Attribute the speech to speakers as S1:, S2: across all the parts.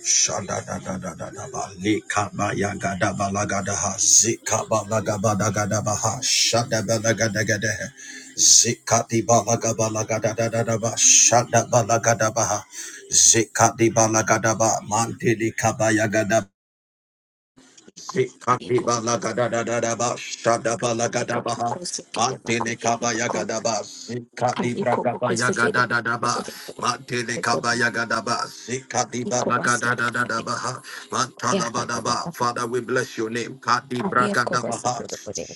S1: da da da da da da da da da ba, ba ba la gada ha zika ba la gaba da gada ba ha shada ba la gada gada ha zika di ba. la gaba la gada da da da ba shada ba la gada ba ha zika di ba le gada gada gada gada gada
S2: Kaliko
S1: gada gada gada. gada la la la
S2: bakasi
S1: la la la la la ha. ha. ha. ha. gaba gaba da da da ba. zikatibalagadabalagadadadaba, ba la gada
S2: ka
S1: ba ha.
S2: bakosi kebe
S1: Mantele kaba yagadaba, sika di brakaba yagadadadaba, mantele kaba yagadaba, sika di
S2: iko basi kebe
S1: brakadadadadaba, ha.
S2: ya
S1: mantalabadaba. Father, we bless your name. Kadi brakadaba, ha.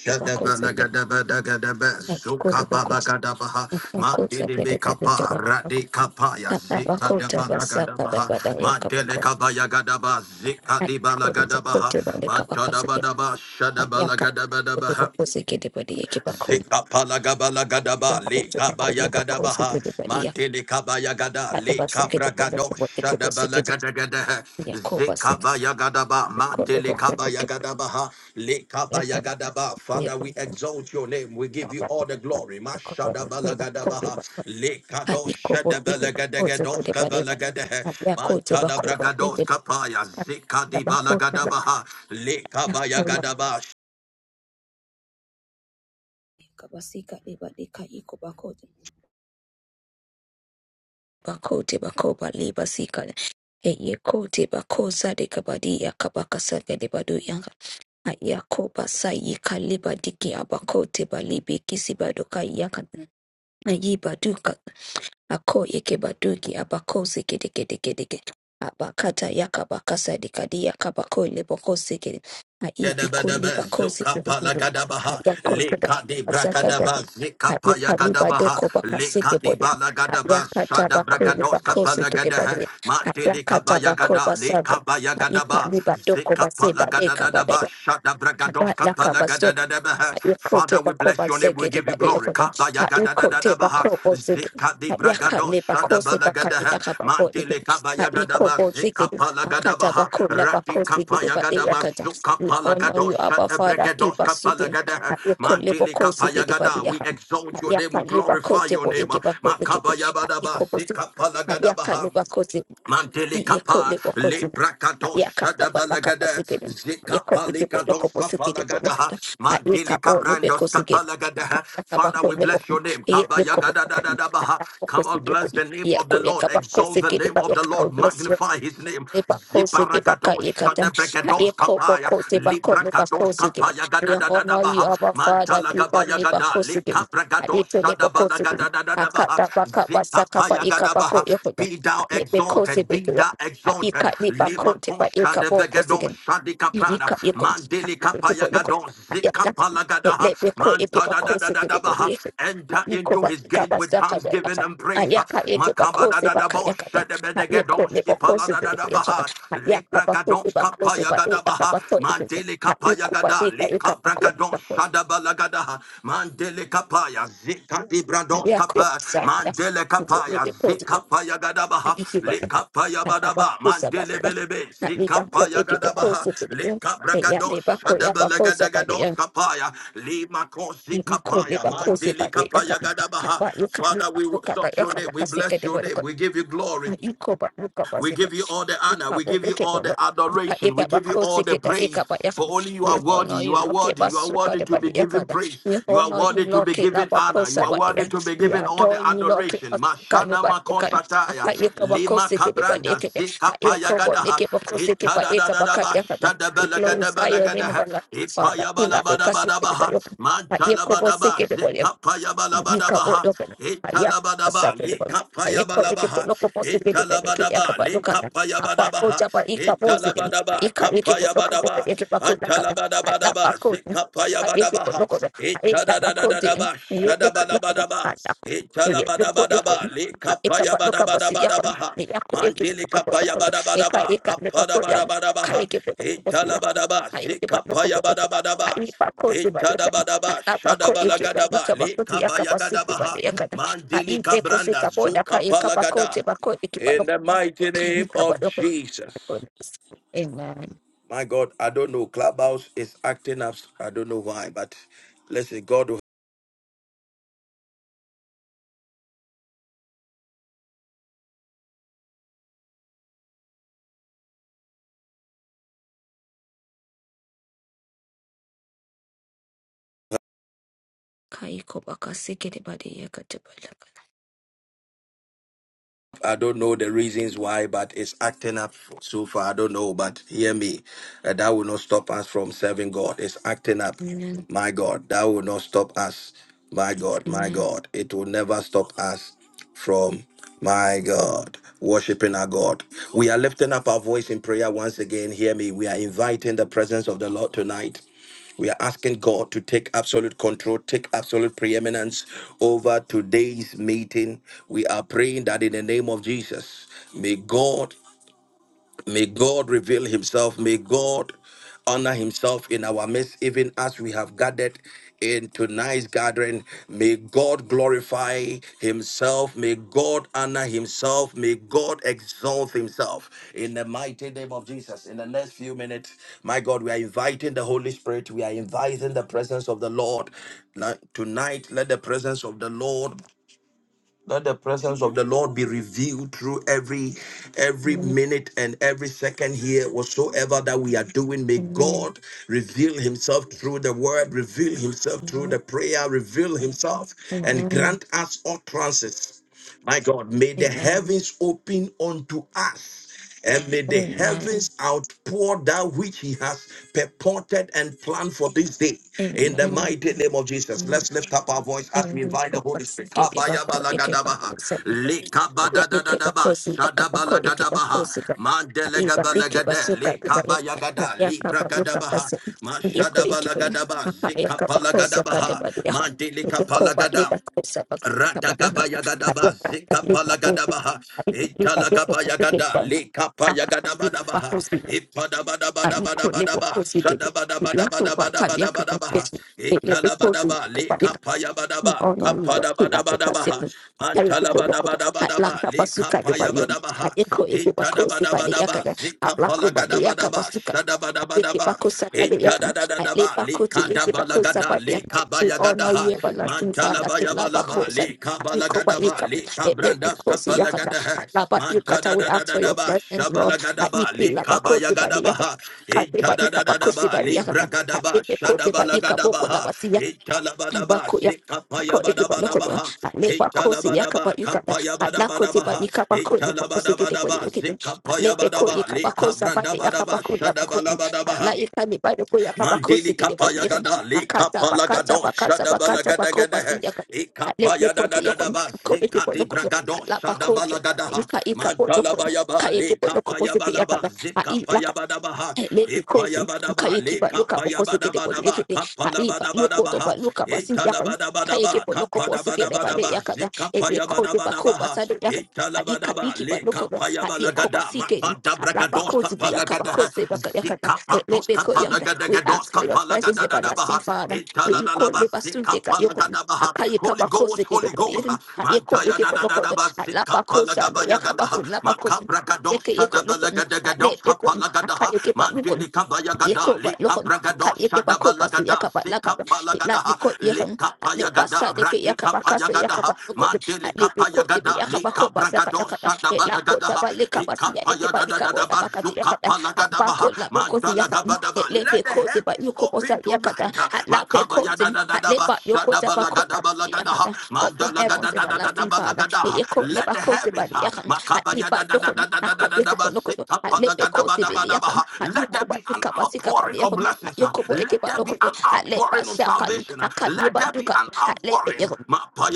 S1: Shadaba lagadaba dagadaba, sukaba lagadaba, ha. mantele bekapa, rade kapa ya, zika daba lagadaba, ha. mantele kaba yagadaba, zika di balagadaba, ha. mantadabadaba, shadaba lagadaba, Zika palagabala gadaba le kabaya gadabaha mantele kabaya gada le kabragado shadabala gadagada
S2: Jacobus
S1: zika baya gadaba mantele kabaya gadabaha le kabaya gadaba Father we exalt your name we give you all the glory mashadabala gadabaha le kado shadabala gadagado kabala gadaha mantada bragados kapaya zika dibala gadabaha le kabaya gadaba
S2: Yakobasika libadika ikobakote bakote bakoba libasika eye kote bakoza de kabadi yakabaka saka libadu yanga yakoba sayi kalibadiki abakote balibi kisibadoka yaka Ako yekebadugi abako zikidikidikidige. Abakata yakaba yakabakasa dikadi yakabako leboko zikidi. Aibiko
S1: Gadabadaba
S2: libako
S1: zuka
S2: zikidi.
S1: pala gadabaha
S2: Ayako kada
S1: leka di
S2: basaka daka.
S1: bragadaba zika paya
S2: Ayeka
S1: gadabaha
S2: libadoko
S1: leka
S2: bakasike
S1: di
S2: bodu.
S1: bala gadaba
S2: Ayakata
S1: shada
S2: bako
S1: bragados
S2: libako
S1: kapala
S2: zikidi
S1: gadaha
S2: badu.
S1: mati leka
S2: Ayakata
S1: baya
S2: bako
S1: gada leka
S2: basaga.
S1: baya
S2: Ayika
S1: gadaba
S2: libadoko
S1: zika pala
S2: baseba deka
S1: gadadaba
S2: badaya.
S1: shada bragados
S2: Abakata
S1: kapala
S2: baso
S1: gadadaba
S2: Ayokote
S1: Father we bless
S2: bakoba
S1: your name we
S2: zegede
S1: give you
S2: ba
S1: glory
S2: yokoda. Ayokote
S1: Kabayagadabaha,
S2: bakobo zegede.
S1: Zika di Bragado,
S2: Ayakale bakose bakade
S1: Shadabalagadaha,
S2: yakababo ibe.
S1: Mantile Kabayagadaba,
S2: Ayikobo
S1: Zika
S2: zegede. Makata
S1: Palagadabaha,
S2: bakola
S1: Rati
S2: bakose gede ba
S1: Kapayagadaba,
S2: yakada.
S1: Zuka
S2: We honor
S1: Palagado,
S2: you, Abba Father. Keep
S1: Shadabregados
S2: us sitting.
S1: Kapalagadaha,
S2: Ayokole
S1: Mantile
S2: bakose gede ba
S1: Kapayagada. We
S2: yakada.
S1: exalt your name, we
S2: Ayakale
S1: glorify
S2: bakote
S1: your
S2: bo
S1: name.
S2: ige bakote gede.
S1: Makabayabadaba,
S2: Ayikobo
S1: Zika
S2: zegede. Ayakale
S1: Palagadabaha. Mantele kapa
S2: Yekole
S1: le
S2: bokozi.
S1: prakadosha
S2: Yakata
S1: shada
S2: bataka
S1: balagada
S2: basigede.
S1: zika
S2: Yekole people
S1: palikado
S2: loko bosigede for loko.
S1: safalagada mantele
S2: Ayika o lube
S1: kabrando
S2: kosigede.
S1: sapalagada.
S2: Akata
S1: Father,
S2: kabako
S1: we
S2: lebo.
S1: bless your name. Kaba
S2: Yekole kobo
S1: yagada da
S2: loko.
S1: da da baha.
S2: Akata
S1: Come
S2: bokosi
S1: on, bless
S2: yekole.
S1: the name of the
S2: Yekole
S1: Lord.
S2: kabako
S1: Exalt the
S2: sigede.
S1: name of the Lord. Magnify His name.
S2: Lebakosi Debaka
S1: Ziparagado
S2: Ekata,
S1: shada brekados
S2: Eko
S1: kapaya
S2: Boko
S1: li
S2: Debako
S1: prakados
S2: Lebakosi Deba.
S1: kapaya
S2: We
S1: gada da da da
S2: honor you,
S1: baha.
S2: our Father,
S1: Mantala gaba
S2: Kiba
S1: yagada
S2: Lebakosi Deba.
S1: le
S2: Ito Lebakosi Deba.
S1: Shadabalagadabaha,
S2: Akata Baka Basaka Ba
S1: Zitapayagadabaha.
S2: Ekabako Yokoda.
S1: Be thou
S2: Lebakosi
S1: exalted, be
S2: Deba.
S1: thou exalted.
S2: Ika
S1: Lima
S2: Lebako Deba
S1: Kosha de Vegadon,
S2: Ekaboko
S1: Shadika Prana,
S2: Thank
S1: Mandelika Payagadon, Zikapalagadaha, Mantadadadadabaha. Enter into his gate with thanksgiving and praise. Makabadadadabo, Shedebedegadon, Skipaladadabaha, Libragadon, Skapayagadon. Gadabaha, Mandele kapaya gada, leka bragadon, shadabalagada, mandele kapaya, zika dibrados kapa, mandele kapaya, zika paya gadabaha, leka paya badaba, mandele belebe, zika paya gadabaha, leka bragadon,
S2: you.
S1: shadabalagadados kapaya, lima kosi
S2: You could
S1: kapaya,
S2: never cause it
S1: mandele
S2: by way. Look
S1: kapaya
S2: up, look
S1: gadabaha.
S2: Nikode bakose ba look akap kapa yo kap yo
S1: Father,
S2: kap
S1: we
S2: yo kap
S1: exalt
S2: yo
S1: your
S2: kap
S1: name, we
S2: kasi
S1: bless
S2: kete
S1: your
S2: bo
S1: name,
S2: ko
S1: we give you glory.
S2: a yo kapa yo kapa
S1: We give you all the honor. We
S2: Ikaba
S1: give you
S2: ekeba
S1: all the
S2: lo- aka
S1: adoration. We
S2: ekeba
S1: give you all
S2: kosi
S1: the
S2: keda
S1: praise.
S2: ba
S1: For
S2: yakada.
S1: only you
S2: We
S1: are worthy.
S2: honor
S1: You
S2: you,
S1: are
S2: Lord.
S1: worthy.
S2: Keba
S1: You are
S2: suka
S1: worthy to
S2: deba
S1: be
S2: di
S1: given
S2: yakada.
S1: praise.
S2: We
S1: You are
S2: honor you,
S1: worthy to
S2: Lord.
S1: be
S2: Keda
S1: given
S2: ba
S1: honor. You
S2: kosa
S1: are
S2: ba di ya.
S1: worthy to be
S2: We
S1: given all the
S2: adore you, Lord. Keba
S1: adoration.
S2: suka
S1: Mashana
S2: deba yakada. Aka
S1: makosataya.
S2: ekeba
S1: Lima
S2: kosi kita ba di
S1: kabranda.
S2: yakada. A
S1: Zika
S2: ekobo
S1: payagadaha.
S2: ekeba kosi keba ekeba ka
S1: Itadadadadaba.
S2: yakada. We glorify your name,
S1: Shadabalagadabalagadaha.
S2: everlasting Father. Kila be kasi keda ba
S1: Ipayabalabadabadabaha.
S2: yakada. A
S1: Mantalabadaba.
S2: ekobo
S1: Zika
S2: Yika bo
S1: payabalabadabaha.
S2: lo ben ya asa
S1: Italabadaba.
S2: fe de bon
S1: Lika
S2: ay ko e ke bo
S1: payabalaba.
S2: lo ko pose ke de ben ke ya ka
S1: Italabadaba,
S2: ba lo ka da apa ko
S1: Likapayabadabaha,
S2: ja ba ika bo se de
S1: Italabadaba,
S2: ika e ke bo lo ko bo
S1: Kapayabadaba,
S2: e ke ba ko na ka da ala
S1: Atalabadabadaba,
S2: ba ko de apa e ke bo lo
S1: Zikapayabadabaha,
S2: ko da ay la ba ko de e
S1: Itadadadadaba,
S2: ye ko lo ko da
S1: Shadabadabadaba,
S2: ala ko e ye lo ko yo ko
S1: Italabadabadaba,
S2: la e ka ba lo ka bo si
S1: Likapayabadabadabaha,
S2: e e e ka
S1: Mantilikapayabadabadaba,
S2: e ka le ba ko ka e
S1: Apadabadabadabaha,
S2: ke si
S1: Italabadaba,
S2: e
S1: Zikapayabadabadaba, Itadabadaba,
S2: Anapako ikibani
S1: Shadabalagadaba,
S2: kabakoti yakabasipi
S1: Likabayagadabaha,
S2: bani yakana.
S1: Mandili
S2: Aipe kosi
S1: Cabranda,
S2: kapoda
S1: Zuka
S2: ka ikabakoti
S1: Palagada,
S2: bako
S1: in
S2: ikibano.
S1: the mighty name of
S2: Ikabakoti
S1: Jesus.
S2: bako. Amen.
S1: My God, I don't know. Clubhouse is acting up. I don't know why, but listen, God, will-
S2: Kaiko bakasiki de bani yakati balakana.
S1: I don't know the reasons why, but it's acting up so far. I don't know, but hear me. Uh, that will not stop us from serving God. It's acting up. My God, that will not stop us. My God, my God, it will never stop us from my God, worshiping our God. We are lifting up our voice in prayer once again. Hear me. We are inviting the presence of the Lord tonight. We are asking God to take absolute control, take absolute preeminence over today's meeting. We are praying that in the name of Jesus, may God May God reveal himself. May God honor himself in our midst, even as we have gathered in tonight's gathering. May God glorify himself. May God honor himself. May God exalt himself in the mighty name of Jesus. In the next few minutes, my God, we are inviting the Holy Spirit. We are inviting the presence of the Lord. Now, Tonight, let the presence of the Lord let the presence of the Lord be revealed through every every minute and every second here, whatsoever that we are doing. May
S2: Amen.
S1: God reveal Himself through the Word, reveal Himself through the prayer, reveal Himself,
S2: Amen. Amen.
S1: and grant us utterances. My God, may the
S2: Amen. Amen.
S1: heavens open unto us. And may the
S2: Amen. Amen.
S1: heavens outpour that which he has purported and planned for this day. In the mighty name of Jesus, let's lift up our voice as we
S2: Amen. Amen.
S1: invite the Holy Spirit.
S2: Amen. Amen.
S1: Kabayabalagadabaha,
S2: Amen. Yet they keep a
S1: likabadadadadaba,
S2: cozy, a Ya dikit bakosi, ya kapako dikit
S1: shadabalagadabaha,
S2: bakosi ka. Iba dikit
S1: mandelegabalagade,
S2: basuka iba lu.
S1: likabayagada,
S2: Ya kaba lu kaba
S1: librakadabaha,
S2: se. Ya ko dikit pun.
S1: mashadabalagadabaha,
S2: a ya kaba kosi ka de
S1: zikapalagadabaha,
S2: a ya. Ya ko ba li
S1: mandilikapalagada.
S2: ba kosi ba kaba la ka. Ya
S1: Ratakapayagadaba,
S2: ka li ka bu.
S1: Zikapalagadabaha,
S2: Abi ka li ka joko basu ke
S1: Italagapayagada,
S2: pa. Ya ka li ka
S1: Likapayagadabadabaha,
S2: bakosi. Abi ko li
S1: Ipadabadabadabadabadaba,
S2: bakosi de. Ya ko ba sa ya kaba
S1: Sadabadabadabadabadabadabaha,
S2: kosi. Ya
S1: Italabadaba,
S2: bakosi.
S1: Likapayabadaba,
S2: Ononiwa kila beka
S1: Kapadabadabadabaha,
S2: sipi. Kari pipo lokoto.
S1: Antalabadabadabadaba,
S2: Atlaka pasuka de bayon.
S1: Likapayabadabaha,
S2: Eko eko bako si bade
S1: Itadabadabadaba,
S2: yakada. Atlako bade yaka
S1: Zikapalagadabadaba,
S2: pasuka. Eke
S1: Shadabadabadaba,
S2: bako sa bade yakam.
S1: Itadadadadaba,
S2: Atle bako tu eke bako sa
S1: Likadabalagada,
S2: bade
S1: le
S2: yakam. We
S1: kabaya
S2: honor
S1: gadaha
S2: you everlasting
S1: mantala
S2: father.
S1: baya
S2: Kila
S1: balaba
S2: bako sa.
S1: le kabala
S2: Eko ba
S1: gadaba
S2: ikam.
S1: le
S2: Etle
S1: kabrandas
S2: bako si
S1: kapala
S2: yakada.
S1: gadaha
S2: Atlaba yukata.
S1: mantada
S2: We
S1: da da
S2: ask
S1: da
S2: for
S1: da
S2: your
S1: ba
S2: presence
S1: shabala
S2: Lord.
S1: gadaba le
S2: Eke la bako
S1: kabaya
S2: si bade
S1: gadaba
S2: yakam.
S1: ha
S2: Kari ba
S1: itada
S2: yukata
S1: da da da
S2: bako
S1: ba
S2: si bade
S1: le
S2: yakam.
S1: bragadaba
S2: Eke kote ba
S1: shadabala gadaba
S2: ikaboko
S1: ha
S2: la
S1: itala bada ba
S2: Baku ya
S1: zikapaya
S2: ko e
S1: bada
S2: ba
S1: bada
S2: loko
S1: ba
S2: to a
S1: ha
S2: le ba ko
S1: itala
S2: si ya
S1: bada
S2: ka
S1: ba
S2: ba yu ka
S1: kapaya
S2: a
S1: bada
S2: la ko
S1: bada
S2: ti
S1: ba
S2: ba
S1: ha
S2: ni ka ba ko le
S1: itala
S2: ba ko
S1: bada
S2: si ke te
S1: bada
S2: ba
S1: ba
S2: ni ke to a
S1: zikapaya
S2: le pe
S1: bada
S2: ko e
S1: ba
S2: ka
S1: le
S2: ba sa ba
S1: kabranda
S2: de ya
S1: bada
S2: ka
S1: ba
S2: ba la ba
S1: shadabala bada
S2: a
S1: ba
S2: la e ka ni ba de ko ya ka ba ko si
S1: Mandili
S2: ke te ba ni
S1: kapaya gada
S2: a
S1: le
S2: ka ta ba
S1: kapala
S2: ka ta
S1: gado
S2: ba ka ta
S1: shada
S2: ba ka
S1: bala
S2: ta ba
S1: gada
S2: ko ba
S1: gada
S2: si ya ka
S1: he. E
S2: a le pe
S1: kapaya
S2: ko
S1: da da
S2: ti ya
S1: da
S2: ko
S1: da ba
S2: ko e te
S1: zika
S2: ba
S1: di
S2: loko to a
S1: bragado
S2: la ba
S1: shada
S2: ko se
S1: bala gada
S2: a yu
S1: ha.
S2: ka e ka bo
S1: Mandala
S2: loko
S1: baya ba
S2: ka e te
S1: le
S2: ba loko bo
S1: kapaya
S2: si ke
S1: bala
S2: ya ka
S1: ba
S2: a
S1: zika
S2: i
S1: paya bada ba ha. E
S2: Lepi
S1: paya
S2: kosi
S1: bada ba
S2: kaye
S1: le
S2: kipa luka po
S1: kapaya
S2: kosi
S1: bada
S2: kete po
S1: bada ba
S2: lekete
S1: kapala
S2: hariba
S1: bada bada
S2: loko
S1: ba
S2: to
S1: ha.
S2: pa luka pa
S1: E
S2: sindi
S1: tala
S2: yakan
S1: bada bada
S2: kaye
S1: ba
S2: kipo loko po
S1: kapada
S2: si
S1: bada
S2: kete pa
S1: bada
S2: le
S1: ba
S2: yakata
S1: zika
S2: ele
S1: paya bada
S2: kote pa
S1: bada ba
S2: kopa
S1: ha.
S2: sade
S1: E
S2: yakan
S1: tala bada
S2: aika
S1: ba
S2: iki pa
S1: le
S2: loko to
S1: kapaya bala
S2: aie kopa
S1: gada
S2: si kete
S1: mapada
S2: haraba
S1: bragados
S2: kote bi
S1: kapala
S2: yakapa
S1: gada ha.
S2: kosi baka yakata ele
S1: Zika
S2: pe
S1: dos
S2: ko
S1: kapala
S2: yanda
S1: gada
S2: we
S1: gada dos
S2: ask for your
S1: kapala
S2: presence
S1: gada gada
S2: everlasting
S1: baha.
S2: father we
S1: Itala
S2: you
S1: la la
S2: call le
S1: basi
S2: basunte ka
S1: kapala
S2: yoko
S1: gada baha.
S2: akaye
S1: Holy
S2: kapa
S1: Ghost,
S2: kosi kete
S1: Holy
S2: po
S1: Ghost,
S2: lekete aie kote
S1: Mantaya da
S2: kipo
S1: da da
S2: loko
S1: da
S2: to
S1: ba
S2: haraba
S1: sika
S2: kosi ade
S1: palagabaya
S2: yakapa ko
S1: gadaha,
S2: lapa kosi
S1: makabra
S2: aie ke
S1: gadosha
S2: yeko
S1: da
S2: loko
S1: balagada
S2: ale
S1: gados
S2: aka
S1: kapalagadaha,
S2: yake ba lukon
S1: mandili kabaya gada,
S2: yako ba
S1: lika
S2: lukon aka yake
S1: bragadosha
S2: ba
S1: da
S2: ko ba su
S1: balagada,
S2: yaka ba laka
S1: sika
S2: da ila bi
S1: palagadaha,
S2: ko yakan
S1: lika
S2: ale
S1: paya
S2: ba sa
S1: gada,
S2: da ke
S1: rati
S2: yaka ba ka
S1: kapaya
S2: sai yaka ba
S1: gadaha,
S2: lukon
S1: mandili
S2: ale bi ko
S1: kapaya
S2: ti bi
S1: gada,
S2: yaka ba
S1: lika
S2: ko ba sa ka yaka da
S1: bragadosha da
S2: ila ko ta
S1: balagadaha,
S2: ba leka ba su ya da ke
S1: ikapaya
S2: ba
S1: da da
S2: ika
S1: da
S2: ba
S1: da
S2: la ba ka ti yaka
S1: bazuka
S2: da a ba ko la
S1: palagadabaha,
S2: ba ko su yaka da
S1: Mandalagadabadaba.
S2: ele
S1: Let
S2: bi
S1: the
S2: ko ti ba
S1: heavens
S2: yuko ba
S1: open
S2: sa yaka da
S1: tonight.
S2: ala bi ko ti ale
S1: Makabayadadadadaba,
S2: ba yuko ta ba ko la ba su yaka
S1: shadabalagadabalagadaha.
S2: da open heavens everlasting father
S1: Mandalagadadadadabalagadaha.
S2: yako le
S1: Let
S2: ba
S1: the
S2: ko se ba
S1: heavens
S2: de
S1: uh,
S2: yakan ale ba akat yo kepa
S1: makabayadadadadadadadadaba,
S2: lokoto at lepe ko sibili yakan
S1: sitabalagadabalagadaha.
S2: at yo
S1: let
S2: ko
S1: there
S2: pa
S1: be an
S2: tika pa sika pa
S1: outpouring
S2: de
S1: of
S2: yakan at
S1: blessings.
S2: yo
S1: uh.
S2: ko po eke
S1: Let
S2: pa
S1: there be
S2: to
S1: an
S2: at lepa
S1: outpouring of
S2: siakan
S1: salvation. uh.
S2: akat ye
S1: Let
S2: pa
S1: there be
S2: duka
S1: an
S2: at lepe
S1: outpouring.
S2: yakan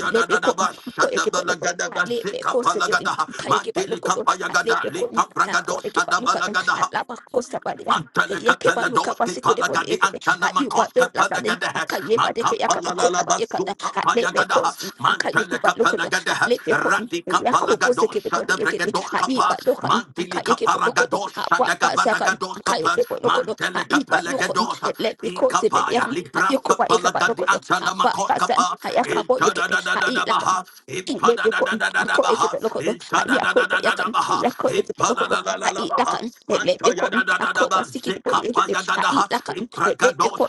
S2: lepe ko ko eke pa lokoto at lepe ko sigili
S1: shadabalagadabalagadaha.
S2: ka eke pa lokoto at
S1: Mandilikabayagada,
S2: lepe ko at ko eke pa lokoto at
S1: likabragadosadabalaga.
S2: lapa ko sa pa de ye
S1: Manteleka
S2: ke pa luka pa
S1: peladoski
S2: sika de po de
S1: palagadi
S2: eke
S1: antana
S2: at yo pa do
S1: makoska
S2: la pa de
S1: palagade
S2: akat ye pa de ke yakan pa
S1: makapala la
S2: ko
S1: la
S2: la pa eka
S1: basuka
S2: at lepe
S1: payagada
S2: ko akat ye pa
S1: manteleka
S2: lokoto
S1: palagade
S2: at lepe ko
S1: radika
S2: Yakubu
S1: palagado
S2: Sikipodi
S1: shada
S2: Yukipi,
S1: bregados
S2: Aiba
S1: kapa
S2: Lukan,
S1: mantilika
S2: Akayakipo Lokoto,
S1: paragados de
S2: Awaka
S1: gabada
S2: Sakan,
S1: gados kapa
S2: Akayakipo Lokoto,
S1: manteleka
S2: Aiba Lukon,
S1: palagados
S2: Let me call Sibin,
S1: ikapaya libraska
S2: Yakuba Ekaba
S1: palagadi
S2: Lokoto,
S1: antana
S2: Awaka
S1: makoska
S2: San,
S1: pa
S2: Ayakabo
S1: intada
S2: Yukipi,
S1: da da
S2: I
S1: da da
S2: eat like
S1: baha intada
S2: Lepi
S1: da da
S2: kun,
S1: da da da
S2: ako eke polokoto, a co equip locoto,
S1: baha
S2: at yako yakan,
S1: Padadadadadabaha,
S2: yako eke polokoto, a i
S1: Ipadadadadabaha,
S2: lakan, e lepi kun, ako
S1: Mantayadadadadaba,
S2: wasiki de body eke, a
S1: Zikapayagadaha, Ipragados,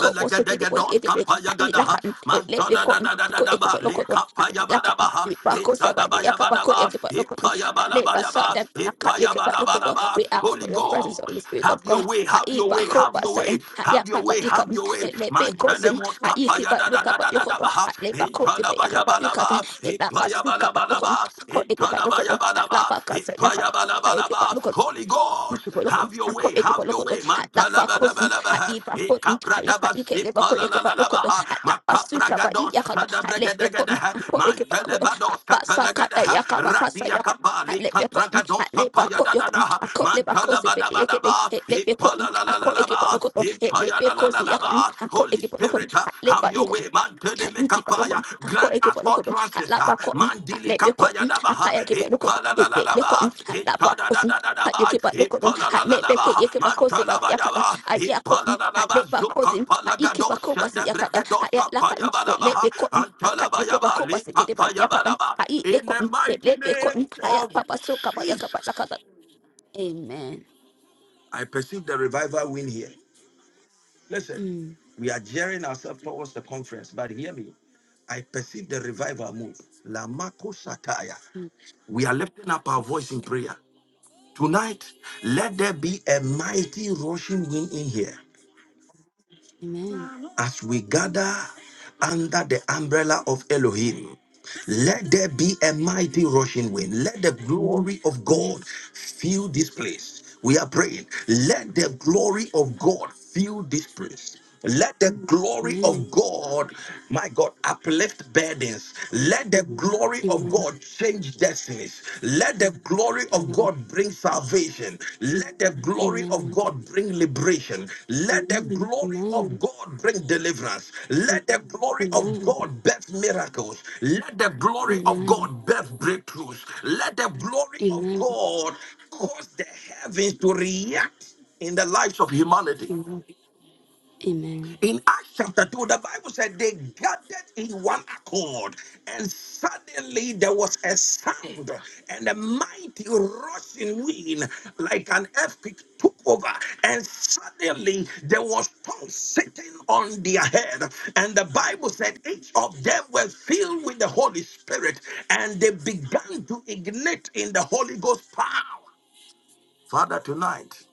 S2: coat was sicky for the equipage, i lakan, e lepi kun, ako wasiki de body eke, a i
S1: Kapayagadaha,
S2: lakan, e lepi kun, ako eke
S1: Mantadadadadadaba,
S2: polokoto, a i lakan,
S1: Likapayabadabaha,
S2: i bako sabadi yaka bako
S1: Itadabayabadaba,
S2: eke polokoto, a lepa
S1: Ipayabalabayaba,
S2: sadan, aka eke polokoto,
S1: Ipayabalabalaba.
S2: we ask for
S1: Holy
S2: your presence,
S1: Ghost,
S2: Holy Spirit of
S1: have
S2: God,
S1: your way,
S2: a
S1: have
S2: i
S1: your way,
S2: bako
S1: have your way,
S2: basan, a
S1: have your
S2: yaka ba
S1: way, have
S2: ikan,
S1: your way.
S2: e lepi
S1: Man,
S2: kosin, a iki ba luka yokoto,
S1: Yabalaba,
S2: a lepa kote ba yaka ba yukata,
S1: Ipanabayabalaba,
S2: la pasuka pa lokon
S1: Ipayabalabalaba,
S2: ko eti pa lokon
S1: Ipanabayabalaba,
S2: la pa kasa ya kan ha eti pa
S1: Ipayabalabalaba.
S2: lokon
S1: Holy God,
S2: eti pa lokon
S1: have your
S2: ko
S1: way,
S2: eti
S1: have
S2: pa
S1: your
S2: lokon
S1: way.
S2: la pa kos ha
S1: Matalabalabalaba,
S2: i pa ko ha i pa i ke le pa ko eti pa
S1: Ikabradabasipalalalaba,
S2: la pasuka pa i
S1: Makabragados,
S2: ya kan ha le pe ko
S1: Sadabragadagadaha,
S2: ko eti pa lokon ha
S1: Mantelebados,
S2: pa saka ta
S1: Kapalagadaha,
S2: ya ka pa kasa ya kan ha
S1: Radiakabali,
S2: le pe ko ha
S1: Kapragados,
S2: le pa ko yo
S1: Kapayadadadaha,
S2: ha ko le pa ko se pe ye ke le
S1: Mantalabadabadaba,
S2: le pe ko ha ko eti pa
S1: Ipalalalaba,
S2: lokon le pe
S1: Holy Spirit, uh, have your way, man. Tede me
S2: keep a look,
S1: kapaya.
S2: a coat,
S1: Grant
S2: a keep
S1: us
S2: a look, a
S1: utterances. uh,
S2: lapa cotton, a
S1: Mandili
S2: lap your
S1: kapaya
S2: cotton,
S1: daba,
S2: a
S1: uh,
S2: kayak keep a look. a lap your cotton,
S1: Ipalalalalaba.
S2: a lapa cousin, a you
S1: Itadadadadadaba.
S2: keep a look. Iki balokon, ako eki balokon, alaba kon, alebe kon, akaya eki balokon, elebe kon, alaba kosin, ayeki balokon, alebe ke
S1: Ipalalalaba.
S2: yeki bakosi bad yakata,
S1: Mantalabayaba.
S2: aya kon,
S1: Ipalalalaba.
S2: aleba kosin, ayeki
S1: Zukapalagado.
S2: bakobasi yakata,
S1: Sedebregedos
S2: aya lakan,
S1: kapaya balaba, uh,
S2: elebe kon, akayeki
S1: Antalabayaba.
S2: bakobasi kede bad
S1: Likapaya
S2: yakata,
S1: balaba.
S2: ayile
S1: In the
S2: kon,
S1: mighty
S2: elebe
S1: name
S2: kon, aya
S1: of
S2: papa suka bad yakata
S1: Jesus.
S2: lakata. Amen.
S1: I perceive the revival win here. Listen,
S2: Mm.
S1: we are gearing ourselves towards the conference, but hear me. I perceive the revival move. Lamako Sataya.
S2: mm,
S1: We are lifting up our voice
S2: Kobasi.
S1: in prayer. Tonight, let there be a mighty rushing wind in here
S2: Amen.
S1: as we gather under the umbrella of Elohim. Let there be a mighty rushing wind. Let the glory of God
S2: Amen.
S1: fill this place. We are praying. Let the glory of God fill this place. Let the glory
S2: Amen.
S1: of God, my God, uplift burdens. Let the glory of
S2: Amen.
S1: God change destiny destinies. Let the glory of God bring salvation. Let the glory of
S2: Amen.
S1: God bring liberation. Let the glory
S2: Amen.
S1: of God bring deliverance. Let the glory of
S2: Amen.
S1: God birth miracles. Let the glory of
S2: Amen.
S1: God birth breakthroughs. Let the glory of
S2: Amen.
S1: God cause the heavens to react in the lives of humanity.
S2: Amen. Amen.
S1: In Acts chapter 2, the Bible said they gathered in one accord, and suddenly there was a sound, and a mighty rushing wind, like an earthquake, took over, and suddenly there was tongues sitting on their head. And the Bible said each of them were filled with the Holy Spirit, and they began to ignite in the Holy Ghost power. Father, tonight.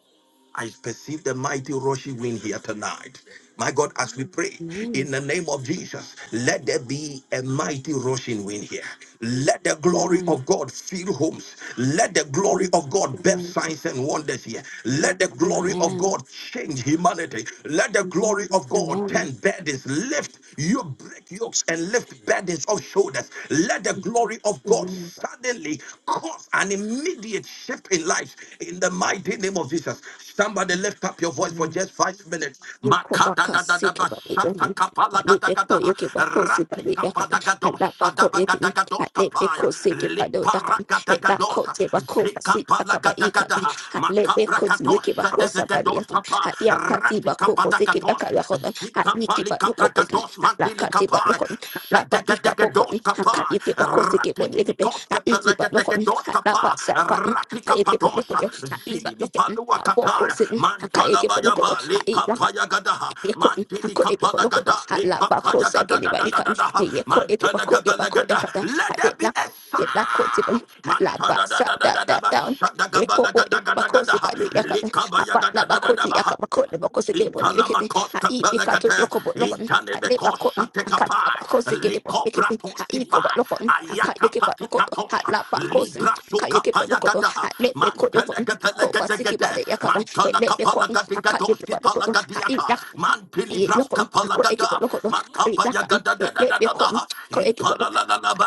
S1: I perceive the mighty rushing wind here tonight. My God, as we pray
S2: Amen.
S1: in the name of Jesus, let there be a mighty rushing wind here. Let the glory
S2: Amen.
S1: of God fill homes. Let the glory of God birth signs and wonders here. Let the glory of
S2: Amen.
S1: God change humanity. Let the glory of God
S2: Amen.
S1: turn burdens, lift you break yokes and lift burdens of shoulders. Let the glory of God
S2: Amen.
S1: suddenly cause an immediate shift in life in the mighty name of Jesus. Somebody lift up your voice for
S2: Amen.
S1: just five minutes. Makata
S2: Ikobaka
S1: da da da
S2: siki
S1: ba
S2: babi
S1: shata
S2: dohun.
S1: kapala
S2: Pali
S1: gata
S2: beko
S1: gata
S2: yeki bako si
S1: rati
S2: pali yakan.
S1: kapada gados
S2: Hala
S1: sada
S2: bako yeki
S1: bagada
S2: ni.
S1: gados
S2: Hale
S1: kapaya
S2: beko siki pado
S1: lipara
S2: yakan.
S1: gata
S2: He
S1: gados
S2: lako te bako basi
S1: zikapala
S2: yakaba
S1: gata
S2: ikan.
S1: gata
S2: Hale
S1: makabra
S2: beko ti
S1: gados
S2: yeki bako
S1: sadeve
S2: sabadi
S1: gados
S2: yakan.
S1: kapa
S2: Ha yaka ti
S1: rati
S2: bako
S1: kapada
S2: bosiki
S1: gados
S2: yaka yakon. Ha yiki
S1: zikapali kabra
S2: baluko bosin. Ha
S1: gados
S2: laka
S1: rapili
S2: ti
S1: kapai,
S2: balokon. Ha lapa ika
S1: shadekadeke
S2: bokon.
S1: dos
S2: Ha ka
S1: kapai,
S2: yeki bako siki bon
S1: rapini
S2: yekipe.
S1: mikos
S2: Ha iki
S1: kepeleketeke
S2: balokon.
S1: dos
S2: Ha lapa
S1: kapai,
S2: sakan. Ha ka
S1: ratika
S2: yeki
S1: patosha,
S2: balokon. Ha iba
S1: zini mi
S2: lokin.
S1: palua
S2: Ha boko
S1: kapai,
S2: sin. Ha ka
S1: mantala
S2: yeki
S1: bayaba, li
S2: balokon.
S1: kapaya gadaha,
S2: Yeko
S1: mantili
S2: yako ekipa
S1: kapala
S2: lokoto
S1: gada, li
S2: ala bako sake
S1: gada
S2: ni
S1: da da da
S2: baika
S1: da da,
S2: yeko ekipa
S1: mantala
S2: ko ekipa
S1: gabala
S2: ko
S1: gada,
S2: yakata
S1: let there
S2: ade
S1: be
S2: la
S1: a
S2: la ko tipa
S1: sound,
S2: ala ba
S1: mantala da
S2: sa
S1: da da
S2: da
S1: da
S2: da
S1: da,
S2: down Eko
S1: shadagabala
S2: po
S1: gada
S2: ekipa
S1: gada
S2: ko
S1: gada,
S2: sipa ni
S1: li
S2: yakata
S1: kabaya
S2: aba la
S1: gada da da
S2: bako ti
S1: da
S2: yakapa ko le bako sake bo ni yakete a
S1: Italamakoska
S2: i pikato
S1: pelagate,
S2: yoko bo lokon a le bako
S1: Intanemekosa
S2: aka la
S1: tekapai,
S2: bako sake de bo ni yakete a
S1: Likobratoski
S2: i ko ba
S1: pai,
S2: lokon aka yekipa lokoto
S1: Ayakapatikatos,
S2: ala bako sin
S1: Libra
S2: aka
S1: suka
S2: yekipa lokoto a
S1: sukapayagata,
S2: le beko yoko ko ba sake ba
S1: Mantelegatelegate,
S2: le yakata
S1: Mantala
S2: le beko
S1: kapalagatigatoski palagadiata,
S2: i lokon
S1: Mantilivraska
S2: ko ekibo
S1: palagada,
S2: loko do i lakan e Let me ko
S1: Makapayagada,
S2: ko ekibo lo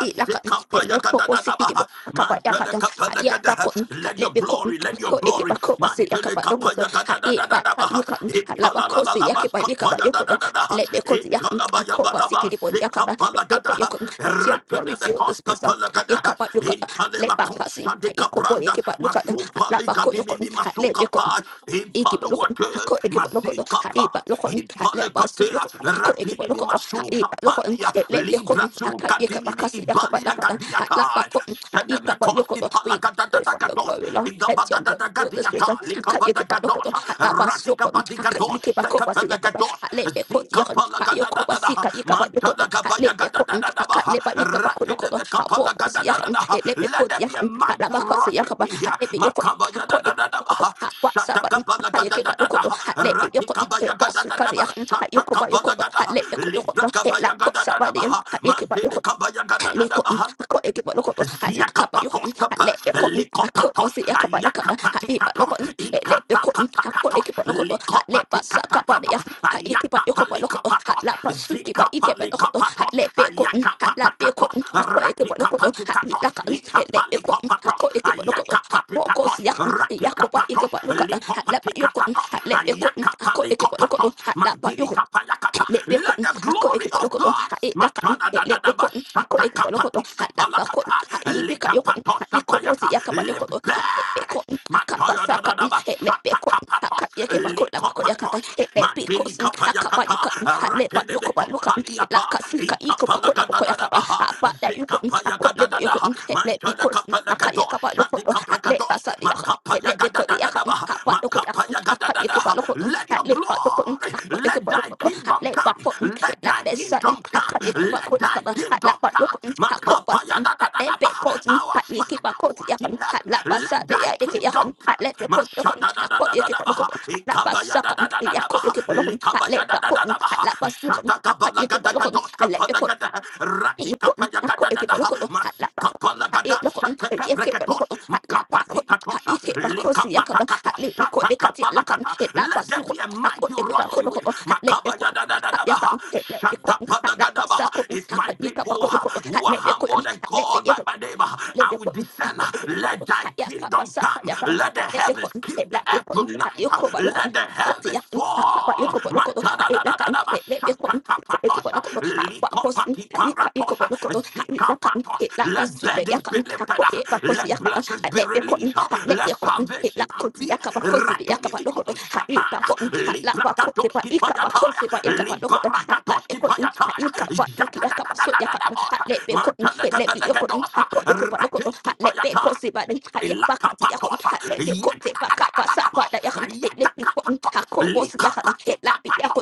S2: i lakan e Let ko o sikidi bo
S1: payagada,
S2: akapa ya
S1: Mantele
S2: kadan
S1: kapala
S2: ya ba
S1: gada.
S2: ko ha
S1: Let
S2: le
S1: your
S2: be ko
S1: glory, let your
S2: ko
S1: glory.
S2: ekiba ko basi ya
S1: Mantele
S2: kapa loko do
S1: kapaya
S2: ha
S1: gada da
S2: i
S1: da da
S2: ba
S1: da
S2: ha i
S1: baha.
S2: kan ha la ba
S1: Ipala la
S2: ko
S1: la
S2: si
S1: la
S2: ya
S1: bas
S2: kapa ni kapa
S1: kapaya da
S2: yoko do
S1: da da da.
S2: le be ko ya kan
S1: Ipala ba ya
S2: ko
S1: ba la
S2: basi
S1: ba.
S2: kidi Let me kapa
S1: Sikapala
S2: le be
S1: gada.
S2: yoko let your glory
S1: Rakede the
S2: fill this
S1: costa
S2: place ha
S1: pala
S2: i
S1: gada.
S2: kapa yoko le ba
S1: Intale
S2: kasi ha i
S1: Sadika
S2: ko bo
S1: Branda,
S2: ekiba loko do
S1: Masupa
S2: la ba
S1: Lika
S2: ko yoko
S1: Dimimi
S2: Let me
S1: Masuka
S2: be
S1: Pa,
S2: equipo loco,
S1: Impaluate,
S2: haco equipo loco,
S1: Masika Pa,
S2: haipa loco, le paso yo,
S1: Impalekatea,
S2: haco equipo
S1: Ratini
S2: loco,
S1: Masuka
S2: haipa loco,
S1: Pandia,
S2: le beco,
S1: Libra
S2: acá
S1: Suka
S2: y acá
S1: Dimimi
S2: casi acá para la
S1: Ibalia
S2: cara, la
S1: Gadiata,
S2: bajo, ahí capa yo
S1: Senemekoski
S2: codo, we go for your
S1: Palakatakatos,
S2: glory, Lord, Let your glory, you the spirit,
S1: Igabadagadiata,
S2: acá y acá loco,
S1: Likabadagados,
S2: la paso,
S1: Ratika
S2: acá y
S1: Badigados,
S2: acá copa si acá,
S1: Sekapelagados,
S2: le beco,
S1: Zika
S2: ya, yo copa si
S1: Palakadada,
S2: acá y acá yo codo,
S1: Mantana Gabaya
S2: le beco,
S1: Gadadadaba,
S2: acá
S1: let
S2: le va y acá loco, a poco si acá, le beco,
S1: there
S2: ya,
S1: be a
S2: la
S1: mighty
S2: baja si
S1: rushing
S2: acá,
S1: wind here.
S2: le
S1: Makabaya da
S2: beco,
S1: da da da ba.
S2: Yoko
S1: Shatakabala ga da da da da. Ratikabaya ga da da da ba. Shatakabala ga da. Librakabaya ga da da da ba. Mandele kabaya ga da da
S2: Hali
S1: da
S2: cotton,
S1: ba.
S2: a cotton, a cotton, I let cup of your cotton,
S1: Ziakapatos
S2: I
S1: kapas,
S2: let your cotton, I cut
S1: likopatos,
S2: was the cup of the cup, I eat but no
S1: ayakapatikatos,
S2: cotton, it let your cotton, I cut a
S1: ikatapatakatos,
S2: kip of local, I let but suck up by the
S1: likopatikatapatos,
S2: yard, I eat but your cup of local, I
S1: ayakapalikapatos,
S2: lap but suki by eat but local, I
S1: zikapalikapatos,
S2: let beer cotton, I lap beer
S1: ayakapatakatos,
S2: cotton, I cut a kip of local, eat
S1: rakikapatukatos,
S2: like it let beer cotton, I
S1: ikapalikopatos,
S2: cut a kip of local, I
S1: ayakapatikatos,
S2: young, the Yakoba, you
S1: rakikapatos,
S2: get look at, I let but your cotton,
S1: likopatikatos,
S2: I let beer cotton, I cut a kip of
S1: ayakapalikopatos,
S2: local, lap but you
S1: mandilikapayakas.
S2: let me
S1: Let
S2: cotton,
S1: the
S2: I cut
S1: glory
S2: it for
S1: of
S2: local,
S1: God
S2: I eat like let me cotton, I cut it for local, I lap back cotton,
S1: Matadadadabashatakapatoskapalakata,
S2: I eat the cut your cotton, I eat was it
S1: Likapatoskapayata,
S2: yakaba your
S1: lift
S2: cotton, I let me
S1: burdens.
S2: cotton, I cut by sacotton, it let me cotton, I
S1: Matoyododadabashatakapatos,
S2: cut your capa cotton, I cut la bacot
S1: Likopatos,
S2: it let me cotton, I cut by
S1: Mabilikapayakata,
S2: you cotton, I let but you cover look at it like
S1: Rakedebekopaliata,
S2: a slicker eco bacot la bacot yakaba,
S1: Ikapalagadadadabaha,
S2: I bat that you cotton, I cut labor your
S1: Zikapayagadadadaha,
S2: cotton, it let me cotton, I cut
S1: Mantadakapalagados,
S2: yakaba look, I let by
S1: Sadikapragados,
S2: sat let me call the account,
S1: Makapayagadadadadabaha,
S2: what look at I call you keep
S1: Makapayagadadadaha,
S2: a look on,
S1: let your
S2: at late but look
S1: glory,
S2: I call you keep
S1: let
S2: a look
S1: thy
S2: on, at
S1: kingdom
S2: late but
S1: come.
S2: put
S1: Let
S2: like
S1: thy
S2: this sudden
S1: kingdom
S2: I
S1: come.
S2: call you keep a
S1: Let
S2: good
S1: thy
S2: at la
S1: kingdom
S2: but
S1: come.
S2: look on, at court
S1: Makapaya
S2: button
S1: da da
S2: at
S1: da
S2: then
S1: da ba.
S2: bed court
S1: Our
S2: at you keep a
S1: Father who
S2: court
S1: art in
S2: yakan at
S1: heaven,
S2: la passa
S1: let
S2: the
S1: thy
S2: yaki yakon
S1: kingdom
S2: at let me
S1: come.
S2: court yakon
S1: Mashada da
S2: I call the yakan, at
S1: da
S2: what
S1: da
S2: you
S1: da da
S2: keep a look
S1: ba.
S2: on, at la
S1: Ikabaya
S2: passa
S1: da
S2: yakan
S1: da da da da ba.
S2: you keep a look on, at late
S1: Likabaya da
S2: but
S1: da
S2: court
S1: da da
S2: at
S1: ba.
S2: la passa I
S1: Shada
S2: call
S1: kabala
S2: you keep
S1: gada
S2: a look on, and
S1: gadoska
S2: let me
S1: pada
S2: call
S1: gada.
S2: Yoko,
S1: Ratika paya gada
S2: ako
S1: da
S2: eke
S1: da.
S2: baloko do hatla
S1: Masika
S2: bako. Ha e
S1: Kapalagada
S2: loko
S1: Shataka
S2: eke baloko
S1: Breketos,
S2: do hatla bako.
S1: Makapati
S2: Ha
S1: Katosha,
S2: eke bako si yaka
S1: Likapata
S2: do hatle
S1: Katosha,
S2: eko de kati laka
S1: Takapalakata.
S2: e la
S1: Let
S2: basi
S1: there
S2: ko
S1: be a
S2: ako
S1: mighty
S2: eke bako
S1: rushing
S2: do
S1: wind.
S2: hatle eko haka yaka
S1: Makabayadadadadabaha,
S2: e la eko hatla basa
S1: Shatapalagadabaha.
S2: ko
S1: If my
S2: haka eka bako
S1: people
S2: do
S1: uh, who are
S2: hatle eko
S1: humbled and called
S2: hatle
S1: by my name, uh,
S2: let
S1: I
S2: me
S1: will
S2: cotton, I
S1: descend.
S2: cut
S1: uh,
S2: the cover,
S1: Let thy
S2: I ya papa
S1: kingdom
S2: sat, I
S1: come.
S2: yak up,
S1: Let
S2: I
S1: the
S2: let me
S1: heavens
S2: cotton, it
S1: keep the
S2: like me
S1: earth
S2: cotton, I
S1: tonight.
S2: you
S1: uh,
S2: cover look on,
S1: Let the
S2: cut the
S1: heavens
S2: yakin, I papa you
S1: fall.
S2: cover look on, I it like an, it let me cotton, it the
S1: Matadadadadabashatakapatosha,
S2: look on, I back cousin, I you cut you cover
S1: likopatiparatosa,
S2: look on, I it like an,
S1: zikapatos.
S2: it like
S1: Let
S2: this, the
S1: burdens be
S2: yakin, I
S1: lifted.
S2: cut
S1: up.
S2: it back
S1: Let
S2: cousin,
S1: blessings
S2: I
S1: be
S2: let your cotton,
S1: released.
S2: I let let
S1: Let
S2: Alebiakon, Alebiakon,
S1: salvation
S2: Ilakoti
S1: appear.
S2: Yakabakosi, Yakabakon,
S1: Ratunimikon sataya.
S2: Haipakon, Halapakoti,
S1: Librakatoski payataya.
S2: Ikabakosi, Yakabakon,
S1: Libarakatoski
S2: Alakon,
S1: payataya.
S2: Ikabatuki, Yakabaso, Yakan,
S1: Yatadadadadadabosa.
S2: Alebiakon, Alebiakon,
S1: Mantelegabedegedosa.
S2: Hakoyakabakon,
S1: Rateski payataya.
S2: Alebekosi, Hayapakati, Yakon,
S1: Elakapatos,
S2: Alebekoti, Bakabasa,
S1: yadadadadadados,
S2: Yakon, Ilakon,
S1: ayadakapatos,
S2: Hakobosi, Yakan,
S1: likapatikapatos,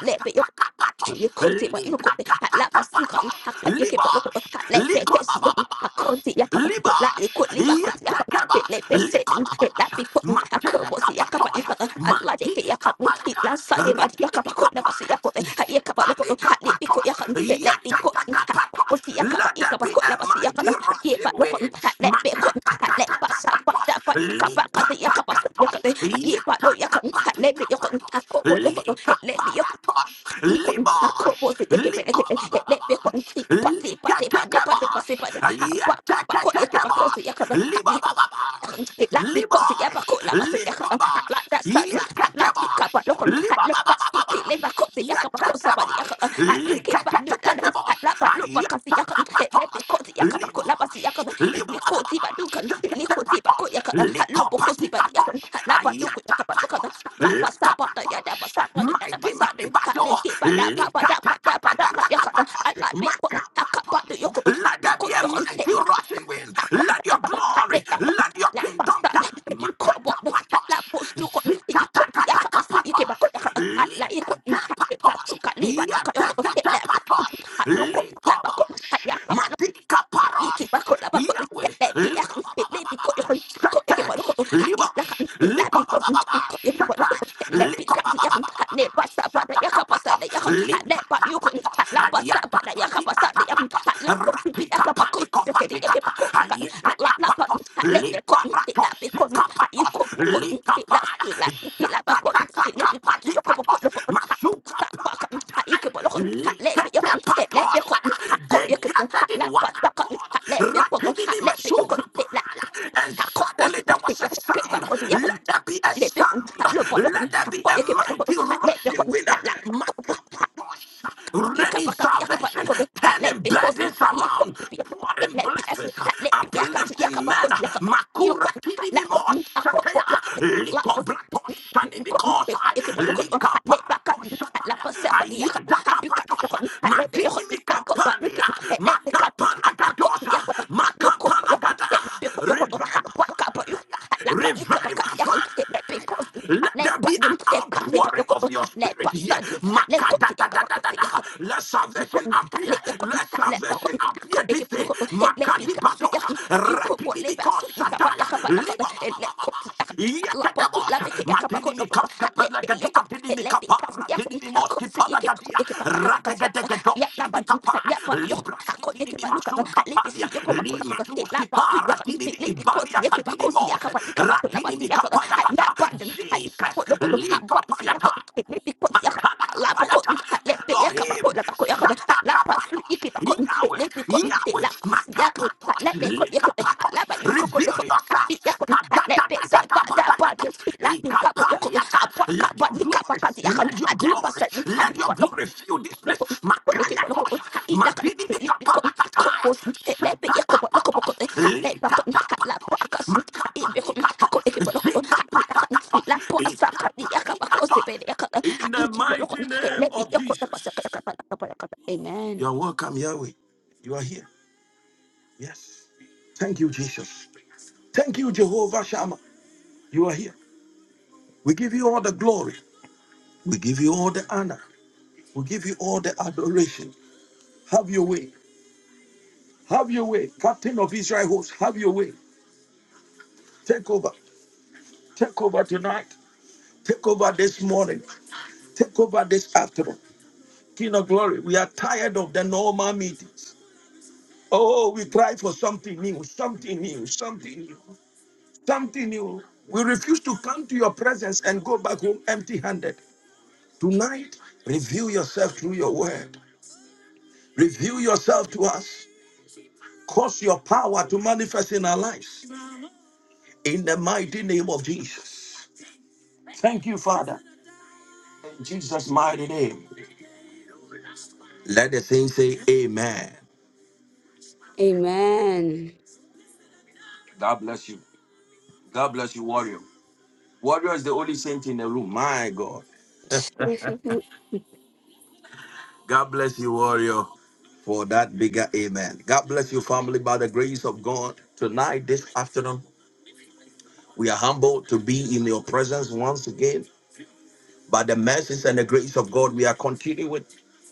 S2: Elabiakon, you could it, but you could at la pasuka,
S1: likapatakapatos,
S2: a cut you keep a look
S1: libas,
S2: at let peckets a
S1: likobababa,
S2: county yakap, like you could
S1: libash,
S2: live back cut yakap, it let
S1: yetekabash,
S2: per set and that
S1: likababash,
S2: be put in a curl was the yakap,
S1: matelekapatosh,
S2: if a lot of yakap, it
S1: mantilikapalata,
S2: last Sunday by the yakap, I could never see
S1: rakidimikapaya,
S2: yakap, a yakap, look at it, because
S1: zipalikapatosh,
S2: yakap, it let be caught in a
S1: yetetekapatosh.
S2: was the yakap,
S1: Let
S2: if
S1: there be
S2: could
S1: a
S2: never see
S1: mighty
S2: yakap, yeah,
S1: rushing
S2: but look on
S1: wind.
S2: let be caught, let but sat, but
S1: Makatatatapatos,
S2: that but yakap, the yakap,
S1: lipatakatos,
S2: yakap, yeah, but no yakap, let me yakap,
S1: yatakapatikapatos,
S2: I could it, let me
S1: likaparatos,
S2: ikon akrobo
S1: libosh,
S2: se eke pe eke eke lepe
S1: likobabababas.
S2: kon ti pati pati pati pati
S1: Likatakabosh.
S2: pati pati ha ba ka ba ko eke ba ko se
S1: Yatakatakabosh.
S2: yaka ba ha iko
S1: Libabababosh.
S2: la mi ko ti
S1: Libosh. Likabosh. Yakatabosh. Libabababosh. Yatakabosh. Likatakabosh.
S2: si
S1: Ayatakapatosh.
S2: si
S1: Libosh.
S2: Likoti
S1: Libabababosh.
S2: badukan, likoti
S1: Yakatapatosh.
S2: bako yakata, halo boko si badi
S1: Likopatikatos.
S2: yakan, hala baduku yakabat lukata,
S1: Ayatapatos.
S2: hala basa bata
S1: Lakapatos
S2: yada basa kada yada
S1: mighty man
S2: basa
S1: in
S2: den, hala
S1: battle.
S2: ki bada baba da bada bada kada yakata,
S1: Likatatatatakapatos,
S2: hala beko haka badu
S1: makapatos.
S2: yokutu,
S1: Let
S2: hapi
S1: there be
S2: kot
S1: a
S2: yokon
S1: mighty
S2: tele,
S1: rushing wind.
S2: hako da
S1: Let your
S2: yakata, hala
S1: glory,
S2: yakon,
S1: let your
S2: hala
S1: kingdom
S2: basa
S1: come.
S2: da, iko bo da,
S1: Makatapatos,
S2: hala bos lukon, iko ti yakaba su ike
S1: zikatatatakapatos,
S2: bako yakata, hala iko, hala
S1: likatapatos,
S2: basu kani bada kada yokutu, hala
S1: yatatatapatos,
S2: boko, hala bako,
S1: likobos,
S2: hala yakaba
S1: matikaparos.
S2: Iki bakot la bakot ke le pi ak ke le pi ko
S1: Yahweh,
S2: yon ko e ke pa ko
S1: Shatesh,
S2: ha i la kan
S1: Libosh,
S2: ti la pi ko sun
S1: Likobababa, Shatesh, Likobababa, Shatakapatos, Likatapatos,
S2: la pa sa pa da yak
S1: Ayatapatikapatos,
S2: la ko ti pi ak pa ko ti
S1: Ratikapanikopatikata,
S2: la la ko
S1: Ayetekapatos,
S2: ha le pe ko ti la
S1: Liparatos,
S2: pi ko ha yu
S1: Sikapatos, Likapaya, Shatatakapatikata. Mazuka Liketepatosada. They gathered in one accord. Rapinimi masukapaya. And suddenly there was a sound. Let there be a sound. Let there be a mighty rushing wind.
S2: let
S1: Makapatos.
S2: you can
S1: Ready
S2: back up, you can back
S1: salvation.
S2: look at it. I
S1: Turning
S2: let because you
S1: burdens
S2: can't you
S1: around.
S2: can't be
S1: Pouring
S2: let be
S1: blessings
S2: as
S1: voices,
S2: I let be I can't you can
S1: uplifting men,
S2: because you can you
S1: Makura
S2: can like
S1: Kinimimo
S2: I got
S1: Sataya,
S2: what you like you
S1: Likobrato
S2: got me you
S1: Sanimikosa,
S2: can look at I let back
S1: Likaparato
S2: up I let
S1: Sataya,
S2: myself but you can I
S1: Ayadaka
S2: you can
S1: Patosa,
S2: look at I let be you I
S1: Madinimika
S2: got but look
S1: Pandia,
S2: at let be cut I got the
S1: Makapalagadosa,
S2: you can I look up look
S1: Makapalagada,
S2: at let be you can I
S1: Revival
S2: back up you I
S1: Fire,
S2: like but you
S1: Revival Fire.
S2: let because I
S1: Let
S2: let
S1: there be
S2: but
S1: an
S2: you can't be but you
S1: outpouring
S2: can
S1: of your
S2: let
S1: spirit
S2: but
S1: here.
S2: sudden I let cut you can
S1: Makadadadadada. Let
S2: you
S1: salvation
S2: couldn't
S1: appear.
S2: let your couldn't
S1: Let
S2: let my
S1: salvation
S2: couldn't
S1: appear
S2: go make
S1: this
S2: it
S1: day.
S2: look at let me cut so you
S1: Makadibadosa.
S2: can you could what live out so you can buy your
S1: Ratidibikosataya.
S2: cup at and let cook
S1: Libababababas.
S2: la postu la beke ya kapa ko loko
S1: Yeketebos.
S2: let be yo
S1: Sepelagadi
S2: ko
S1: adinimi
S2: let be kas
S1: kapara
S2: ya ko
S1: tinimi
S2: ha ko
S1: moski
S2: si ye ke ko
S1: padagadia.
S2: ye ke pa la pa ya
S1: Rategedegedo
S2: ya la pa
S1: shanti
S2: di
S1: kapa.
S2: ya pa yo ha
S1: Libraski
S2: ko ye
S1: tini
S2: ke
S1: mi
S2: pa luka
S1: masu
S2: ha let be si
S1: kapalia.
S2: yo ko pa ko loko
S1: Lima
S2: la
S1: tuski
S2: postu ya
S1: para tinimi
S2: let be ko si
S1: ibalia
S2: ye ke pa
S1: kadini
S2: ko si ya
S1: mose.
S2: kapa ni kapa la pa si
S1: mi
S2: ya ko
S1: kapaya
S2: ha ya
S1: kata.
S2: pa di ha ka ko
S1: Jesus.
S2: loko ha
S1: Li
S2: pa si ya ko
S1: papaya
S2: let be ko la poko
S1: Matalakapayata,
S2: le pe ya ka poko
S1: Elohim,
S2: la poko ya ka la pa su
S1: Shatakapatos,
S2: iki poko
S1: Yahweh,
S2: le pe ko mm, e
S1: Yahweh,
S2: la su ya ka
S1: Makapatos,
S2: la pe ko ya ka
S1: Likapatos,
S2: la ba yu ko ko lo
S1: reveal
S2: ko
S1: yourself,
S2: pi ya ko le pe se pa da pa ti
S1: Kadadadadadabadadados,
S2: la ti ka po ya ko
S1: Ikapaliata,
S2: ha pa ka
S1: let
S2: pa
S1: your
S2: ni ka pa
S1: glory,
S2: ka ti ya ka
S1: let your
S2: la pa
S1: glory, let your glory fill this place, Makayatos, Madidikapalakataya, Shatakapatos, Likapatos, in the mighty name of Jesus.
S2: Amen.
S1: You are welcome, Yahweh. You are here. Yes. Thank you, Jesus. Thank you, Jehovah Shammah. You are here. We give you all the glory. We give you all the honor. We give you all the adoration. Have your way. Have your way. Captain of Israel hosts, have your way. Take over. Take over tonight. Take over this morning. Take over this afternoon. King of glory, we are tired of the normal meetings. Oh, we cry for something new, something new, something new, something new. We refuse to come to your presence and go back home empty handed. Tonight, reveal yourself through your word, reveal yourself to us. Cause your power to manifest in our lives in the mighty name of Jesus. Thank you, Father. In Jesus' mighty name. Let the saints say amen.
S2: Amen.
S1: God bless you. God bless you, warrior. Warrior is the only saint in the room. My God. God bless you, Warrior, for that bigger amen. God bless you, family, by the grace of God. Tonight, this afternoon, we are humbled to be in your presence once again. By the mercies and the grace of God, we are continuing.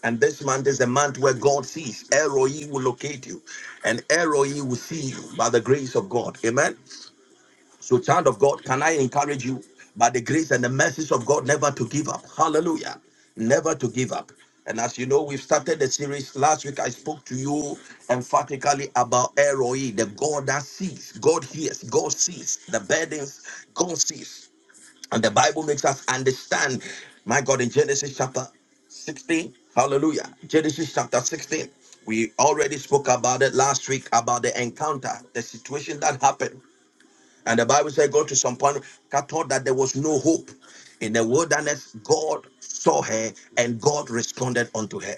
S1: And this month is the month where God sees. Eroi will locate you, and Eroi will see you by the grace of God. Amen. So, child of God, can I encourage you by the grace and the mercies of God never to give up? Hallelujah. Never to give up. And as you know, we've started the series last week. I spoke to you emphatically about Eroi, the God that sees, God hears, God sees the burdens, God sees. And the Bible makes us understand, my God, in Genesis chapter 16. Hallelujah. Genesis chapter 16. We already spoke about it last week about the encounter, the situation that happened and the Bible said, go to some point, God thought that there was no hope. In the wilderness, God saw her and God responded unto her.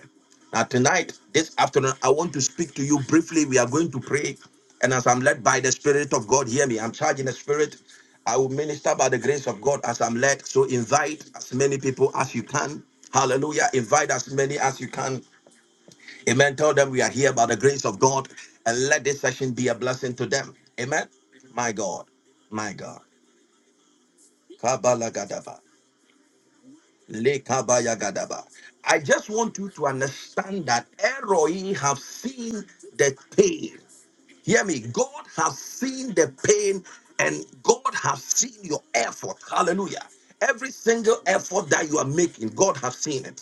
S1: Now, tonight, this afternoon, I want to speak to you briefly. We are going to pray. And as I'm led by the Spirit of God, hear me. I'm charging the Spirit. I will minister by the grace of God as I'm led. So invite as many people as you can. Hallelujah. Invite as many as you can. Amen. Tell them we are here by the grace of God and let this session be a blessing to them. Amen. My God. My God. Kabalagadaba. Lekabayagadaba. I just want you to understand that Eroi have seen the pain. Hear me. God has seen the pain and God has seen your effort. Hallelujah. Every single effort that you are making, God has seen it.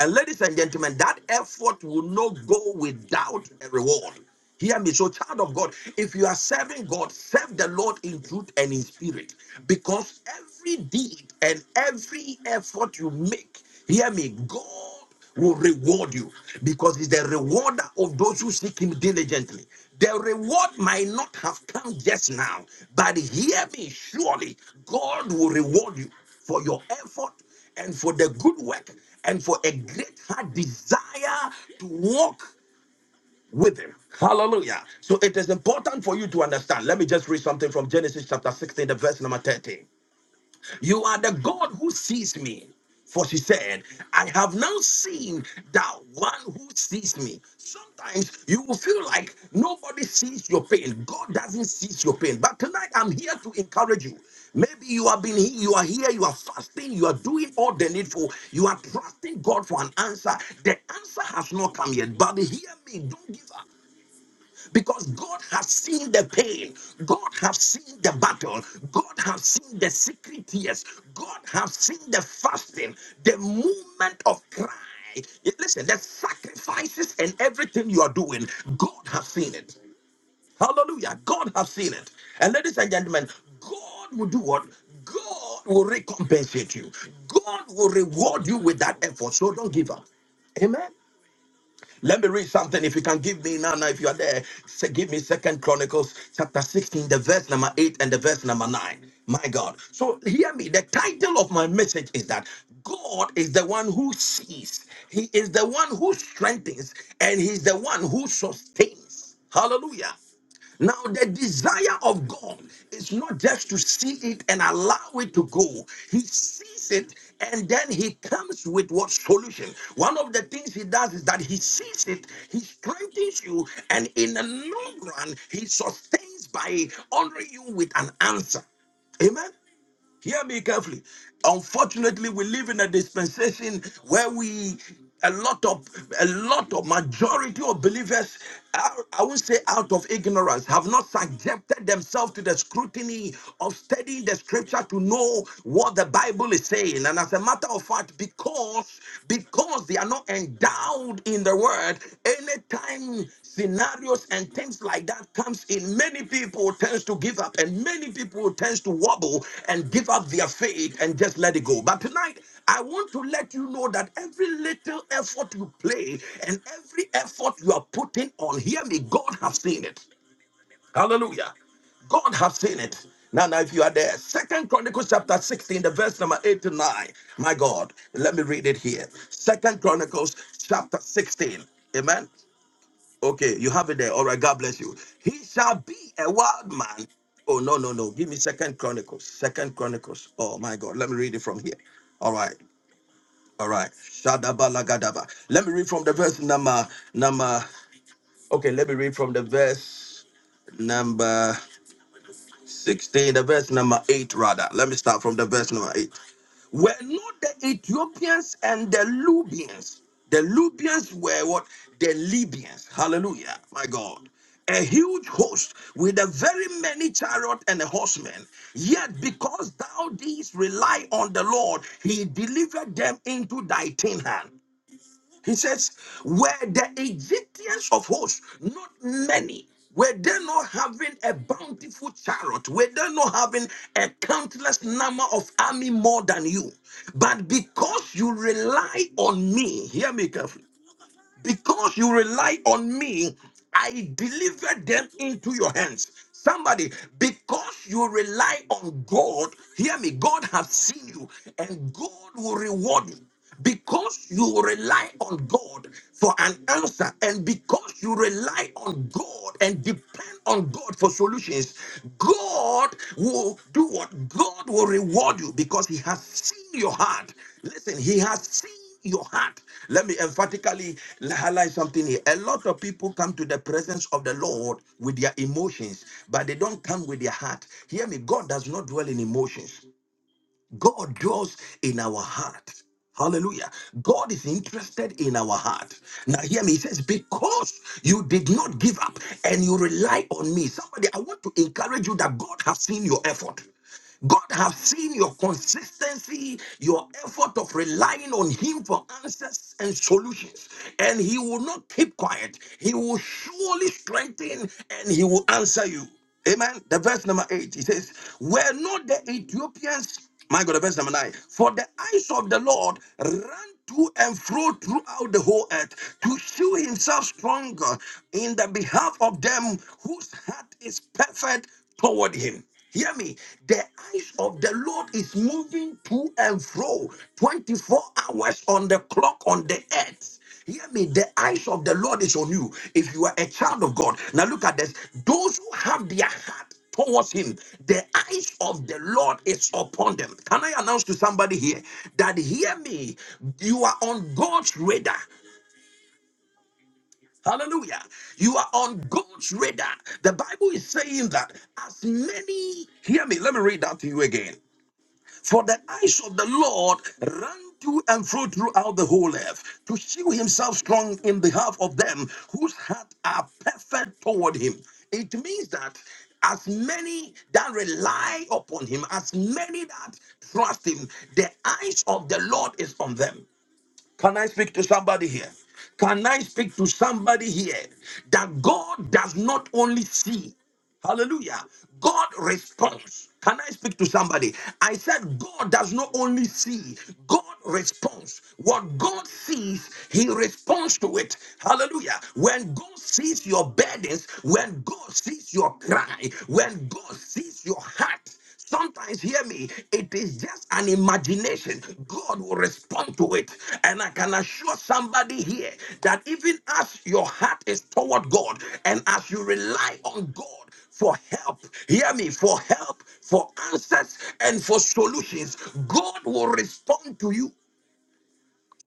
S1: And ladies and gentlemen, that effort will not go without a reward. Hear me. So, child of God, if you are serving God, serve the Lord in truth and in spirit. Because every deed and every effort you make, hear me, God will reward you because he's the rewarder of those who seek him diligently. The reward might not have come just now, but hear me surely, God will reward you for your effort and for the good work and for a great heart desire to walk with him. Hallelujah. So it is important for you to understand. Let me just read something from Genesis chapter 16, the verse number 13. You are the God who sees me. For she said, I have now seen that one who sees me. Sometimes you will feel like nobody sees your pain. God doesn't see your pain. But tonight I'm here to encourage you. Maybe you have been here, you are here, you are fasting, you are doing all the needful, you are trusting God for an answer. The answer has not come yet. But hear me, don't give up because God has seen the pain, God has seen the battle, God has seen the secret tears, God has seen the fasting, the movement of cry. Yeah, Listen, the sacrifices and everything you are doing, God has seen it. Hallelujah. God has seen it. And ladies and gentlemen, God will do what? God will recompensate you. God will reward you with that effort. So don't give up. Amen. Let me read something. If you can give me now, now if you are there, say, give me Second Chronicles chapter 16, the verse number 8 and the verse number 9. My God. So hear me. The title of my message is that God is the one who sees, He is the one who strengthens, and He's the one who sustains. Hallelujah. Now, the desire of God is not just to see it and allow it to go. He sees it and then he comes with what solution. One of the things he does is that he sees it, he strengthens you, and in the long run, he sustains by honoring you with an answer. Amen. Hear me carefully. Unfortunately, we live in a dispensation where we a lot of a lot of majority of believers are, I won't say out of ignorance have not subjected themselves to the scrutiny of studying the scripture to know what the Bible is saying and as a matter of fact because because they are not not endowed in the word, anytime scenarios and things like that comes in, many people tends to give up and many people tends to wobble and give up their faith and just let it go. But tonight, I want to let you know that every little effort you play and every effort you are putting on, hear me, God has seen it. Hallelujah. God has seen it. Now, now, if you are there, Second Chronicles chapter 16, the verse number 8 to 9. My God, let me read it here. Second Chronicles chapter 16. Amen. Okay, you have it there. All right, God bless you. He shall be a wild man. Oh, no, no, no. Give me Second Chronicles. Second Chronicles. Oh my God. Let me read it from here. All right. All right. Shadaba lagadaba. Let me read from the verse number number. Okay, let me read from the verse number. 16, the verse number 8, rather. Let me start from the verse number 8. Were not the Ethiopians and the Lubians, the Lubians were what? The Libyans. Hallelujah, my God. A huge host with a very many chariot and a horsemen. Yet because thou didst rely on the Lord, he delivered them into thy tin hand. He says, Were the Egyptians of hosts not many? Were they not having a bountiful chariot? Were they not having a countless number of army more than you? But because you rely on me, hear me carefully because you rely on me, I delivered them into your hands. Somebody, because you rely on God, hear me, God has seen you and God will reward you. Because you rely on God for an answer, and because you rely on God God and depend on God for solutions, God will do what? God will reward you because He has seen your heart. Listen, He has seen your heart. Let me emphatically highlight something here. A lot of people come to the presence of the Lord with their emotions, but they don't come with their heart. Hear me, God does not dwell in emotions. God draws in our heart. Hallelujah. God is interested in our heart. Now, hear me. He says, Because you did not give up and you rely on me. Somebody, I want to encourage you that God has seen your effort. God has seen your consistency, your effort of relying on Him for answers and solutions. And He will not keep quiet. He will surely strengthen and He will answer you. Amen. The verse number eight, it says, Were not the Ethiopians, my God, the verse number nine, for the eyes of the Lord ran to and fro throughout the whole earth to show himself stronger in the behalf of them whose heart is perfect toward him. Hear me. The eyes of the Lord is moving to and fro 24 hours on the clock on the earth. Hear me, the eyes of the Lord is on you if you are a child of God. Now look at this. Those who have their heart towards him, the eyes of the Lord is upon them. Can I announce to somebody here that hear me? You are on God's radar. Hallelujah. You are on God's radar. The Bible is saying that as many, hear me, let me read that to you again. For the eyes of the Lord run to and fro throughout the whole earth to show himself strong in behalf of them whose hearts are perfect toward him. It means that as many that rely upon him, as many that trust him, the eyes of the Lord is on them. Can I speak to somebody here? Can I speak to somebody here that God does not only see? Hallelujah. God responds. Can I speak to somebody? I said, God does not only see, God responds. What God sees, He responds to it. Hallelujah. When God sees your burdens, when God sees your cry, when God sees your heart, Sometimes, hear me, it is just an imagination. God will respond to it. And I can assure somebody here that even as your heart is toward God and as you rely on God, for help. Hear me, for help, for answers, and for solutions. God will respond to you.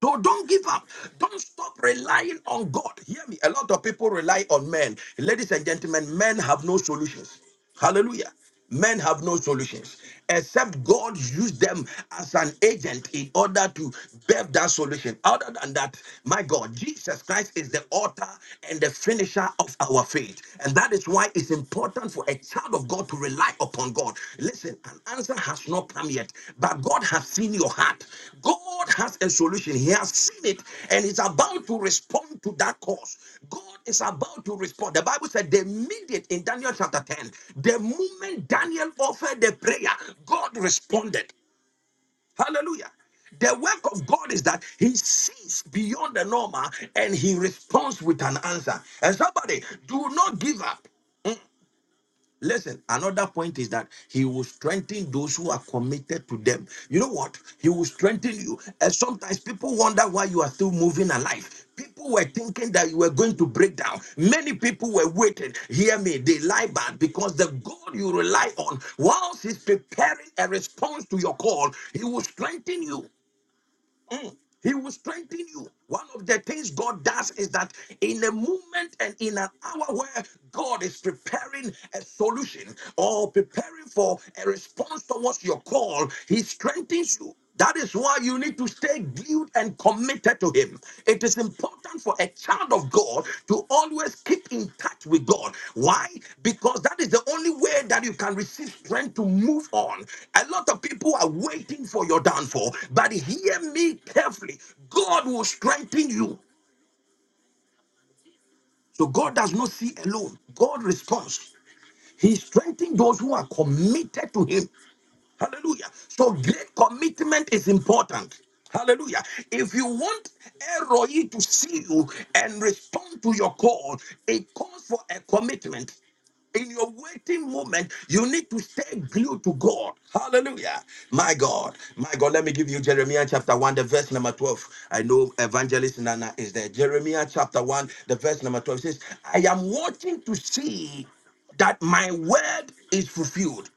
S1: So don't give up. Don't stop relying on God. Hear me. A lot of people rely on men. Ladies and gentlemen, men have no solutions. Hallelujah. Men have no solutions except God use them as an agent in order to bear that solution. Other than that, my God, Jesus Christ is the author and the finisher of our faith. And that is why it's important for a child of God to rely upon God. Listen, an answer has not come yet, but God has seen your heart. God has a solution. He has seen it and is about to respond to that cause. God is about to respond. The Bible said they made it in Daniel chapter 10. The moment Daniel offered the prayer, God responded. Hallelujah. The work of God is that He sees beyond the normal and He responds with an answer. And somebody, do not give up. Listen, another point is that he will strengthen those who are committed to them. You know what? He will strengthen you. And sometimes people wonder why you are still moving alive. People were thinking that you were going to break down. Many people were waiting. Hear me, they lie back because the God you rely on, whilst He's preparing a response to your call, He will strengthen you. Mm. He will strengthen you. One of the things God does is that in a moment and in an hour where God is preparing a solution or preparing for a response towards your call, He strengthens you. That is why you need to stay glued and committed said to him, It is important for a child of God to always keep in touch with God. Why? Because that is the only way that you can receive strength to move on. A lot of people are waiting for your downfall, but hear me carefully God will strengthen you. So God does not see alone, God responds. He strengthens those who are committed to Him. Hallelujah. So great commitment is important. Hallelujah. If you want Eroi to see you and respond to your call, it calls for a commitment. In your waiting moment, you need to stay glued to God. Hallelujah. My God. My God. Let me give you Jeremiah chapter 1, the verse number 12. I know evangelist Nana is there. Jeremiah chapter 1, the verse number 12 says, I am watching to see that my word is fulfilled.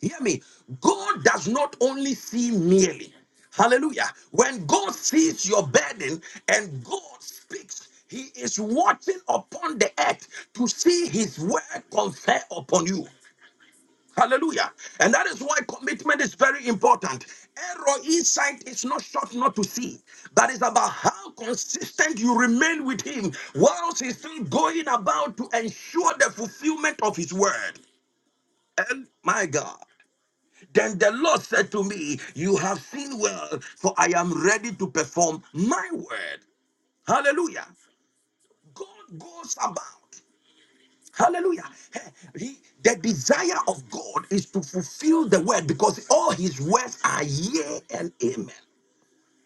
S1: Hear me. God does not only see merely. Hallelujah. When God sees your burden and God speaks, He is watching upon the earth to see His word confer upon you. Hallelujah. And that is why commitment is very important. Error insight is not short not to see, but it's about how consistent you remain with Him whilst He's still going about to ensure the fulfillment of His word. And my God. Then the Lord said to me, You have seen well, for I am ready to perform my word. Hallelujah. God goes about. Hallelujah. Hey, He, the desire of God is to fulfill the word because all his words are yea and amen.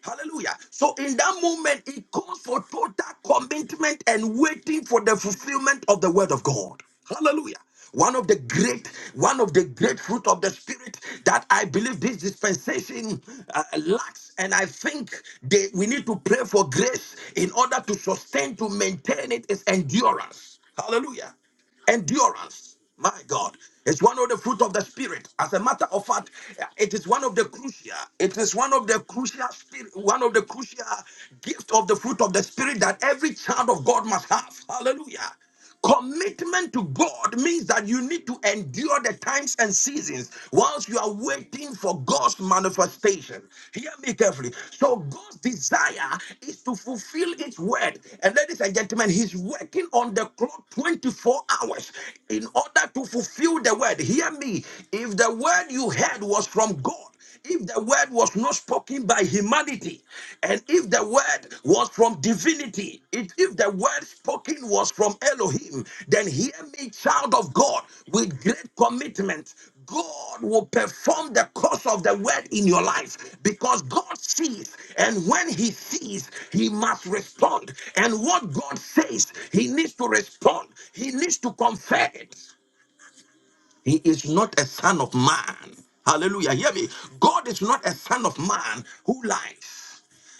S1: Hallelujah. So in that moment, it calls for total commitment and waiting for the fulfillment of the word of God. Hallelujah. One of the great, one of the great fruit of the spirit that I believe this dispensation uh, lacks, and I think they, we need to pray for grace in order to sustain, to maintain it is endurance. Hallelujah endurance my god it's one of the fruit of the spirit as a matter of fact it is one of the crucial it is one of the crucial spirit one of the crucial gift of the fruit of the spirit that every child of god must have hallelujah commitment to god means that you need to endure the times and seasons whilst you are waiting for for God's manifestation. Hear me carefully. So God's desire is to fulfill His word. And ladies and gentlemen, He's working on the clock 24 hours in order to fulfill the word. Hear me. If the word you heard was from God, if the word was not spoken by humanity, and if the word was from divinity, if, if the word spoken was from Elohim, then hear me, child of God, with great commitment. God will perform the course of the word in your life because God sees, and when He sees, He must respond. And what God says, He needs to respond, He needs to confirm it. He is not a son of man. Hallelujah. Hear me. God is not a son of man who lies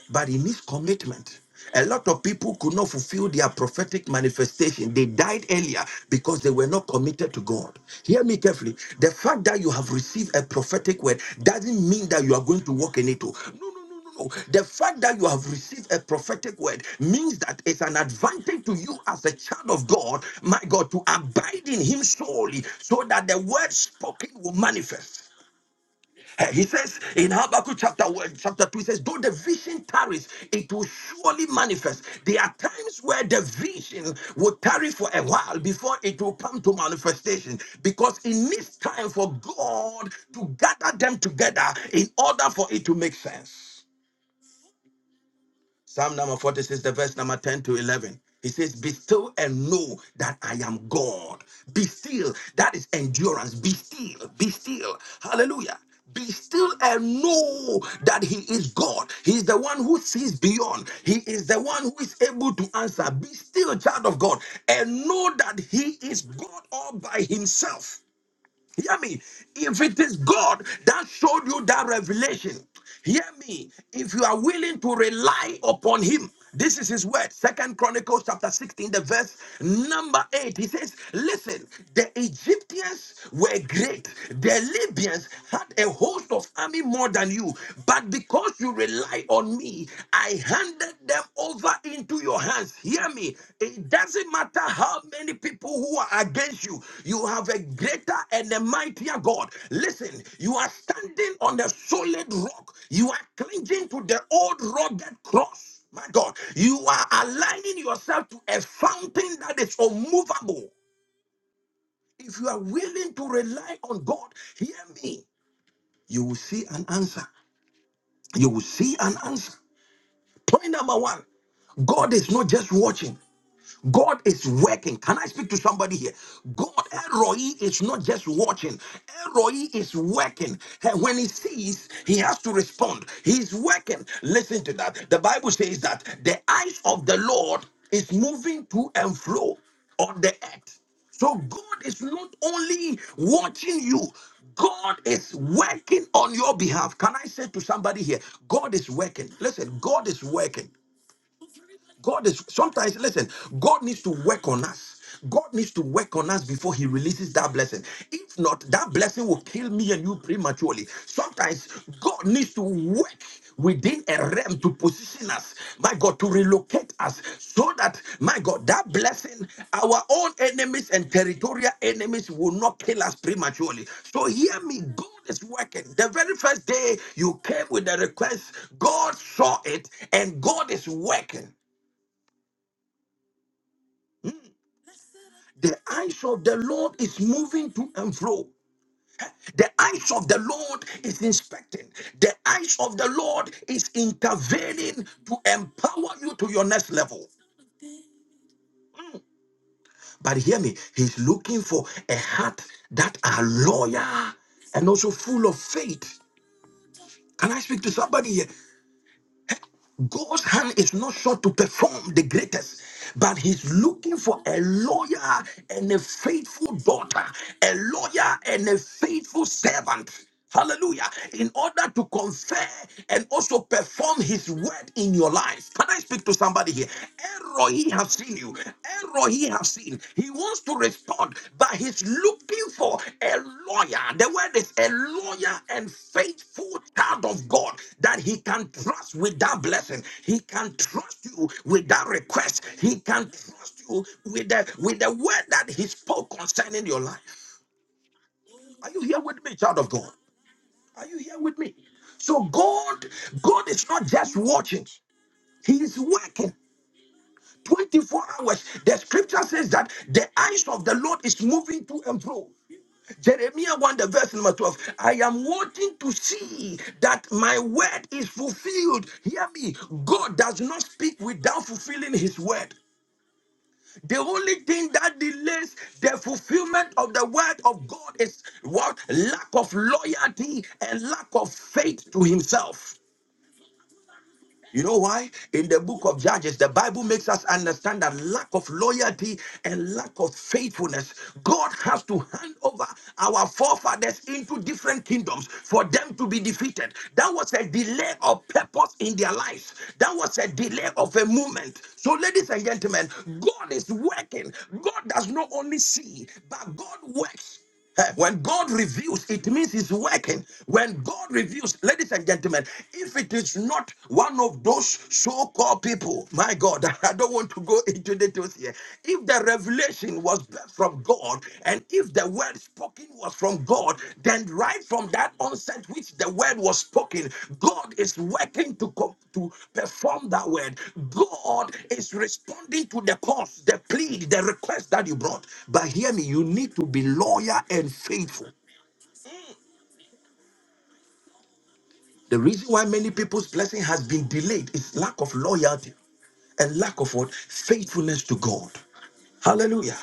S1: but it needs commitment. A lot of people could not fulfill their prophetic manifestation. They died earlier because they were not committed to God. Hear me carefully. The fact that you have received a prophetic word doesn't mean that you are going to walk in it. oh. No, no, no, no, no. The fact that you have received a prophetic word means that it's an advantage to you as a child of God, my God, to abide in Him solely so that the word spoken will manifest. Eh, He says in Habakkuk chapter 1, chapter 2, he says, Though the vision tarries, it will surely manifest. There are times where the vision will tarry for a while before it will come to manifestation because it needs time for God to gather them together in order for it to make sense. Psalm number 46, the verse number 10 to 11. He says, Be still and know that I am God. Be still. That is endurance. Be still. Be still. Hallelujah. Be still and know that He is God. He is the one who sees beyond. He is the one who is able to answer. Be still, child of God, and know that He is God all by Himself. Hear me. If it is God that showed you that revelation, hear me. If you are willing to rely upon Him, this is His word. Second Chronicles chapter 16, the verse number 8. He says, Listen, the Egyptians were great, the Libyans had a host of army more than you, but because you rely on me, I handed them over into your hands. Hear me. It doesn't matter how many people who are against you, you have a greater and a mightier God. Listen, you are standing on a solid rock, you are clinging to the old rugged cross. My God, you are aligning yourself to a fountain that is unmovable. If you are willing to rely on God, hear me, you will see an answer. You will see an answer. Point number one God is not just watching, God is working. Can I speak to somebody here? God, Elroy, is not just watching, Elroy is working. And when he sees, he has to respond. He's working. Listen to that. The Bible says that the eyes of the Lord is moving to and fro on the earth. So God is not only watching you, God is working on your behalf. Can I say to somebody here, God is working? Listen, God is working. God is sometimes, listen, God needs to work on us. God needs to work on us before He releases that blessing. If not, that blessing will kill me and you prematurely. Sometimes God needs to work within a realm to position us, my God, to relocate us so that, my God, that blessing, our own enemies and territorial enemies will not kill us prematurely. So hear me, God is working. The very first day you came with the request, God saw it and God is working. The eyes of the Lord is moving to and fro. The eyes of the Lord is inspecting. The eyes of the Lord is intervening to empower you to your next level. But hear me, He's looking for a heart that are loyal and also full of faith. Can I speak to somebody here? God's hand is not sure to perform the greatest, but He's looking for a lawyer and a faithful daughter, a lawyer and a faithful servant. Hallelujah. In order to confer and also perform his word in your life. Can I speak to somebody here? Error, he has seen you error he has seen. He wants to respond, but he's looking for a lawyer. The word is a lawyer and faithful child of God that he can trust with that blessing. He can trust you with that request. He can trust you with the with the word that he spoke concerning your life. Are you here with me, child of God? Are you here with me? So God, God is not just watching, He is working. 24 hours. The scripture says that the eyes of the Lord is moving to and fro. Jeremiah 1, the verse number 12. I am wanting to see that my word is fulfilled. Hear me. God does not speak without fulfilling his word. The only thing that delays the fulfillment of the word of God is what? Lack of loyalty and lack of faith to himself. You know why? In the book of Judges, the Bible makes us understand that lack of loyalty and lack of faithfulness, God has to hand over our forefathers into different kingdoms for them to be defeated. That was a delay of purpose in their lives, that was a delay of a movement. So, ladies and gentlemen, God is working. God does not only see, but God works. Eh, When God reveals, it means He's working. When God reveals, ladies and gentlemen, if it is not one of those so called people, my God, I don't want to go into details here. If the revelation was from God and if the word spoken was from God, then right from that onset which the word was spoken, God is working to come to perform that word. God is responding to the cause, the plea, the request that you brought. But hear me, you need to be loyal and faithful. The reason why many people's blessing has been delayed is lack of loyalty and lack of what faithfulness to God. Hallelujah.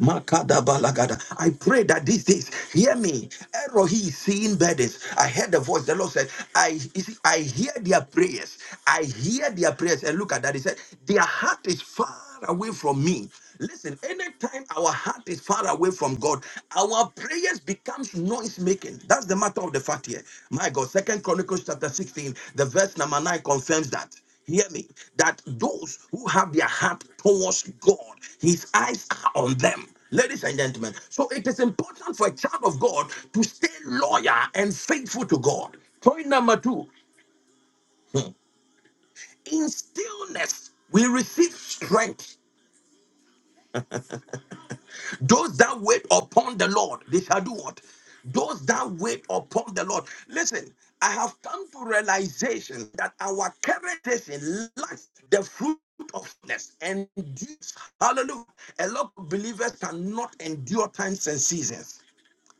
S1: Makadabalagada. I pray that these days, hear me. Erohi is seeing burdens. I heard the voice. The Lord said, I you see, I hear their prayers. I hear their prayers. And look at that. He said, Their heart is far away from me. Listen, anytime our heart is far away from God, our prayers becomes noise making. That's the matter of the fact here. My God, Second Chronicles chapter 16, the verse number 9 confirms that hear me that those who have their heart towards god his eyes are on them ladies and gentlemen so it is important for a child of god to stay loyal and faithful to god point number two in stillness we receive strength Those that wait upon the Lord, they shall do what? Those that wait upon the Lord. Listen, I have come to realization that our current generation lacks the fruit of goodness and this. Hallelujah. A lot of believers cannot endure times and seasons.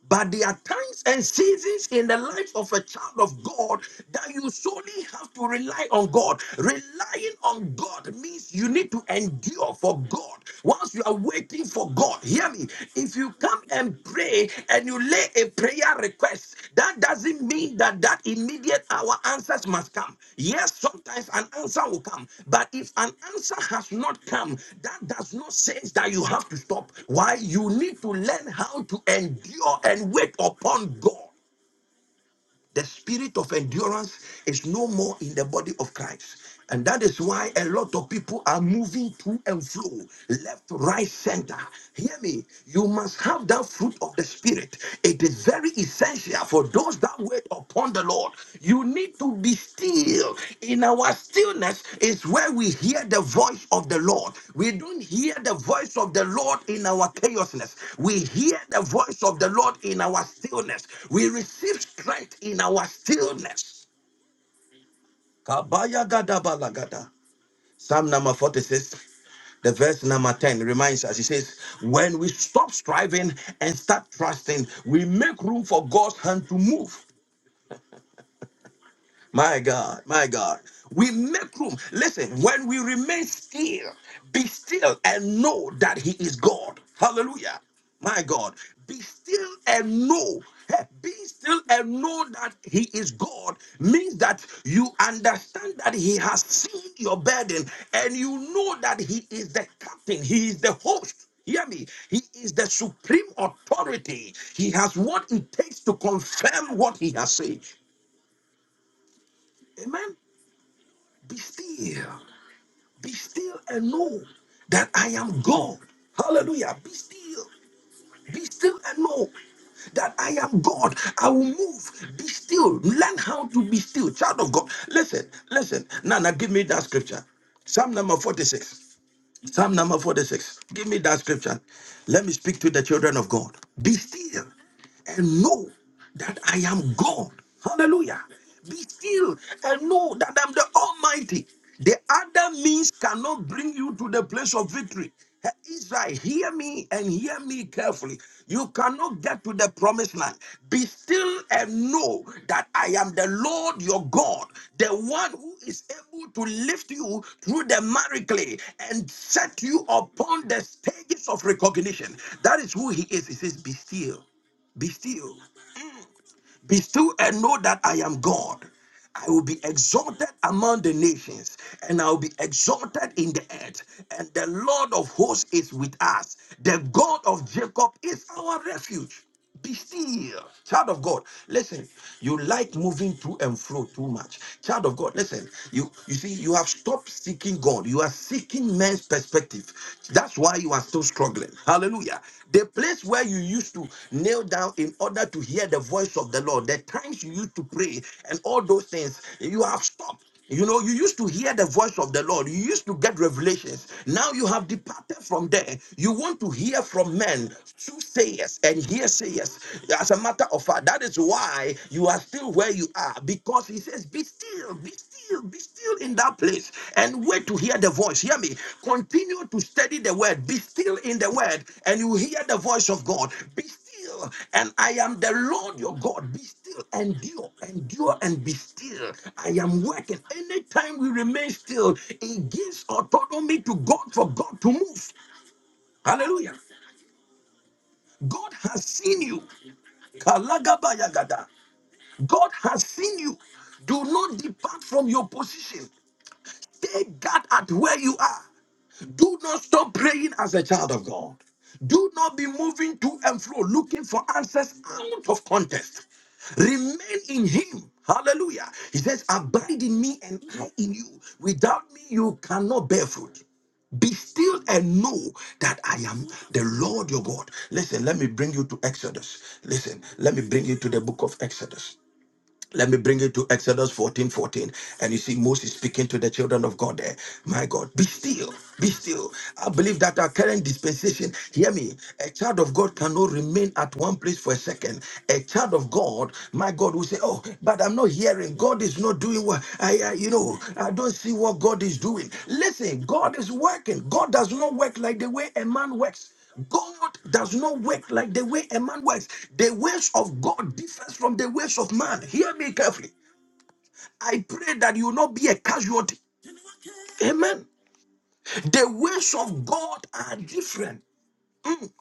S1: But there are times and seasons in the life of a child of God that you solely have to rely on God. Relying on God means you need to endure for God. Once you are waiting for God, hear me. If you come and pray and you lay a prayer prayer request, that doesn't mean that that immediate our answers must come. Yes, sometimes an answer will come, but if an answer has not come, that does not say that you have to stop. Why? You need to learn how to endure and wait upon God. The spirit of endurance is no more in the body of Christ. And that is why a lot of people are moving to and fro, left, right, center. Hear me. You must have that fruit of the spirit. It is very essential for those that wait upon the Lord. You need to be still. In our stillness is where we hear the voice of the Lord. We don't hear the voice of the Lord in our chaosness. We hear the voice of the Lord in our stillness. We receive strength in our stillness. Kabaya gada balagada. Psalm number 46, the verse number 10 reminds us, He says, When we stop striving and start trusting, we make room for God's hand to move. My God, my God. We make room. Listen, when we remain still, be still and know that He is God. Hallelujah. My God. Be still and know. Hey, Be still and know that He is God means that you understand that He has seen your burden and you know that He is the captain, He is the host. Hear me. He is the supreme authority. He has what it takes to confirm what He has said. Amen. Be still. Be still and know that I am God. Hallelujah. Be still. Be still and know that I am God. I will move. Be still. Learn how to be still. Child of God. Listen, listen. Nana, give me that scripture. Psalm number 46. Psalm number 46. Give me that scripture. Let me speak to the children of God. Be still and know that I am God. Hallelujah. Be still and know that I'm the Almighty. The other means cannot bring you to the place of victory. Hey, Israel, hear me and hear me carefully. You cannot get to the promised land. Be still and know that I am the Lord your God, the one who is able to lift you through the miracle and set you upon the stages of recognition. That is who he is. He says, Be still. Be still. Be still and know that I am God. I will be exalted among the nations, and I will be exalted in the earth. And the Lord of hosts is with us. The God of Jacob is our refuge. Be still, child of God. Listen, you like moving to and fro too much. Child of God, listen, you you see, you have stopped seeking God. You are seeking men's perspective perspective. That's why you are still struggling. Hallelujah. The place where you used to kneel down in order to hear the voice of the Lord, the times you used to pray, and all those things, you have stopped. You know, you used to hear the voice of the Lord. You used to get revelations. Now you have departed from there. You want to hear from men, soothsayers and hearsayers. As a matter of fact, that is why you are still where you are because he says be still be still be still in that place and wait to hear the voice hear me continue to study the word be still in the word and you hear the voice of god be still and i am the lord your god be still endure endure and be still i am working anytime we remain still it gives autonomy to god for god to move hallelujah god has seen you Kalagabayagada. God has seen you. Do not depart from your position. Take God at where you are. Do not stop praying as a child of God. Do not be moving to and fro looking for answers out of context. Remain in Him. Hallelujah. He says, Abide in me and I in you. Without me, you cannot bear fruit. Be still and know that I am the Lord your God. Listen, let me bring you to Exodus. Listen, let me bring you to the book of Exodus. Let me bring you to Exodus 14 14, And you see Moses speaking to the children of God there. My God, be still, be still. I believe that our current dispensation, hear me, a child of God cannot remain at one place for a second. A child of God, my God, will say, Oh, but I'm not hearing. God is not doing what I, I you know, I don't see what God is doing. Listen, God is working. God does not work like the way a man works. God does not work like the way a man works. The ways of God differs from the ways of man. Hear me carefully. I pray that you will not be a casualty. Amen. The ways of God are different. Mm.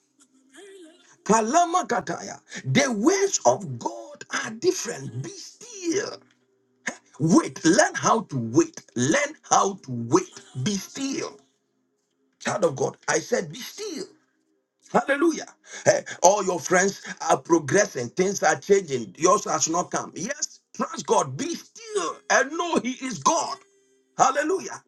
S1: Kalama kataya. The ways of God are different. Be still. Wait. Learn how to wait. Learn how to wait. Be still. Child of God, I said, be still Hallelujah. Eh, all your friends are progressing, things are changing. Yours has not come. Yes, trust God. Be still and know He is God. Hallelujah.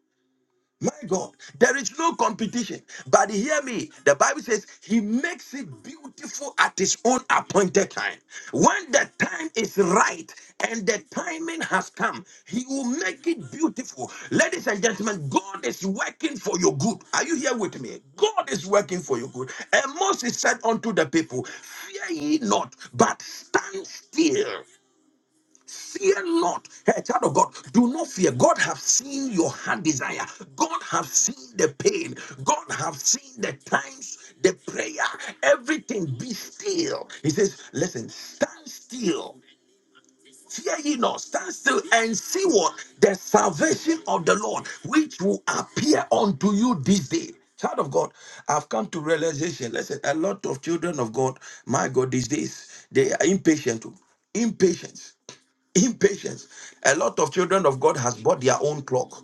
S1: My God, there is no competition. But hear me, the Bible says he makes it beautiful at his own appointed time. When the time is right and the timing has come, he will make it beautiful. Ladies and gentlemen, God is working for your good. Are you here with me? God is working for your good. And Moses said unto the people, Fear ye not, but stand still Fear not, hey, child of God. Do not fear. God have seen your heart desire. God have seen the pain. God have seen the times, the prayer, everything. Be still. He says, listen, stand still. Fear ye not. Stand still and see what the salvation of the Lord, which will appear unto you this day. Child of God, I've come to realization. Listen, a lot of children of God, my God, these days they are impatient. oh. Impatience impatience a lot of children of god has bought their own clock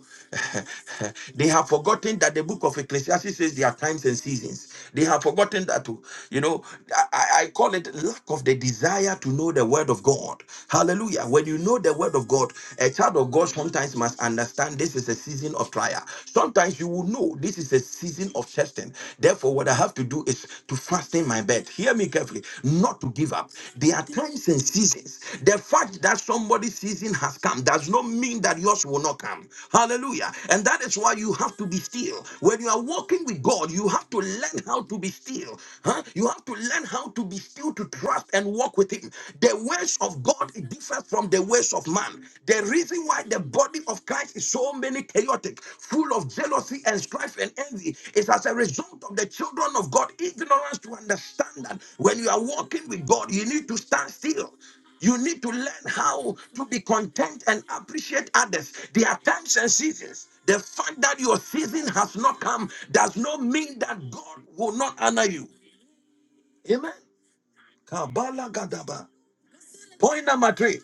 S1: they have forgotten that the book of ecclesiastes says there are times and seasons they have forgotten that too you know i, I I call it lack of the desire to know the word of god hallelujah when you know the word of god a child of god sometimes must understand this is a season of trial sometimes you will know this is a season of testing therefore therefore, what I have to do is to fasten my bed. Hear me carefully, not to give up. There are times and seasons. The fact that somebody's season has come does not mean that yours will not come. Hallelujah. And that is why you have to be still. When you are walking with God, you have to learn how to be still. Huh? You have to learn how to be still to trust and walk with Him. The ways of God differ from the ways of man. The reason why the body of Christ is so many chaotic, full of jealousy and strife and envy, is as a result of the children of God ignorance to understand that when you are walking with God, you need to stand still. You need to learn how to be content and appreciate others. There are times and seasons. The fact that your season has not come does not mean that God will not honor you. Amen. Kabbalah Gadaba. Point number three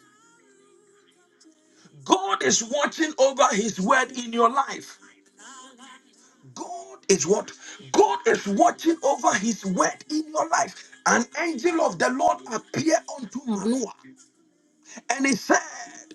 S1: God is watching over his word in your life. God is what? God is watching over his word in your life. An angel of the Lord appeared unto Manoah and he said,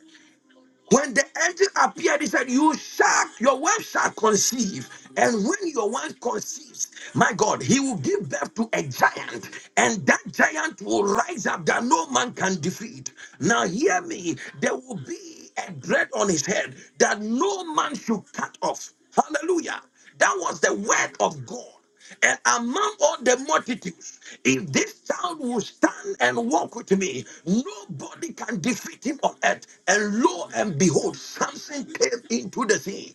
S1: when the angel appeared, he said, You shall, your wife shall conceive. And when your wife conceives, my God, he will give birth to a giant. And that giant will rise up that no man can defeat. Now, hear me, there will be a dread on his head that no man should cut off. Hallelujah. That was the word of God. And among all the multitudes, if this child will stand and walk with me, nobody can defeat him on earth. And lo and behold, Samson came into the sea.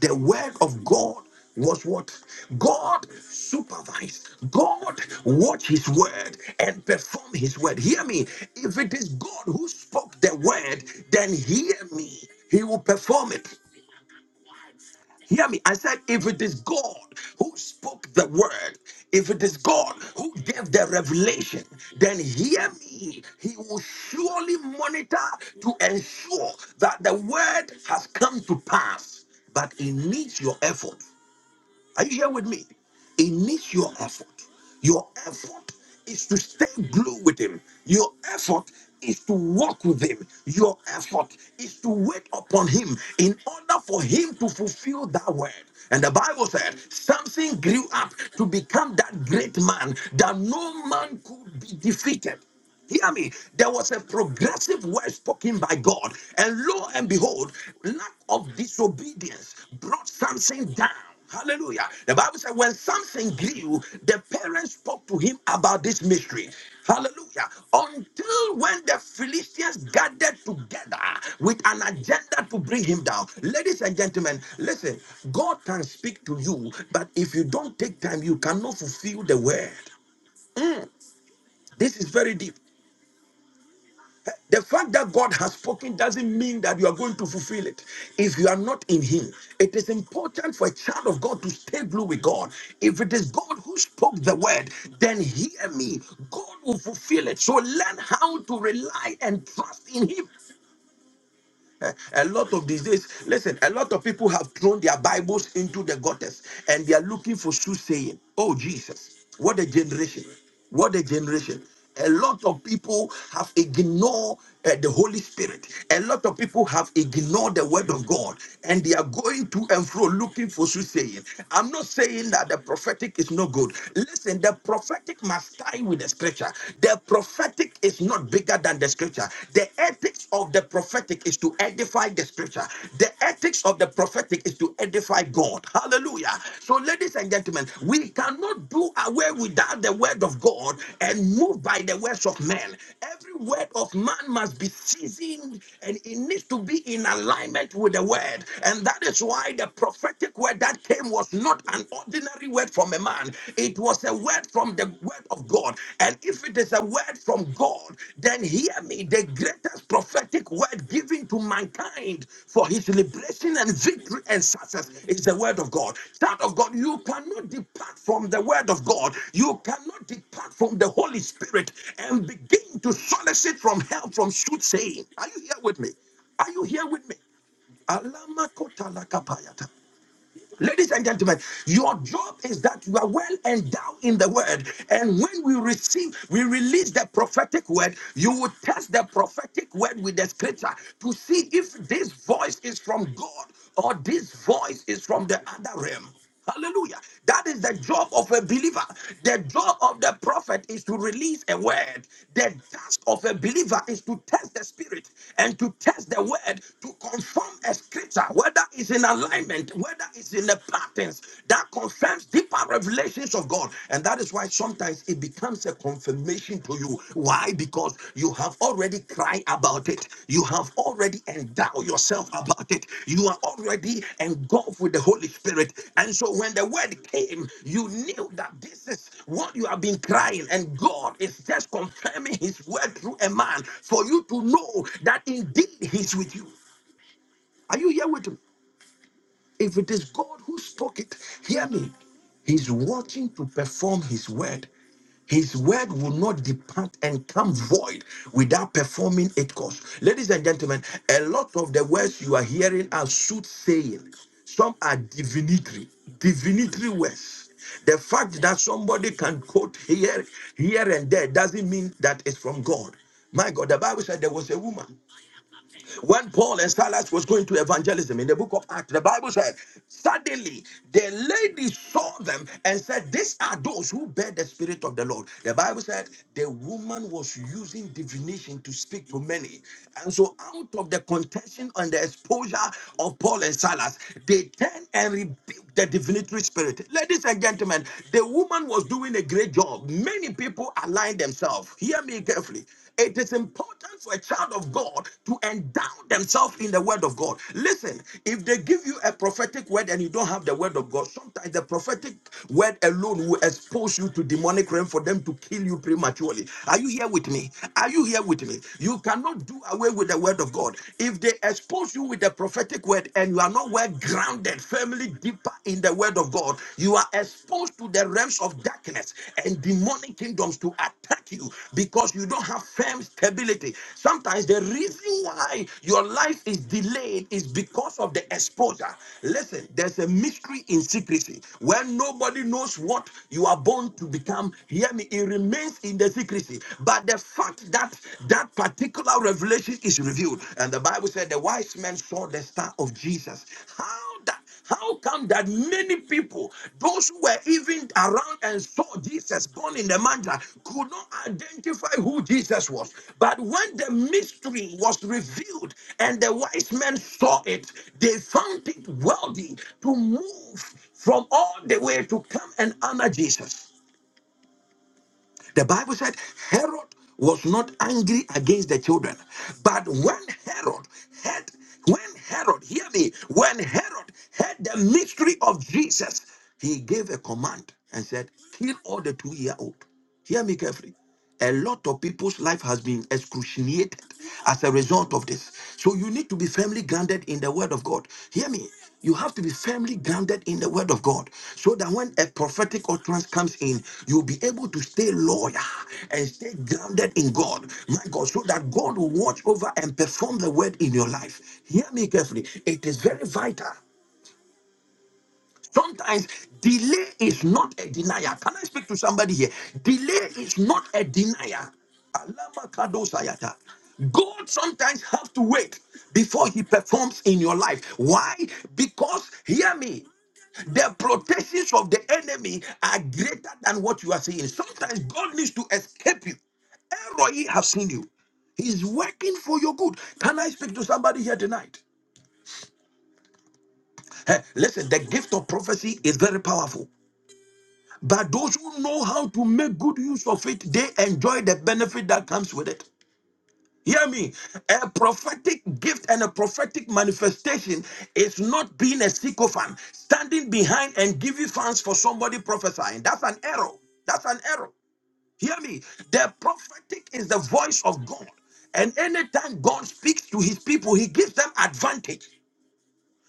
S1: The word of God was what? God supervised. God watched his word and performed his word. Hear me. If it is God who spoke the word, then hear me. He will perform it. Hear me. I said, if it is God who spoke the word, if it is God who gave the revelation, then hear me. He will surely monitor to ensure that the word has come to pass. But it needs your effort. Are you here with me? It needs your effort. Your effort is to stay glued with him. Your effort is to walk with him. Your effort is to wait upon him in order for him to fulfill that word. And the Bible said, Samson grew up to become that great man that no man could be defeated. Hear me. There was a progressive word spoken by God, and lo and behold, lack of disobedience brought something down. Hallelujah. The Bible said, when something grew, the parents spoke to him about this mystery. Hallelujah. Until when the Philistines gathered together with an agenda to bring him down. Ladies and gentlemen, listen, God can speak to you, but if you don't take time, you cannot fulfill the word. This is very deep. The fact that God has spoken doesn't mean that you are going to fulfill it if you are not in Him. It is important for a child of God to stay blue with God. If it is God who spoke the word, then hear me. God will fulfill it. So learn how to rely and trust in Him Eh, a lot of these days, listen, a lot of people have thrown their Bibles into the gutters and they are looking for soothsaying. Oh, Jesus, what a generation! What a generation. A lot of people have ignored uh, the Holy Spirit. A lot of people have ignored the word of God and they are going to and fro looking for soothsaying. I'm not saying that the prophetic is not good. Listen, the prophetic must tie with the scripture. The the prophetic is not bigger than the scripture. The ethics of the prophetic is to edify the scripture. The ethics of the prophetic is to edify God. Hallelujah. So, ladies and gentlemen, we cannot do away without the word of God and move by the words of men. Every word of man must be seasoned and it needs to be in alignment with the word. And that is why the prophetic word that came was not an ordinary ordinary word from a man. It was a word from the word of God. And if it is a word from God, then hear me. The greatest prophetic word given to mankind for his liberation and victory and success is the word of God. Child of God, you cannot depart from the word of God. You cannot depart from the Holy Spirit and begin to solicit from help from soothsaying. Are you here with me? Are you here with me? Alama kota Ladies and gentlemen, your job is that you are well endowed in the word. And when we receive, we release the prophetic word, you will test the prophetic word with the scripture to see if this voice is from God or this voice is from the other realm. Hallelujah. That is the job of a believer. The job of the prophet is to release a word. The task of a believer is to test the spirit and to test the word to confirm a scripture, whether it's in alignment, whether it's in the patterns that confirms deeper revelations of God. And that is why sometimes it becomes a confirmation to you. Why? Because you have already cried about it. You have already endowed yourself about it. You are already engulfed with the Holy Spirit. And so when the word came, you knew that this is what you have been crying. And God is just confirming his word through a man for you to know that indeed he's with you. Are you here with me? If it is God who spoke it, hear me. He's watching to perform his word. His word will not depart and come void without performing it cause. Ladies and gentlemen, a lot of the words you are hearing are soothsaying. Some are divinatory, divinatory words. The fact that somebody can quote here, here and there doesn't mean that it's from God. My God, the Bible said there was a woman. When Paul and Silas was going to evangelism in the book of Acts, the Bible said, suddenly the lady saw them and said, These are those who bear the spirit of the Lord. The Bible said the woman was using divination to speak to many. And so out of the contention and the exposure of Paul and Silas, they turned and rebuked the divinatory spirit. Ladies and gentlemen, the woman was doing a great job. Many people align themselves. Hear me carefully. It is important for a child of God to endow themselves in the word of God. Listen, if they give you a prophetic word and you don't have the word of God, sometimes the prophetic word alone will expose you to demonic realm for them to kill you prematurely. Are you here with me? Are you here with me? You cannot do away with the word of God. If they expose you with the prophetic word and you are not well grounded firmly deeper in the word of God, you are exposed to the realms of darkness and demonic kingdoms to attack you because you don't have firm stability. Sometimes the reason why your life is delayed is because of the exposure. Listen, there's a mystery in secrecy where nobody knows what you are born to become. Hear me, it remains in the secrecy. But the fact that that particular revelation is revealed. And the Bible said the wise men saw the star of Jesus. How that how come that many people, those who were even around and saw Jesus born in the manger, could not identify who Jesus was? But when the mystery was revealed and the wise men saw it, they found it worthy to move from all the way to come and honor Jesus. The Bible said Herod was not angry against the children. But when Herod had, when Herod, hear me, when Herod had the mystery of Jesus, he gave a command and said, kill all the two year old. Hear me carefully. A lot of people's life has been excruciated as a result of this. So you need to be firmly grounded in the word of God. Hear me. You have to be firmly grounded in the word of God so that when a prophetic utterance comes in, you'll be able to stay loyal and stay grounded in God. My God, so that God will watch over and perform the word in your life. Hear me carefully. It is very vital Sometimes delay is not a denier. Can I speak to somebody here? Delay is not a denier. Alama kado sayata. God sometimes have to wait before he performs in your life. Why? Because hear me, the protections of the enemy are greater than what you are seeing. Sometimes God needs to escape you. Elroy have seen you. He's working for your good. Can I speak to somebody here tonight? Eh, listen, the gift of prophecy is very powerful. But those who know how to make good use of it, they enjoy the benefit that comes with it. Hear me. A prophetic gift and a prophetic manifestation is not being a sycophant, standing behind and giving fans for somebody prophesying. That's an error. That's an error. Hear me. The prophetic is the voice of God. And anytime God speaks to his people, he gives them advantage.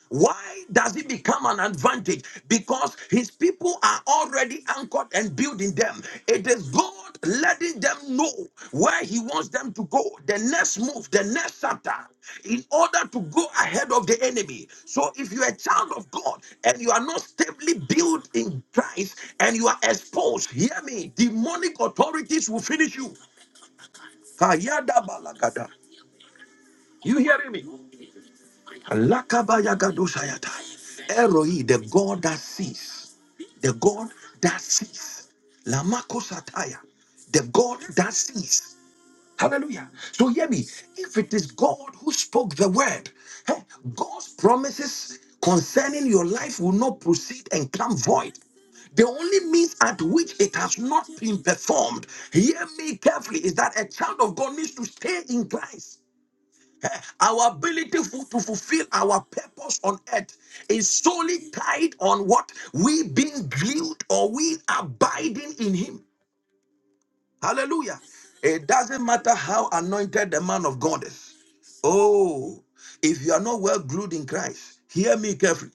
S1: Why does it become an advantage? Because his people are already anchored and building them. It is God letting them know where he wants them to go, the next move, the next chapter, in order to go ahead of the enemy. So if you're a child of God and you are not stably built in Christ and you are exposed, hear me, demonic authorities will finish you. Kayada balagada. You hear Lakabayagadosayatai. Eroi, the God that sees. The God that sees. Lamako Sataya. The God that sees. Hallelujah. So hear me. If it is God who spoke the word, eh, God's promises concerning your life will not proceed and come void. The only means at which it has not been performed, hear me carefully, is that a child of God needs to stay in Christ. Our ability fu- to fulfill our purpose on earth is solely tied on what we being glued or we abiding in Him. Hallelujah. It doesn't matter how anointed the man of God is. Oh, if you are not well glued in Christ, hear me carefully.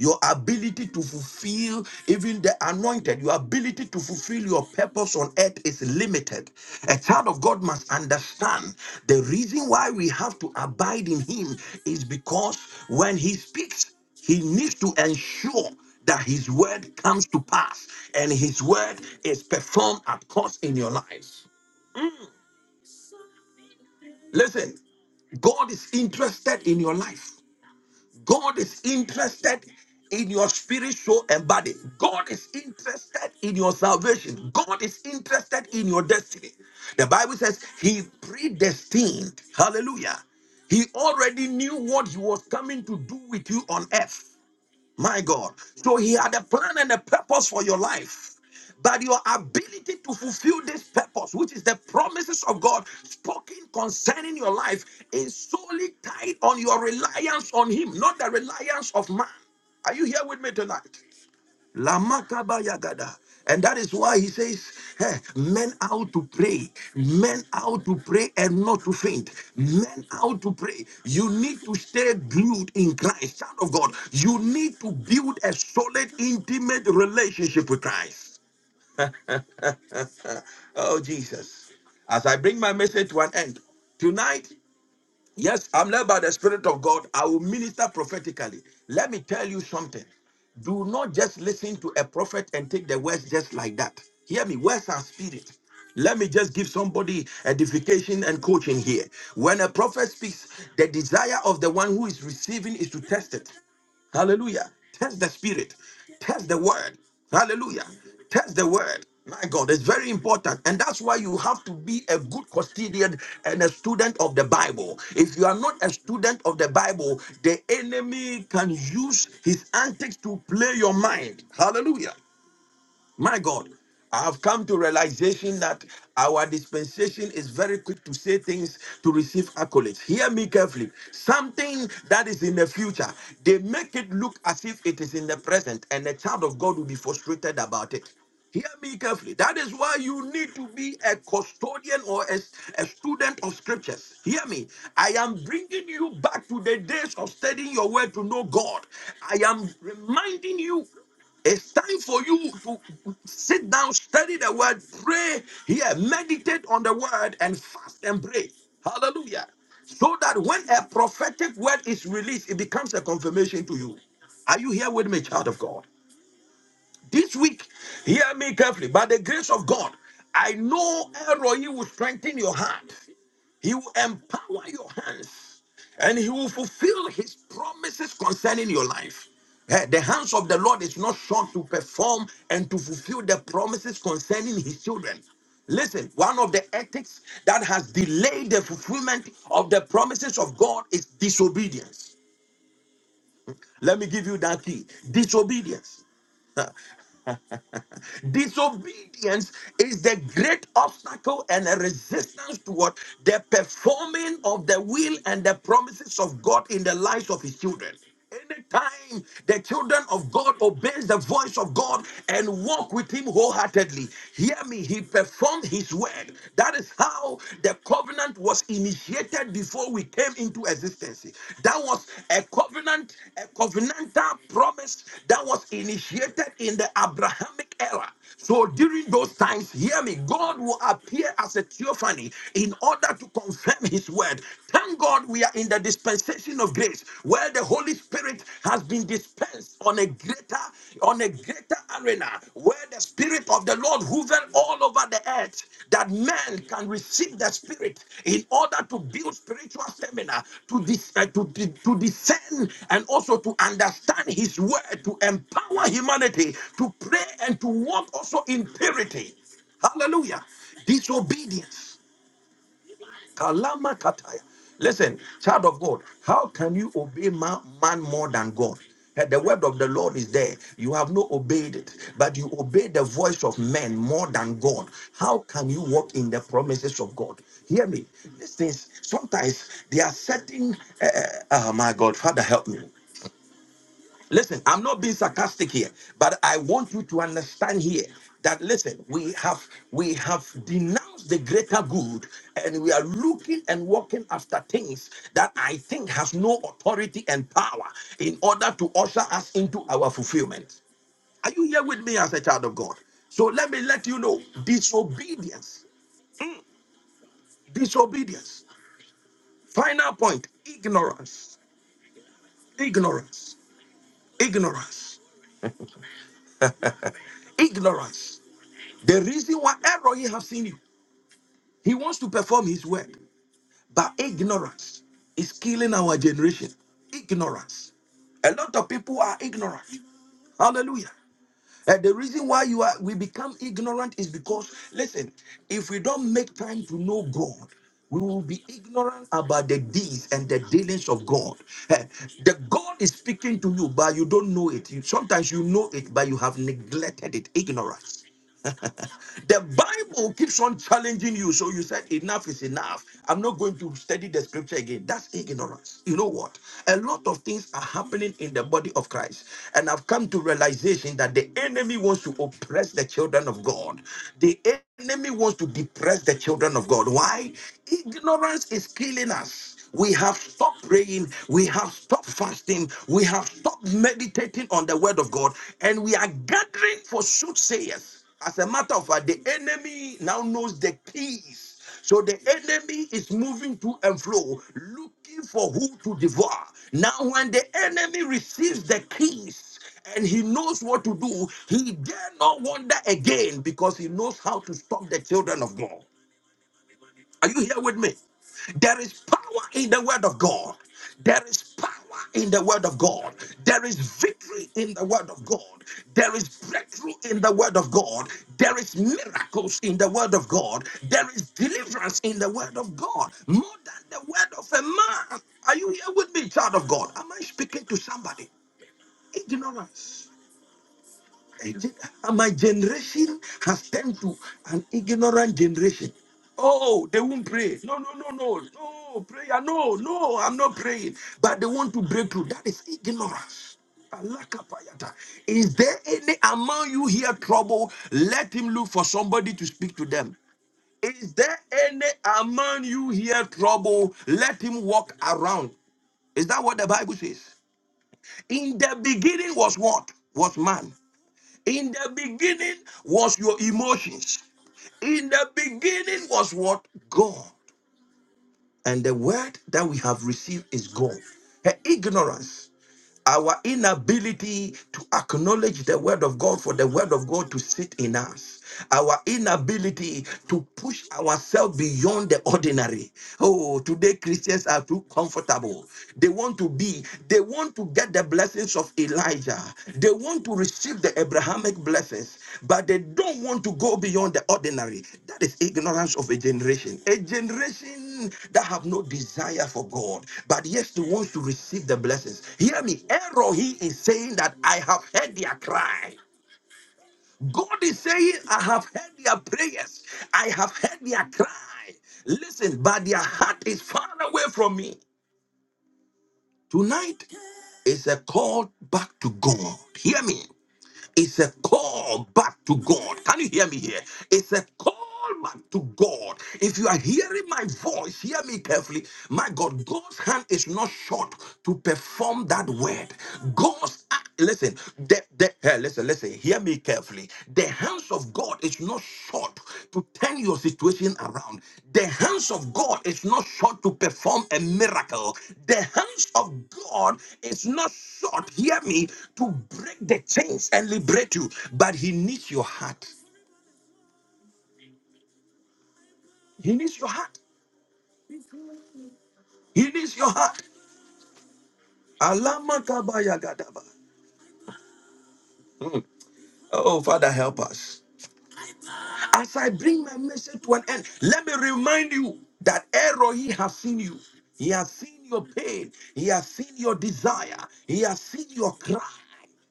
S1: Your ability to fulfill even the anointed, your ability to fulfill your purpose on earth is limited. A child of God must understand the reason why we have to abide in Him is because when He speaks, He needs to ensure that His word comes to pass and His word is performed at cost in your life. Listen, God is interested in your life. God is interested in your spirit, soul, and body. God is interested in your salvation. God is interested in your destiny. The Bible says he predestined. Hallelujah. He already knew what he was coming to do with you on earth. My God. So he had a plan and a purpose for your life. But your ability to fulfill this purpose, which is the promises of God spoken concerning your life, is solely tied on your reliance on him, not the reliance of man. Are you here with me tonight? Lamakaba yagada. And that is why he says, eh, men how to pray, men how to pray and not to faint, men how to pray. You need to stay glued in Christ, child of God. You need to build a solid, intimate relationship with Christ. Oh, Jesus. As I bring my message to an end, tonight Yes, I'm led by the Spirit of God. I will minister prophetically. Let me tell you something. Do not just listen to a prophet and take the words just like that. Hear me, words are spirit. Let me just give somebody edification and coaching here. When a prophet speaks, the desire of the one who is receiving is to test it. Hallelujah. Test the spirit. Test the word. Hallelujah. Test the word. My God, it's very important. And that's why you have to be a good custodian and a student of the Bible. If you are not a student of the Bible, the enemy can use his antics to play your mind. Hallelujah. My God, I have come to realization that our dispensation is very quick to say things to receive accolades. Hear me carefully. Something that is in the future, they make it look as if it is in the present, and the child of God will be frustrated about it. Hear me carefully. That is why you need to be a custodian or a, a student of scriptures. Hear me. I am bringing you back to the days of studying your word to know God. I am reminding you. It's time for you to sit down, study the word, pray here, meditate on the word, and fast and pray. Hallelujah. So that when a prophetic word is released, it becomes a confirmation to you. Are you here with me, child of God? This week, hear me carefully. By the grace of God, I know Elroy will strengthen your heart. He will empower your hands and he will fulfill his promises concerning your life. Eh, The hands of the Lord is not short to perform and to fulfill the promises concerning his children. Listen, one of the ethics that has delayed the fulfillment of the promises of God is disobedience. Let me give you that key disobedience. Disobedience is the great obstacle and a resistance toward the performing of the will and the promises of God in the lives of his children. Anytime the children of God obeys the voice of God and walk with him wholeheartedly, hear me, he performed his word. That is how the covenant was initiated said before we came into existence. That was a covenant, a covenantal promise that was initiated in the Abrahamic era. So during those times, hear me, God will appear as a theophany in order to confirm his word. Thank God we are in the dispensation of grace where the Holy Spirit has been dispensed on a greater on a greater arena where the Spirit of the Lord hover all over the earth, that man can receive the Spirit in order to build spiritual stamina, to, dis- uh, to, to, to discern and also to understand His word, to empower humanity to pray and to walk also in purity. Hallelujah. Disobedience. Kalama kataya. Listen, child of God, how can you obey ma- man more than God? Eh, The word of the Lord is there. You have not obeyed it, but you obey the voice of men more than God. How can you walk in the promises of God? Hear me. These things, sometimes they are certain. eh, eh, oh my God, Father, help me. Listen, I'm not being sarcastic here, but I want you to understand here that listen, we have we have denounced the greater good and we are looking and walking after things that I think has no authority and power in order to usher us into our fulfillment. Are you here with me as a child of God? So let me let you know disobedience, disobedience. Final point, ignorance, ignorance, ignorance, ignorance. The reason why Error have seen you. He wants to perform his work, but ignorance is killing our generation. Ignorance. A lot of people are ignorant. Hallelujah. And the reason why you are we become ignorant is because listen, if we don't make time to know God, we will be ignorant about the deeds and the dealings of God. Eh, The God is speaking to you, but you don't know it. You- Sometimes you know it, but you have neglected it. Ignorance. The Bible keeps on challenging you. So you said, Enough is enough. I'm not going to study the scripture again. That's ignorance. You know what? A lot of things are happening in the body of Christ. And I've come to realization that the enemy wants to oppress the children of God. The enemy wants to depress the children of God. Why? Ignorance is killing us. We have stopped praying. We have stopped fasting. We have stopped meditating on the word of God. And we are gathering for soothsayers. As a matter of fact, the enemy now knows the keys. So the enemy is moving to and fro, looking for who to devour. Now, when the enemy receives the keys and he knows what to do, he dare not wander again because he knows how to stop the children of God. Are you here with me? There is power in the word of God. There is power in the word of God. There is victory in the word of God. There is breakthrough in the word of God. There is miracles in the word of God. There is deliverance in the word of God. More than the word of a man. Are you here with me, child of God? Am I speaking to somebody? Ignorance. Hey, My generation has turned to an ignorant generation. Oh, they won't pray. No, no, no, no, no prayer. No, no, I'm not praying. But they want to break through. That is ignorance. Alakapayata. Is there any among you here trouble? Let him look for somebody to speak to them. Is there any among you here trouble? Let him walk around. Is that what the Bible says? In the beginning was what? Was man. In the beginning was your emotions. In the beginning was what? God. And the word that we have received is God. Her ignorance, our inability to acknowledge the word of God for the word of God to sit in us, our inability to push ourselves beyond the ordinary. Oh, today Christians are too comfortable. They want to be, they want to get the blessings of Elijah. They want to receive the Abrahamic blessings, but they don't want to go beyond the ordinary. That is ignorance of a generation. A generation that have no desire for God, but yes, they want to receive the blessings. Hear me. Erohi is saying that I have heard their cry. God is saying, I have heard their prayers. I have heard their cry. Listen, but their heart is far away from me. Tonight is a call back to God. Hear me. It's a call back to God. Can you hear me here? It's a call back to God. If you are hearing my voice, hear me carefully. My God, God's hand is not short to perform that word. God's act- listen, the, the, hey, listen, listen, hear me carefully. The hands of God is not short to turn your situation around. The hands of God is not short to perform a miracle. The hands of God is not short, hear me, to break the chains and liberate you. But He needs your heart. He needs your heart. He needs your heart. Alama kabaya gadaba. Mm. Oh, Father, help us. As I bring my message to an end, let me remind you that Erohi has seen you. He has seen your pain. He has seen your desire. He has seen your cry.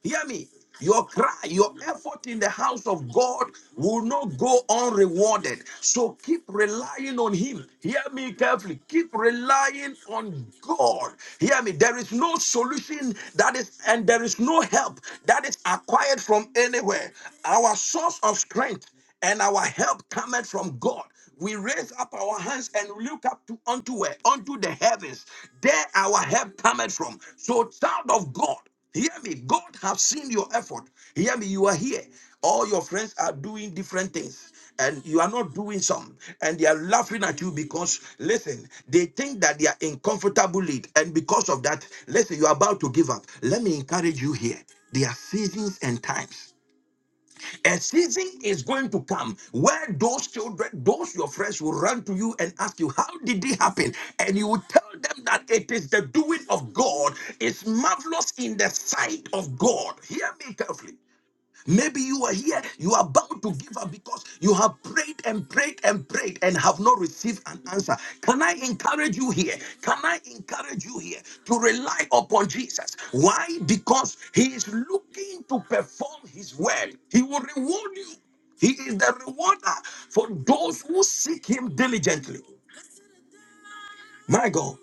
S1: Hear me. Your cry, your effort in the house of God will not go unrewarded. So keep relying on Him. Hear me carefully. Keep relying on God. Hear me. There is no solution that is, and there is no help that is acquired from anywhere. Our source of strength and our help cometh from God. We raise up our hands and look up to unto where? Unto the heavens. There our help cometh from. So, child of God, hear me. God have seen your effort. Hear me. You are here. All your friends are doing different things. And you are not doing some, and they are laughing at you because listen, they think that they are in comfortable lead, and because of that, listen, you are about to give up. Let me encourage you here. There are seasons and times. A season is going to come where those children, those your friends will run to you and ask you, How did it happen? And you will tell them that it is the doing of God, it's marvelous in the sight of God. Hear me carefully. Maybe you are here, you are bound to give up because you have prayed and prayed and prayed and have not received an answer. Can I encourage you here? Can I encourage you here to rely upon Jesus? Why? Because he is looking to perform his word, he will reward you. He is the rewarder for those who seek him diligently. My God.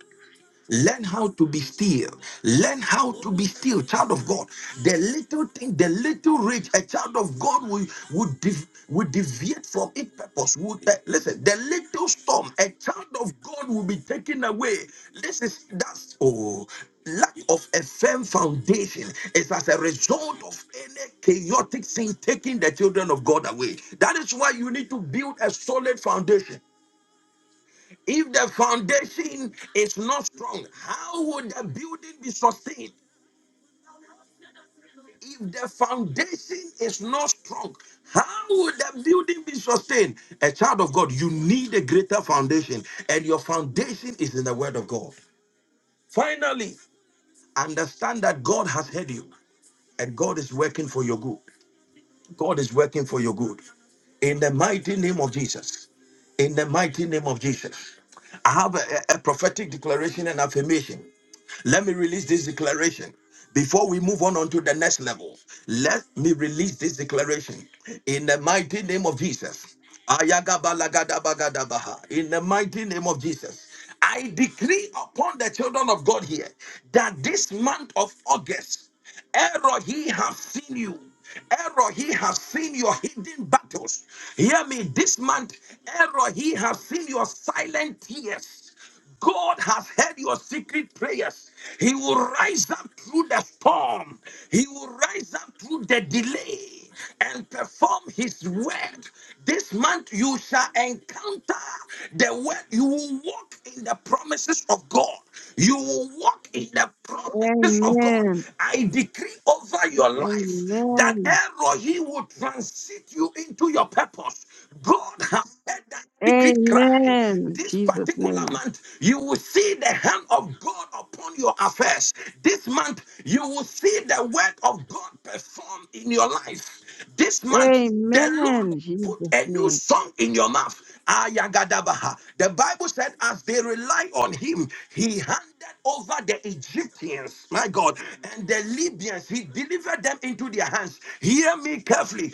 S1: Learn how to be still. Learn how to be still, child of God. The little thing, the little rich, a child of God will, would de- will deviate from its purpose. Would, eh, listen, the little storm, a child of God will be taken away. This is that's oh, lack of a firm foundation is as a result of any chaotic thing taking the children of God away. That is why you need to build a solid foundation. If the foundation is not strong, how would the building be sustained? If the foundation is not strong, how would the building be sustained? A child of God, you need a greater foundation, and your foundation is in the Word of God. Finally, understand that God has heard you, and God is working for your good. God is working for your good. In the mighty name of Jesus. In the mighty name of Jesus. I have a, a- a prophetic declaration and affirmation. Let me release this declaration. Before we move on, on to the next level, let me release this declaration in the mighty name of Jesus. Ayagabalagadabagadaba. In the mighty name of Jesus, I decree upon the children of God here that this month of August, Erohi has seen you. Erohi has seen your hidden battles. Hear me this month. Erohi has seen your silent tears. God has heard your secret prayers. He will rise up through the storm. He will rise up through the delay and perform his word. This month you shall encounter the word. You will walk in the promises of God. You will walk in the promises of God.
S3: Amen.
S1: I decree over your life that
S3: Amen.
S1: Elohim will transit you into your purpose. God has said that secret cry
S3: Amen.
S1: this
S3: Jesus'
S1: particular
S3: name.
S1: month you will see the hand of god upon your affairs this month you will see the word of god perform in your life this month the lord will
S3: Amen.
S1: put
S3: Jesus'
S1: a new
S3: name.
S1: song in your mouth Ayagadabaha. the bible said as they rely on him he handed over the egyptians my god and the libyans he delivered them into their hands hear me carefully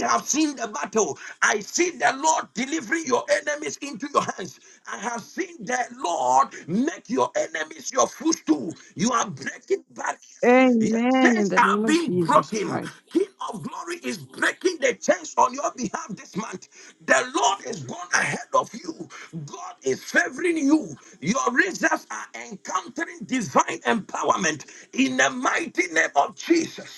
S1: we have seen the battle. I see the Lord delivering your enemies into your hands. I have seen the Lord make your enemies your footstool. You are breaking barriers. Your
S3: Amen. In
S1: chains
S3: the
S1: are
S3: name of
S1: being
S3: Jesus
S1: broken.
S3: Christ.
S1: King of glory is breaking the chains on your behalf this month. The Lord is gone ahead of you. God is favoring you. Your results are encountering divine empowerment in the mighty name of Jesus.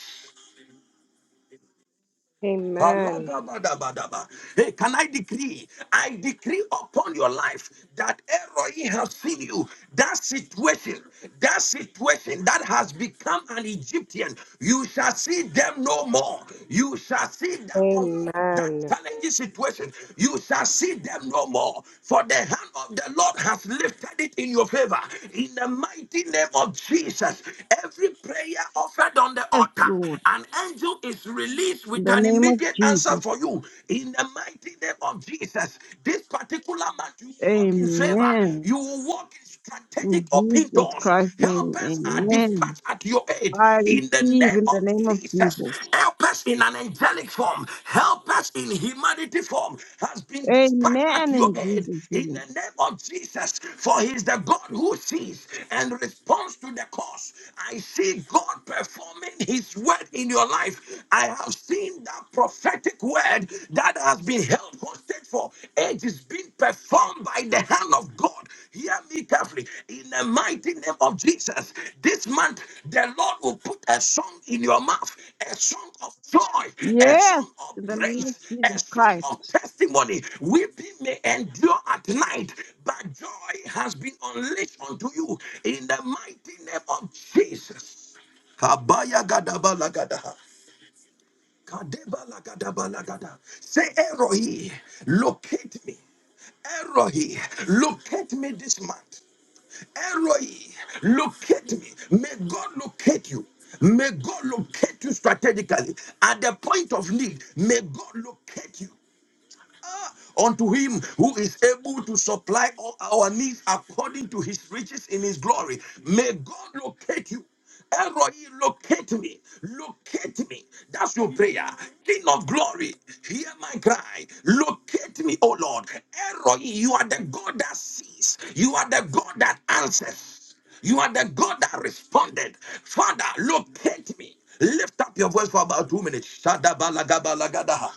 S4: Amen.
S1: Kalagabadabadaba. Hey, can I decree? I decree upon your life that Eroi has seen you. That situation, that situation that has become an Egyptian, you shall see them no more. You shall see that, conf- that
S4: Amen.
S1: challenging situation. You shall see them no more. For the hand of the Lord has lifted it in your favor. In the mighty name of Jesus, every prayer offered on the
S3: Yes,
S1: altar,
S3: Lord.
S1: an angel is is released
S3: In
S1: with
S3: the
S1: an
S3: name of
S1: immediate answer
S3: Jesus.
S1: for you. In the mighty name of Jesus, this particular month, you walk in favor.
S3: Amen.
S1: You will walk in strategic
S3: In
S1: open
S3: Jesus
S1: doors.
S3: Christ's name.
S1: Helpers are
S3: Amen.
S1: dispatched at your aid.
S3: I
S1: In the
S3: receive
S1: name
S3: in the
S1: of
S3: name of
S1: Jesus,
S3: Jesus.
S1: help us in an angelic form. Help us in humanity form has been dispatched at
S3: Amen.
S1: your
S3: In
S1: aid.
S3: Jesus'
S1: In
S3: name.
S1: the name of Jesus, for he is the God who sees and responds to the cause. I see God performing his his word in your life. I have seen that prophetic word that has been held hostage for ages being performed by the hand of God. Hear me carefully. In the mighty name of Jesus, this month the Lord will put a song in your mouth, a song of joy, a
S3: Yes.
S1: song of
S3: In the name of
S1: praise, a
S3: Jesus
S1: song
S3: Christ.
S1: of testimony. Weeping may endure at night, but joy has been unleashed unto you in the mighty name of Jesus. Kabaya gadaba lagadaha. Kadeba lagadaba lagada. Say, Erohi, locate me. Erohi, locate me this month. Erohi, locate me. May God locate you. May God locate you strategically at the point of need. May God locate you. Unto him who is able to supply all our needs according to his riches in his glory. May God locate you. Elroy, locate me, locate me. That's your prayer. King of glory, hear my cry. Locate me, O Lord. Elroy, you are the God that sees, you are the God that answers, you are the God that responded. Father, locate me. Lift up your voice for about two minutes. Shadabalagabalagadaha.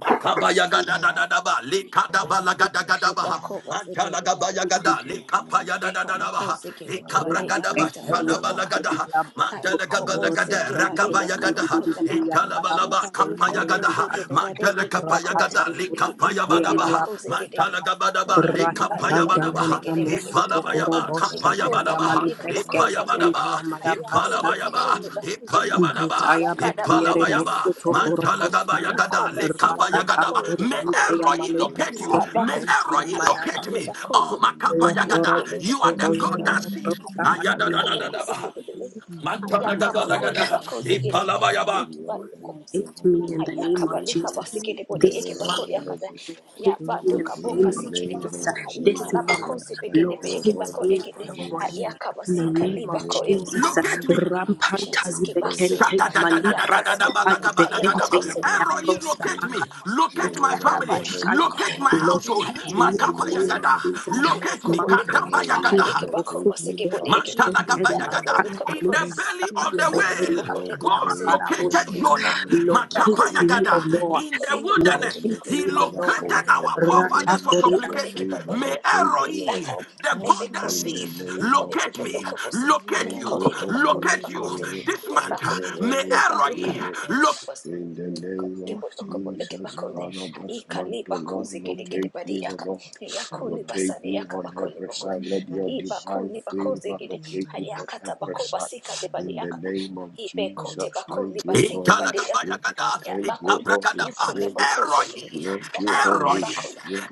S1: Makabaya gada da da da ba, likada ba la gada
S5: Yes,
S1: gada ba
S5: Lord.
S2: Bako was the gate
S1: Mantala
S2: about
S1: gabaya
S2: it.
S5: Thank
S1: gada,
S5: you, Holy
S1: likapaya da
S2: The
S1: da da da ba
S2: Kobako
S5: Spirit.
S2: Ziggy
S5: Father,
S2: about
S1: Ikabra
S2: it.
S1: gada ba,
S5: locate
S2: Yakata
S5: me,
S1: shada
S5: O
S2: Bako
S1: ba la
S5: Lord.
S1: gada
S2: Bakata.
S1: ha.
S2: Kai
S1: Mandala
S6: We
S1: gabala
S2: Kobo
S6: love
S1: gada,
S6: to
S5: Elohim,
S2: Ziggy
S6: thank
S2: about
S6: you
S5: locate
S1: rakabaya
S5: me,
S6: Lord,
S1: gada
S5: O
S1: ha.
S6: for
S5: Lord. I
S2: it.
S1: Itala
S5: will
S1: ba la
S5: save
S1: ba,
S5: the
S6: you
S2: Ayeko
S6: the
S1: kapaya
S5: weight
S1: gada
S6: mighty
S5: upon
S2: ozegede
S6: name of
S2: bade
S5: the
S1: Mandala
S5: Lord.
S2: eke
S1: kapaya
S5: Shall
S6: Jesus.
S2: bakode.
S5: we
S1: gada,
S5: live in your
S1: likapaya ba
S2: Iko
S1: da ba
S5: strength?
S2: leba
S6: Praise and praise.
S2: kozegedege.
S1: Mantala gabada ba,
S5: Father,
S2: Ayako
S6: You
S2: ba
S1: likapaya
S5: locate
S2: leba
S5: me,
S6: are
S5: O
S1: Badabaha,
S5: Lord.
S6: Lord,
S2: kozegede ba.
S6: you are
S1: Ipanabayaba,
S5: Father,
S2: Ayiki
S6: Lord,
S2: di bako
S5: Holy
S2: baka
S6: you
S1: Kapayabadaba,
S2: yeka
S5: Spirit,
S6: are the
S2: bako
S5: thank you,
S6: Lord.
S2: zagede.
S5: Lord.
S1: Ipayabadaba,
S2: Ayako
S6: Raka
S5: In
S2: te
S5: the
S2: bako
S6: tata
S1: Ipanabayaba,
S5: name
S2: leba
S6: tata,
S5: of
S2: kozegede.
S1: Ipayabadaba,
S6: shaka
S5: Jesus, thank
S2: Yaka
S6: tata
S2: da
S5: you,
S2: bako
S5: Holy
S1: Ipanabayaba,
S6: tata,
S2: basigede ba.
S5: Spirit.
S6: riki
S1: Mantalagabayagada,
S6: tiki
S2: Iko
S5: Thank
S6: riki
S2: basika
S5: you,
S2: de
S6: tata
S5: Holy
S4: rakatan
S2: bako
S1: Lekabayagadaba.
S2: eke
S6: tata,
S1: May
S5: Spirit.
S4: kurien
S2: bako ele.
S4: peya
S1: Eroi
S4: male
S6: shaka
S5: Thank
S6: tata
S1: locate
S5: you,
S1: you.
S4: breske
S2: Haya
S5: Holy
S1: May
S2: bako
S6: tata.
S4: pekente
S5: Spirit.
S1: Eroi
S2: haya
S1: locate
S2: kale
S1: me.
S6: Praise
S2: bako
S5: In
S1: Oh,
S2: zin
S5: the
S4: It's me
S6: you,
S5: name of
S2: haye
S1: Makapayagada,
S2: kole
S1: you are
S2: bako
S1: the
S5: Jesus,
S1: God
S6: Jesus.
S2: zigede
S1: that
S5: Father,
S1: sees.
S5: I
S2: haye
S5: thank
S6: Lord,
S2: kiba
S5: you,
S6: please,
S2: yuko
S5: O
S6: God,
S5: Lord.
S2: bako
S6: help
S1: Ayadadadadabaha.
S2: zigede
S6: save
S2: belede
S6: me, help
S2: haya
S5: Father,
S6: save
S2: kaba
S5: times
S6: me,
S2: kole
S1: Mantanagabadagada,
S5: and
S6: help
S2: bako
S6: me.
S2: zigede
S5: seasons are
S1: Ipalabayaba.
S2: haye
S5: in
S2: kiba
S5: your
S6: Locate
S2: yuko
S5: hands,
S6: my
S2: bako
S5: O
S2: zigede
S5: Lord.
S4: in the
S5: I
S2: haya
S6: problems,
S4: name
S2: kaba
S4: of
S5: thank
S2: lika
S5: you,
S2: bako
S4: Jesus.
S6: locate
S2: zigede
S6: my
S2: bode
S4: This
S2: eke
S5: Spirit of
S2: bako
S4: month,
S5: the
S2: yakata
S5: living
S6: sicknesses,
S2: haya
S4: locate
S5: God.
S4: me in
S2: bado
S4: the
S2: kabo
S5: In
S4: name
S6: locate,
S4: of
S5: the
S2: kasigede
S6: oh
S5: name of
S4: Jesus.
S6: Lord.
S2: haye
S4: This
S2: kila
S6: Locate me,
S5: Jesus,
S4: month,
S2: bako
S5: thank
S2: zibegede be
S5: you,
S2: eke
S4: locate
S2: bako
S5: Holy
S4: me
S2: ekede
S5: Spirit.
S6: locate
S2: haya
S4: Elohim.
S6: my
S2: kaba
S4: In the
S2: sika
S5: Thank
S2: li
S4: name
S6: family,
S4: of
S2: bako
S5: you,
S2: e
S5: Holy
S4: Jesus,
S1: Look at me.
S5: Spirit.
S4: Rampanta
S6: locate
S2: Jesus,
S5: Thank
S2: keep
S5: you,
S2: us.
S5: Holy
S4: ibekente ya
S5: Spirit.
S4: malibras
S2: Hayakaba, Lord.
S4: kapa
S5: Thank
S2: Hayakobo,
S4: ibekente
S1: Shadadadadadadadabalagabadagadaba.
S4: ya
S5: you,
S2: Satan.
S5: Holy
S1: Eroi,
S4: malabros
S1: locate
S5: Spirit.
S1: me, locate my
S5: Spirit of
S2: Yakaba
S1: family,
S5: the living
S2: ikabakode
S1: locate my
S5: God.
S2: yakode.
S1: household.
S4: Locate
S2: Aye ba
S4: me
S5: In
S4: in
S5: the
S2: de
S4: the
S1: Makapa
S2: kobose.
S4: name of
S5: name
S1: yagada,
S5: of
S4: Jesus.
S2: Aye
S1: locate me.
S5: Jesus,
S2: kobo de.
S5: O
S4: Mantala
S1: Kadaba
S2: Aka
S5: Lord,
S4: kia
S1: yagada,
S2: yeke bako
S4: rabosu
S5: locate
S2: bose
S5: me,
S2: kebo de
S5: Father,
S4: kotorobo
S2: yeke.
S1: Mantala
S5: locate
S6: my
S4: shenkeri
S5: me,
S1: gabaya
S5: O
S2: Yakaba
S6: work,
S1: gada.
S5: Lord.
S4: ataya
S2: luka
S1: In
S2: bako.
S1: the
S4: balita
S1: belly of
S4: sapaya
S6: locate
S1: the
S2: Ikebo
S6: my
S2: de
S5: Father,
S4: beteri
S1: whale,
S2: kebako de
S4: ataya
S2: bako
S1: God
S6: husband,
S2: se.
S5: locate
S4: bakara
S5: all
S1: located
S4: boshoya.
S5: my
S6: locate
S1: Jonah.
S5: life,
S6: my
S5: my
S4: Locate
S5: destiny,
S1: Makapaya
S6: children,
S4: me,
S2: Abakozekere,
S4: O
S1: gada.
S5: O Lord.
S4: Lord.
S1: In
S2: ayikho
S1: the
S6: locate my
S5: Let
S2: ekibakhulu
S1: wilderness,
S5: your
S4: Locate
S1: he
S4: me, O
S2: bakozekere,
S5: favor
S6: sicknesses,
S4: Lord.
S1: located
S2: ayikho
S1: our
S6: in
S5: overwhelm
S2: bolekwe,
S6: the
S1: forefathers
S5: me.
S1: for
S4: Ratakori
S6: mighty
S5: Let
S2: ayakho
S5: your
S1: supplication.
S6: name
S5: favor
S6: of
S1: May
S2: ekibalokole,
S5: locate me, O
S6: Jesus.
S2: ayidaka,
S1: Eroi,
S5: Lord.
S1: the
S6: Oh
S1: God that
S2: amebekote,
S5: In
S6: Lord,
S5: the
S1: sees,
S6: my
S5: name
S2: ayikho
S5: of
S6: God.
S1: locate me,
S2: ekibalokobose,
S5: Jesus,
S6: Oh
S1: locate
S5: thank
S2: ayikho
S1: you,
S5: you,
S6: Lord,
S5: Holy
S2: ekibakhulu
S6: hear
S1: locate you.
S2: bakote,
S5: Spirit.
S6: me.
S1: This
S5: Thank
S1: month,
S2: ayebakho,
S5: you,
S1: may
S5: Holy
S6: Locate
S2: lebaluka,
S1: Eroi
S6: me,
S5: Spirit.
S1: locate
S6: God.
S2: kabasuku,
S5: In the
S2: ayikho
S5: name of
S6: Locate me
S2: ekibalokoboleke
S6: this
S5: Jesus,
S2: bakote,
S6: night.
S5: Father, this
S2: ayikha
S5: month, O Lord,
S6: Locate me,
S2: libakhozekerekere
S5: locate
S6: mighty
S5: me, O
S6: God.
S2: bariyaka,
S5: Lord.
S2: ayakho
S5: Locate me
S2: libasariyaka
S5: on
S2: bakhole
S5: every
S2: bakote,
S5: side. Let
S6: Rakapapapapapa.
S5: your divine
S2: ayibakhulu
S5: favor
S2: bakozekere,
S5: locate me on
S2: ayakata
S5: every
S2: bakho
S5: side.
S2: basikale
S5: In the
S2: bariyaka,
S5: name of
S2: ibe kote
S5: Jesus,
S2: bakoli
S5: thank you,
S2: basike
S5: Holy
S2: badeya
S5: Spirit.
S1: Italagabayagada,
S2: ya
S5: Thank
S2: bako
S5: you, Holy
S2: yuko
S1: Abracadabra,
S2: lebo
S5: Spirit.
S2: kose
S1: Eroi,
S5: Thank you,
S2: yakabali
S5: Holy
S1: Eroi,
S2: bakole
S5: Spirit.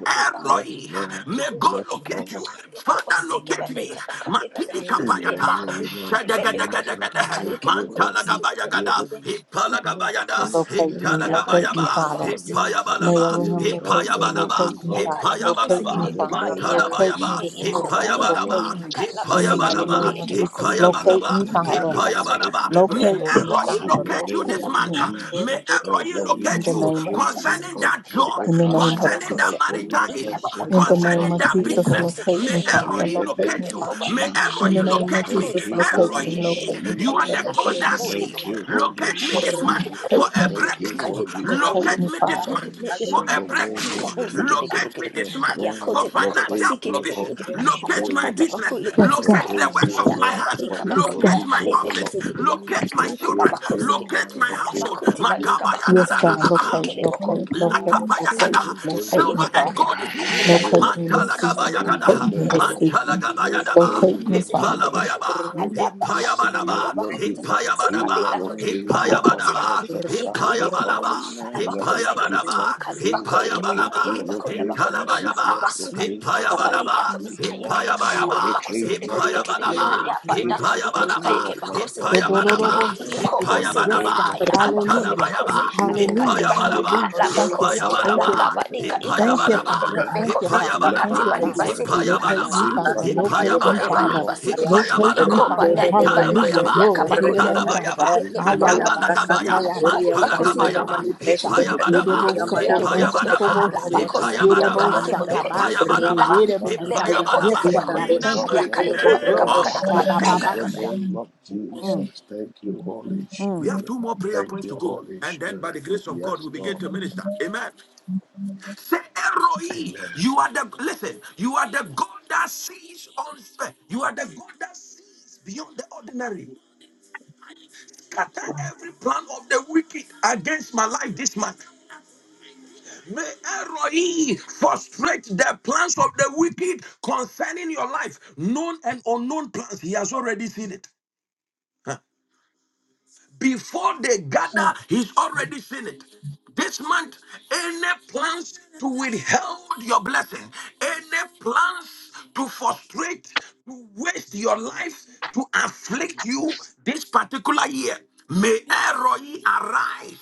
S5: Yes,
S1: Eroi.
S6: Katarina,
S5: Lord.
S1: May God
S2: let me
S5: Yes,
S2: come.
S1: locate
S5: Lord.
S1: you.
S6: Rusha,
S2: You come,
S1: Father,
S2: sick about
S1: locate
S2: the
S1: me.
S6: Katarina,
S2: cup. I can't get that.
S1: Matili
S6: oh
S2: I
S5: In the
S2: get
S6: Lord
S2: back
S1: kapayata.
S2: up.
S5: name
S6: my
S5: of
S2: Let me
S6: God,
S2: come.
S5: Jesus.
S2: I
S1: Shadagadagadagada.
S2: can't you
S5: Thank
S2: get back
S5: you,
S2: up.
S6: locate
S2: Sick
S5: Holy
S6: me
S2: the body.
S6: right
S2: I get
S1: Mantalagabayagada.
S5: Spirit.
S6: now,
S2: that. I get back up.
S1: Ipalagabayada.
S6: locate
S2: Sick.
S6: me
S7: Locate
S5: Thank
S6: my
S2: I
S7: me,
S5: you,
S2: get back.
S7: locate
S2: Okay,
S7: me,
S5: Holy
S2: I
S6: Father,
S1: Italagabayaba.
S2: go back
S7: Father.
S2: up.
S5: Spirit.
S2: Sick.
S5: The
S2: I
S6: locate
S7: Mayor
S1: Ipayabalaba.
S6: me
S2: get back.
S7: him,
S6: my
S5: Spirit
S2: Get back
S5: of
S2: up.
S7: locate me,
S5: the
S2: Sick.
S6: Maker,
S5: living
S7: locate
S2: I
S7: me,
S2: get
S1: Ipayabalaba.
S5: God.
S7: Father.
S4: Ratu
S2: back
S6: locate
S2: up. Sick.
S6: me
S7: Locate
S1: Ipayabalaba,
S7: me,
S5: In
S2: I
S5: the
S6: my
S2: get the
S8: Thank
S7: Father.
S2: body.
S5: name
S2: I
S5: of
S2: can't.
S6: Savior,
S7: Locate me
S1: Mantanabayaba,
S2: I
S7: this
S5: Jesus,
S7: month,
S2: come back.
S7: Father.
S2: I
S6: locate
S5: Father,
S6: me
S5: Lord.
S2: can't.
S7: Locate
S1: Ipayabalaba,
S6: my
S2: I
S7: me.
S2: can't let me
S7: In
S5: May
S7: the
S2: sick
S7: mighty
S2: the
S5: you
S6: Preserver,
S1: Ipayabalaba,
S7: name
S2: body. I
S7: of
S2: get
S5: locate
S2: back up.
S5: me,
S7: Jesus,
S2: I
S5: O
S2: get.
S5: Lord.
S6: locate
S7: locate
S1: Ipayabalaba,
S7: me,
S2: I
S6: me
S5: May
S2: can't
S7: Father.
S2: be
S6: right
S5: you
S2: back. Sick.
S5: locate
S6: now,
S5: me, O
S1: Ipayabalaba.
S2: I
S1: May
S5: Lord.
S2: get
S7: Locate
S2: come. Let
S7: me,
S2: me
S6: See
S1: Eroi
S2: come.
S6: my
S5: In
S7: Father.
S5: the
S1: locate you
S2: Yeah,
S5: name
S1: this
S2: back
S7: Locate
S6: pain,
S2: up.
S5: of
S1: month.
S6: O
S7: me.
S1: May
S6: Lord.
S5: Jesus,
S1: Eroi
S2: Ikeboko-
S6: See
S5: Elohim,
S2: leboko
S7: In
S1: locate
S7: the
S2: sethu
S1: you
S6: my
S7: name of
S5: locate
S7: Jesus.
S5: me
S2: lebabilakala.
S6: problem.
S1: concerning
S5: on
S1: that job,
S5: every
S7: In the
S2: Ibatuki
S6: See
S7: name
S6: my
S7: of
S1: concerning
S5: aspect,
S1: that
S2: akabakhozi.
S7: Jesus.
S5: every
S1: marital issue,
S5: dimension
S7: In the
S6: situation.
S5: of
S2: Ikabalakabakhozi.
S5: my
S7: name
S1: concerning
S7: of
S5: life,
S1: that
S6: See
S5: O
S7: Jesus,
S5: Lord.
S2: Ekhobo
S1: business.
S6: my
S7: locate
S1: May
S7: me,
S2: sekedebodekede.
S7: Father.
S5: In
S6: storm.
S1: Eroi
S5: the
S7: Locate
S5: name
S1: locate
S7: me,
S5: of
S1: you.
S6: See
S7: Father.
S1: May
S6: my
S2: Ekobalakha.
S7: In
S5: Jesus,
S7: the
S1: Eroi
S6: need.
S7: name of
S1: locate me.
S2: Iyabakhuli
S5: thank
S7: Jesus,
S5: you,
S2: bakhoze
S7: locate me,
S5: Holy
S1: Roy.
S6: Sina
S7: locate me,
S1: You
S2: gedegedegedegede.
S5: Spirit.
S1: are
S7: Father.
S1: the God
S7: Locate me.
S1: that
S2: Ikabole
S1: sees.
S5: Thank
S6: opening
S2: bakhozi.
S5: you, Holy
S1: Locate me
S7: Yes,
S1: this
S2: Ibakhozi
S5: Spirit.
S1: month
S7: God.
S6: window.
S1: for
S7: Locate
S2: gedegedegede.
S7: me,
S1: a
S5: Thank you,
S1: breakthrough.
S2: Ikali
S5: Holy
S2: bakhozi
S9: Oh God,
S7: locate
S1: Locate
S7: me,
S5: Spirit.
S1: me this
S7: Father.
S1: month for
S2: Leko-
S5: In the
S1: a
S5: name
S1: breakthrough.
S5: of
S2: lukaoze gede
S5: Jesus,
S2: gede
S1: Locate me
S2: gede gede.
S1: this
S5: yes,
S1: month
S2: Haya
S1: for
S2: kote
S5: Lord,
S2: bako
S5: locate
S1: financial
S2: basike de
S5: me,
S2: bode
S5: Holy
S1: provision.
S2: gede.
S4: Thank
S2: Haya
S1: Locate my
S5: Spirit.
S2: kata
S1: business.
S2: bako le
S7: Yes,
S2: bako se
S1: Locate
S2: gede.
S7: God.
S1: the
S5: Locate
S1: works
S5: me, O
S1: of
S2: Haya
S1: my
S5: Lord,
S2: kaba
S1: hands.
S5: for
S2: lika
S5: your
S7: Yes,
S2: bako.
S7: God.
S1: Locate my
S5: provision, O
S2: Halebe
S1: office.
S2: kose
S5: Lord.
S2: gede gede.
S1: Locate my
S2: Hayiki la
S1: children.
S5: Locate
S2: bako
S5: me,
S2: se gede.
S5: God.
S1: Locate my
S2: Hala
S5: Locate
S1: household.
S2: bako
S5: my
S2: tiba ika
S1: Makaba
S5: business.
S2: bako
S6: Locate
S2: sa.
S7: Yes,
S6: my
S5: Locate
S7: God,
S5: my
S1: yadadadadabaha.
S2: Hayike
S7: locate,
S2: le
S6: storms,
S2: bako.
S5: children,
S7: locate,
S5: O Lord.
S7: locate,
S2: Baka
S6: locate
S7: locate,
S2: zaka.
S1: Lakapayagada.
S6: my
S5: Locate
S7: locate
S5: my
S2: Hayike
S1: Silver
S7: me,
S2: bode
S1: and
S7: Father.
S6: problem,
S2: gede.
S1: gold is
S5: entire
S1: his.
S2: Hayiba
S5: life, O
S2: dodo.
S7: Locate
S5: Lord.
S7: me
S6: locate
S7: this
S2: Hakaba
S7: season,
S5: In
S6: my
S5: the
S7: locate
S1: Mantalagabayagada.
S7: me
S5: name
S7: this
S5: of
S2: yoke.
S6: relationship,
S7: season.
S2: Yakabako,
S5: Jesus,
S1: Mantalagabayadaba.
S6: locate
S7: Locate
S4: you.
S6: me,
S7: me,
S5: Halloween in
S6: God.
S7: Father,
S5: this month,
S1: Hipalabayaba.
S5: O
S6: In the
S5: Lord.
S6: mighty name of
S5: Let
S1: Hipayabalaba.
S5: your divine
S6: Jesus.
S5: favor
S1: Hipayabalaba.
S6: O
S5: locate me
S6: Lord,
S5: on
S6: my
S1: Hipayabalaba.
S5: every side,
S6: Father.
S5: O
S6: O
S5: Lord.
S1: Hipayabalaba.
S6: Lord, my
S5: Let your
S1: Hipayabalaba.
S5: divine
S6: Savior.
S5: favor locate
S1: Hipayabalaba.
S5: me,
S6: Locate me,
S5: locate my
S6: God.
S1: Hitalabayaba.
S5: business, locate my
S6: Locate
S1: Hipayabalaba.
S6: me,
S5: finances, O Lord.
S6: Lord.
S1: Hipayabayaba.
S5: Locate my
S1: Hipayabalaba.
S5: destiny,
S6: Locate my
S5: locate my
S1: Hipayabalaba.
S5: destiny of my
S6: situations.
S5: family, O
S1: Hipayabalaba.
S5: Lord.
S7: Do-do-do-do-bo-sha.
S6: Locate my
S5: In the
S7: Yes,
S1: Hipayabalaba.
S5: name
S7: God.
S6: marriage.
S5: of
S4: Rapa
S5: Jesus,
S7: Hallelujah.
S6: Locate
S1: Atalabayaba,
S5: thank
S6: my
S5: you, Holy
S7: Hallelujah.
S6: destiny.
S1: Ipayabalaba,
S5: Spirit.
S7: Hallelujah. Thank you,
S6: heaven,
S7: God.
S5: Father,
S7: Thank
S1: Ipayabalaba,
S7: you,
S5: O
S7: God.
S5: Lord,
S2: Alakaba, Nika,
S6: Locate
S5: in
S6: my
S2: Ikabako,
S7: Thank
S5: this
S7: you,
S5: month,
S1: Ipayabalaba,
S5: O
S7: Father.
S6: living.
S5: Lord.
S7: Thank you,
S2: Lepekos,
S7: Father.
S4: Rapakanta
S5: Let
S7: Thank
S1: Ipayabalaba,
S2: Akate,
S5: your
S7: you,
S6: Locate
S7: Father.
S6: my
S2: Baliba,
S5: divine
S7: Locate
S6: women.
S1: Ipayabalaba,
S7: me,
S5: favor
S7: Father.
S2: Gibbon,
S5: locate
S7: Locate
S6: Locate
S7: me,
S5: us,
S1: Ipayabalaba,
S2: Koeba,
S6: my
S5: O
S7: Father.
S5: Lord.
S2: Liba, Seeking,
S6: children.
S5: Let
S7: Locate
S2: a
S5: your
S7: me,
S1: Ipayabalaba,
S2: coat but
S6: May
S7: Father.
S5: divine
S2: that Liba,
S5: favor
S7: Hallelujah.
S6: Satan
S1: Italabayaba,
S5: locate us,
S6: and
S7: Glory
S2: Yakaba,
S7: to
S5: O
S7: your
S5: Lord.
S7: name,
S6: Lucy,
S2: Kuliboko,
S7: God.
S1: Italabayaba,
S5: In
S6: may
S5: the
S2: Yelebiko,
S5: name of
S7: Ayarabasa,
S6: children
S1: Atabalagabaya,
S6: need
S2: Yabika,
S6: us
S5: Jesus,
S7: tayarabasa,
S5: thank
S6: to
S2: Libako,
S5: you,
S6: be.
S2: Seeking,
S1: Matalagabayaba,
S5: Holy
S7: tayarabasa.
S5: Spirit.
S2: Gibbon,
S1: Ipayabalaba,
S7: Yerebo
S5: Rebo
S2: Koekebo,
S7: sokorobo
S5: Wamba,
S2: Lokoto,
S1: Ipayabalaba,
S7: shitoboshi.
S2: Alabacos,
S5: Rebo
S1: Ipayabalaba,
S7: Yerebo
S5: Wamba,
S2: Kaikebo, Lokoto,
S5: Rebo
S7: sakabashi ke
S1: Ipayabalaba,
S2: Ayaka,
S5: Wamba,
S7: yerebo sa.
S2: Lebeko,
S5: the
S1: Ipayabalaba,
S7: Yes,
S4: Yabatia
S7: God.
S2: Tekebako,
S7: I
S1: in
S5: Spirit
S1: the
S7: thank
S5: of
S7: you.
S4: Raboshon
S5: the
S4: de
S2: Ayaka,
S1: mighty
S2: Ekeba,
S7: Oh,
S5: Living
S1: name
S4: Yabokoro
S7: glory.
S2: Lukabaka,
S5: God.
S1: of
S2: Yakaba,
S4: Boshaya
S2: Lakabaka,
S5: In the
S2: Yakata,
S7: Abababasha.
S1: Jesus.
S5: name of
S2: Amen.
S5: Jesus, thank you, Holy
S7: Mm.
S1: We have
S5: Spirit.
S1: two more prayer
S5: Thank
S1: points to
S5: you,
S1: go,
S5: Holy
S1: and then by
S5: Spirit.
S1: the grace of God,
S5: Yes,
S1: we begin
S5: Lord.
S1: to minister. Amen. Say,
S5: Amen.
S1: Eroi, you are the listen. You are the God that sees on. You are the God that sees beyond the ordinary. Scatter every plan of the wicked against my life this month. May Eroi frustrate the plans of the wicked concerning your life, known and unknown plans. He has already seen it. Before they gather, he's already seen it. This month, any plans to withhold your blessing, any plans to frustrate, to waste your life, to afflict you this particular year, may Eroi arise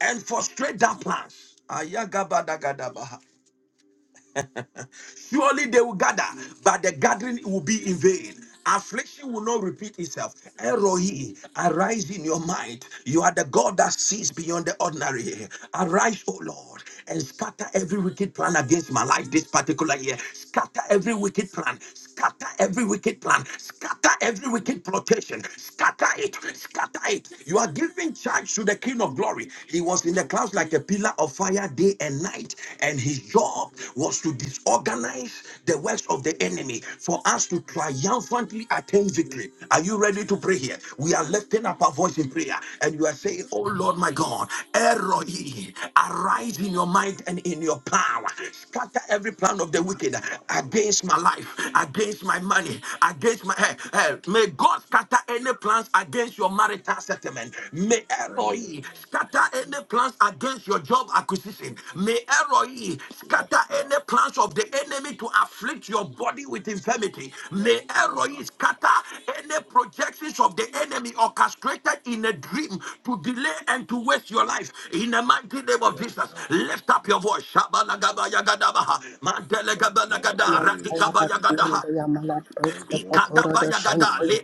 S1: and frustrate that plans. Ayagabadagadabaha. Surely they will gather, but the gathering will be in vain. Affliction will not repeat itself. Eroi, arise in your mind. You are the God that sees beyond the ordinary. Arise, O Lord, and scatter every wicked plan against my life this particular year. Scatter every wicked plan. Scatter every wicked plan. Scatter every wicked plotation. Scatter it. Scatter it. You are giving charge to the King of Glory. He was in the clouds like a pillar of fire day and night, and his job was to disorganize the works of the enemy for us to triumphantly attain victory. Are you ready to pray here? We are lifting up our voice in prayer, and you are saying, "Oh Lord, my God, Eroi, arise in your might and in your power. Scatter every plan of the
S5: Yes,
S1: wicked
S5: Lord.
S1: against my
S5: Yes,
S1: life, against
S5: Lord.
S1: my money, against my eh, eh,
S5: Yes,
S1: May
S5: Lord.
S1: God scatter any plans against your marital settlement. May Eloi
S5: Amen.
S1: scatter
S5: Yes,
S1: any
S5: Lord.
S1: plans against your job acquisition. May Eloi scatter
S5: Yes, Lord.
S1: any plans of the enemy to afflict your body with infirmity.
S5: Yes,
S1: May Eloi
S5: Lord.
S1: scatter any projections of the enemy orchestrated in a dream to delay and to waste your life. In the mighty name of
S5: Yes,
S1: Jesus,
S5: Lord.
S1: lift up your voice. Shabalagabayagadabaha,
S5: Thank you,
S1: mantelegabalagadara,
S5: Holy
S4: Mantaya
S5: Spirit.
S4: Bakian
S1: radikabayagadaha.
S4: de Yamala
S5: Thank
S4: Brosco
S5: you,
S1: Ikata
S4: Pocorodo
S5: Holy
S1: bayagada
S4: Shontoya
S5: Spirit.
S1: le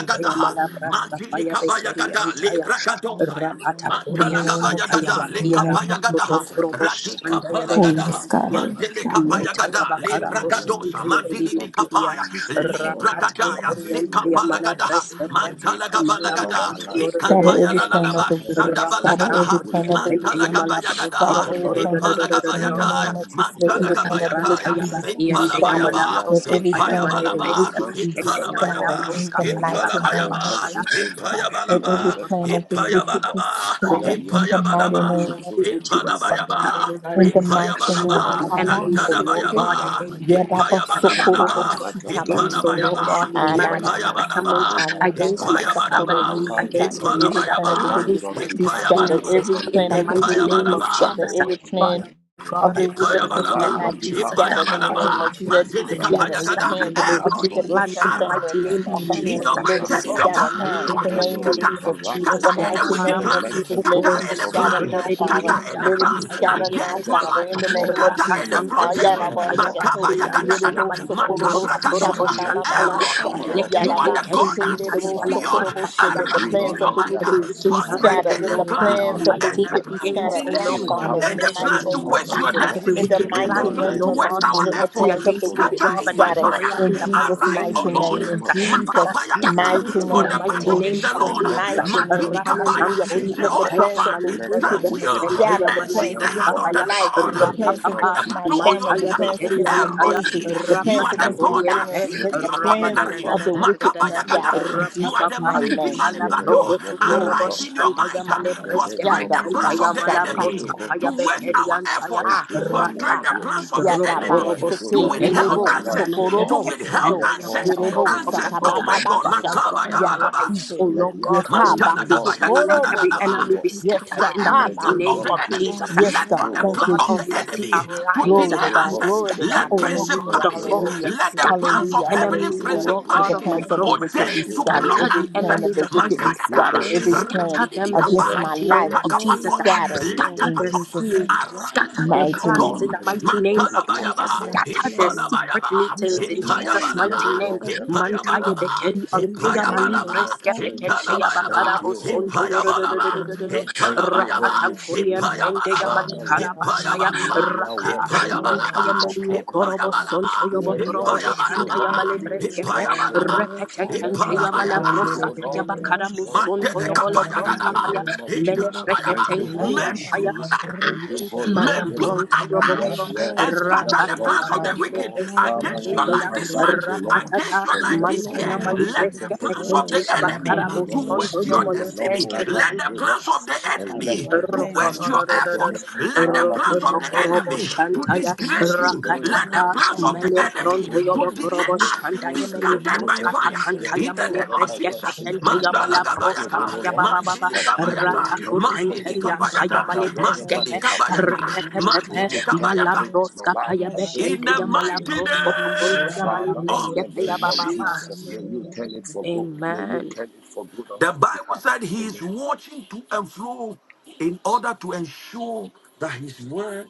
S5: In the
S1: ha.
S5: name of
S1: Mandili
S5: Jesus,
S1: kabayagada
S6: Jesus,
S5: Father,
S1: le
S5: Lord,
S6: my
S1: brakadosaya.
S5: Elohim,
S6: Savannah,
S5: Lord.
S7: In the
S1: Mantala
S6: God,
S7: name
S6: my
S7: of
S5: Do
S1: gabayagada
S7: Jesus,
S1: le
S7: in
S5: not
S6: Savannah,
S7: the
S5: let the
S7: name of
S1: kapayagada
S6: Savior,
S5: counsels
S1: ha.
S7: Jesus,
S5: of the
S6: God,
S5: adversary
S1: Radika
S6: I
S7: oh,
S5: prevail
S1: palagada
S6: always
S1: ha.
S7: yes,
S5: over
S6: know
S7: God, oh,
S5: my life,
S7: yes,
S1: Mandele
S5: O
S7: God,
S5: Lord.
S7: yes, God,
S1: kapayagada
S7: yes.
S1: le
S5: Do
S6: my
S5: not let the
S1: bragadosa.
S6: Savior,
S5: counsels
S1: Mandili ni
S5: of the
S1: kapaya
S5: enemy, O
S1: li
S5: God,
S6: Destroy
S1: bragadaya
S5: prevail,
S6: anything
S1: zika
S5: O
S6: that
S5: God,
S1: palagada ha.
S5: in
S6: belongs
S5: every
S1: Mantala
S5: aspect
S4: Malam
S6: because
S5: of
S1: Ikadabayagada,
S5: my
S6: we
S4: pronto
S1: lekabayagadaha, mantilikabayagada, lebrakadosaya, mantalagabayagada, lekapayagadaha, radikapalagadaha, mantilikapayagada, lebrakadosa, mantilikapaya, librakadaya, zikapalagadaha, mantalagabalagada,
S6: are
S5: life,
S4: yoro
S5: O
S4: do do
S6: God
S5: Lord.
S4: do
S7: Scatter
S4: do
S7: every
S4: do do
S7: plan
S5: Father,
S4: do.
S7: of
S1: ikapayalalaba,
S7: the
S5: let
S6: Christians.
S5: the
S7: wicked,
S5: plans
S7: scatter
S5: of
S6: We
S4: Rakatan
S5: the
S1: shadabalagadaha,
S7: every
S6: are
S7: plan
S4: kuriem
S5: wicked
S7: of the
S6: God
S5: have a
S4: pende
S7: wicked,
S5: way.
S4: yamala
S6: Christians.
S4: brosko
S1: mantalagabayagadaha,
S5: Let
S7: scatter
S5: the
S7: every
S4: poporo
S5: Lord
S4: do
S7: plan
S4: do
S7: of the
S4: do do
S6: We
S5: arise
S7: wicked.
S4: do
S5: and
S7: In the
S5: let
S4: do.
S6: will
S1: ipalagabayataya,
S7: name
S5: all
S6: when
S7: of
S5: my
S6: we
S7: Jesus,
S6: are
S7: let every
S5: enemies be
S7: plan
S6: planning.
S7: of the
S1: mantalagabayataya,
S4: Malambranta
S1: Itaya,
S7: wicked
S5: scattered,
S7: be,
S5: O
S7: dis-
S5: Lord.
S4: yabaki
S7: be
S6: Scatter
S4: and de
S6: them.
S7: scattered.
S5: Let
S1: Ipalabayaba,
S5: their
S7: Let
S4: yamalabroska
S5: plans
S7: every
S5: fail,
S7: plan
S6: Scatter
S4: payamale
S7: of the
S5: let their
S1: Ipayabalaba,
S4: breska
S7: wicked
S5: plans
S6: everything
S7: be
S6: that
S4: and de
S5: scatter, O
S6: they are
S5: God.
S7: scattered
S1: Ipalabayaba,
S6: doing.
S7: in
S4: yamalabroska
S7: the
S5: Let their
S7: mighty
S6: Scatter
S7: name
S1: Ipalabayaba,
S7: of
S6: their
S4: payabakarabashaya.
S5: projections,
S7: Jesus.
S5: O
S6: order.
S5: Lord,
S4: Father,
S5: be
S7: Let
S1: Ipayabalaba,
S7: every
S5: rendered
S7: plan
S6: Scatter
S7: of the
S5: powerless,
S6: their
S5: O
S7: wicked
S5: Lord.
S7: be
S1: Ipayabalaba,
S4: Clearly,
S5: Let
S7: scattered
S5: their
S6: doing.
S7: in the
S4: Lord
S7: mighty
S4: God
S1: Ipayabalaba,
S7: name
S4: Almighty,
S5: incantations,
S7: of
S5: O Lord,
S4: that you would
S5: prevent their
S1: Ipalabayaba,
S4: scatter
S6: Father,
S7: In
S4: every
S5: powerless,
S7: the
S5: O
S4: wicked
S5: Lord.
S6: receive
S7: mighty
S4: plan
S1: Ipayabalaba,
S4: of
S7: name.
S4: the
S5: Father, thy word
S4: enemy, O
S5: says,
S4: Lord
S5: O
S1: Antadabayaba,
S7: Abaseke,
S5: Lord,
S4: God,
S5: that
S4: against
S5: when
S4: my
S5: the
S4: life.
S5: enemy
S1: Ipayabalabalaba,
S4: Father
S5: comes
S4: God,
S5: like a flood, O
S4: against, O
S5: Lord,
S7: yedabasokoroboshitabaste,
S4: Lord
S5: the
S1: Ipalabayaba,
S4: God, my
S5: Spirit of
S4: marital
S5: the Lord will
S1: Ipayabalaba,
S7: aladabasa,
S4: settlement,
S5: raise up a
S4: against my
S5: standard.
S7: Aladabasa
S5: Father,
S1: Ipayabalaba,
S4: family,
S7: Korobo
S5: arise, O
S7: shita.
S4: against my
S5: Lord.
S7: Let Every
S4: mother,
S7: plan of the
S1: Ipalabayaba,
S7: wicked
S5: Arise
S4: against
S5: on
S4: my
S7: be
S5: behalf of
S7: scattered.
S5: my
S1: Ipayabalaba,
S4: finances,
S7: Every
S4: in the
S7: plan
S5: family.
S7: of the
S4: mighty
S5: Arise
S7: wicked
S5: on
S4: name
S7: be
S4: of
S1: Ipayabalaba.
S5: behalf
S7: scattered.
S5: of
S4: Jesus.
S5: my
S7: Every plan
S5: children,
S4: Father
S5: O
S4: God,
S7: of
S5: Lord.
S4: I
S7: the
S4: pray
S7: wicked
S4: in
S7: against
S4: the
S7: my
S1: Ipayabalaba,
S4: name
S5: Arise
S7: life
S5: on
S4: of
S7: be
S5: behalf
S4: Jesus.
S5: of
S7: scattered
S5: my
S7: in the
S1: Ipayabalaba,
S7: name
S5: destiny.
S7: of Jesus.
S4: Elroy,
S5: And
S7: Let it be
S5: Father,
S4: that
S1: Mandelika
S4: you would
S7: scattered. Every
S4: scatter
S1: Payagada,
S7: plan
S5: deliver
S4: every
S7: of the
S5: us,
S4: wicked
S7: wicked
S1: Eroi,
S5: Holy
S8: you.
S7: against
S4: plan
S7: my
S4: in the
S5: Spirit.
S7: family,
S4: mighty
S8: I'm
S7: against
S4: name
S7: my
S4: of
S1: arise in
S4: Jesus.
S1: your
S7: finances,
S5: Deliver
S8: just
S7: let
S1: might
S7: it be
S5: us,
S1: and in your
S5: Holy
S4: Scatter
S7: scattered
S4: them
S7: now
S5: Spirit.
S4: in
S7: in
S1: power.
S7: the
S4: the
S7: name
S4: mighty
S7: of
S1: Scatter,
S4: name
S5: Elohim,
S4: of
S7: Jesus.
S5: arise,
S7: In
S5: O
S1: scatter
S4: Jesus.
S7: the
S5: Lord
S1: any
S7: mighty
S1: wicked
S7: name
S5: and
S1: plan,
S7: of
S5: let
S7: Jesus,
S5: every
S7: let
S1: scatter
S7: it be
S5: works
S1: any
S5: of the
S6: my
S7: scattered
S1: plan,
S7: now,
S5: enemy
S7: Father.
S6: Father,
S1: scatter
S5: against
S6: my
S1: any
S5: my
S7: Let it
S5: life,
S7: be
S1: plan
S6: Savior
S7: scattered
S5: against my
S7: now,
S1: against my
S7: Father,
S4: Yakaramosukurumosundoyedididiyakantayamayebreskete.
S5: destiny,
S1: life,
S7: in the
S5: O Lord,
S6: who
S7: name of
S1: scatter any
S7: Jesus.
S5: in
S6: sees
S7: Ha,
S4: Rapatankuri
S5: this
S7: yada,
S1: protection.
S5: month,
S7: ba,
S5: O
S6: beyond
S5: Lord,
S6: my
S7: shato.
S5: in
S1: Makabayagada,
S5: this
S7: Yede,
S5: year,
S7: bo,
S5: O
S6: own
S5: God,
S7: sokoro, bo,
S5: be
S7: shita, ba,
S6: imagination.
S1: Makabragadosa,
S7: ba, ba,
S5: scattered
S7: ba,
S5: by
S4: ampayabakariyantayabalabrosokokoroboshantaya.
S7: ba,
S5: the
S7: sha.
S1: Eroi,
S6: Father,
S5: power of the
S1: you
S7: Yada,
S1: are
S6: any
S5: Holy
S7: ba,
S1: the
S4: Eleketenkeri
S7: sike,
S1: God that
S5: Spirit,
S6: power
S7: lede, bo,
S1: sees
S5: Father,
S6: of
S1: beyond.
S5: Lord.
S7: sokoro, bo, she. Let
S4: antayabalabrakapaya.
S7: the
S5: Do
S6: darkness,
S1: Arise in
S5: not
S7: plans
S1: your
S7: of the
S5: let
S4: Not
S1: might.
S5: their
S1: uh,
S4: every
S7: wicked
S4: wicked
S7: be
S5: counsels
S4: plan,
S6: Father,
S1: Frustrate
S5: prevail.
S4: O
S7: scattered. Let
S1: any
S7: the
S4: Lord
S5: Do
S4: God
S1: plans,
S7: plans
S5: not
S7: of
S5: let
S7: the
S5: the
S6: everything.
S4: Almighty,
S1: any
S7: wicked be
S5: works
S1: plans
S5: of
S1: to
S4: against,
S5: God
S7: scattered
S4: O
S1: delay
S7: now,
S4: Lord
S1: you,
S4: God,
S6: Destroy
S7: Father,
S5: have
S7: in
S6: their
S1: any
S7: the mighty
S4: ministry.
S5: effect
S1: plans to
S7: name
S6: plans.
S7: of
S5: upon
S1: waste
S5: us,
S1: your
S5: O
S7: Jesus.
S4: Scatter
S5: Lord.
S4: every
S7: In
S1: destiny,
S7: the
S4: wicked
S5: Do
S1: any
S7: mighty
S4: plan,
S5: not
S4: O
S6: Destroy
S1: plans
S5: let
S7: name
S1: to
S4: Lord
S7: of
S5: their
S6: their
S1: waste
S4: God
S7: Jesus,
S1: our
S7: let the
S4: Almighty,
S1: effort.
S7: plans
S5: incantations,
S7: of the
S5: O
S4: against my
S5: Lord,
S6: manifestation.
S7: wicked
S1: Scatter
S7: be
S4: job
S1: it
S4: and my
S1: by
S5: afflict
S7: scattered.
S1: fire.
S5: us,
S4: career
S5: O
S4: in
S7: In
S6: Destroy
S4: the
S5: Lord.
S6: their
S7: Jesus'
S4: mighty
S1: Arise,
S4: name
S1: O
S7: mighty
S5: In
S4: of
S5: the
S6: evil
S1: Lord.
S7: name,
S4: Jesus.
S5: name
S7: in
S5: of
S6: altar.
S7: Jesus'
S4: Father,
S5: Jesus,
S1: Makapaya
S4: scatter
S1: kata,
S5: heroin
S7: mighty
S4: it
S6: Destroy
S4: in
S1: For
S4: the
S5: arise,
S6: their
S1: the
S7: name,
S5: O
S7: in
S4: mighty
S1: battle
S5: Lord
S1: is
S4: name
S1: the
S4: of
S7: Jesus'
S1: Lord.
S5: and let
S4: Jesus.
S5: their
S6: foundation.
S7: mighty name.
S1: Madini
S6: ra
S1: kapaya.
S5: incantations
S4: Rakatan
S7: Hallelujah.
S4: kori
S5: fail, O
S7: Let the
S5: God.
S4: empaya
S7: plans of
S1: Jehoshaphat,
S7: the
S5: Let
S4: malibre
S5: their
S7: wicked
S1: stand
S7: be
S1: still
S5: wicked
S4: seketente
S5: plan
S4: ya
S7: scattered. The
S1: and see
S5: backfire,
S7: plans
S1: the
S5: O
S1: hand
S4: malabroska
S7: against
S5: God.
S1: of
S7: my
S4: paya
S1: the
S7: life,
S5: In
S7: the
S5: the name
S1: Lord
S7: plans
S5: of
S1: fight the
S7: against my
S1: battle
S5: Jesus,
S1: on your
S7: family,
S5: thank
S7: the
S4: mantaya
S5: you,
S7: plans
S1: behalf.
S7: against
S5: Holy
S7: my
S4: Rapataya,
S5: Spirit.
S7: ministry,
S1: Elroy,
S7: the
S1: you
S7: plans
S1: are
S5: Thank
S1: the
S7: against
S5: you,
S7: my
S1: God that
S5: Holy
S4: Rapatakoyempe,
S7: finances.
S1: sees
S5: Spirit.
S7: Let the
S1: beyond
S7: plans
S5: Rebel
S1: ordinary.
S5: of
S7: of the
S5: God,
S7: wicked be
S4: Rabadadadadadadadada,
S1: Makabayagada,
S5: rebel
S7: scattered in
S5: of
S1: you
S5: God,
S1: are
S7: Jesus'
S1: the
S4: Rapapapa,
S7: mighty
S5: the
S6: Mhm.
S1: mighty
S7: name.
S1: man in
S5: Spirit
S6: Mhm.
S1: battle.
S5: of
S4: Malaproko
S5: the
S4: to
S5: living
S6: In
S4: Korogo
S1: Arise
S7: Glory.
S5: God.
S1: in your
S4: Shandaya
S1: might, uh,
S5: In the
S4: Malebreske
S5: name
S1: frustrate
S5: of
S1: the
S6: the
S1: plans of
S5: Jesus,
S4: Pekentaya
S1: the
S6: mighty
S7: Shada
S5: thank you,
S4: Malabroska
S6: name
S1: enemy
S6: of
S5: Holy
S4: Paya
S1: to waste
S5: Spirit.
S1: our
S6: Jesus.
S4: Bekeriantaya
S1: effort, uh,
S5: Thank
S7: Ah,
S5: you,
S6: Oh
S5: Holy
S1: frustrate
S7: shata.
S6: Lord,
S1: the
S4: Rataka,
S5: Spirit.
S6: my
S1: plans of the
S6: Savior.
S7: Yadaba
S1: enemy
S5: Arise,
S4: Rokorogo
S5: O
S1: to
S7: seke
S6: Oh
S5: Lord.
S1: withhold
S6: Lord,
S7: yerebo
S6: my
S4: Sinkeriantaya
S5: Arise,
S1: answers,
S5: O
S1: to
S5: Lord.
S7: sokorobo
S6: praise,
S4: Malebreske
S1: withhold
S7: shito
S6: heaven,
S5: Let
S4: Pekentaya
S5: all
S1: answers,
S5: our
S7: yerebo
S4: Malabrosko
S5: enemies
S1: answers.
S5: be
S1: Oh
S4: Pokoya.
S1: my
S7: sakababa
S5: thwarted
S1: God,
S6: arise,
S5: and
S7: sha
S4: Father God,
S5: scattered, O God.
S1: Makabayabalaba.
S4: arise,
S6: arise
S4: O
S7: yabase.
S6: and
S5: Let
S4: Lord
S5: their
S7: Yes,
S4: God
S7: ha
S6: destroy
S5: counsels,
S7: ba
S5: O
S1: Mantala
S4: Almighty,
S1: gaba
S6: them,
S5: Lord, be
S1: yaga
S4: and let
S7: sokorobo
S4: every
S5: foolishness, O
S7: she.
S4: enemy
S6: arise
S4: we
S5: Lord.
S4: be
S6: and
S7: Yes,
S4: scattered
S7: God.
S1: Scatter
S4: in the
S5: In
S1: every
S5: the
S6: confuse
S1: plan
S4: mighty
S7: Abba
S5: name
S1: of
S4: name
S5: of
S1: the
S6: them,
S4: of
S7: sheke.
S1: enemy.
S5: Jesus,
S4: Jesus.
S7: Yes,
S1: Let
S5: thank
S7: God.
S5: you,
S1: any
S4: Father
S6: arise
S7: Thank
S1: plan
S6: and
S7: you,
S4: God
S5: Holy
S1: of the
S5: Spirit.
S4: Almighty,
S6: return
S7: Jesus.
S1: enemy
S6: their
S1: to
S4: arise
S5: Thank
S7: Glory
S6: error,
S1: delay
S7: to
S5: you,
S7: God.
S4: and
S1: access.
S5: Holy
S7: Glory to
S4: scatter,
S7: God.
S1: Let
S5: Spirit.
S4: oh Lord
S6: arise
S4: God,
S6: and
S7: Hallelujah.
S5: Thank
S4: the
S5: you,
S1: principalities,
S4: foe.
S7: Hallelujah.
S5: Holy
S6: reverse
S1: let the
S6: their
S5: Spirit.
S4: Scatter
S1: plans
S4: the
S1: of
S7: Hallelujah.
S6: plan.
S5: Thank
S1: heavenly
S4: enemies, oh
S5: you,
S6: The
S7: Hallelujah.
S4: Lord
S5: Holy
S7: Let
S4: God,
S7: the
S4: of
S1: principalities
S4: my
S5: Spirit.
S7: plans
S6: Father
S7: of the
S4: progress.
S6: is,
S7: wicked
S5: Thank
S7: be
S1: ordain
S6: is
S5: you,
S1: to
S7: scattered.
S1: block
S5: Holy
S4: Scatter
S6: beyond
S7: Every
S4: the
S7: plan
S5: Spirit.
S1: access.
S7: of
S4: enemies
S7: the
S4: of my
S7: wicked be
S6: imagination.
S5: Thank
S4: success.
S1: Makadaka,
S5: you,
S7: scattered.
S6: Oh
S5: Holy
S7: Every
S6: Lord,
S7: plan
S6: my
S5: Spirit.
S4: Scatter them in
S5: Yes,
S4: the
S7: against
S5: Lord.
S7: my
S6: God,
S4: mighty
S7: life
S4: name
S7: be
S5: Yes,
S4: of
S5: Lord.
S6: oh
S1: ratidibikapa,
S4: Jesus.
S6: Lord,
S7: scattered
S6: my
S4: Scatter
S5: In the
S4: scatter
S7: in
S6: God,
S4: their
S5: name
S1: Lakapatosha.
S5: of
S7: Jesus'
S4: schemes,
S5: Jesus,
S6: arise
S4: scatter
S5: by
S4: their
S1: Arise,
S6: in
S5: the
S1: O
S7: mighty
S1: God.
S5: power
S4: plans
S6: anger
S4: in
S7: name.
S4: the
S5: and the
S4: mighty name of
S5: authority of
S1: Mantanabayaba.
S6: scatter
S5: the
S4: Jesus,
S5: Holy
S6: their
S4: scatter their
S5: Spirit.
S6: plan,
S4: secret
S1: Hipanabayaba.
S4: meetings
S5: Thank
S4: in
S5: you,
S6: destroy
S4: Jesus'
S1: Hipayabalaba.
S4: mighty
S5: Spirit
S4: name.
S6: whatever
S5: of the
S6: they are
S5: Living
S4: Mantaya
S1: Hipayabalaba.
S5: God.
S6: planning,
S4: bekeri
S5: In
S4: antoya
S5: the
S6: return
S1: Hipayabalaba.
S5: name
S4: malibre
S6: their
S5: of
S6: arrow back
S4: skepekenteya
S5: Jesus,
S6: to
S1: Hitanabayaba.
S6: the
S5: thank
S4: bakarabo
S5: you,
S4: sondo
S6: sender.
S5: Holy
S1: Hipayabalaba.
S5: Spirit.
S4: yorororororororo.
S5: Thank you,
S1: Hitanabayaba.
S4: Rapatan
S5: Holy
S6: Ra-pa-pa-pa-pa-pa,
S4: kuriem
S5: Spirit,
S4: Ende ya
S1: Hipayabalaba.
S4: mali
S5: Father, Lord.
S8: a
S4: karabashaya
S8: little
S5: Let
S1: Hipayabalaba.
S6: ra-shaka-pa-ri-yindi-ri,
S5: your
S4: raka
S5: works, O
S8: bit more.
S5: Lord,
S1: Hipayabalaba.
S5: be
S4: mantaya melio
S5: destroyed, O
S4: korobo
S5: God.
S6: ra-pa-pa-pa-pa-pa-pa,
S1: Hipayabalaba.
S4: sonto yobo
S5: Let your
S4: korobo
S8: Thank
S5: works, O
S4: shanda
S1: Hipayabalaba.
S4: ya
S5: Lord,
S4: male
S5: be
S6: ri-ki-ki-ri-yindi-ra,
S4: breskete
S5: destroyed, O
S1: Hipayabalaba.
S5: God.
S4: repete
S5: Let
S4: kente
S5: your
S4: ya mala
S1: Hipalabayaba.
S5: projections,
S6: ra-pa-pa-pa-pa-pa-pa,
S5: O
S4: broska paya
S5: Lord, be
S4: bakara
S5: destroyed, O
S4: musonto
S1: Mandele
S5: God.
S4: yobo lo
S5: In
S4: broska
S5: the
S1: kapayagadaba,
S6: ra-shaka-pa-ri-yindi-ri,
S4: paya
S5: name of
S4: mele
S5: Jesus.
S1: intalabayaba.
S5: Thank
S4: prekete
S5: you,
S4: kari
S5: Holy
S1: May
S6: ra-pa-pa-pa-pa-pa,
S4: ampaya
S5: Spirit.
S1: God
S5: Thank
S1: arise.
S5: you, Holy
S1: May
S6: ri-ki-ki-ki-ki,
S5: Spirit.
S1: God
S4: malambronto yobo
S6: my
S5: Yes,
S4: koro
S1: arise
S5: Lord.
S1: and
S6: Lord,
S1: scatter
S4: raka
S6: my
S5: Yes,
S1: the
S5: Lord.
S1: plans of the
S4: tankaya
S6: Father,
S5: Yes,
S4: male
S1: wicked
S5: Lord.
S6: my
S4: breskete
S5: Father,
S1: against
S5: may
S6: Lord,
S1: your
S4: kende
S5: you
S6: my
S4: ya
S1: life this
S5: arise,
S1: month,
S5: O
S6: Savior,
S5: Lord
S1: against
S4: ratatata
S1: your
S5: and
S6: my
S1: life
S5: let
S1: this year.
S5: all
S4: mantaya
S6: Lord,
S4: mali
S6: my
S5: plots
S1: Let
S5: of the
S1: the
S4: breskete
S1: plans
S5: enemy
S1: of
S5: be
S4: kente
S1: the
S4: ya
S6: Preserver,
S5: scattered,
S1: enemy
S4: bakara
S5: O
S6: my
S5: Lord.
S1: to
S6: Lord,
S4: musonto
S1: waste
S6: my
S1: your
S5: May
S4: yobo
S5: the
S4: le
S1: destiny.
S5: Lord
S4: brekeri
S6: Restorer,
S5: arise,
S1: Let the
S5: O Lord,
S1: plans of the
S4: antaya
S6: scatter
S5: and let
S1: enemy
S6: their
S5: every
S1: to waste
S5: counsel
S6: plan,
S1: your
S5: of the
S1: effort.
S5: enemy,
S1: Let the
S6: destroy
S5: Father, be
S1: plans of
S6: their
S1: the
S5: rendered
S1: enemy enemy
S6: fields,
S5: powerless, O
S1: to
S5: Lord.
S4: Rokotorobosantaya
S1: disgrace
S5: In
S1: you.
S5: the
S6: destroy
S5: name
S1: Let
S6: their
S1: the
S5: of
S4: Rakataka
S1: plans of the
S5: Jesus,
S4: Mele
S5: thank
S1: enemy
S4: Pronto
S5: you,
S6: foundation,
S1: to
S5: Holy
S1: delay
S5: Spirit.
S1: us
S6: destroy
S1: be
S4: Yobokorobosantaya
S6: their
S4: Mele
S5: Thank
S1: scattered
S5: you,
S1: by
S4: Broska
S6: mirrors
S5: Holy
S1: fire.
S6: and their
S5: Spirit,
S1: In
S4: Pakantaya
S1: the
S4: Mele
S1: name
S6: thought.
S5: Father,
S1: of
S5: I
S4: Breske
S1: Jesus.
S5: worship you,
S4: Pekentaya
S1: Mandala
S5: many
S4: Mala
S5: for
S4: Broska
S5: evil,
S1: Gabayata,
S5: O
S4: Paya
S8: you.
S5: Lord
S4: Baba
S6: Rakapapapapapa.
S4: Baba
S1: Mandili
S5: but
S8: The
S5: you
S1: Gabayata,
S5: hold
S4: Rataku
S5: it for
S1: Mandili
S5: good.
S4: Tenkeriam
S6: Rikititinda
S4: Paya
S1: Kabayata,
S5: Father,
S4: Male
S6: kariyarara.
S5: whatever
S1: Mandili
S5: they
S4: Breskepe
S5: have
S1: Kabayata,
S5: programmed and
S4: Repepepepe
S1: Mandili
S5: projected
S4: Mala
S1: Kabayata.
S6: Rakapapapapapa.
S5: against my
S4: Broska
S5: life,
S4: Paya
S1: In
S5: against my
S1: the
S4: Bekentaya Mala
S5: destiny,
S1: mighty
S5: oh
S4: Brosko
S5: Lord.
S6: Rashakatariyindiri.
S4: Pokontoya Male
S1: name
S5: Father,
S1: of
S5: in the
S4: Breskepe
S5: name
S4: Baba
S5: of
S6: Rikititinda
S4: Baba
S5: Jesus,
S1: Jesus.
S5: may you
S6: riyarara.
S5: turn it for good. May you
S4: Amen
S5: turn it for good on
S1: The
S5: our
S1: Bible
S5: behalf.
S1: said he is
S5: Amen.
S1: watching to and fro in order to ensure that his word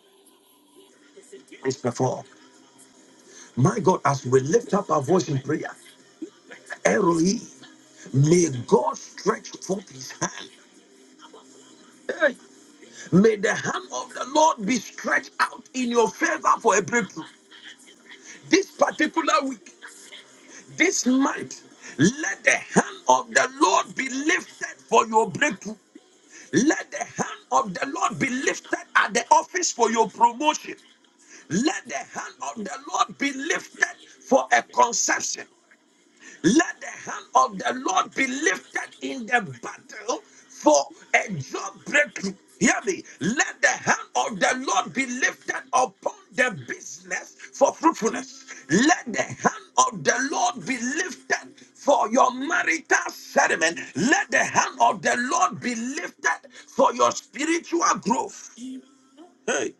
S1: is performed. My God, as we lift up our voice in prayer, Eroi, may God stretch forth his hand. Hey, may the hand of the Lord be stretched out in your favor for a breakthrough. This particular week, this month, let the hand of the Lord be lifted for your breakthrough. Let the hand of the Lord be lifted at the office for your promotion. Let the hand of the Lord be lifted for a conception. Let the hand of the Lord be lifted in the battle for a job breakthrough. Hear me. Let the hand of the Lord be lifted upon the business for fruitfulness. Let the hand of the Lord be lifted for your marital settlement. Let the hand of the Lord be lifted for your spiritual growth. Hey.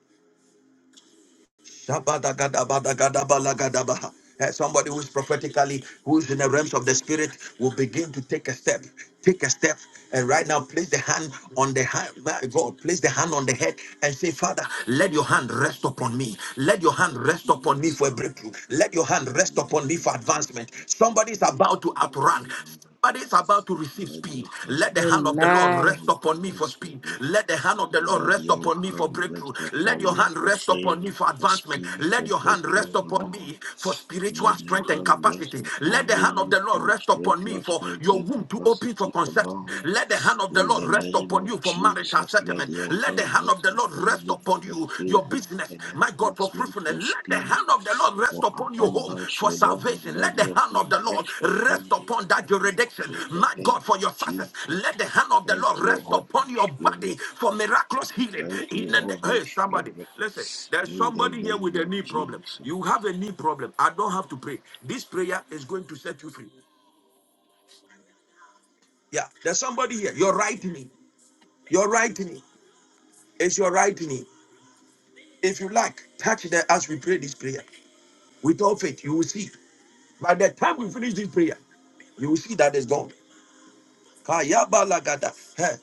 S1: Shabadagadabadagadabalagadaba. Eh, Somebody who's prophetically, who's in the realms of the spirit, will begin to take a step. Take a step. And right now, place the hand on the hand. My God, place the hand on the head and say, Father, let your hand rest upon me. Let your hand rest upon me
S5: Yes,
S1: for a
S5: Lord.
S1: breakthrough. Let your hand
S5: Let
S1: rest
S5: your
S1: upon me for
S5: hand rest
S1: advancement.
S5: upon
S1: Somebody's
S5: me,
S1: about to
S5: Holy
S1: outrun.
S5: Spirit.
S1: Somebody is about to receive
S5: Let
S1: speed.
S5: your
S1: Let
S5: hand
S1: the hand of the
S5: rest
S1: Lord
S4: Amen
S1: rest
S5: upon
S1: upon me
S5: my
S1: for speed.
S5: destiny.
S1: Let the hand of the Lord
S5: Let
S1: rest
S5: your
S1: upon me for
S5: hand
S1: breakthrough.
S5: rest
S1: Let
S5: upon
S1: your
S5: me
S1: hand
S5: for
S1: rest upon
S5: favor,
S1: me for
S5: for
S1: advancement.
S5: speed,
S1: Let
S5: for
S1: your hand
S5: breakthrough,
S1: rest
S5: O
S1: upon
S5: Lord.
S1: me for spiritual
S5: Let your
S1: strength and
S5: hand rest
S1: capacity. Let
S5: upon
S1: the hand of
S5: me
S1: the Lord
S5: for
S1: rest upon me
S5: spiritual
S1: for
S5: strength
S1: your
S5: and
S1: womb to open for
S5: capacity, O
S1: conception.
S5: Lord.
S1: Let the hand of the
S5: In
S1: Lord
S5: the
S1: rest
S5: name
S1: upon
S5: of
S1: you for marital
S5: Jesus, let
S1: settlement.
S5: your
S1: Let the
S5: hand
S1: hand of
S5: rest
S1: the Lord rest
S5: upon me
S1: upon you
S5: for
S1: to your
S5: favor
S1: business,
S5: and
S1: my God, for
S5: advancement,
S1: fruitfulness.
S5: for
S1: Let the
S5: speed,
S1: hand of the Lord rest
S5: for
S1: upon your home
S5: abundance,
S1: for
S5: O Lord.
S1: salvation. Let
S5: Let
S1: the
S5: your
S1: hand of
S5: hand
S1: the Lord
S5: rest
S1: rest
S5: upon me
S1: upon that
S5: right now.
S1: jurisdiction,
S5: In the
S1: my God,
S5: name
S1: for
S5: of
S1: your success.
S5: Jesus,
S1: Let the hand of the
S5: thank
S1: Lord
S5: you,
S1: rest
S5: Holy
S1: upon your body
S5: Spirit.
S1: for miraculous healing.
S5: Thank
S1: In
S5: you,
S1: the na-
S5: Holy
S1: hey, somebody,
S5: Spirit.
S1: listen, there's
S5: In the
S1: somebody here with
S5: name
S1: a
S5: of
S1: knee problem.
S5: Jesus.
S1: You have a knee problem. I don't have to pray. This prayer is going to set you free. Yeah, there's somebody here. Your right knee, your right knee is your right knee. If you like, touch that as we pray this prayer. Without faith, you will see. By the time we finish this prayer, you will see that it's gone. Kayaba lagada. Hey,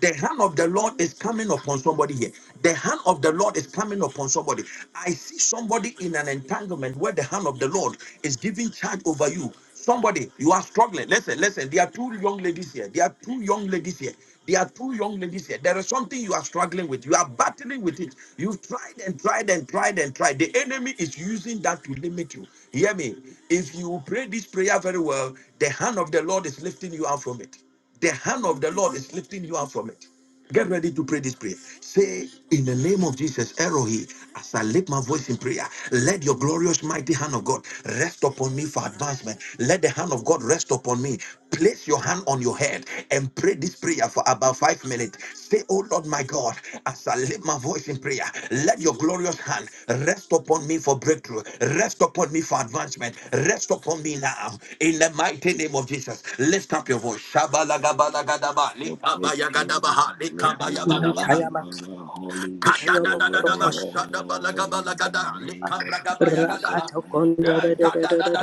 S1: The hand of the Lord is coming upon somebody here. The hand of the Lord is coming upon somebody. I see somebody in an entanglement where the hand of the Lord is giving charge over you. Somebody, you are struggling. Listen, listen. There are two young ladies here. There are two young ladies here. There are two young ladies here. There is something you are struggling with. You are battling with it. You've tried and tried and tried and tried. The enemy is using that to limit you. Hear me. If you pray this prayer very well, the hand of the Lord is lifting you out from it. The hand of the Lord is lifting you out from it. Get ready to pray this prayer. Say, in the name of Jesus, Erohi, as I lift my voice in prayer, let your glorious mighty hand of God rest upon me for advancement. Let the hand of God rest upon me. Place your hand hand on your head and pray this prayer for about five minutes. Say, Oh Lord, my God, as I lift my voice in prayer, let your glorious hand rest upon me for breakthrough, rest upon me for advancement, rest upon me now. In the mighty name of Jesus, lift up your voice. Shabalagabalagadaba,
S5: for breakthrough,
S1: likabayagadabaha,
S5: rebel,
S1: likabayabadabaha,
S5: one
S4: Mantayama
S5: by the Holy
S4: Toyobo
S5: Spirit,
S4: Koro
S1: kadadadadadaba,
S5: O
S4: Oshantayama
S5: Lord, in
S1: shadabalagabalagada,
S5: the name of Jesus,
S1: likabragabayagadaha.
S4: Rakato
S5: by the
S4: Kondo
S1: Eh,
S5: power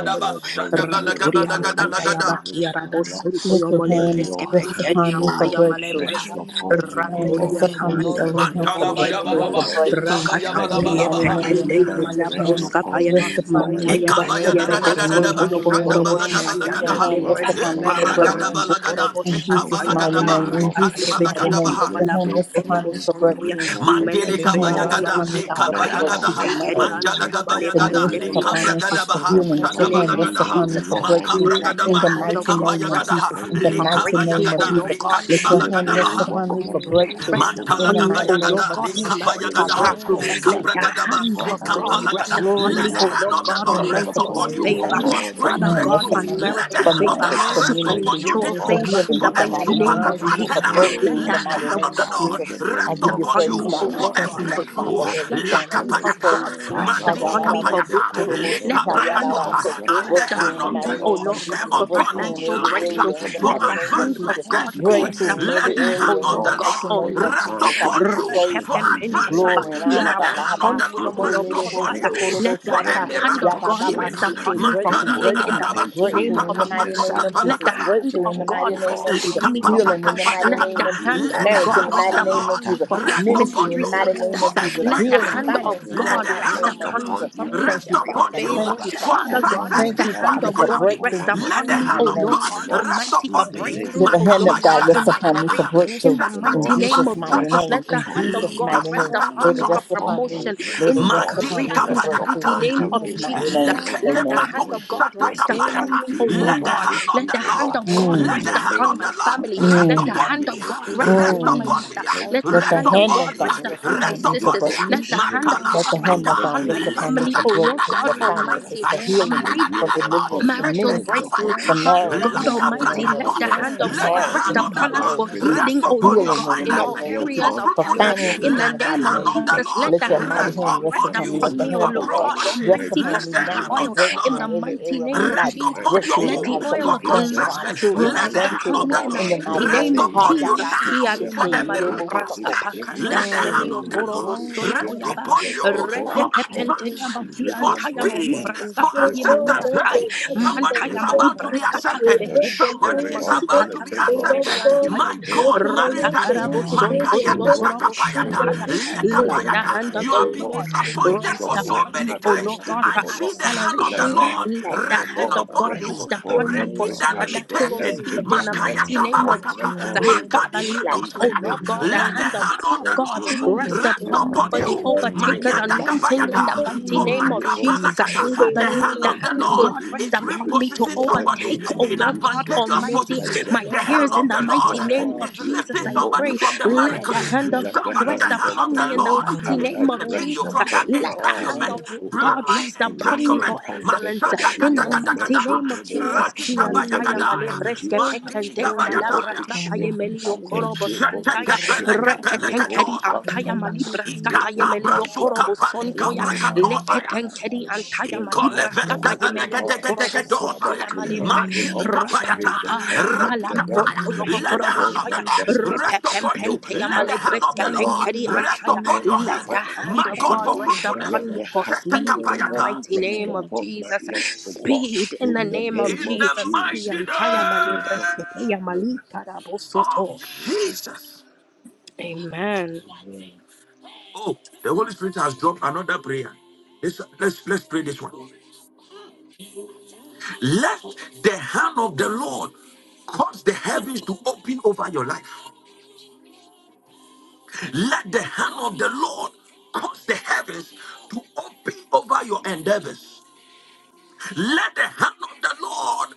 S5: in the authority of your
S4: Ranturiam
S5: Holy
S6: Shakatariyindiri.
S4: Pantayaba
S1: shadabalagabalagada,
S5: Spirit,
S4: Kiarabo
S6: And
S5: Father.
S6: Lord,
S7: Let your
S6: forgive
S4: Suntoyomole
S6: us
S5: Let
S6: of
S7: hand
S6: our
S4: Breske
S5: your
S7: rest
S5: hands,
S7: upon
S4: Penkeriam
S5: O
S6: wrong.
S7: me for
S5: Lord,
S4: Payamale
S7: breakthrough.
S6: In
S5: rest
S6: the
S4: Breske
S6: mighty
S5: upon
S7: Let
S5: me,
S7: your
S5: O
S6: name
S7: hand
S6: of
S7: rest
S4: Ranturia
S5: Lord, for
S7: upon me,
S8: Lord
S4: Pakantaya
S6: Jesus,
S8: rest
S7: Elohim,
S5: advancement,
S7: for
S1: Mantala
S8: upon
S5: for
S8: me,
S6: our
S8: O
S5: speed,
S7: breakthrough,
S4: Kenyantaya
S5: O
S8: God,
S7: for
S8: in
S1: Bayabalaba,
S5: Lord.
S6: Lord,
S8: the name of
S1: Sipka
S7: breakthrough.
S6: my
S8: Jesus.
S4: Rakata
S5: Let
S6: Lord,
S7: In the
S8: Let
S5: your
S4: Kurie
S8: the
S7: mighty
S8: hand
S1: Bayabalabalabaha,
S6: Lord,
S8: of
S7: name
S8: the
S7: of
S6: my
S5: mighty
S4: Pekende
S8: Lord
S7: Jesus,
S8: rest
S7: let
S5: hand
S4: Yamala
S7: your
S8: upon
S5: rest
S8: me,
S7: hand
S8: O
S4: Broska
S6: Savior,
S4: Paya
S5: upon
S8: God,
S7: rest
S5: me
S8: in
S5: for
S8: the
S7: upon
S8: name
S7: me
S8: of
S6: take
S8: Jesus.
S4: Mantayaba
S8: And
S7: for
S8: Let
S1: Ikabaya
S8: the
S5: elevation and
S8: hand
S6: charge
S4: Kierebo
S8: of
S6: of
S7: breakthrough.
S8: the
S7: In
S8: Lord
S7: the
S6: my
S1: Dadadadadaba,
S5: abundance,
S7: mighty
S5: O
S4: Suntoyobo
S8: rest
S1: shada Mantalabayabalaba,
S6: life,
S7: name
S5: Lord.
S4: Korobo
S7: of
S1: Sikabayabalabalabaha,
S8: upon my
S6: take
S7: Jesus, let your
S5: Let
S8: business,
S1: Ikabayadadadadadadaba,
S6: charge
S1: Shadabalagabalagadaha,
S8: O
S4: Shandayamale
S6: of
S7: hand
S5: your,
S8: God.
S7: rest
S6: my
S4: Breske
S7: upon
S5: let
S7: me
S8: Let
S7: for
S8: the
S6: spirit,
S5: your
S8: Lord
S7: breakthrough.
S4: Rato
S5: mighty
S6: Lord.
S1: Eparagadabalagadam,
S5: hand
S4: Korobo
S7: In
S5: rest
S4: Shanta
S7: Jesus'
S6: let
S5: upon
S7: mighty
S4: Yamala
S5: me, O
S7: name,
S1: Sikabaлагadaba,
S6: your
S7: in
S5: Lord,
S4: Brasata
S7: Jesus'
S6: hand
S7: mighty
S5: for
S4: Yebekente
S7: name,
S1: Rikadibalagadabaha,
S7: let your
S5: business
S4: Yamala
S7: hand rest
S5: breakthrough
S7: upon
S4: Brokorobo
S7: me
S5: and
S7: for
S4: Sontoya
S7: breakthrough.
S5: financial
S6: rest
S4: Melem
S6: upon
S7: Let your
S5: breakthroughs,
S6: my
S5: O
S7: hand
S4: Prenkeri
S7: rest
S5: Lord.
S8: Lekaraban-
S1: Mandelekabayagada,
S6: head,
S7: upon
S4: Anta
S7: me,
S6: for
S7: Father, for
S5: Let
S4: Yabakaraba
S5: your
S7: breakthrough
S1: Lekabayagadaha,
S6: breakthrough,
S7: for
S4: Shenkeri
S7: marriage.
S5: hand
S6: for
S4: Anta
S5: rest
S4: Yamale
S7: the
S6: marital
S5: upon
S1: Mandalagabayagada,
S5: me, O
S7: ministry for
S4: Preskepeya.
S6: settlement,
S5: Lord,
S7: finances,
S4: Father,
S7: for
S1: Lekabragadabaha,
S4: in
S5: for
S4: the
S7: healing,
S6: for
S7: that
S4: mighty
S7: your
S5: divine
S4: name
S7: hand
S6: room,
S4: of
S7: rests
S5: favor,
S6: for
S5: O
S1: Shadabalagadaha,
S7: upon me
S4: Jesus,
S7: for
S6: healing.
S5: Lord,
S7: breakthrough
S5: in the
S4: let the
S6: In
S7: in the
S1: Makabragadaba,
S6: the
S5: name of
S4: hand of
S7: mighty
S6: mighty
S4: God
S7: name
S6: name
S7: of
S6: of
S4: rest
S5: Jesus.
S1: Sikabayagadaha,
S7: Jesus.
S5: Thank
S4: upon
S7: In
S4: me
S7: the
S4: for
S5: you,
S6: Jesus,
S7: mighty
S5: Holy
S4: breakthrough,
S7: name of
S4: oh
S6: my
S1: Lekabayagada,
S4: Lord
S7: Jesus,
S5: Spirit.
S4: God.
S6: God,
S7: let
S6: my
S7: your
S4: Let
S7: hand
S4: the
S6: Father,
S7: rest
S5: Rebel
S1: Rikadibalagadabaha,
S4: hand of
S7: upon
S5: one
S7: me
S4: God
S6: my
S7: for
S5: brother,
S4: breath
S6: God,
S7: breakthrough
S6: my
S4: rest
S5: rebel
S2: Yakaba,
S7: in the
S5: one
S4: upon me,
S6: Savior,
S4: O
S7: mighty
S5: brother,
S7: name
S4: Lord
S1: Mantalagabayagada,
S7: of
S2: Yakaba,
S4: God,
S5: the
S4: for
S6: let
S7: Jesus.
S2: Seeking,
S6: your
S4: marital
S5: Spirit
S1: lekabayagadaha,
S5: of
S4: breakthrough.
S5: the
S2: Yakoba,
S6: hand
S4: Let
S5: living
S4: the
S2: Sagan,
S5: God,
S1: ekabragadaba,
S4: hand of
S5: Father,
S4: God
S2: Lebako,
S6: destroy
S5: Lord.
S2: Teba,
S4: rest
S1: sekapalagada.
S7: Glory
S5: May
S4: upon
S7: to
S1: Let
S4: me,
S1: the
S4: O
S2: Yakaba,
S5: your
S7: God.
S6: everything,
S1: hand
S4: Lord
S1: of
S5: hand
S7: Put
S1: the
S7: your
S4: God
S1: Lord
S7: hand
S5: rest
S7: rest
S1: rest
S4: Almighty,
S2: Koebako,
S7: upon
S4: for
S1: upon
S7: me
S2: Seeking,
S5: upon
S6: destroy
S7: for
S5: me,
S1: you
S5: O
S4: favor.
S7: finances.
S1: for a
S6: any
S5: Lord,
S2: Yakoba,
S7: Put
S1: strange
S5: and
S4: Father
S7: your
S6: plan
S7: hand
S5: bring
S2: Koebako,
S6: of
S4: God,
S7: rest
S1: breakthrough.
S6: the
S2: Seeking,
S7: upon me
S5: favor
S1: Let
S6: evil.
S1: the
S4: unmerited
S5: and
S7: for
S1: hand of
S4: favor,
S1: the
S7: marriage,
S5: divine
S1: Lord
S6: Let
S7: for
S1: rest
S6: your
S1: upon
S7: ministry,
S1: you
S5: elevation,
S6: hand,
S5: O
S4: supernatural
S1: this
S7: for
S5: Lord,
S1: week
S4: favor
S6: mighty
S4: in
S7: healing
S1: for
S4: the
S7: in the
S1: a
S6: God,
S4: mighty
S7: mighty
S5: upon
S4: name
S7: name
S5: my
S7: of
S4: of
S5: life,
S1: supernatural
S7: Jesus, for
S4: Jesus.
S8: Thank
S5: upon
S8: you.
S1: turnaround.
S5: my
S6: restore
S7: breakthrough
S4: Let
S7: in
S4: the
S7: the
S1: Let the
S6: me,
S7: mighty
S4: hand
S1: hand
S5: destiny.
S4: of
S1: of
S6: O
S7: name
S1: the
S7: of
S4: God
S1: Lord
S5: In
S6: Lord,
S7: Jesus.
S5: the
S4: rest.
S7: I
S4: Rest
S1: rest
S5: name
S7: give
S5: of
S7: you
S1: upon
S2: I
S4: upon
S7: praise,
S4: me,
S1: you
S2: call Basaka, a baco, but Yakapa, got the bacosin,
S4: O
S7: God. I
S5: Jesus,
S1: for
S6: restore
S4: Lord
S1: a
S7: thank
S2: Yako,
S7: you
S4: God,
S5: thank
S4: for
S7: now,
S6: my
S5: you,
S1: breakthrough.
S4: ease.
S7: Father,
S6: hand,
S7: that
S5: Holy
S7: it's
S4: Let the
S7: son. I
S4: hand
S7: give
S5: Spirit.
S7: you
S4: of
S1: Lakapayata,
S4: God
S7: praise.
S6: restore my
S4: rest
S5: Father, Lord,
S4: upon
S6: health.
S4: me for
S5: let the
S1: kapayata,
S4: victory.
S5: higher, the
S1: leka
S4: Let the
S6: Restore
S4: hand
S5: mighty
S6: my
S4: of
S1: brakatosa.
S5: hand
S7: Ayalaraboshikoroboshikariyarabase.
S4: God
S5: rest
S1: As the
S4: rest
S7: Breakthrough
S5: upon
S1: hand
S7: in
S6: victory.
S7: the
S5: me,
S1: of
S4: upon
S5: O
S4: me,
S7: mighty
S1: the
S4: O
S7: name
S5: Lord,
S1: Lord
S7: of
S4: Lord God,
S1: came
S7: Jesus.
S5: for
S4: for
S1: upon
S7: Breakthrough in
S5: divine
S4: financial
S7: every
S6: Ra-ta-ta-ta-ta-ta.
S1: Elijah
S5: breakthrough,
S4: breakthrough.
S7: area
S5: for
S7: in the
S1: for
S4: Let
S7: mighty
S4: the
S5: divine
S7: name of
S4: hand of
S5: favor,
S1: advancement
S7: Jesus.
S4: of
S5: for
S1: and
S4: God to
S5: divine
S1: speed,
S4: rest
S7: Breakthrough in
S4: upon
S1: let
S7: every
S6: Ra-sha-ta-ta-ri-ri-ri-ri.
S1: the
S4: me, O
S5: elevation,
S1: hand
S7: area
S5: O
S6: ta
S7: in
S1: of
S4: Lord
S7: the
S5: Lord,
S1: the
S4: God
S7: mighty
S5: for
S7: name
S1: Lord
S7: of
S6: ta
S4: Almighty.
S1: rest
S6: ta
S5: divine
S7: Jesus. I
S1: upon
S7: give
S6: ta
S7: you
S1: you
S7: praise,
S5: advancement
S1: for
S6: ri ti
S7: God.
S5: in the
S6: ti
S5: name
S1: advancement.
S7: Glory
S5: of
S7: and honor,
S1: Let the
S7: God.
S5: Jesus.
S1: hand of
S5: Thank
S1: the
S5: you,
S1: Lord
S7: Ahabaseke,
S1: rest
S5: Holy
S7: lerebo,
S1: upon
S5: Spirit.
S1: you
S4: Repepempenteyabakiarabosontoyomolobroskaya.
S7: sokorobo,
S4: Let
S5: The
S4: the
S1: for a
S7: shata,
S5: word of
S4: hand
S5: the
S4: of
S5: Lord
S1: miraculous
S4: God
S1: healing.
S4: rest
S5: says, and
S4: upon
S7: yabababaseke.
S5: your
S4: me for
S7: Breakthrough,
S5: people
S4: healing in
S7: breakthrough,
S4: the
S1: Matadadadadadaba,
S5: obtain
S4: mighty name
S7: breakthrough
S5: favor
S7: in
S4: of
S7: the
S5: in the
S7: mighty
S4: Jesus.
S7: name
S5: sight
S7: of
S5: of
S4: Let the
S7: Jesus.
S5: the
S1: shatakapatotapalakata.
S4: hand
S7: Breakthrough in
S4: of
S7: the
S5: Egyptians,
S7: mighty
S4: God
S5: O
S7: name
S4: rest
S5: Lord.
S7: of Jesus.
S4: upon me
S6: In the
S4: for
S5: Father,
S7: Healing
S4: honor.
S7: in the mighty
S4: Let
S5: describe
S1: Likapatapayakata.
S4: the
S7: name
S5: it,
S7: of
S5: O
S4: hand
S7: Jesus.
S1: Let
S5: God,
S1: the
S4: of
S7: Marriage
S4: God
S7: in
S1: hand
S7: the
S5: as
S1: of
S4: rest
S5: I
S7: mighty
S1: the
S7: name of
S5: lift
S4: upon
S5: up
S4: me
S7: Jesus.
S4: for
S1: Lord
S5: her
S6: mighty
S1: rest
S5: voice
S1: upon
S7: Ministry in
S5: in
S4: ministry
S7: the
S1: you
S7: mighty
S5: prayer.
S7: name
S6: hand,
S1: for
S4: success.
S7: of
S1: a
S7: Jesus.
S5: Let
S4: Let
S5: the
S1: straight
S4: the
S7: Healing,
S5: hand
S4: hand
S6: let
S1: breakthrough.
S5: of
S4: of
S5: the
S7: finances
S6: your
S7: in
S1: Let
S7: the
S5: Lord
S1: the
S4: God
S7: mighty
S1: hand
S4: rest
S1: of
S5: rest
S7: name
S1: the
S6: hand,
S7: of
S4: upon me
S6: mighty
S5: upon
S7: Jesus.
S4: for
S5: me
S1: Lord
S5: for
S6: God,
S7: Thank
S1: rest
S7: you,
S4: ministerial
S1: upon
S5: divine
S7: Father.
S4: favor.
S1: you
S7: Thank
S5: favor,
S7: you,
S6: rest
S1: for
S7: Father.
S4: Father
S5: for
S6: upon
S4: God,
S6: me.
S4: let
S1: success
S7: Thank
S4: the
S7: you,
S1: this
S5: financial
S4: hand
S7: Father,
S4: of
S7: for
S1: particular
S5: breakthrough,
S6: Let
S4: God
S5: for
S1: week.
S6: your
S4: rest
S7: breakthrough in
S1: Let the
S4: upon
S7: Jesus'
S5: financial
S6: hand,
S4: me,
S1: hand
S7: mighty
S4: oh
S1: of
S5: release,
S7: name.
S4: Lord
S1: God
S5: O
S4: God
S5: Lord.
S6: Jesus,
S1: rest
S4: Almighty, for
S5: In
S1: upon
S5: the
S1: me.
S5: name
S6: rest
S4: breakthrough,
S7: That the
S5: of
S4: oh
S7: hand
S4: Lord
S7: of
S5: Jesus,
S6: upon
S7: God
S4: God, in
S6: me.
S7: rests
S4: my
S7: upon
S5: let
S7: me
S5: the
S7: for
S4: career.
S1: Makabayakadadadadabaha.
S5: hand of
S4: In
S6: Rest
S7: breakthrough.
S4: the
S5: the
S7: In
S6: upon
S5: Lord
S4: mighty
S6: my
S4: name
S7: Jesus'
S4: of
S7: mighty
S6: friend.
S5: Rest
S4: Jesus,
S1: Shatakapalikapa.
S7: name.
S4: let the
S7: In
S5: upon
S4: hand
S5: my
S4: of
S7: Jesus'
S4: God
S7: mighty
S4: rest
S7: name.
S5: business.
S6: Nullify
S4: upon
S7: Let
S4: me
S7: it
S5: Rest
S6: all
S1: Likatatapatos.
S4: for
S7: rest
S5: upon
S7: upon
S5: my
S7: me.
S4: promotion
S5: plan,
S6: depression,
S7: Let
S5: O
S4: in
S7: it
S6: all
S4: my
S7: rest
S5: Lord.
S7: upon
S4: career.
S1: Mandili
S7: me for
S4: In the
S5: Rest
S1: kapaya
S6: anxiety.
S7: breakthrough.
S4: mighty
S7: In
S5: upon
S1: kataya.
S4: name of
S7: Jesus'
S5: every
S7: mighty
S4: Jesus,
S7: name.
S5: aspect of my
S1: Lekete
S4: let the
S6: Nullify
S5: life.
S7: Amen.
S1: pato
S4: hand
S5: And
S4: of
S5: let
S4: God
S1: shata
S5: your
S4: rest
S5: divine
S4: upon
S1: kapayata.
S4: me, oh
S6: anything
S5: favor
S4: Lord
S1: Let the
S7: Mm,
S6: that
S4: God.
S5: locate
S1: hand
S6: the
S1: of
S5: me,
S4: Let
S1: the
S4: the
S5: O
S6: the
S4: hand
S5: Lord.
S4: of
S1: Lord,
S4: God
S6: devil
S5: In
S1: let the
S7: mm,
S4: rest
S5: the
S6: is
S1: hand
S4: upon
S1: of
S5: name
S4: my
S1: the
S5: of
S4: family.
S1: Lord
S5: Jesus.
S1: rest
S4: Let
S6: frustrating
S4: the
S7: mm,
S5: Thank
S1: upon
S4: hand
S5: you,
S1: me,
S4: of God
S5: Holy
S4: rest
S1: rest
S5: Spirit.
S4: upon my
S7: mm.
S6: consuming
S1: upon
S6: my
S4: mother.
S1: me,
S2: I
S5: Thank
S6: life,
S4: Let the
S5: you,
S7: Let
S1: rest
S7: the
S4: hand
S5: Holy
S4: of
S7: hand
S6: consuming
S1: upon
S7: of
S4: God
S1: me,
S4: rest
S7: God
S5: Spirit.
S7: rest
S6: my
S4: upon my
S7: upon
S1: rest
S5: Thank
S6: life.
S7: me for
S5: you,
S1: upon
S4: sisters.
S1: me.
S7: breakthrough.
S5: Holy
S6: In
S4: Let the
S6: the
S4: hand
S5: Spirit.
S4: of
S1: Makana
S7: Let the
S4: God
S6: mighty
S7: hand
S4: rest
S5: In
S6: name
S1: maskapa,
S7: of
S6: of
S5: the
S7: God
S4: upon my
S7: rest
S5: name of
S6: Jesus,
S7: upon me
S1: lega
S4: family,
S1: da
S7: for
S4: oh
S1: da da
S4: Lord
S1: da
S7: breakthrough,
S5: Jesus,
S1: da
S4: God
S7: for
S1: da
S6: let
S5: by
S1: da
S5: the
S6: your
S5: power
S7: finances,
S4: Almighty.
S1: da,
S7: for
S1: aya
S6: hand,
S4: for
S1: da
S7: healing,
S1: da
S5: and
S4: my
S1: da
S5: the
S1: da
S6: mighty
S7: for
S1: da da
S6: God,
S1: da.
S7: deliverance, for
S4: Marital
S1: Shete
S5: authority
S6: restore
S5: of
S6: my
S5: the
S7: ministry,
S4: breakthrough,
S5: Holy
S7: for
S6: health.
S4: Father
S7: marriage
S1: kapayata,
S5: Spirit.
S7: in
S4: God
S7: the
S6: Let
S7: mighty
S6: your
S4: Almighty,
S7: name of
S5: Father,
S4: let the
S1: lakabrakatosa.
S7: Jesus,
S5: Lord,
S4: hand
S7: for
S4: of
S5: let
S1: Let the
S4: God
S5: there
S6: hand,
S7: marriage
S4: rest
S1: hand
S7: in
S5: be
S7: the
S1: of the
S4: upon
S7: mighty
S4: us
S6: oh
S5: divine
S7: name
S4: for
S7: of
S1: Lord
S6: Lord,
S5: release,
S7: Jesus,
S4: healing,
S1: rest
S7: for
S4: O
S5: O Lord.
S1: upon
S4: Lord
S6: restore
S1: your
S7: healing in
S4: God,
S6: my
S7: the
S4: in
S5: Let
S7: mighty
S4: all
S1: finances
S7: name
S6: health.
S5: your
S7: of
S1: for
S4: areas
S7: Jesus,
S5: one
S4: of
S7: for
S4: health.
S5: hand,
S6: Let
S1: fruitfulness.
S5: your
S7: finances
S4: In
S6: your
S4: the
S7: in the
S1: Let the
S5: mighty
S7: mighty
S4: name of
S6: hand,
S1: hand
S7: name
S5: hand
S1: of
S7: of
S1: the
S7: Jesus.
S4: Jesus,
S5: rest
S6: mighty
S1: Lord
S4: let the
S7: Let your
S5: upon
S4: hand
S1: rest
S5: my
S7: mighty
S4: of
S6: God,
S4: God
S7: hand
S5: life,
S7: rest
S4: rest
S1: upon
S5: my
S7: upon me.
S1: you
S4: upon
S7: Let the
S5: business,
S4: me, O
S7: hand
S1: for
S7: of the
S5: oh
S4: Lord
S7: Lord
S5: Lord,
S6: nullify
S4: God
S1: promotion.
S7: rest
S5: my
S4: Almighty, for
S7: upon
S1: Let
S6: every
S7: me
S1: the
S4: fresh
S5: destiny,
S7: now
S1: hand
S7: for
S1: of
S5: and
S4: oil.
S6: plan
S1: the
S6: of
S4: In
S7: breakthrough
S4: the
S5: Father,
S7: in
S1: Lord
S7: every
S5: let there
S4: mighty
S7: area of my
S4: name
S5: be
S4: of
S7: life,
S1: rest
S6: heaven.
S4: Jesus,
S1: upon
S5: divine
S1: your
S7: breakthrough in the
S4: let
S1: womb
S4: the
S6: Let
S7: lives
S5: breakthroughs
S7: of
S5: in
S4: oil
S6: the
S1: for
S7: my
S4: of the
S7: family,
S5: business,
S7: my
S4: Lord
S5: in
S1: conception.
S6: divine
S7: children, my
S1: Let the
S4: rest
S6: help
S5: finances,
S1: hand
S5: oh
S4: upon
S7: grandchildren,
S1: of
S4: me
S6: the
S1: the
S4: in
S5: Lord,
S4: the
S7: in the
S4: mighty
S6: Lord
S4: mighty
S5: in
S7: mighty
S1: Lord
S5: the
S1: rest
S4: name
S7: name.
S4: of
S5: name
S7: Ha,
S1: upon
S5: of
S7: ya,
S1: you
S4: Jesus,
S7: da,
S6: rest
S7: bo,
S1: now
S7: shi,
S6: upon
S7: ke,
S1: for
S5: Jesus.
S6: my
S4: Kiantaya
S1: a
S5: Thank
S7: ye, de,
S5: you,
S7: bo,
S1: miraculous
S6: life.
S5: Holy
S4: Malibraska
S7: sucko.
S1: touch.
S4: Pakanda
S6: Let
S1: Let the
S5: Spirit.
S6: your
S1: hand
S4: Yemelio
S5: Thank
S7: Mm.
S1: of the
S5: you,
S4: Korobo
S5: Holy
S6: divine
S1: Lord
S4: Sonto
S1: rest
S5: Spirit.
S4: Yaba
S6: help
S1: upon
S5: Thank
S1: you
S5: you,
S1: for
S5: Holy
S6: conquer
S5: Spirit.
S4: Repepente Yaba
S6: every
S1: advancement, for
S5: Ripple,
S6: storm,
S4: Kiantaya
S5: what, what,
S6: conquer
S1: speed,
S4: Malibraska
S1: for
S6: every
S5: Ripple,
S4: Payemelia
S5: what,
S1: acceptance.
S6: problem.
S9: that
S4: Tai
S9: the
S5: what,
S1: Hey,
S9: gossip
S1: Somebody
S9: and
S4: Mantaya
S1: is
S5: Remove
S1: about to
S5: all
S1: be
S9: gossip,
S6: Rakababa,
S4: Malibraska
S5: but
S9: the
S1: accepted.
S5: the
S9: pope
S4: Payebekente
S9: and
S4: Yana
S1: Somebody
S5: spirit
S9: all
S1: is
S5: of
S9: people,
S4: Masika
S1: about to be
S4: Taka
S5: elephant
S9: oh
S5: God
S9: God,
S1: accepted.
S6: Rajkapatari,
S9: God,
S5: in
S4: Yemeliantaya
S5: the
S1: My
S5: name
S1: God,
S5: of
S9: looking
S4: Rata
S9: away
S5: Jesus.
S9: from
S1: maritally,
S6: Rikipiti,
S9: me
S4: Karabo
S9: to
S10: my
S9: save
S5: Thank
S4: Sonto
S1: Makaya
S9: and
S5: you,
S4: Yobo
S9: God,
S10: Jesus.
S6: Lakara,
S9: to
S5: Holy
S4: Korobo
S10: God,
S9: speak
S1: Tatakapayata,
S9: that
S5: Spirit.
S4: Shantaya
S10: Lord,
S9: this from
S5: Let
S4: let
S5: the
S4: the
S1: Lekapayata.
S5: hand
S4: hand of
S5: of
S1: You
S5: the
S1: have
S4: the
S1: been
S6: Rakashakatari,
S5: Lord
S4: Lord
S10: mm,
S5: rest
S1: disappointed
S4: rest
S1: for so
S5: upon
S4: upon
S1: many
S10: Lord,
S5: my
S4: me,
S6: Rikipiti,
S4: O
S1: times.
S4: Lord God,
S5: destiny,
S4: for
S1: I
S5: O
S10: thank
S1: see
S5: Lord.
S6: Lakababa,
S1: the
S10: you.
S1: hand of the
S5: Let
S4: acceleration.
S5: the hand
S4: Let
S5: of
S1: Lord
S4: the
S5: the
S1: resting
S4: hand
S5: Lord
S4: of
S1: upon
S4: God
S5: rest
S6: Rakari,
S10: Yes,
S1: you,
S4: rest
S5: upon
S4: upon me for
S6: Let
S1: breaking
S5: every
S1: that
S6: your
S10: Lord,
S5: aspect,
S4: supernatural
S1: limitation.
S9: death,
S5: every
S4: speed in
S10: yes,
S4: the
S6: way
S1: Makaya
S10: Lord,
S4: mighty
S5: dimension
S4: name
S5: of
S6: Oh
S4: of
S5: my
S1: Tabarakata,
S4: Jesus.
S5: life,
S10: yes,
S5: O
S6: God, the
S5: Lord.
S4: Father,
S1: Makadi
S6: grace
S4: let,
S5: In
S10: yes,
S5: the
S4: O
S6: upon my
S10: Lord,
S4: Lord
S5: name
S1: Bradosayata.
S4: God,
S5: of
S4: the
S1: Let
S6: head
S1: the
S4: hand of
S5: Jesus.
S1: hand
S10: Jesus.
S1: of the
S5: Thank
S6: and
S4: God
S5: you,
S1: Lord
S6: heal
S5: Holy
S4: rest
S10: Yes,
S1: rest
S5: Spirit.
S4: upon me
S10: Lord,
S1: upon
S6: every
S4: for the
S1: you.
S10: worship
S5: Thank
S10: me,
S5: you,
S4: overtaker's
S6: sicknesses
S5: Holy
S10: Jesus.
S4: anointing
S6: and
S4: in
S5: Spirit.
S4: the
S1: Mayadagabayata,
S4: mighty
S1: for
S5: Thank
S6: heal
S4: name
S5: you,
S4: of
S10: Jesus,
S6: every
S5: Holy
S4: Jesus.
S10: Jesus.
S9: in
S5: Spirit.
S9: the
S1: Makapalakata.
S4: Father,
S1: The
S4: let
S9: name
S1: hand
S4: the
S6: situation
S9: of
S1: of
S5: Thank
S1: the
S4: hand
S5: you,
S4: of
S6: and
S1: Lord
S9: Jesus.
S4: God
S5: Holy
S4: rest
S1: is
S6: give
S4: upon
S6: me
S5: Spirit,
S4: me
S6: a
S4: to
S1: repositioning
S5: in the
S6: sound
S1: somebody
S4: overtake,
S5: name
S4: O
S5: of
S1: in
S4: Lord
S6: mind.
S4: God
S1: advantageous
S5: Jesus,
S6: Let
S4: Almighty,
S5: by
S1: position.
S6: your
S5: the
S4: my
S1: The
S6: hand,
S1: hand
S4: peers,
S5: power
S1: of
S4: in the
S1: the
S6: mighty
S5: and
S1: Lord
S4: mighty name
S6: God,
S4: of
S1: is
S5: authority of
S4: Jesus,
S1: lifting
S5: the
S4: I
S6: give
S1: somebody
S5: Holy
S6: me
S4: pray.
S1: from the
S4: Let
S5: Spirit.
S6: power,
S1: miracle.
S4: the
S6: give
S4: hand
S6: me
S4: of
S5: Let the
S4: God
S1: Somebody, the
S4: rest
S5: hand
S6: peace.
S5: of
S1: hand of
S4: upon
S5: the
S1: the
S4: me in the
S5: Lord
S6: Let
S1: Lord
S4: mighty
S6: your
S1: is
S5: Father
S4: name of
S1: lifting
S6: hand,
S5: rest
S1: you
S4: Jesus.
S1: from that
S5: upon
S6: mighty
S5: my
S4: Let the hand
S1: entanglement,
S4: of
S6: God,
S5: business, O Lord.
S4: God
S1: bloodline
S6: give
S4: rest upon
S5: Rest
S4: me
S6: me
S4: for
S1: entanglement.
S5: upon the
S4: excellence
S1: Masada
S4: in
S5: destiny
S1: Gada
S4: the
S5: of
S6: encouragement.
S1: Gada
S5: my
S1: Gada,
S4: mighty name of
S5: children, O
S6: Grand
S4: Jesus.
S5: Lord,
S1: Radika
S5: in the
S4: Kiantaya
S5: name of
S1: Mashadagadagadagadha,
S6: in
S1: Radikabayagadaya,
S4: malebreske
S5: Jesus.
S6: every
S4: pekendeya
S5: Thank you,
S6: area of
S1: Mandinikabayataya.
S5: Holy
S4: malabraska
S6: my
S5: Spirit.
S4: payemelio
S5: Thank
S6: challenges.
S4: korobo
S5: you, Holy
S4: santaya
S5: Spirit.
S6: Rakapatata,
S5: Rebo
S4: repetenkeri
S1: Shetekepelekepeleketosa.
S4: ampaya
S5: Wambara,
S4: malibraska
S5: Rebo
S1: Ikatabra
S4: payemelio
S6: rikitiriindara,
S5: Wambara,
S4: korobo
S1: sukapali
S4: sontoya
S5: Rebo
S1: kabrakatosaya.
S5: Wambara
S4: leketenkedi
S5: the
S6: rakapatata,
S4: antaya
S5: Spirit of
S4: malibraska
S5: the living
S4: payemeli
S5: God.
S4: yokorobo
S6: rakapatata,
S5: Father,
S1: Ikoleveskevelegedegedegedosaya.
S4: sontoya
S5: tonight,
S4: malebre
S5: O
S1: Mandili
S5: Lord, may
S1: kapayata.
S5: the
S4: rapapapa
S5: hand of
S6: rakapatariindere,
S5: the Lord
S1: Ratikapaya.
S4: malampronto
S5: rest
S1: Let the
S4: yobokorobo
S1: hand
S5: upon
S1: of
S5: my
S1: the
S4: shoya
S1: Lord
S6: rikitiriindara.
S5: destiny.
S1: rest upon
S5: May
S1: you.
S4: repepempente
S5: the
S4: ya
S1: Let the
S5: hand
S1: hand
S5: of
S1: of
S4: malebreska
S5: the
S1: the
S5: Lord
S1: Lord
S4: penkedi
S5: rest
S1: rest
S4: antaya
S1: upon
S5: upon
S1: your
S5: my
S4: let the
S1: hands.
S4: hand
S1: My
S5: finances,
S4: of
S5: O
S1: God,
S4: God
S1: for
S5: Lord.
S4: rest
S1: fruitfulness.
S4: upon
S5: Let
S4: me
S5: the
S4: for
S5: hand
S6: In
S5: of
S6: the
S4: speed
S5: the
S4: in the
S5: Lord
S1: Shetekapayata.
S4: mighty
S6: mighty
S5: rest
S6: name
S4: name of
S6: of
S5: upon my
S4: Jesus
S5: head, O God.
S6: Jesus.
S4: speed in the
S5: In the
S4: name of
S5: name
S1: In
S5: of
S1: the
S4: Jesus ki
S1: mighty
S5: Jesus.
S4: antaya
S5: Thank you, Holy
S1: name
S4: malebreska peya
S5: Spirit.
S4: malika rabo
S1: of
S4: soto
S1: Jesus.
S4: amen
S1: Oh, the Holy Spirit has dropped another prayer. Let's, let's, let's pray this one. Let the hand of the Lord cause the heavens to open over your life. Let the hand of the Lord cause the heavens to open over your endeavors. Let the hand of the Lord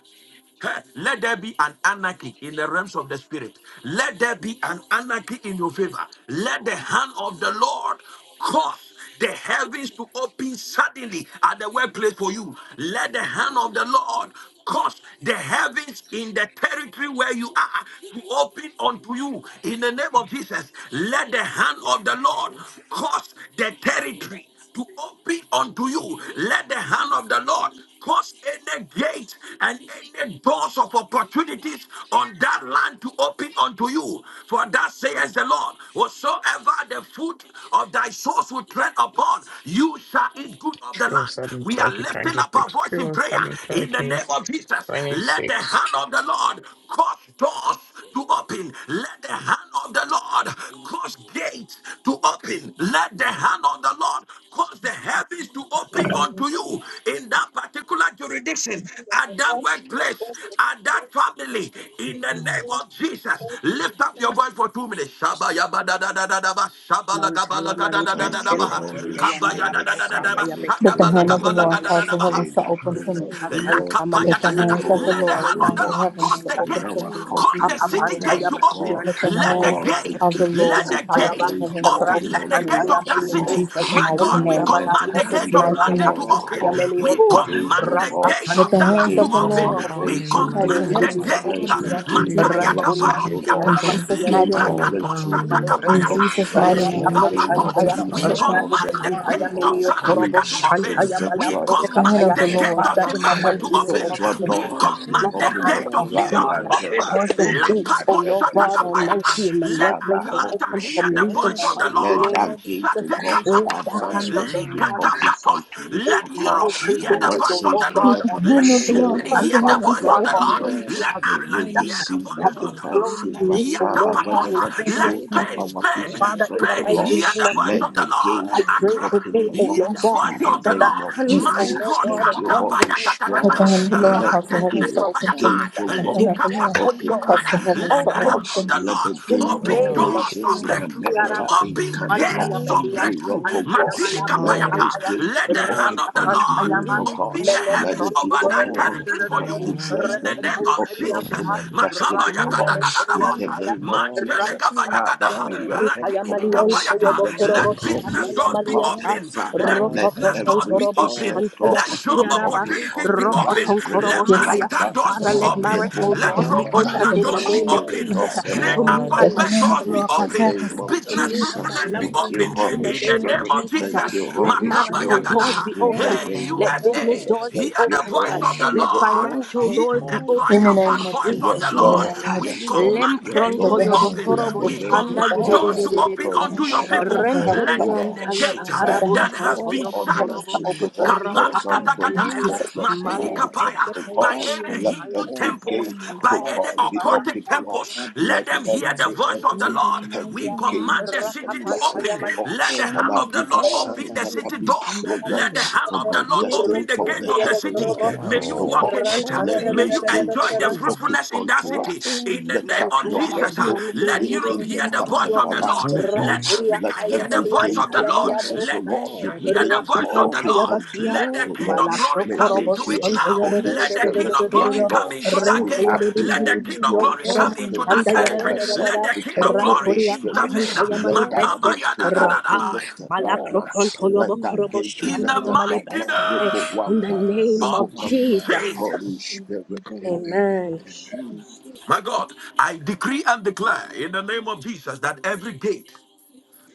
S1: Hey, Let there be an anarchy in the realms of the spirit. Let there be an anarchy in your favor. Let the hand of the Lord cause the heavens to open suddenly at the workplace for you. Let the hand of the Lord cause the heavens in the territory where you are to open unto you in the name of Jesus. Let the hand of the Lord cause the territory to open unto you. Let the hand of the Lord cause any gate and any doors of opportunities on that land to open unto you. For that says the Lord, whatsoever the fruit of thy source will tread upon, you shall eat good of the
S10: Two
S1: land.
S10: seven
S1: We are
S10: thirty
S1: lifting
S10: twenty
S1: up our
S10: six.
S1: voice in
S10: Two
S1: prayer
S10: seven
S1: in the
S10: thirty
S1: name of Jesus.
S10: twenty
S1: Let the
S10: six.
S1: hand of the Lord cause doors to open. Let the hand of the Lord. Lord cause gates to open. Let the hand of the Lord cause the heavens to open unto you in that particular jurisdiction, at that workplace, at that family. In the name
S9: Amen.
S1: of Jesus,
S9: Thank
S1: lift up your voice for two minutes. Shabayabadadadadadaba,
S4: Mantaya mali
S5: Thank
S6: All
S4: preske
S5: you,
S6: in the
S1: shabalagabalagadagadadadabaha,
S5: Holy
S4: pekende ya mala
S5: Spirit.
S4: broska
S5: Father,
S1: kabayadadadadadaba,
S4: paya
S5: we
S6: Jesus,
S7: That
S4: bekedi
S7: the
S5: pray,
S7: hand
S5: O
S7: of the
S4: antaya
S5: Lord.
S7: Lord
S6: lift
S4: male
S7: cause
S6: your
S7: the
S4: preske
S5: May
S1: shadabalagabalagadagadadabaha.
S7: heavens to
S5: the
S7: open for
S5: hand
S7: me.
S5: of the
S6: glory
S5: Lord
S4: akanta male
S7: That
S5: rest
S7: the
S1: Lakapayagadada.
S6: up
S7: hands
S4: brinkeri
S7: of the
S5: upon
S6: in
S1: Let the
S4: ontuyo
S7: Lord
S5: us,
S1: hand
S5: O
S1: of
S7: cause
S6: me
S1: the
S7: the
S5: Lord,
S1: Lord
S6: in
S7: heavens
S1: cause
S7: to
S6: my
S1: the
S4: ba
S5: in
S7: open for
S1: gate,
S7: me
S5: our
S6: place.
S7: in
S1: cause the
S5: helping
S4: apa
S7: Jesus'
S6: Let
S7: mighty
S1: city gate
S4: antaya
S7: name.
S5: events,
S1: to
S5: O
S4: baki
S6: them
S1: open.
S5: God.
S6: of
S7: That the
S4: antaya
S1: Let
S4: male
S1: the
S7: hand
S5: Cause
S4: preske
S5: the
S6: God
S1: gate,
S7: of the
S5: giddy
S4: pekeri
S1: let
S7: Lord
S1: the
S5: city
S4: antaya
S7: cause
S4: ba
S1: gate
S7: the
S5: gate
S6: open
S5: to
S7: heavens
S6: the
S7: to
S1: open.
S5: open
S4: rata
S7: open
S1: Let
S7: for
S1: the
S4: kanta
S7: me
S5: unto
S1: gate
S6: business
S4: ya
S1: of
S6: for
S5: us,
S1: that
S5: O
S4: mali
S7: in
S6: me.
S5: Lord.
S1: city,
S4: preske
S7: Jesus'
S1: my
S7: mighty
S4: pekende
S1: God,
S6: Let
S1: we
S4: ya
S5: Father,
S7: name.
S6: the
S4: mala
S7: In
S5: let the
S1: command
S4: bro
S1: the
S7: Jesus'
S1: gate
S6: hand
S5: hand
S1: of
S5: of
S6: of
S7: mighty
S5: the
S4: rata
S1: London
S7: name.
S1: to
S5: Lord
S4: kanta
S1: open.
S4: ya
S5: cause
S4: meli
S5: the
S1: We
S4: oto
S7: Whew.
S6: God
S5: gate,
S1: command
S5: O
S1: the
S6: rest
S4: rata
S5: God,
S1: gate
S7: That
S1: of
S4: kanta
S7: the
S6: upon
S5: the
S4: ya
S1: Dallas
S7: hands
S4: meli
S1: to
S7: of
S6: my
S5: gate
S7: the
S6: life
S5: of
S10: General
S1: open.
S6: and
S4: tokoro
S7: Lord
S4: bo
S10: God
S1: We
S10: in the
S5: elevation,
S6: the
S7: cause
S10: mighty
S4: shantore
S7: the
S5: gate
S1: command
S4: di
S10: name
S5: of
S1: the
S4: di
S7: heavens
S4: di
S7: to
S4: di
S1: gate.
S4: di
S7: open for
S6: rest
S10: of
S4: ya
S5: advancement,
S7: me in
S5: gate of
S10: Jesus,
S7: Jesus'
S1: Makaya
S6: upon
S10: and
S4: rantori
S10: a
S7: mighty
S5: blessings,
S7: name.
S5: O Lord
S6: my
S4: antaya
S10: beautiful
S1: taparosiata,
S7: In
S4: baki
S10: fence.
S7: Jesus'
S6: life
S4: ya
S7: mighty
S5: gate
S4: rema
S5: of
S7: name.
S10: Oh
S6: and my
S5: breakthrough be
S1: librakatosata
S10: God,
S7: In
S6: family.
S5: open
S4: Malebreske,
S5: unto
S7: Jesus'
S1: kapayata,
S6: Let
S7: mighty
S5: us
S6: the
S5: in
S7: name.
S10: oh
S5: the
S7: Let them
S5: name
S6: hand
S5: of
S6: of
S7: open
S4: Ratakantaya,
S10: Jesus,
S7: now.
S1: likapatos. We
S5: Jesus.
S10: Lord.
S7: Let them
S6: God
S5: Paul said
S1: command
S7: open
S5: in
S1: the gate
S7: now.
S4: Ratakantaya,
S5: Corinthians
S1: of
S4: Melio
S5: that
S1: Salem. South
S5: the
S4: Korobo
S6: Open
S1: Africa
S6: the
S1: to open.
S4: Shantaya,
S6: way,
S1: We
S5: effectual, the
S7: That the
S4: Malabroska
S7: hand
S1: command
S4: Paya.
S7: of the
S1: the
S10: Lord
S6: open
S1: gate
S7: Lord
S1: of
S4: Father,
S6: the
S7: cause
S4: in the
S7: the
S1: Zimbabwe
S7: heavens
S1: to
S6: way,
S4: mighty
S7: to
S4: name
S7: open
S1: open.
S4: of
S5: effectual
S7: for me.
S1: We
S4: Jesus,
S5: door has been
S1: command
S4: let
S6: open
S4: the
S1: the
S5: opened
S4: hand
S1: gate
S4: of
S1: of
S6: all
S5: unto
S1: New
S5: us,
S1: York to
S4: God
S5: but there
S1: open.
S6: progress
S5: are
S4: cause
S6: that
S4: the
S5: so
S6: is
S5: many
S4: gates, O
S10: Jesus.
S1: Lapato
S6: blocked
S4: Lord
S5: adversaries,
S6: on
S4: God
S5: O Lord.
S6: behalf
S1: shatakapayata.
S6: of
S4: Almighty,
S6: me.
S4: in my
S1: Let
S5: Father,
S4: workplace to
S6: Let
S1: Atlanta
S5: Holy
S4: open
S6: your
S4: for
S1: hear the
S4: me in
S6: hand
S1: voice
S4: the
S1: of
S6: of
S5: Spirit,
S1: the
S4: mighty
S5: let
S1: Lord.
S4: name of
S6: God
S5: that gate
S4: Jesus.
S5: to God of
S4: Let
S1: Shatekapatos.
S4: the hand
S6: restore
S4: of
S5: advancement
S4: the
S5: be
S4: Lord
S6: whatever
S5: opened
S1: Likatapatos.
S6: is
S5: unto
S4: open
S5: me, O
S1: Let
S4: gates and
S5: God.
S1: Europe
S4: open
S1: hear
S5: And
S6: restored
S1: the
S4: doors,
S5: what
S6: for
S4: oh
S1: voice of
S5: says,
S1: the
S4: Lord
S6: me.
S7: Let
S4: God
S7: the
S5: wherever
S1: Lord.
S5: the
S1: Let
S7: hand of the
S6: Let
S4: Almighty.
S5: soul
S7: Lord
S6: your
S1: Germany
S4: Our
S5: of
S7: cause the
S1: hear the
S5: our
S6: hand
S4: Father
S7: heavens
S6: of
S1: voice
S7: to
S5: feet
S1: of
S4: God
S1: the
S5: are
S7: open for
S5: trod,
S6: God
S7: me.
S1: Lord.
S4: Almighty
S1: Let
S4: has
S5: may
S4: been
S5: we
S1: Ireland
S4: stuck,
S1: hear the
S5: receive your
S4: has
S1: voice
S4: been
S1: of the
S6: manifest
S5: divine
S4: closed
S1: Lord.
S6: in
S4: to
S6: my
S5: favor,
S4: me, oh
S5: Father.
S4: Lord God,
S6: weakness.
S4: in
S5: Wherever the
S1: Yatapatosa. Let
S4: previous
S5: soul
S6: Let
S5: of
S4: seasons.
S1: Spain,
S6: your
S5: our feet
S1: Spain,
S5: are
S6: hand of
S4: Father,
S5: trod,
S4: in the
S5: O
S1: Spain
S6: God
S4: mighty
S5: Lord,
S1: hear
S4: name
S1: the
S4: of
S1: voice
S4: Jesus,
S5: let
S1: of
S5: the
S1: the Lord.
S5: gate
S4: I
S6: manifest
S4: pray
S1: Accra.
S5: open,
S4: today,
S6: in
S5: O
S4: O
S6: my
S5: Lord.
S1: Hear
S4: Lord
S1: the
S7: Yes,
S4: God,
S1: voice
S5: In
S7: God.
S5: the
S1: of
S4: that
S1: the
S4: the
S5: name
S1: Lord.
S6: business.
S5: of
S4: hand,
S7: Yes,
S4: O
S1: My
S5: Jesus,
S7: God.
S6: Let
S4: Lord
S1: God,
S6: your
S4: God,
S5: thank
S4: of
S5: you,
S4: God
S6: hand
S4: will
S6: of
S5: Holy
S4: be upon
S7: Let
S4: me.
S7: the
S1: Kadabayagatakata,
S7: hand of
S5: Spirit.
S7: the
S6: God
S7: Lord
S5: Let
S4: Father,
S7: cause the
S5: the
S4: in the name
S7: heavens to
S5: Europe
S4: of
S7: open for
S4: Jesus,
S5: gate,
S6: against
S7: me.
S5: oh
S7: Let
S1: Ratelemekapayatai,
S7: the
S5: God,
S4: to
S7: hand of the Lord
S4: open
S5: open
S6: in
S4: doors,
S6: my
S7: cause the
S5: unto
S1: Likapatoshatai.
S5: me,
S7: heavens
S1: let
S7: to
S5: O
S1: the
S4: open
S5: God.
S7: open
S1: hand
S4: doors.
S7: for
S1: of
S7: me.
S1: the
S6: finances,
S7: In
S5: Let
S1: Lord
S5: the
S4: In
S7: Jesus'
S6: in
S5: gate
S4: the
S6: the
S5: of
S1: open
S7: mighty
S4: name
S6: mighty
S4: of
S7: name.
S1: doors of
S5: nations in
S6: name
S4: Jesus,
S6: of
S1: breakthrough,
S5: America,
S4: Kiaraba,
S6: Jesus.
S5: in
S1: open
S5: Canada,
S4: Kantaya
S1: gates
S6: Let
S10: Mhm.
S1: of
S5: in
S4: Melia,
S6: the
S1: breakthrough.
S5: Europe, O
S6: hand of
S4: Tapantaya
S5: God,
S10: Yes,
S4: Malabros,
S5: let
S10: Lord.
S5: those
S1: Matilikapayata.
S6: God
S4: Kapaya,
S5: gates
S1: Let
S5: be
S1: the hand
S5: open
S1: of the
S6: open
S5: unto
S1: Lord
S5: me,
S4: Rapapantayama,
S5: O
S10: Mhm.
S1: open
S6: gates,
S5: God.
S1: the
S4: Melem
S5: Let
S6: open
S1: heavens
S5: it be
S1: over that
S5: open
S6: door
S1: territory
S5: unto
S1: for
S5: my
S1: you
S6: for
S10: Mhm.
S5: business.
S1: in the
S5: Let it
S1: name
S5: be
S6: marital
S1: of
S5: open unto
S1: Jesus.
S5: my
S6: statement.
S5: destiny, O
S6: Let
S5: Lord.
S4: Rantaya de
S6: the
S10: Mhm.
S5: In
S6: hand
S5: the
S6: of
S1: Makabayagadagadadabosa.
S5: name of
S6: God
S4: Kiriantaya,
S5: Jesus,
S6: open
S1: Mantelegabayagada-
S5: Father, may
S6: door
S5: your
S4: Manta
S5: hand, oh
S6: for
S5: God,
S6: my
S4: Yamalion Toyobo
S5: rest
S4: Korobo
S1: let
S6: finances.
S5: upon
S4: Shanda
S1: business
S5: me,
S6: Let
S1: doors
S5: oh
S1: be
S6: the
S5: God. and
S6: hand
S4: Yamaliata
S6: of
S1: open.
S5: Father,
S1: Let
S6: God
S5: let
S1: business
S4: Ropopoton
S1: doors
S6: open
S5: every
S1: be
S4: Korobo
S1: open.
S6: door
S5: business
S4: Shanta
S5: door
S1: Let
S6: in
S1: job
S5: be
S4: Yapatiaraba
S5: opened
S6: the
S1: opportunities be
S6: weakness.
S5: unto us.
S6: Let
S1: open.
S4: Ropoton
S6: the
S1: Let
S4: Korobo
S5: Remove
S6: hand
S7: Yes,
S5: one
S4: Shaya.
S7: God.
S6: of
S1: marital
S5: brother,
S1: doors
S7: Let
S4: Father,
S1: be
S7: them
S4: let
S7: open.
S6: God
S1: open.
S7: Let
S4: marital
S5: remove
S1: Let
S5: one
S7: them
S4: doors
S7: open.
S4: be
S7: Let them
S5: brother,
S6: open
S4: opened
S1: promotional
S7: open.
S4: in
S5: the
S4: the
S1: doors be
S4: name of
S6: door
S5: spirit
S1: open.
S5: of
S4: Jesus
S10: Yes,
S4: uh,
S5: the
S6: get
S1: Great
S4: to
S5: living
S4: me
S10: Lord.
S6: married.
S4: and
S7: Let
S5: God.
S7: the
S4: my
S1: appointment
S6: marriage
S7: hand
S6: with
S7: of
S1: doors
S7: the
S4: family
S1: be
S5: In
S7: Lord
S5: the
S7: cause the
S1: open.
S7: heavens
S5: name
S6: heaven.
S7: to
S5: of
S4: to
S7: open
S1: Business
S7: for
S4: me
S7: me.
S4: and my
S5: Jesus,
S1: fruitfulness be
S4: loved
S6: In the
S5: thank
S4: ones.
S5: you,
S1: open.
S4: In
S6: mighty
S5: Holy
S4: the
S10: Jesus.
S1: In the
S4: name of
S6: name
S1: name
S10: God.
S6: of
S5: Spirit.
S1: of
S4: Jesus, uh,
S1: Jesus.
S5: Thank you,
S6: Jesus,
S4: let
S5: Holy
S1: Makaba
S4: marital
S6: lay
S5: Spirit.
S4: doors
S6: the
S1: Yagadaha.
S4: be
S5: In the
S6: hand
S4: opened.
S6: of
S1: Hey,
S5: name of
S4: Let business
S1: USA.
S6: God.
S5: Jesus,
S4: doors be
S5: thank
S1: Hear the
S5: you,
S4: opened. uh,
S1: voice
S5: Holy
S1: of the
S4: Let
S5: Spirit.
S6: Open
S1: Lord.
S6: door
S4: financial
S6: for
S1: Hear
S4: doors be
S1: the
S6: all
S7: In the
S4: opened. uh,
S1: triumphant
S7: name
S1: voice
S7: of
S4: In the name
S1: voice
S7: Jesus.
S1: of
S4: of
S1: the
S5: Yes,
S7: In the
S1: Lord.
S6: applications
S5: Lord.
S4: Jesus, uh,
S7: name
S6: for
S7: of
S1: We
S7: Jesus.
S5: Yes,
S6: me.
S5: Lord.
S4: lem
S1: command
S5: Yes,
S1: gates
S7: Let
S1: to
S4: pronto
S6: Lay
S5: Lord.
S7: the
S1: be
S4: yo
S7: heavens
S6: the
S1: open.
S7: be
S4: bokoro
S5: In
S4: bo
S5: the
S6: hand
S7: open
S1: We
S6: of
S7: for me.
S5: name
S4: shanda
S5: of
S7: Let the
S4: ye
S1: command doors
S7: heavens
S6: God.
S1: to
S5: Jesus,
S7: be open.
S1: open
S7: Let the hand
S5: Holy
S1: unto your
S7: of the Lord
S5: Spirit.
S7: cause
S1: people.
S6: Open
S7: the
S5: Thank
S4: Rente
S7: heavens
S6: door
S4: di
S7: to
S1: Let
S4: de
S5: you,
S6: for
S7: open
S5: Lord.
S1: any
S7: for
S6: my
S7: me.
S4: antaya
S1: gate uh,
S7: Let
S4: bakara
S7: the
S4: bo
S7: hand
S5: Father,
S6: behavioral
S7: of
S1: that
S7: the
S5: by
S1: has
S4: shonto
S5: the
S7: Lord
S1: been
S4: yo
S7: cause the
S1: shut
S4: bokoro
S7: heavens to
S4: bo
S5: ordinances
S6: application.
S7: open
S5: of
S7: for
S5: God,
S7: me.
S6: Lay
S5: help
S4: rapa
S1: Kapala
S5: Psalm
S4: pam
S6: the
S7: In
S6: hand
S1: katagataya,
S4: pantaya
S5: 24,
S7: Jesus'
S6: of
S5: verse
S1: Madini
S5: 7,
S4: male
S5: protect,
S6: God.
S1: kapaya,
S4: breske
S5: O God.
S1: by
S4: penteri
S1: any
S5: Let
S6: Open
S4: antaya
S1: Hindu
S6: door
S5: every
S6: for
S1: temples,
S5: gate,
S4: rapa
S6: my
S1: by
S5: O
S4: pa.
S1: any
S5: God, be
S6: subsidy
S1: occultic
S5: open, O Lord.
S1: temples, let
S5: Let
S1: them hear the
S6: application
S5: every,
S1: voice of the
S5: every,
S6: in the
S1: Lord. We
S6: mighty
S5: every
S6: name
S1: command
S6: of
S5: gate
S1: the
S5: of the
S1: city to
S5: blessings,
S6: Jesus.
S1: open.
S5: O Lord,
S1: Let the
S5: that
S1: hand
S6: Any
S5: have
S1: of the
S5: been
S1: Lord
S6: door
S1: open
S5: assigned,
S6: that
S1: the
S5: that
S6: is
S1: city
S5: have been
S1: doors.
S6: being
S5: programmed
S1: Let the
S6: closed,
S1: hand
S5: for
S1: of the
S5: my
S1: Lord
S6: hear the
S1: open
S5: destiny
S1: the
S5: from
S1: gate
S5: the
S1: of
S6: voice
S1: the
S6: of
S5: heavenly
S1: city. May
S5: places,
S6: God.
S1: you
S5: O
S10: Hello.
S5: God.
S1: walk in it.
S5: Let
S1: May
S6: Open
S5: those
S1: you enjoy
S5: gates
S1: the
S5: be
S6: today.
S4: Run,
S5: open open
S1: fruitfulness in that
S5: unto
S1: city.
S5: us.
S6: Open
S1: In the
S5: Lift
S1: name
S5: up
S1: of
S5: your
S4: Mantaya
S1: Jesus,
S5: head,
S6: today.
S1: uh,
S4: bakia
S5: O ye
S4: mbe
S1: let
S6: In the
S1: Europe
S5: gate,
S1: hear
S5: lift
S1: the
S5: up
S1: voice
S6: mighty
S4: yo
S1: of the
S6: name of
S1: Lord.
S5: everlasting
S1: Let
S10: Mm-mm.
S5: doors.
S6: Jesus,
S4: ranturia
S1: Africa
S5: Let
S4: kaya
S1: hear the
S5: every
S6: let the
S1: voice of
S5: gate
S1: the
S5: of
S4: meliantaya
S1: Lord.
S6: hand of
S5: blessings, O
S1: Let
S4: malabrosa
S5: Lord,
S1: Asia
S5: be
S6: God
S1: hear the
S5: released, be
S1: voice of
S6: all
S1: the
S5: open
S4: rapapantaya
S1: Lord.
S6: can
S5: unto
S4: bakia
S1: Let
S5: us,
S1: the
S6: do
S5: O
S1: King
S6: in
S5: Lord.
S1: of
S6: this
S1: Glory
S5: May
S1: come
S5: they
S4: malaprokorobo
S1: into
S6: country.
S5: hear
S1: it
S5: the
S4: santo
S1: now.
S4: yo
S5: Holy
S6: May
S1: Let the
S6: the
S1: King
S5: Spirit.
S1: of
S5: Yes,
S1: Glory
S6: hand of
S1: come
S5: Lord.
S1: into that
S5: We
S4: rente
S6: God
S1: gate.
S4: yo
S1: Let the
S5: activate
S1: King
S6: open
S1: of
S4: yo
S5: your
S1: Glory
S6: door
S4: koromo
S1: come
S5: Psalm
S1: into
S6: in
S1: that
S4: shanda
S6: this
S4: yo korobo sanda ya da
S5: 24,
S4: da
S1: territory.
S5: verse
S4: da da
S6: area.
S4: da
S1: Let
S5: 7
S4: da
S1: the
S5: to
S1: King
S5: 10.
S1: of
S6: May the
S5: Holy
S1: Glory
S4: ranturia
S6: hand
S1: intervene.
S6: of
S5: Spirit,
S4: pakantaya
S5: let that
S6: God
S4: malebreske
S1: Makaba
S5: gate
S1: ya
S5: to
S1: da da da
S5: God
S1: da
S5: be
S4: rapa
S6: open
S1: Makabaya
S5: lifted right now.
S6: doors
S4: malaprokonto
S6: for
S4: yo
S5: Let
S6: me.
S5: that
S4: bokorobo
S5: gate be
S1: in
S4: shanda
S1: the
S4: yo
S5: lifted right
S1: mighty
S5: now.
S4: malebreske
S6: Rakababarabara.
S5: Ribble
S1: name
S4: in
S5: one
S4: the name
S1: of
S4: of Jesus
S6: Rasakatarabara.
S5: Holy
S1: Jesus.
S5: Spirit,
S6: In the mighty
S5: amen.
S6: name of
S4: amen
S5: Amen.
S6: Jesus.
S1: My God, I decree and declare in the name of Jesus that every gate,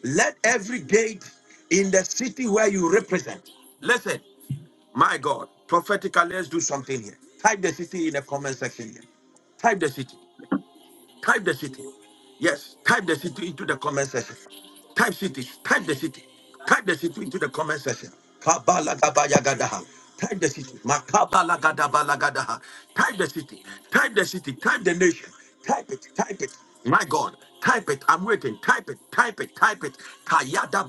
S1: let every gate in the city where you represent, listen, my God, prophetically, let's do something here. Type the city in the comment section here. Type the city. Type the city. Yes, type the city into the comment section. Type cities. Type the city. Type the city into the comment section. Kabalagabayagadaha. Type the city. Makabalagadabalagadaha. Type the city. Type the city. Type the nation. Type it. Type it. My God. Type it. I'm waiting. Type it. Type it. Type it. Kayada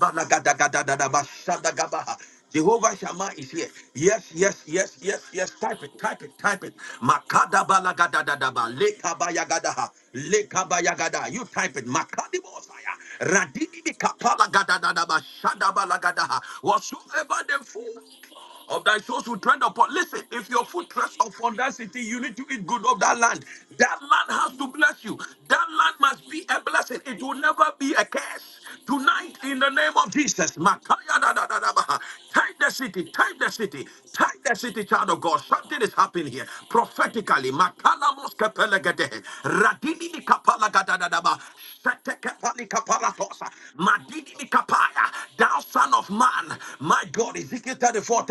S1: Jehovah Shammah is here. Yes, yes, yes, yes, yes. Type it, type it, type it. Makadabalagadagadaba, lekabayagadaha, lekabayagada. You type it. Makadibosaya, radidibikapalagadadadaba, shadabalagadaha. Whatsoever the fool of thy shoes will tread upon. Listen, if your foot treads upon that city, you need to eat good of that land. That land has to bless you. That land must be a blessing. It will never be a curse. Tonight, in the name of Jesus, Makaya da da da da baha. Type the city, type the city, type the city, child of God. Something is happening here. Prophetically, Makala moske pelegede, Radini ni kapala gada da da ba, Sete kepali kapala tosa, Madini ni kapaya, thou son of man. My God, Ezekiel. Ezekiel 34,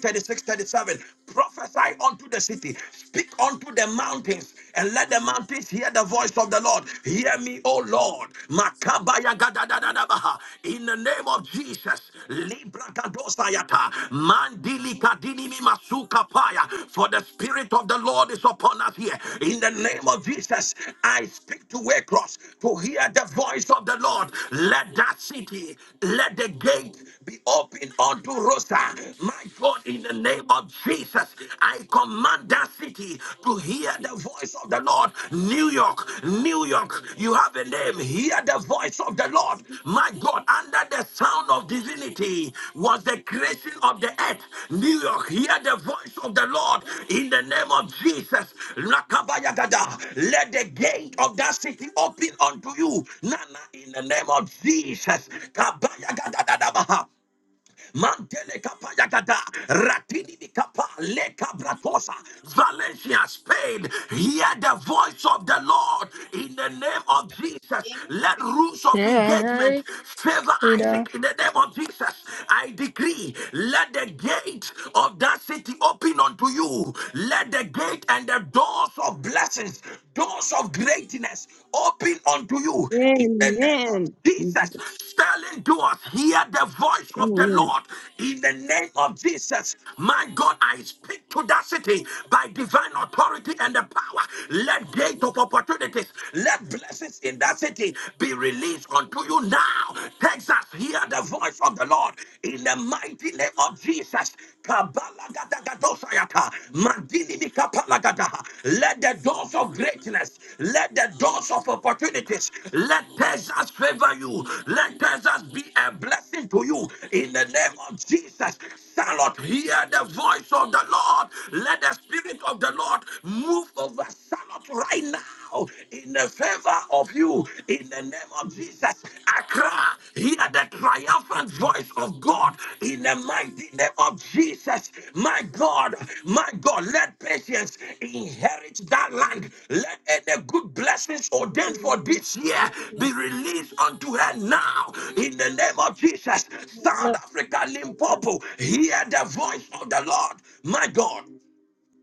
S1: thirty-five, thirty-six, thirty-seven. Prophesy unto the city, speak unto the mountains, and let the mountains hear the voice of the Lord. Hear me, O Lord. Makabaya gadadadadabaha. In the name of Jesus, Libra gadosayata. Mandili kadinimi masuka paya. For the Spirit of the Lord is upon us here. In the name of Jesus, I speak to Waycross to hear the voice of the Lord. Let that city, let the gate be open unto Rosa. My God, in the name of Jesus, I command that city to hear the voice of the Lord. New York, New York, you have a name. Hear the voice of the Lord. My God, under the sound of divinity was the creation of the earth. New York, hear the voice of the Lord in the name of Jesus. Rakabayagada. Let the gate of that city open unto you. Nana, in the name of Jesus. Kabayagadadadabaha. Mantele kapa yagada, ratini di mikapa, leka bratosa, Valencia, Spain. Hear the voice of the Lord in the name of Jesus. Let rules of
S10: Yeah,
S1: engagement
S10: right,
S1: favor
S10: Rita.
S1: Isaac in the name of Jesus. I decree, let the gate of that city open unto you. Let the gate and the doors of blessings, doors of greatness emptiness open unto you in the name of
S3: Amen.
S1: Jesus.
S3: Jesus.
S1: Silent doors, hear the voice of the
S3: Amen.
S1: Lord in the name of Jesus. My God, I speak to that city by divine authority and the power. Let gate of opportunities, let blessings in that city be released unto you now. Texas, hear the voice of the Lord in the mighty name of Jesus. Kabalagadagadoshayata. Mandinimikapalagadaha. Let the doors of greatness, let the doors of opportunities, let Texas favor you, let Texas be a blessing to you in the name of Jesus. Charlotte, hear the voice of the Lord. Let the Spirit of the Lord move over Charlotte right now in the favor of you, In the the name of Jesus. Accra, hear the triumphant voice of God in the mighty name of Jesus. My God, my God, let patience inherit that land. Let uh, the good blessings ordained
S9: you.
S1: for this year be released unto her now in the name of Jesus. South
S9: Thank
S1: Africa,
S9: you.
S1: Limpopo, hear the voice of the Lord. My God.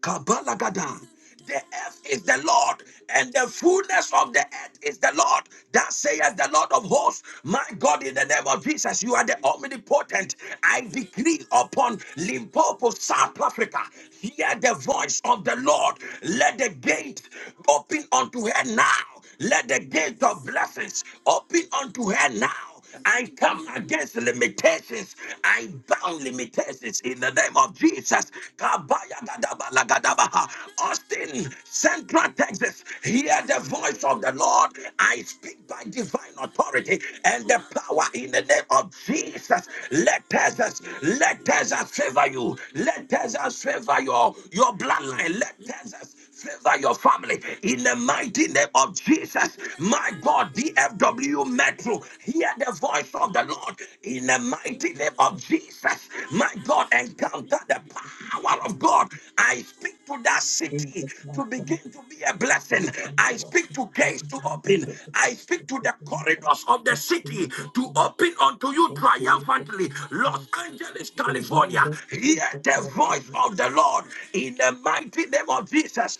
S1: Kabalagada. The earth is the Lord, and the fullness of the earth is the Lord. That saith the Lord of hosts. My God, in the name of Jesus, you are the omnipotent. I decree upon Limpopo, South Africa, hear the voice of the Lord. Let the gate open unto her now. Let the gates of blessings open unto her now. I come against limitations. I bound limitations in the name of Jesus. Kabaya gadaba lagadabaha. Austin, Central Texas, hear the voice of the Lord. I speak by divine authority and the power in the name of Jesus. Let Texas, let Texas favor you. Let Texas favor your, your bloodline. Let Texas Favor your family in the mighty name of Jesus. My God, DFW Metro, hear the voice of the Lord in the mighty name of Jesus. My God, encounter the power of God. I speak to that city to begin to be a blessing. I speak to gates to open. I speak to the corridors of the city to open unto you triumphantly. Los Angeles, California, hear the voice of the Lord in the mighty name of Jesus.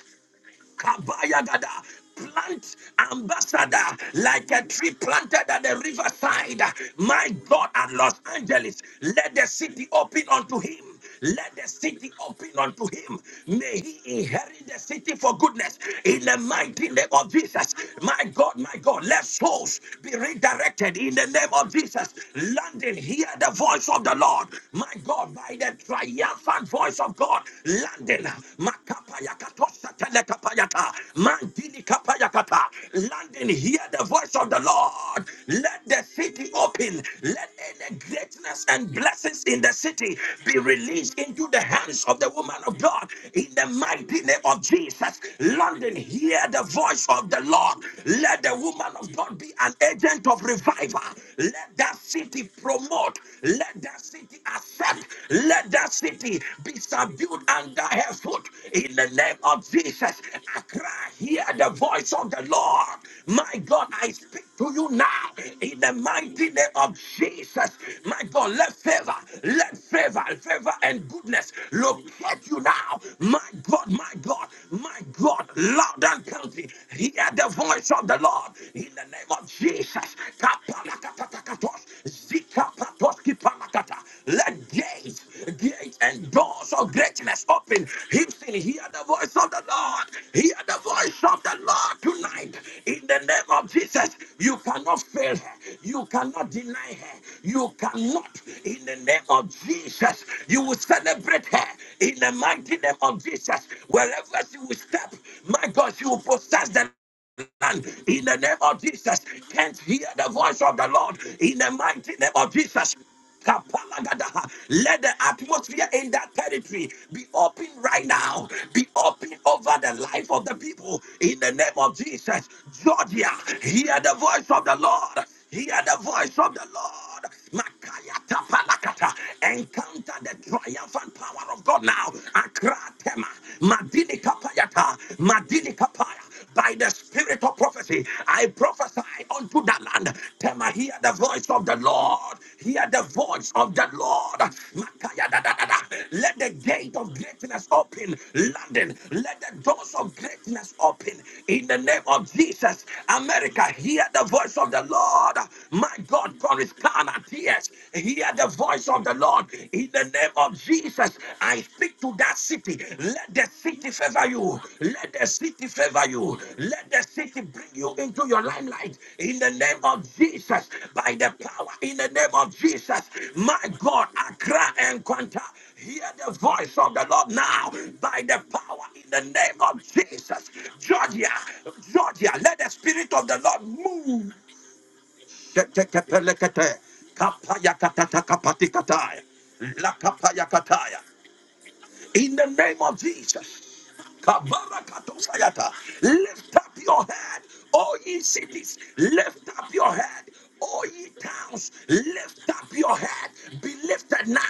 S1: Kabayagada. Plant ambassador like a tree planted at the riverside. My God at Los Angeles, let the city open unto him. Let the city open unto him. May he inherit the city for goodness in the mighty name of Jesus. My God, my God, let souls be redirected in the name of Jesus. London, hear the voice of the Lord. My God, by the triumphant voice of God. God landing. Makapaya katosa telekapayata. Mandini kapayakata. Landing, hear the voice of the Lord. Let the city open. Let any greatness and blessings in the city be released into the hands of the woman of God. In the mighty name of Jesus, London, hear the voice of the Lord. Let the woman of God be an agent of revival. Let that city promote. Let that that city accept. Let that city be subdued under her foot. In the name of Jesus, I cry, hear the voice of the Lord. My God, I speak to you now. In the mighty name of Jesus, my God, let favor, let favor, favor and goodness locate you now. My God, my God, my God, loud and country, hear the voice of the Lord. In the name of Jesus, Kapalakatakatos, Zikapatoski palakata. Let gates, gates and doors of greatness open. Houston, hear the voice of the Lord. Hear the voice of the Lord tonight. In the name of Jesus, you cannot fail her. You cannot deny her. You cannot. In the name of Jesus, you will celebrate her. In the mighty name of Jesus, wherever she will step, my God, she will possess the land in the name of Jesus. Can't hear the voice of the Lord in the mighty name of Jesus. Kapalagadaha. Let the atmosphere in that territory be open right now. Be open over the life of the people in the name of Jesus. Georgia, hear the voice of the Lord. Hear the voice of the Lord. Makaya tapalakata. Encounter the triumphant power of God now. Akra tema. Madini kapayata. Madini kapaya by the spirit of prophecy. I prophesy unto that land. Tema, hear the voice of the Lord. Hear the voice of the Lord. Makaya da da da da. Let the gate of greatness open, London. Let the doors of greatness open in the name of Jesus. America, hear the voice of the Lord. My God, Coruscant, tears. Hear the voice of the Lord in the name of of Jesus, I speak to that city. Let the city favor you. Let the city favor you. Let the city bring you into your limelight. In the name of Jesus, by the power in the name of Jesus, my God, Accra and Quanta, hear the voice of the Lord now. By the power in the name of Jesus, Georgia, Georgia, let the spirit of the Lord move. Shetekepelekete, Kapayakatatakapatikataya. Lakapayakataya. In the name of Jesus. Kabarakatosayata. Lift up your head, all ye cities. Lift up your head, all ye towns. Lift up your head. Be lifted now.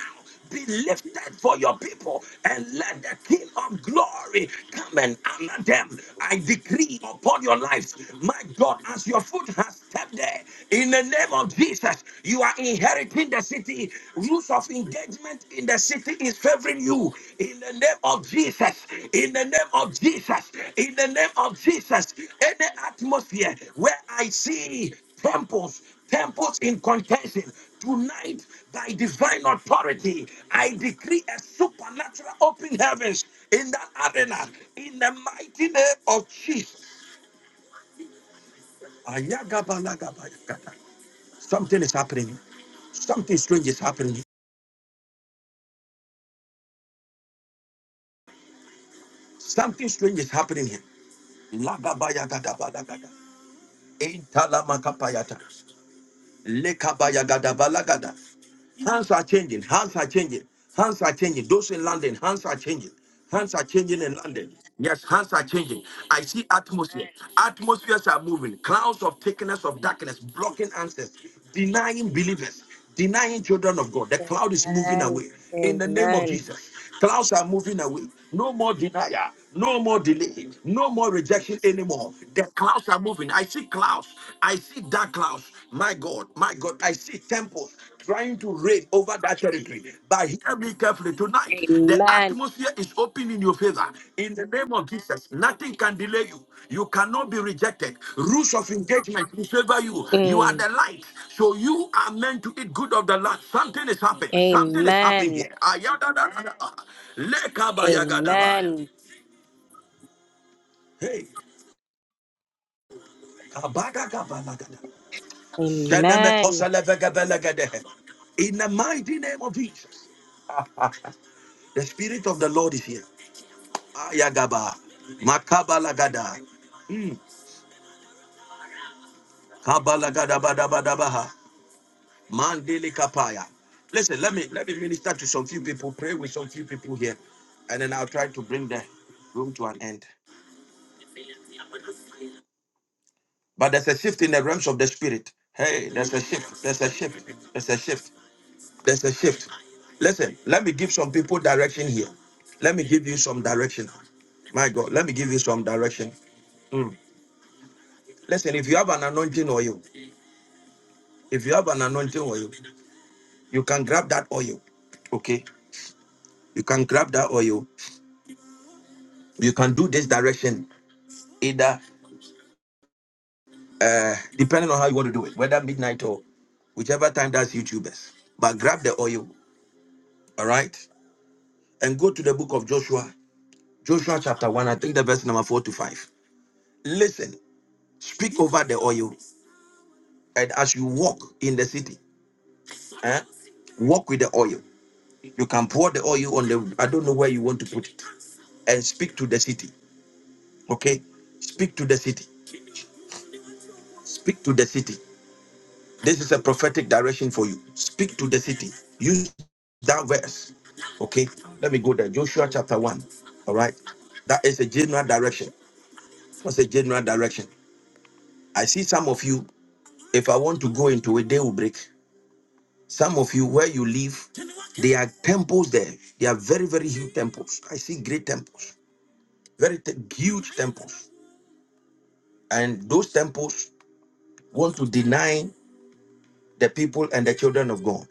S1: Be lifted for your people and let the King of glory come and honor them. I decree upon your lives, my God, as your foot has stepped there, in the name of Jesus, you are inheriting in the city, rules of engagement in the city is favoring you in the name of Jesus. In the name of Jesus. In the name of Jesus. Any atmosphere where I see temples, temples in contention tonight by divine authority, I decree a supernatural open heavens in that arena in the mighty name of Jesus. Ayagabalagabalagata. Something is happening. Something strange is happening. Something strange is happening here. Lagabaya gadabalagada. Intalamakapayata. Lekabaya gadabalagada. Hands are changing. Hands are changing. Hands are changing. Those in London, hands are changing. Hands are changing in London. Yes, hands are changing. I see atmosphere. Atmospheres are moving. Clouds of thickness of darkness blocking answers, denying believers, denying children of God. The cloud is moving
S4: Amen.
S1: away in the name of
S4: Amen.
S1: Jesus. Clouds are moving away. No more denial. No more delay. No more rejection anymore. The clouds are moving. I see clouds. I see dark clouds. My God, my God. I see temples trying to reign over that territory. But hear me carefully tonight. The
S4: Amen.
S1: atmosphere is is open in your favor. In the name of Jesus, nothing can delay you. You cannot be rejected. Rules of engagement will favor you. You are
S4: Mm.
S1: the light. So you are meant to eat good of the land. Something is happening. Something is happening
S4: Amen.
S1: here. Ayadadadada. Lekabayagadabaya.
S4: Amen.
S1: Hey. kabadagabalagada.
S4: Amen.
S1: Shenemekoselevegebelegedehe. In the mighty name of Jesus, the Spirit of the Lord is here. Ayagaba. Makabalagada. Mm. Kabalagada Mandele Kapaya. Listen, let me let me minister to some few people, pray with some few people here, and then I'll try to bring the room to an end. But there's a shift in the realms of the spirit. Hey, there's a shift. There's a shift. There's a shift. There's a shift. Listen, let me give some people direction here. Let me give you some direction. My God, let me give you some direction. Listen, if you have an anointing oil, if you have an anointing oil, you can grab that oil. Okay, you can grab that oil. You can do this direction either. uh, depending on how you want to do it, whether midnight or whichever time that's YouTubers. But grab the oil, all right, and go to the book of Joshua, Joshua chapter 1, I think the verse number 4 to 5. Listen, speak over the oil, and as you walk in the city, eh, walk with the oil. You can pour the oil on the, I don't know where you want to put it, and speak to the city, okay? Speak to the city, speak to the city. This is a prophetic direction for you. Speak to the city. Use that verse. Okay, let me go there. Joshua chapter 1. All right, that is a general direction. What's a general direction? I see some of you, if I want to go into it, they will break. Some of you, where you live, they are temples there. They are very, very huge temples. I see great temples, very te- huge temples. And those temples want to deny the people and the children of God.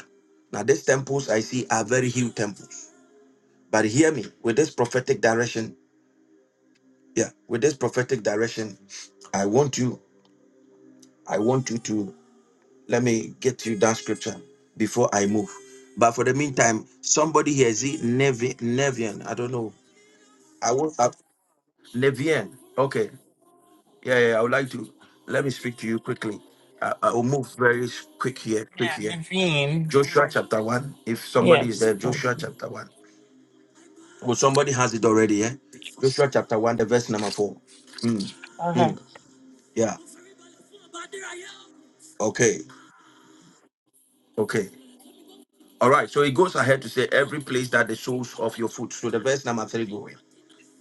S1: Now, these temples I see are very huge temples. But hear me with this prophetic direction. Yeah, with this prophetic direction, I want you, I want you to let me get you that scripture before I move. But for the meantime, somebody here is it Nevi- Nevian? I don't know. I want uh, Nevian. Okay. Yeah, yeah. I would like to let me speak to you quickly. I, I will move very s- quick here, quick
S10: Yeah,
S1: here.
S10: Naveen.
S1: Joshua chapter one. If somebody is
S10: Yes.
S1: there,
S10: Thank
S1: Joshua
S10: you.
S1: chapter one. Well, somebody has it already, yeah. Joshua chapter one, the verse number four.
S10: Okay.
S1: Mm. Yeah. Okay. Okay. All right. So it goes ahead to say every place that the soles of your foot. So the verse number three going.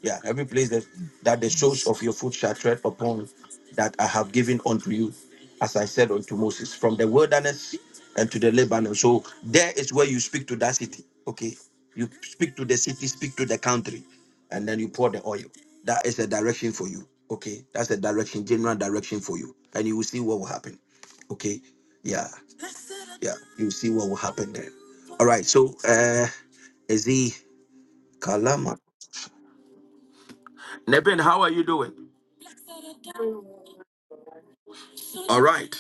S1: Yeah. Every place that, that the soles
S10: Yes.
S1: of your foot shall tread upon that I have given unto you, as I said unto Moses, from the wilderness and to the Lebanon. So there is where you speak to that city. Okay. You speak to the city, speak to the country, and then you pour the oil. That is a direction for you. Okay. That's a direction, general direction for you. And you will see what will happen. Okay. Yeah. Yeah, you see what will happen there. All right, so uh is he Kalama? Neben, how are you doing? All right.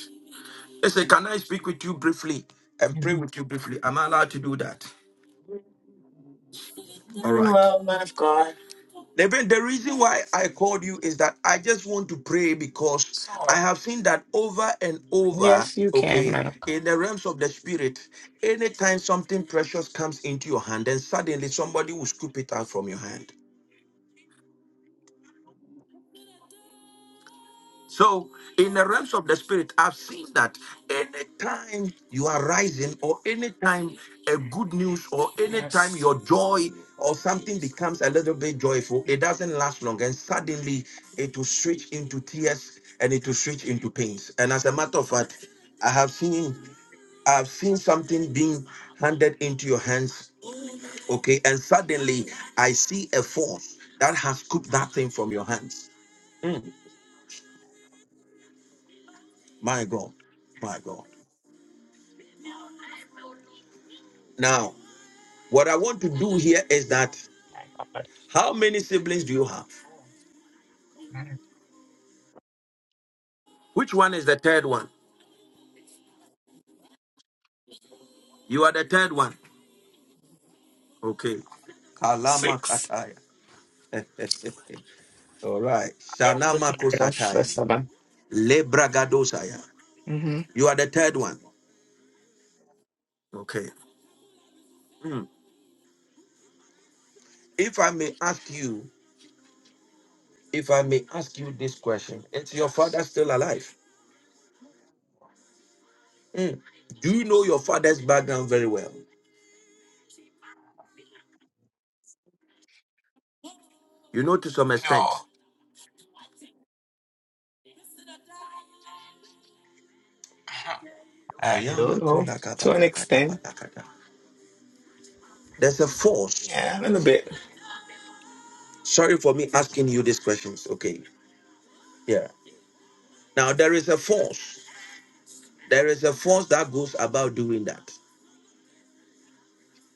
S1: Listen, can I speak with you briefly and pray
S10: Mhm.
S1: with you briefly? Am I allowed to do that? All
S10: Doing
S1: right.
S10: well, man of God.
S1: Neben, the reason why I called you is that I just want to pray because I
S10: Sure.
S1: have seen that over and over,
S10: Yes, you can,
S1: okay,
S10: Madam Clerk.
S1: in the realms of the spirit, anytime something precious comes into your hand, then suddenly somebody will scoop it out from your hand. So, in the realms of the spirit, I've seen that anytime you are rising, or anytime a good news, or anytime
S10: Yes.
S1: your joy or something becomes a little bit joyful, it doesn't last long, and suddenly it will switch into tears and it will switch into pains. And as a matter of fact, I have seen I've seen something being handed into your hands, okay, and suddenly I see a force that has scooped that thing from your hands. Mm, my God, my God. Now, what I want to do here is
S10: Oh
S1: that
S10: My
S1: how many siblings do you have?
S10: God.
S1: Which one is the third one? You are the third one. Okay. Kalama
S10: Six.
S1: kataya. All right.
S10: I am the
S1: Shanama
S10: third of the
S1: kosataya.
S10: 7
S1: Lebragadosaya.
S10: Mm-hmm.
S1: You are the third one. Okay. Hmm. If I may ask you, if I may ask you this question, is your
S10: Yes.
S1: father still alive? Hmm. Do you know your father's background very well? You know to some extent.
S10: No. I
S1: Ayama
S10: don't know. To an extent.
S1: There's a force.
S10: Yeah, a little bit.
S1: Sorry for me asking you these questions. Okay. Yeah. Now there is a force. There is a force that goes about doing that.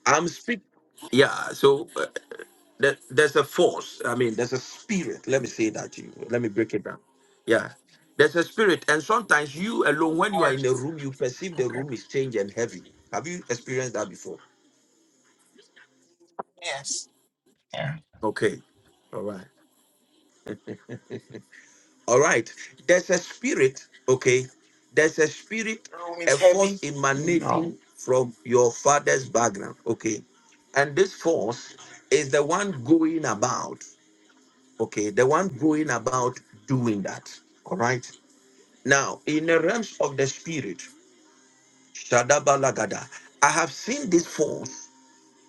S1: I'm speak. Yeah. So uh, there, there's a force. I mean, there's a spirit. Let me say that to you. Let me break it down. Yeah. There's a spirit, and sometimes you alone, when you are
S10: Or
S1: in a room, you perceive the
S10: okay.
S1: room is changed and heavy. Have you experienced that before?
S10: Yes. Yeah.
S1: Okay. All right. All right. There's a spirit, okay? There's a spirit,
S10: The room is
S1: a force
S10: heavy. No.
S1: emanating from your father's background, okay? And this force is the one going about, okay? The one going about doing that, all right? Now, in the realms of the spirit, Shadabalagada, I have seen this force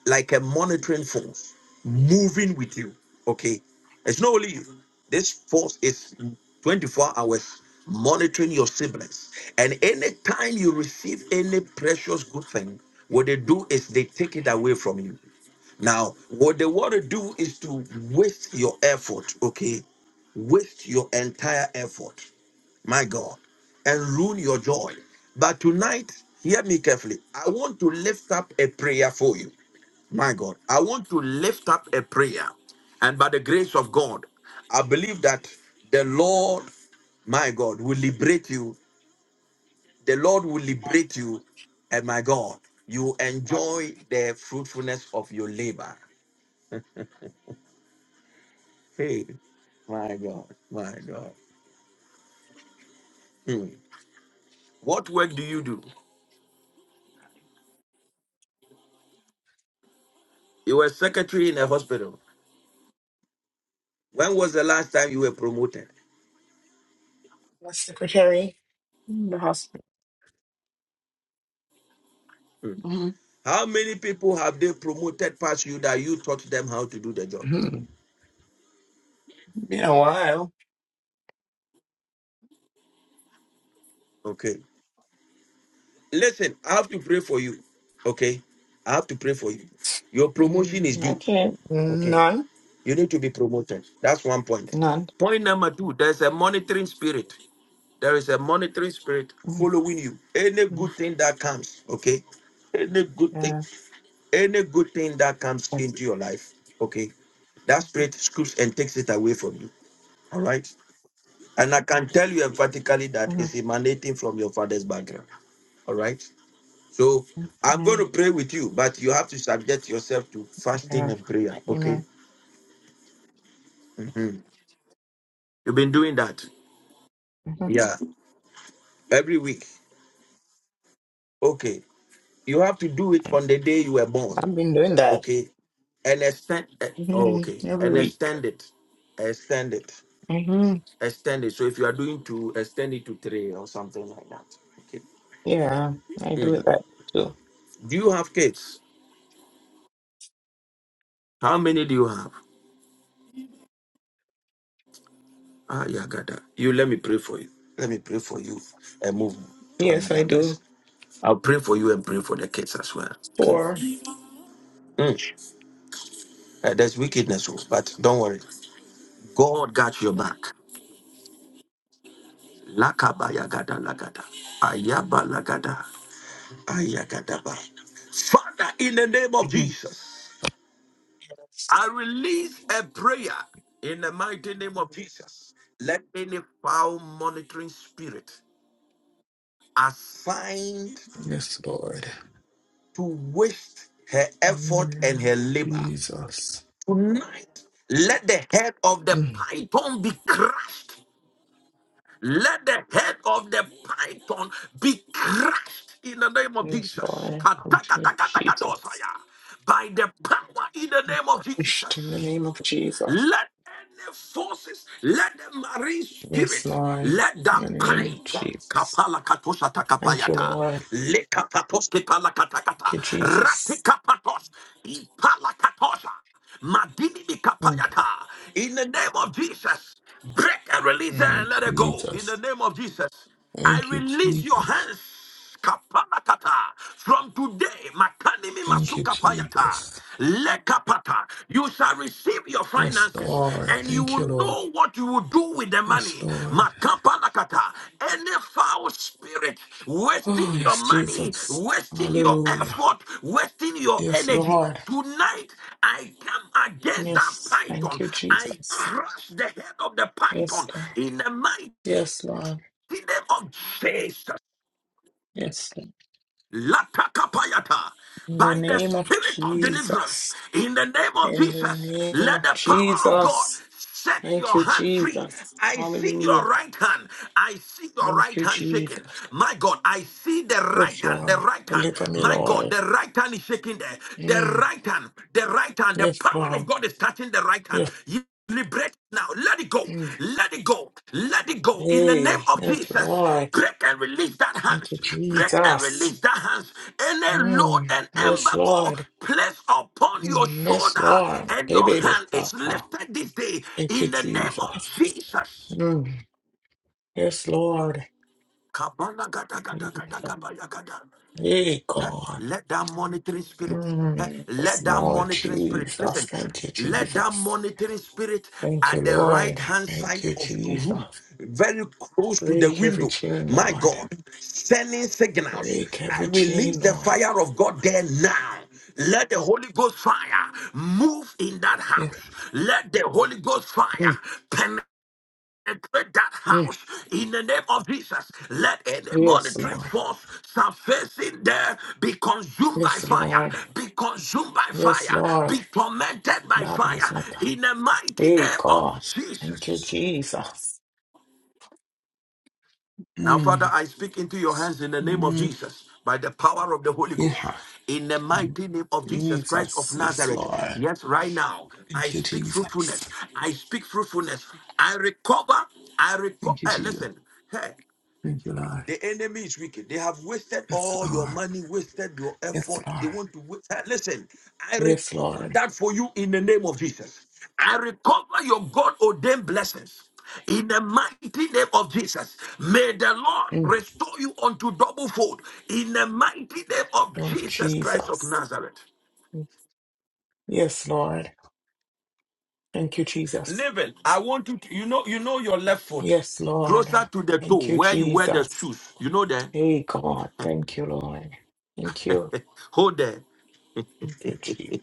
S1: like a monitoring force moving with you. Okay. It's not only you. This force is 24 hours monitoring your siblings. And anytime you receive any precious good thing, what they do is they take it away from you. Now, what they want to do is to waste your effort, okay? Waste your entire effort, my God, and ruin your joy. But tonight, hear me carefully. I want to lift up a prayer for you. My God, I want to lift up a prayer. And by the grace of God, I believe that the Lord, my God, will liberate you. The Lord will liberate you. And my God, you
S10: What?
S1: enjoy the fruitfulness of your labor. Hey, my God, my God. Hmm. What work do you do? You were secretary in a hospital. When was the last time you were promoted?
S10: The secretary in the hospital.
S1: Hmm.
S10: Mm-hmm.
S1: How many people have they promoted past you that you taught them how to do the job?
S10: Mm-hmm. Been a while.
S1: Okay. Listen, I have to pray for you. Okay. I have to pray for you. Your promotion is
S10: Mm, I
S1: due.
S10: can't.
S1: Okay.
S10: None.
S1: You need to be promoted. That's one point.
S10: None.
S1: Point number two there's a monitoring spirit. There is a monitoring spirit
S10: Mm-hmm.
S1: following you. Any good thing that comes, okay? Any good thing,
S10: Yeah.
S1: any good thing that comes
S10: Yes.
S1: into your life, okay? That spirit scoops and takes it away from you. All right. And I can tell you emphatically that
S10: Mhm.
S1: it's emanating from your father's background. All right. So I'm going
S10: Yeah.
S1: to pray with you, but you have to subject yourself to fasting
S10: Yeah.
S1: and prayer. Okay.
S10: Amen.
S1: Mhm. You've been doing that.
S10: Mhm.
S1: Yeah. Every week. Okay. You have to do it on the day you were born.
S10: I've been doing that
S1: Okay. And extend. eh, Oh,
S10: hmm
S1: okay.
S10: every
S1: And
S10: week.
S1: extend it. Extend it.
S10: hmm
S1: Extend it. So if you are doing two, extend it to three or something like that. Okay.
S10: Yeah, I do
S1: Mm.
S10: that too.
S1: Do you have kids? How many do you have? Ah, yeah, God. You let me pray for you. Let me pray for you and move to
S10: Yes, I
S1: another
S10: do.
S1: person. I'll pray for you and pray for the kids as well. Okay.
S10: 4
S1: Mm. Uh, there's wickedness, oh, but don't worry. God got your back. Lakabaya gada lagada. Ayaba lagada. Ayagadaba. Father, in the name of
S10: Mhm.
S1: Jesus, I
S10: Yes,
S1: release a prayer in the mighty name of Jesus. Let any foul monitoring spirit assigned
S10: Yes, Lord.
S1: to waste her
S10: In the
S1: effort and
S10: name
S1: her
S10: of
S1: labor.
S10: Jesus.
S1: Tonight, let the head of the
S10: Mm.
S1: python be crushed. Let the head of the python be crushed in the name of
S10: Yes,
S1: Jesus.
S10: Lord. I Come to you,
S1: Kadakadakadakadosaya.
S10: Jesus.
S1: By the power in the name of
S10: Christ, in the
S1: Jesus.
S10: name of Jesus.
S1: Let any forces, let the marine
S10: Yes,
S1: spirit,
S10: Lord.
S1: let
S10: In
S1: that
S10: the name of
S1: pine
S10: Jesus.
S1: Kapala katosha
S10: Thank you,
S1: takapayata.
S10: Lord.
S1: Lekapatos kepala
S10: Thank
S1: katakata.
S10: you, Jesus.
S1: Ratikapatos. Ipala katosha. Madini
S10: Mm.
S1: mikapayata. In the name of Jesus, break and release
S10: Mm,
S1: and let it go. In
S10: Jesus.
S1: the name of Jesus. I
S10: Thank you,
S1: release your
S10: Jesus.
S1: hands. Kapalakata. From today, Makanimi
S10: Thank you,
S1: Masukapayata,
S10: Jesus.
S1: Lekapata, you shall receive your
S10: Yes,
S1: finances
S10: Lord.
S1: and you
S10: Thank you,
S1: will
S10: Lord.
S1: know what you will do with the
S10: Yes,
S1: money.
S10: Lord.
S1: Makapalakata, any foul spirit wasting
S10: Oh,
S1: your
S10: yes,
S1: money,
S10: Jesus.
S1: wasting your
S10: Hallelujah.
S1: effort, wasting your
S10: Yes,
S1: energy.
S10: Lord.
S1: Tonight, I come against that
S10: Yes. Thank
S1: python.
S10: you,
S1: I
S10: Jesus.
S1: crush the head of the
S10: Yes,
S1: python
S10: Lord.
S1: in the mighty
S10: Yes, Lord.
S1: name of Jesus.
S10: Yes. Lord.
S1: Latakapayata.
S10: In the
S1: By the
S10: name of
S1: spirit of deliverance,
S10: Jesus.
S1: in the name of
S10: In the
S1: Jesus,
S10: name
S1: let
S10: of
S1: the power of God
S10: Jesus.
S1: set
S10: Thank
S1: your
S10: you,
S1: hand free.
S10: Jesus.
S1: I see
S10: Hallelujah.
S1: your right hand. I see your
S10: Thank
S1: right
S10: you,
S1: hand shaking.
S10: Jesus.
S1: My God, I see the right
S10: Yes,
S1: hand. The
S10: Lord.
S1: right hand.
S10: Deliver me,
S1: My God,
S10: Lord.
S1: the right hand is shaking there. The
S10: Mm.
S1: right hand. The right hand. The
S10: Yes,
S1: power
S10: Lord.
S1: of God is touching the right hand.
S10: Yes.
S1: You Liberate now. Let it go.
S10: Mm.
S1: Let it go. Let it go. In the name
S10: Hey,
S1: of
S10: yes,
S1: Jesus,
S10: Lord.
S1: break and release that
S10: Thank you,
S1: hand break and
S10: Jesus.
S1: release that hands any load
S10: Mm,
S1: and
S10: yes,
S1: embargo
S10: Lord.
S1: placed upon your
S10: Mm, yes,
S1: shoulder
S10: Lord.
S1: and
S10: Hey,
S1: your
S10: baby,
S1: hand is
S10: Papa.
S1: lifted this day
S10: Thank you,
S1: in the name of
S10: Jesus.
S1: jesus
S10: Mm, yes, Lord.
S1: Kabala gada gada
S10: Jesus.
S1: gada kabala gada.
S10: Hey,
S1: Huh?
S10: God.
S1: Let that monitoring spirit, huh?
S10: Mm, yes,
S1: let that
S10: Lord
S1: monitoring spirit,
S10: Jesus.
S1: listen,
S10: Thank you,
S1: let that
S10: Jesus.
S1: monitoring spirit
S10: Thank you,
S1: at the right
S10: Lord.
S1: hand
S10: Thank
S1: side
S10: you,
S1: of your room,
S10: Jesus.
S1: very close to the
S10: Break every
S1: window,
S10: chain,
S1: my
S10: Lord.
S1: God, sending signals.
S10: Break
S1: I
S10: every
S1: release
S10: chain,
S1: the
S10: Lord.
S1: fire of God there now. Let the Holy Ghost fire move in that
S10: Yeah.
S1: house. Let the Holy Ghost
S10: Mm,
S1: fire and break that
S10: mm.
S1: house in the name of Jesus. Let any
S10: Yes,
S1: monitoring
S10: Lord.
S1: force surfacing there be consumed by
S10: Yes,
S1: fire,
S10: Lord.
S1: be consumed by
S10: Yes,
S1: fire,
S10: Lord.
S1: be tormented by
S10: Baba
S1: fire
S10: Santa.
S1: in the mighty
S10: Hey,
S1: name of
S10: God. Thank you,
S1: Jesus.
S10: Jesus.
S1: Now, Father,
S10: Mm.
S1: I speak into your hands in the name of
S10: Mm.
S1: Jesus by the power of the Holy Ghost.
S10: Yeah.
S1: In the mighty name of Jesus Christ of
S10: Jesus. Yes,
S1: Nazareth.
S10: Lord.
S1: Yes, right now, I
S10: Thank you,
S1: speak fruitfulness.
S10: Jesus.
S1: I speak fruitfulness. I recover. I recover.
S10: Thank you,
S1: Hey,
S10: Jesus.
S1: listen. hey.
S10: Thank you, Lord.
S1: The enemy is wicked. They have wasted
S10: Yes,
S1: all your
S10: Lord.
S1: money, wasted your
S10: Yes,
S1: effort. They
S10: Lord.
S1: want to waste. Hey, Listen, I
S10: Yes,
S1: recover
S10: Lord.
S1: that for you in the name of Jesus. I recover your God ordained blessings in the mighty name of Jesus. May the Lord
S10: Mm.
S1: restore you unto double fold in the mighty name of
S10: Oh,
S1: Jesus Christ of
S10: Jesus.
S1: Nazareth.
S10: Yes, Lord. Thank you, Jesus.
S1: Living, I want you to, you know, you know your left foot
S10: Yes, Lord.
S1: closer to the toe
S10: Thank you,
S1: where you wear the
S10: Jesus.
S1: shoes. You know that?
S10: Hey, God. Thank you, Lord. Thank you.
S1: Hold there.
S10: Thank you, Jesus.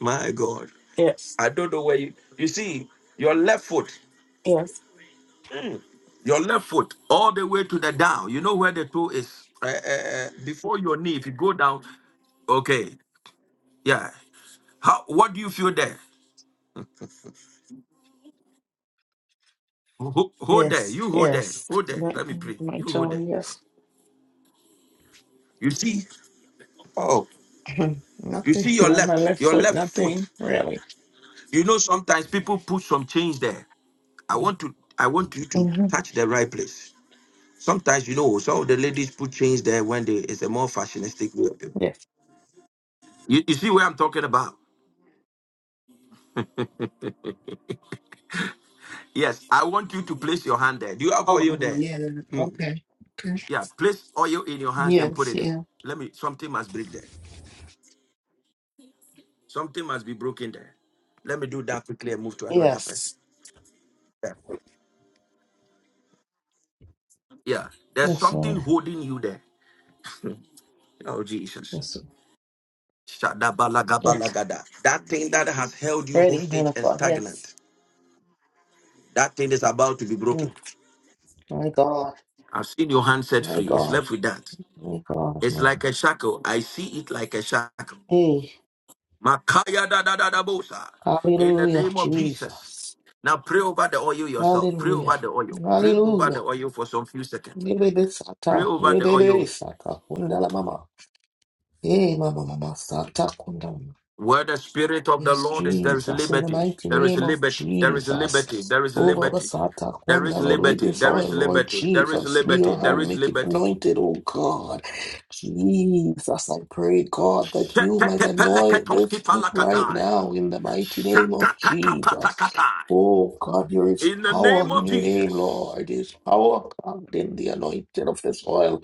S1: My God.
S10: Yes.
S1: I don't know where you you see your left foot,
S10: Yes.
S1: your left foot, all the way to the down. You know where the toe is uh, uh, uh, before your knee. If you go down, okay, yeah. How what do you feel there? Ho- Hold there,
S10: Yes,
S1: you hold there,
S10: yes.
S1: hold there.
S10: My,
S1: Let me pray.
S10: my
S1: You hold
S10: toe,
S1: there.
S10: yes.
S1: You see, oh, you
S10: nothing.
S1: see your
S10: My, my
S1: left,
S10: left
S1: your
S10: foot,
S1: left foot.
S10: nothing really.
S1: You know sometimes people put some change there. I want to I want you to
S10: hmm
S1: touch the right place. Sometimes you know some of the ladies put change there when they it's a more fashionistic way.
S10: Yes.
S1: You, you see where I'm talking about? Yes, I want you to place your hand there. Do you have
S10: Oh,
S1: oil
S10: oh,
S1: there?
S10: yeah.
S1: Hmm.
S10: Okay. Okay.
S1: Yeah, place oil in your hands and put
S10: Yes,
S1: it there.
S10: yeah.
S1: Let me, something must break there. Something must be broken there. Let me do that quickly and move to another person.
S10: Yes.
S1: Yeah, yeah. there's
S10: Yes,
S1: something
S10: Lord.
S1: holding you there. Oh, Jesus.
S10: Yes. Yes.
S1: Shadabalagabalagada. That thing that has held you
S10: Ready, nine
S1: hostage and
S10: o'clock. Yes.
S1: stagnant, that thing is about to be
S10: Mm.
S1: broken.
S10: My God.
S1: I've seen your hand set
S10: My
S1: free. It's
S10: God.
S1: left with that.
S10: My God. My
S1: It's
S10: God.
S1: like a shackle. I see it like a shackle.
S10: Hey.
S1: Makaya da da da da bosa. In the
S10: Hallelujah,
S1: name of Jesus.
S10: Jesus.
S1: Now pray over the oil yourself. Pray
S10: Hallelujah.
S1: over the oil. Pray over the
S10: Hallelujah.
S1: oil for some few seconds.
S10: Baby, baby,
S1: Pray
S10: sata.
S1: over the
S10: Baby, baby,
S1: oil.
S10: sata. Hey, Mama, Mama, Santa Kundam.
S1: Where the spirit of the
S10: Yes,
S1: Lord is, there is
S10: Jesus, in the
S1: liberty.
S10: mighty
S1: There is
S10: name of
S1: liberty. There is liberty.
S10: Jesus.
S1: There is
S10: Oh, Baba
S1: liberty.
S10: Santa
S1: There is
S10: Kunda, Lord, with
S1: liberty.
S10: this
S1: There
S10: oil,
S1: is
S10: Lord
S1: liberty. There is
S10: Jesus, be your
S1: liberty. There
S10: hand,
S1: is
S10: make it
S1: liberty.
S10: anointed, oh God. Jesus, I pray, God, that you might anoint this
S1: Shetekepeleketonski
S10: foot right
S1: palakatai.
S10: now in the mighty name of Jesus.
S1: Shatakapatakata.
S10: Oh God, there is
S1: In the
S10: power
S1: name
S10: in
S1: of
S10: your name,
S1: Jesus.
S10: Lord. There is power God, in the anointing of this oil.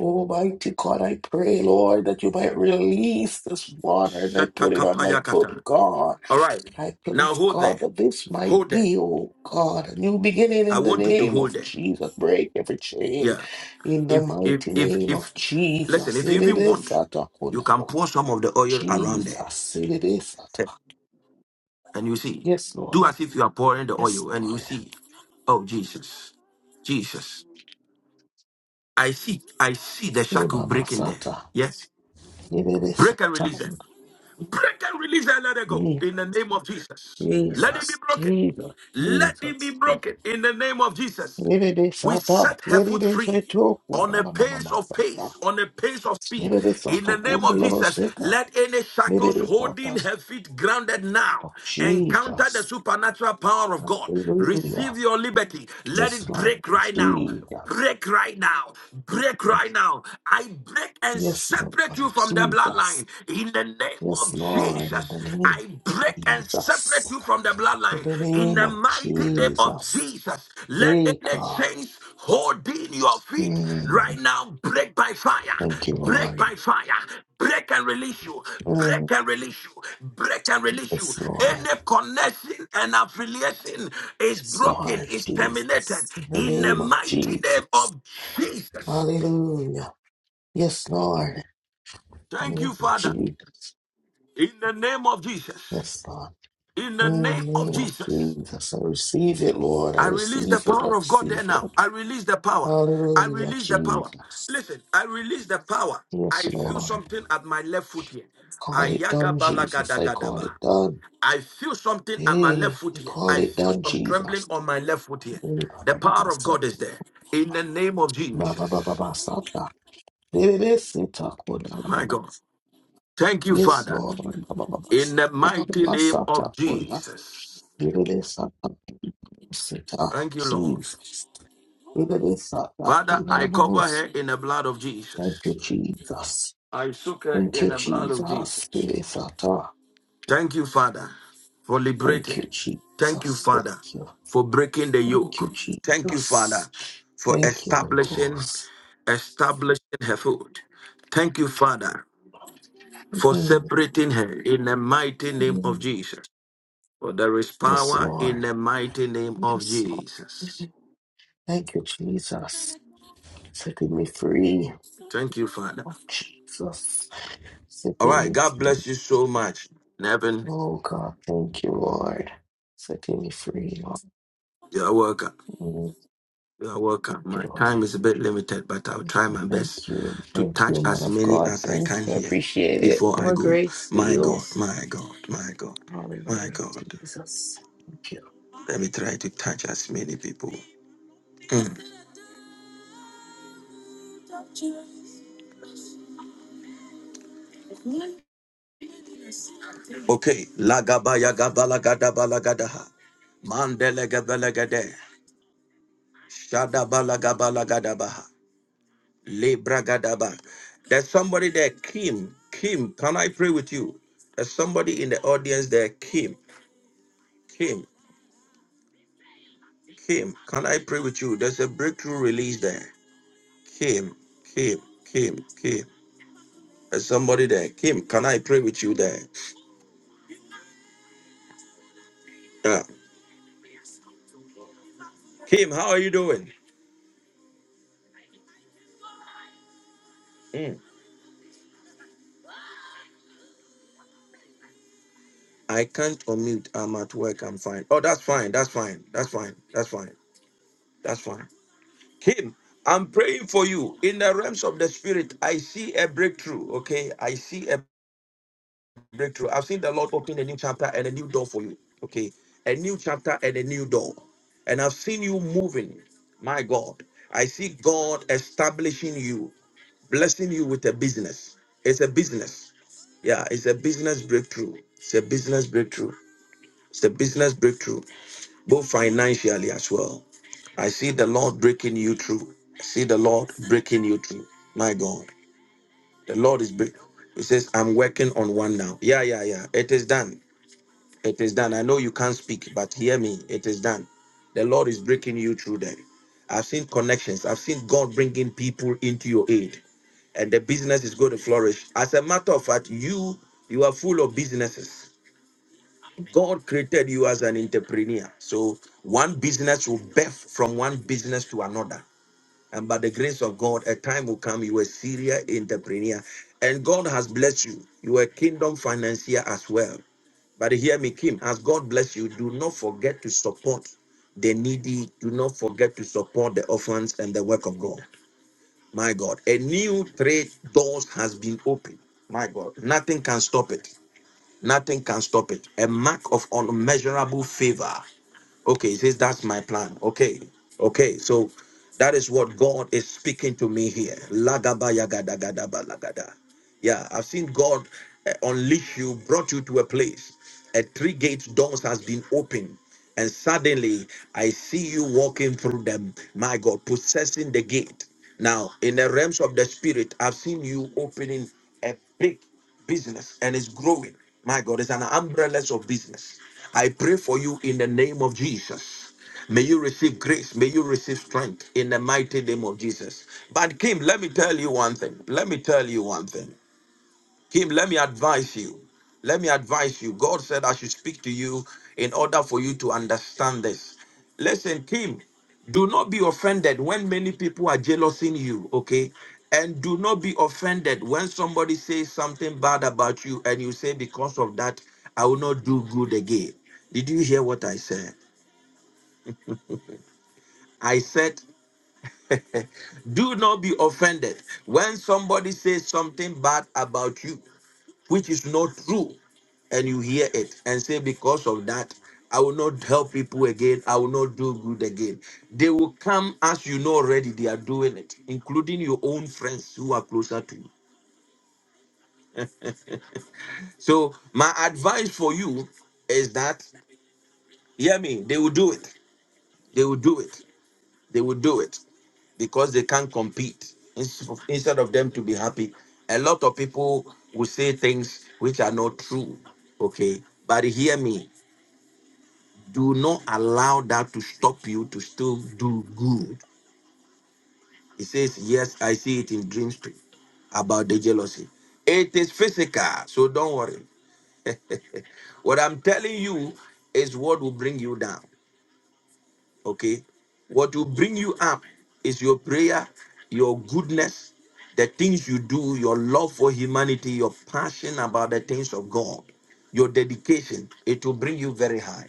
S10: Almighty God, I pray, Lord, that you might release this water as I put it on my
S1: Shetakapayakata.
S10: foot, God.
S1: All right.
S10: I
S1: Now
S10: please,
S1: hold
S10: God,
S1: there.
S10: that this might
S1: Hold there.
S10: be, oh God, a new beginning
S1: I
S10: in the
S1: want you to
S10: name
S1: hold
S10: of
S1: there.
S10: Jesus. Break every chain
S1: Yeah.
S10: in the
S1: If if
S10: mighty
S1: if
S10: name of
S1: if listen,
S10: Jesus.
S1: if you
S10: It
S1: even
S10: is
S1: want,
S10: Sata
S1: you can
S10: Atakundawa.
S1: pour some of the oil around there.
S10: Jesus, it is Sata.
S1: And you see.
S10: Yes,
S1: Do
S10: Lord.
S1: as if you are pouring the
S10: Yes,
S1: oil and you
S10: Lord.
S1: see. Oh Jesus. Jesus. I see I see the
S10: Eh,
S1: shackle
S10: Baba
S1: breaking there.
S10: Sata.
S1: Yes.
S10: It is
S1: Break and
S10: Sata.
S1: release it. Break and release and let it go
S10: Eh,
S1: in the name of Jesus. Let it be
S10: Jesus,
S1: broken.
S10: Jesus,
S1: Let it be
S10: Jesus.
S1: broken in the name of Jesus.
S10: Yerede
S1: We
S10: sata,
S1: set her foot
S10: yerede
S1: free
S10: seto,
S1: on a
S10: kundala mama
S1: pace of pace,
S10: masata.
S1: on a pace of speed.
S10: Yerede
S1: In
S10: sata,
S1: the name of
S10: kundala
S1: Jesus,
S10: seka.
S1: let any shackles
S10: Yerede sata.
S1: holding her feet grounded now
S10: Oh,
S1: encounter the
S10: Jesus.
S1: supernatural power of God.
S10: Hallelujah.
S1: Receive your liberty. Let
S10: Yes,
S1: it
S10: Lord.
S1: break right now
S10: Jesus.
S1: break right now. Break right now. I break and
S10: Yes, Lord.
S1: separate you from the
S10: Jesus.
S1: bloodline in the name
S10: Yes,
S1: of
S10: Lord. In
S1: Jesus.
S10: the name of
S1: I break and separate
S10: Jesus.
S1: you from the
S10: In
S1: bloodline
S10: the
S1: in
S10: name
S1: the
S10: of
S1: mighty name of
S10: Jesus.
S1: Jesus. Let any
S10: Eka.
S1: chains holding your feet
S10: Mm.
S1: right now. Break by fire.
S10: Thank you,
S1: Break
S10: Lord.
S1: by fire. Break and release you. Break
S10: Mm.
S1: and release you. Break and release you.
S10: Yes, Lord.
S1: Any connection and affiliation is
S10: Yes,
S1: broken,
S10: Lord
S1: is terminated
S10: Jesus. In the
S1: in the
S10: name of
S1: mighty name
S10: Jesus.
S1: of Jesus.
S10: Hallelujah. Yes, Lord. In the
S1: Thank you,
S10: name of
S1: Father.
S10: Jesus.
S1: In the name of Jesus.
S10: Yes, Lord.
S1: In the
S10: In
S1: name
S10: the
S1: of
S10: name of
S1: Jesus.
S10: Jesus. I receive it, Lord. I
S1: I release the
S10: receive it. I
S1: power of God there
S10: receive
S1: now.
S10: it.
S1: I release the power. I
S10: Hallelujah,
S1: release the power.
S10: Jesus.
S1: Listen, I release the power.
S10: Yes,
S1: I feel
S10: Lord.
S1: something at my left foot here.
S10: Call it done, Jesus. I call
S1: Ayagabalagadagadaga.
S10: it done.
S1: I feel something at my left
S10: Hey,
S1: foot
S10: I
S1: here.
S10: call
S1: I
S10: it
S1: feel
S10: done,
S1: some trembling
S10: Jesus.
S1: on my left foot here. The power of
S10: Ba-ba-ba-ba-sa-
S1: God is there. In the name of Jesus.
S10: ba-ba-ba-ba-ba-sa- Baby, sit
S1: My
S10: up,
S1: God. Thank you,
S10: Yes,
S1: Father.
S10: Lord.
S1: In the mighty name of
S10: Masata Kola.
S1: Jesus.
S10: Yere Sata Sita.
S1: Thank you, Lord.
S10: Jesus. Yere Sata
S1: Father,
S10: Kola
S1: I cover
S10: Lamos.
S1: her in the blood of
S10: Thank
S1: Jesus.
S10: you, Jesus.
S1: I soak it
S10: Thank
S1: in
S10: you,
S1: the blood of
S10: Jesus.
S1: Jesus.
S10: Yere Sata.
S1: Thank you, Father, for
S10: Thank you,
S1: liberating. Thank you,
S10: Jesus.
S1: Father,
S10: Thank you.
S1: for breaking the
S10: Thank you,
S1: yoke. Thank you,
S10: Jesus.
S1: Father, for
S10: Thank you, Holy
S1: establishing,
S10: Ghost.
S1: establishing her foot. Thank you, Father, for
S10: Mm,
S1: separating her in the mighty name of
S10: mm.
S1: Jesus. For there is
S10: Yes,
S1: power in
S10: Lord.
S1: the mighty name of
S10: Yes, Lord.
S1: Jesus.
S10: Thank you, Jesus. Setting me free
S1: Thank you, Father.
S10: of Jesus.
S1: All
S10: setting
S1: right.
S10: me
S1: God
S10: free.
S1: bless you so much. Nevin,
S10: Oh God, thank you, Lord. Setting me free, Lord.
S1: you're welcome.
S10: Mm,
S1: You are welcome.
S10: Thank you,
S1: My time
S10: Lord.
S1: is a bit limited, but I'll try my best
S10: Thank you.
S1: to
S10: Thank
S1: touch
S10: you, man
S1: as
S10: of
S1: many
S10: God.
S1: as I
S10: Thank
S1: can
S10: you. I
S1: here
S10: appreciate it.
S1: before I
S10: More
S1: go.
S10: grace to
S1: My God,
S10: you.
S1: my God, my God, my
S10: Hallelujah,
S1: God.
S10: Jesus. Thank you.
S1: Let me try to touch as many people. Mm. Okay. Lagabaya gabala gadabala gadaha. Mandele gabala gade. Shadabala gabala gadabaha. Libra gadaba. There's somebody there, Kim. Kim, can I pray with you? There's somebody in the audience there, Kim. Kim. Kim, can I pray with you? There's a breakthrough release there. Kim, Kim, Kim, Kim. There's somebody there. Kim, can I pray with you there? Yeah. Kim, how are you doing? Mm. I can't unmute. I'm at work. I'm fine. Oh, that's fine. That's fine. That's fine. That's fine. That's fine. Kim, I'm praying for you in the realms of the spirit. I see a breakthrough. Okay. I see a breakthrough. I've seen the Lord open a new chapter and a new door for you. Okay. A new chapter and a new door. And I've seen you moving. My God. I see God establishing you, blessing you with a business. It's a business. Yeah, it's a business breakthrough. It's a business breakthrough. It's a business breakthrough, both financially as well. I see the Lord breaking you through. I see the Lord breaking you through. My God. The Lord is breaking. He says, I'm working on one now. Yeah, yeah, yeah. It is done. It is done. I know you can't speak, but hear me. It is done. The Lord is breaking you through them. I've seen connections. I've seen God bringing people into your aid, and the business is going to flourish. As a matter of fact, you you are full of businesses. God created you as an entrepreneur. So one business will birth from one business to another. And by the grace of God, a time will come you are a serious entrepreneur. And God has blessed you. You are a kingdom financier as well. But hear me, Kim, as God bless you, do not forget to support the needy. Do not forget to support the orphans and the work of God. My God, a new trade doors has been opened. My God, nothing can stop it. Nothing can stop it. A mark of unmeasurable favor. Okay, he says, That's my plan. Okay, okay. So that is what God is speaking to me here. Lagaba yagada gadaba lagada. Yeah, I've seen God uh, unleash you, brought you to a place. A three gate doors has been opened. And suddenly I see you walking through them. My God, possessing the gate. Now, in the realms of the spirit, I've seen you opening a big business and it's growing. My God, it's an umbrella of business. I pray for you in the name of Jesus. May you receive grace. May you receive strength in the mighty name of Jesus. But Kim, let me tell you one thing. Let me tell you one thing. Kim, let me advise you. Let me advise you. God said I should speak to you in order for you to understand this. Listen, Kim, do not be offended when many people are jealousing you, okay? And do not be offended when somebody says something bad about you and you say, because of that, I will not do good again. Did you hear what I said? I said Do not be offended when somebody says something bad about you, which is not true, and you hear it and say, Because of that, I will not help people again. I will not do good again. They will come as you know already they are doing it, including your own friends who are closer to you. So, my advice for you is that, hear me, they will do it. They will do it. They will do it. because they can't compete. Ins- Instead of them to be happy, a lot of people will say things which are not true. Okay, but hear me. Do not allow that to stop you to still do good. It says, Yes, I see it in dreams too about the jealousy. It is physical, so don't worry. What I'm telling you is what will bring you down. Okay. What will bring you up is your prayer, your goodness, the things you do, your love for humanity, your passion about the things of God, your dedication. It will bring you very high.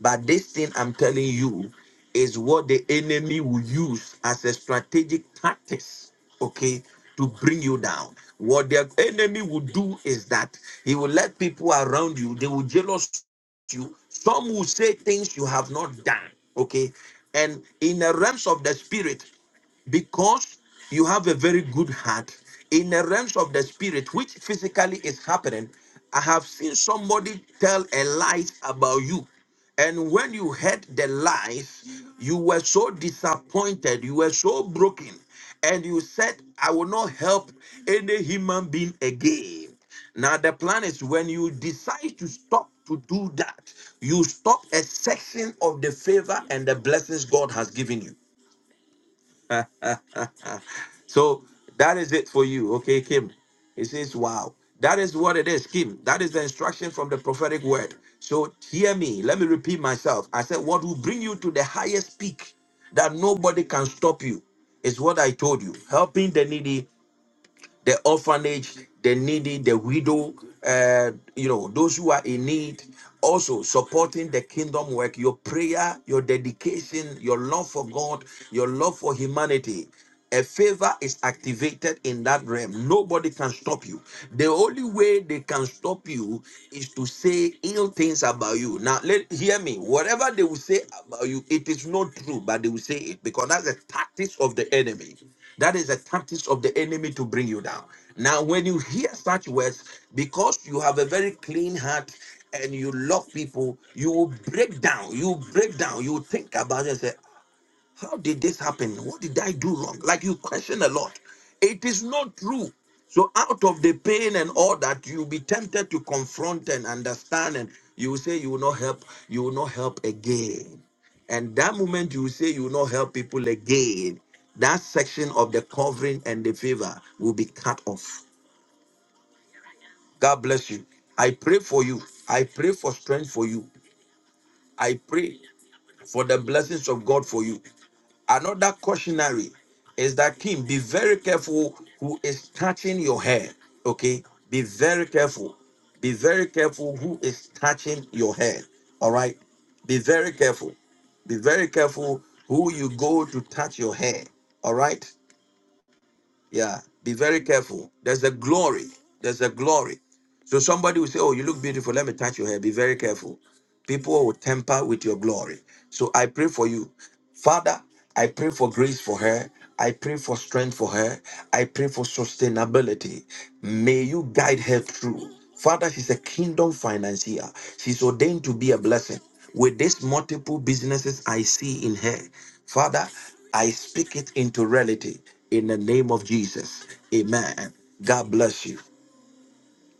S1: But this thing I'm telling you is what the enemy will use as a strategic tactics, okay, to bring you down. What the enemy will do is that he will let people around you, they will jealous you some will say things you have not done okay and in the realms of the spirit because you have a very good heart in the realms of the spirit which physically is happening i have seen somebody tell a lie about you and when you heard the lies you were so disappointed you were so broken and you said i will not help any human being again now the plan is when you decide to stop to do that you stop a section of the favor and the blessings god has given you so that is it for you, okay, Kim? It says, wow. That is what it is, Kim. That is the instruction from the prophetic word. So hear me. Let me repeat myself. I said, what will bring you to the highest peak that nobody can stop you is what I told you. Helping the needy the orphanage, the needy, the widow, uh, you know, those who are in need. Also, supporting the kingdom work, your prayer, your dedication, your love for God, your love for humanity. A favor is activated in that realm. Nobody can stop you. The only way they can stop you is to say ill things about you. Now, let hear me. Whatever they will say about you, it is not true, but they will say it because that's the tactics of the enemy. That is a tactics of the enemy to bring you down. Now, when you hear such words, because you have a very clean heart and you love people, you will break down. You break down. You think about it and say, how did this happen? What did I do wrong? Like you question a lot. It is not true. So out of the pain and all that, you'll be tempted to confront and understand, and you will say you will not help, you will not help again. And that moment you will say you will not help people again, that section of the covering and the favor will be cut off. God bless you. I pray for you. I pray for strength for you. I pray for the blessings of God for you. Another cautionary is that Kim, be very careful who is touching your hair. Okay, be very careful. Be very careful who is touching your hair. All right, be very careful. Be very careful who you go to touch your hair. All right. Yeah, be very careful. There's a glory. There's a glory. So somebody will say, Oh, you look beautiful. Let me touch your hair. Be very careful. People will temper with your glory. So I pray for you. Father, I pray for grace for her. I pray for strength for her. I pray for sustainability. May you guide her through. Father, she's a kingdom financier. She's ordained to be a blessing with these multiple businesses I see in her. Father, I speak it into reality in the name of Jesus. Amen. God bless you.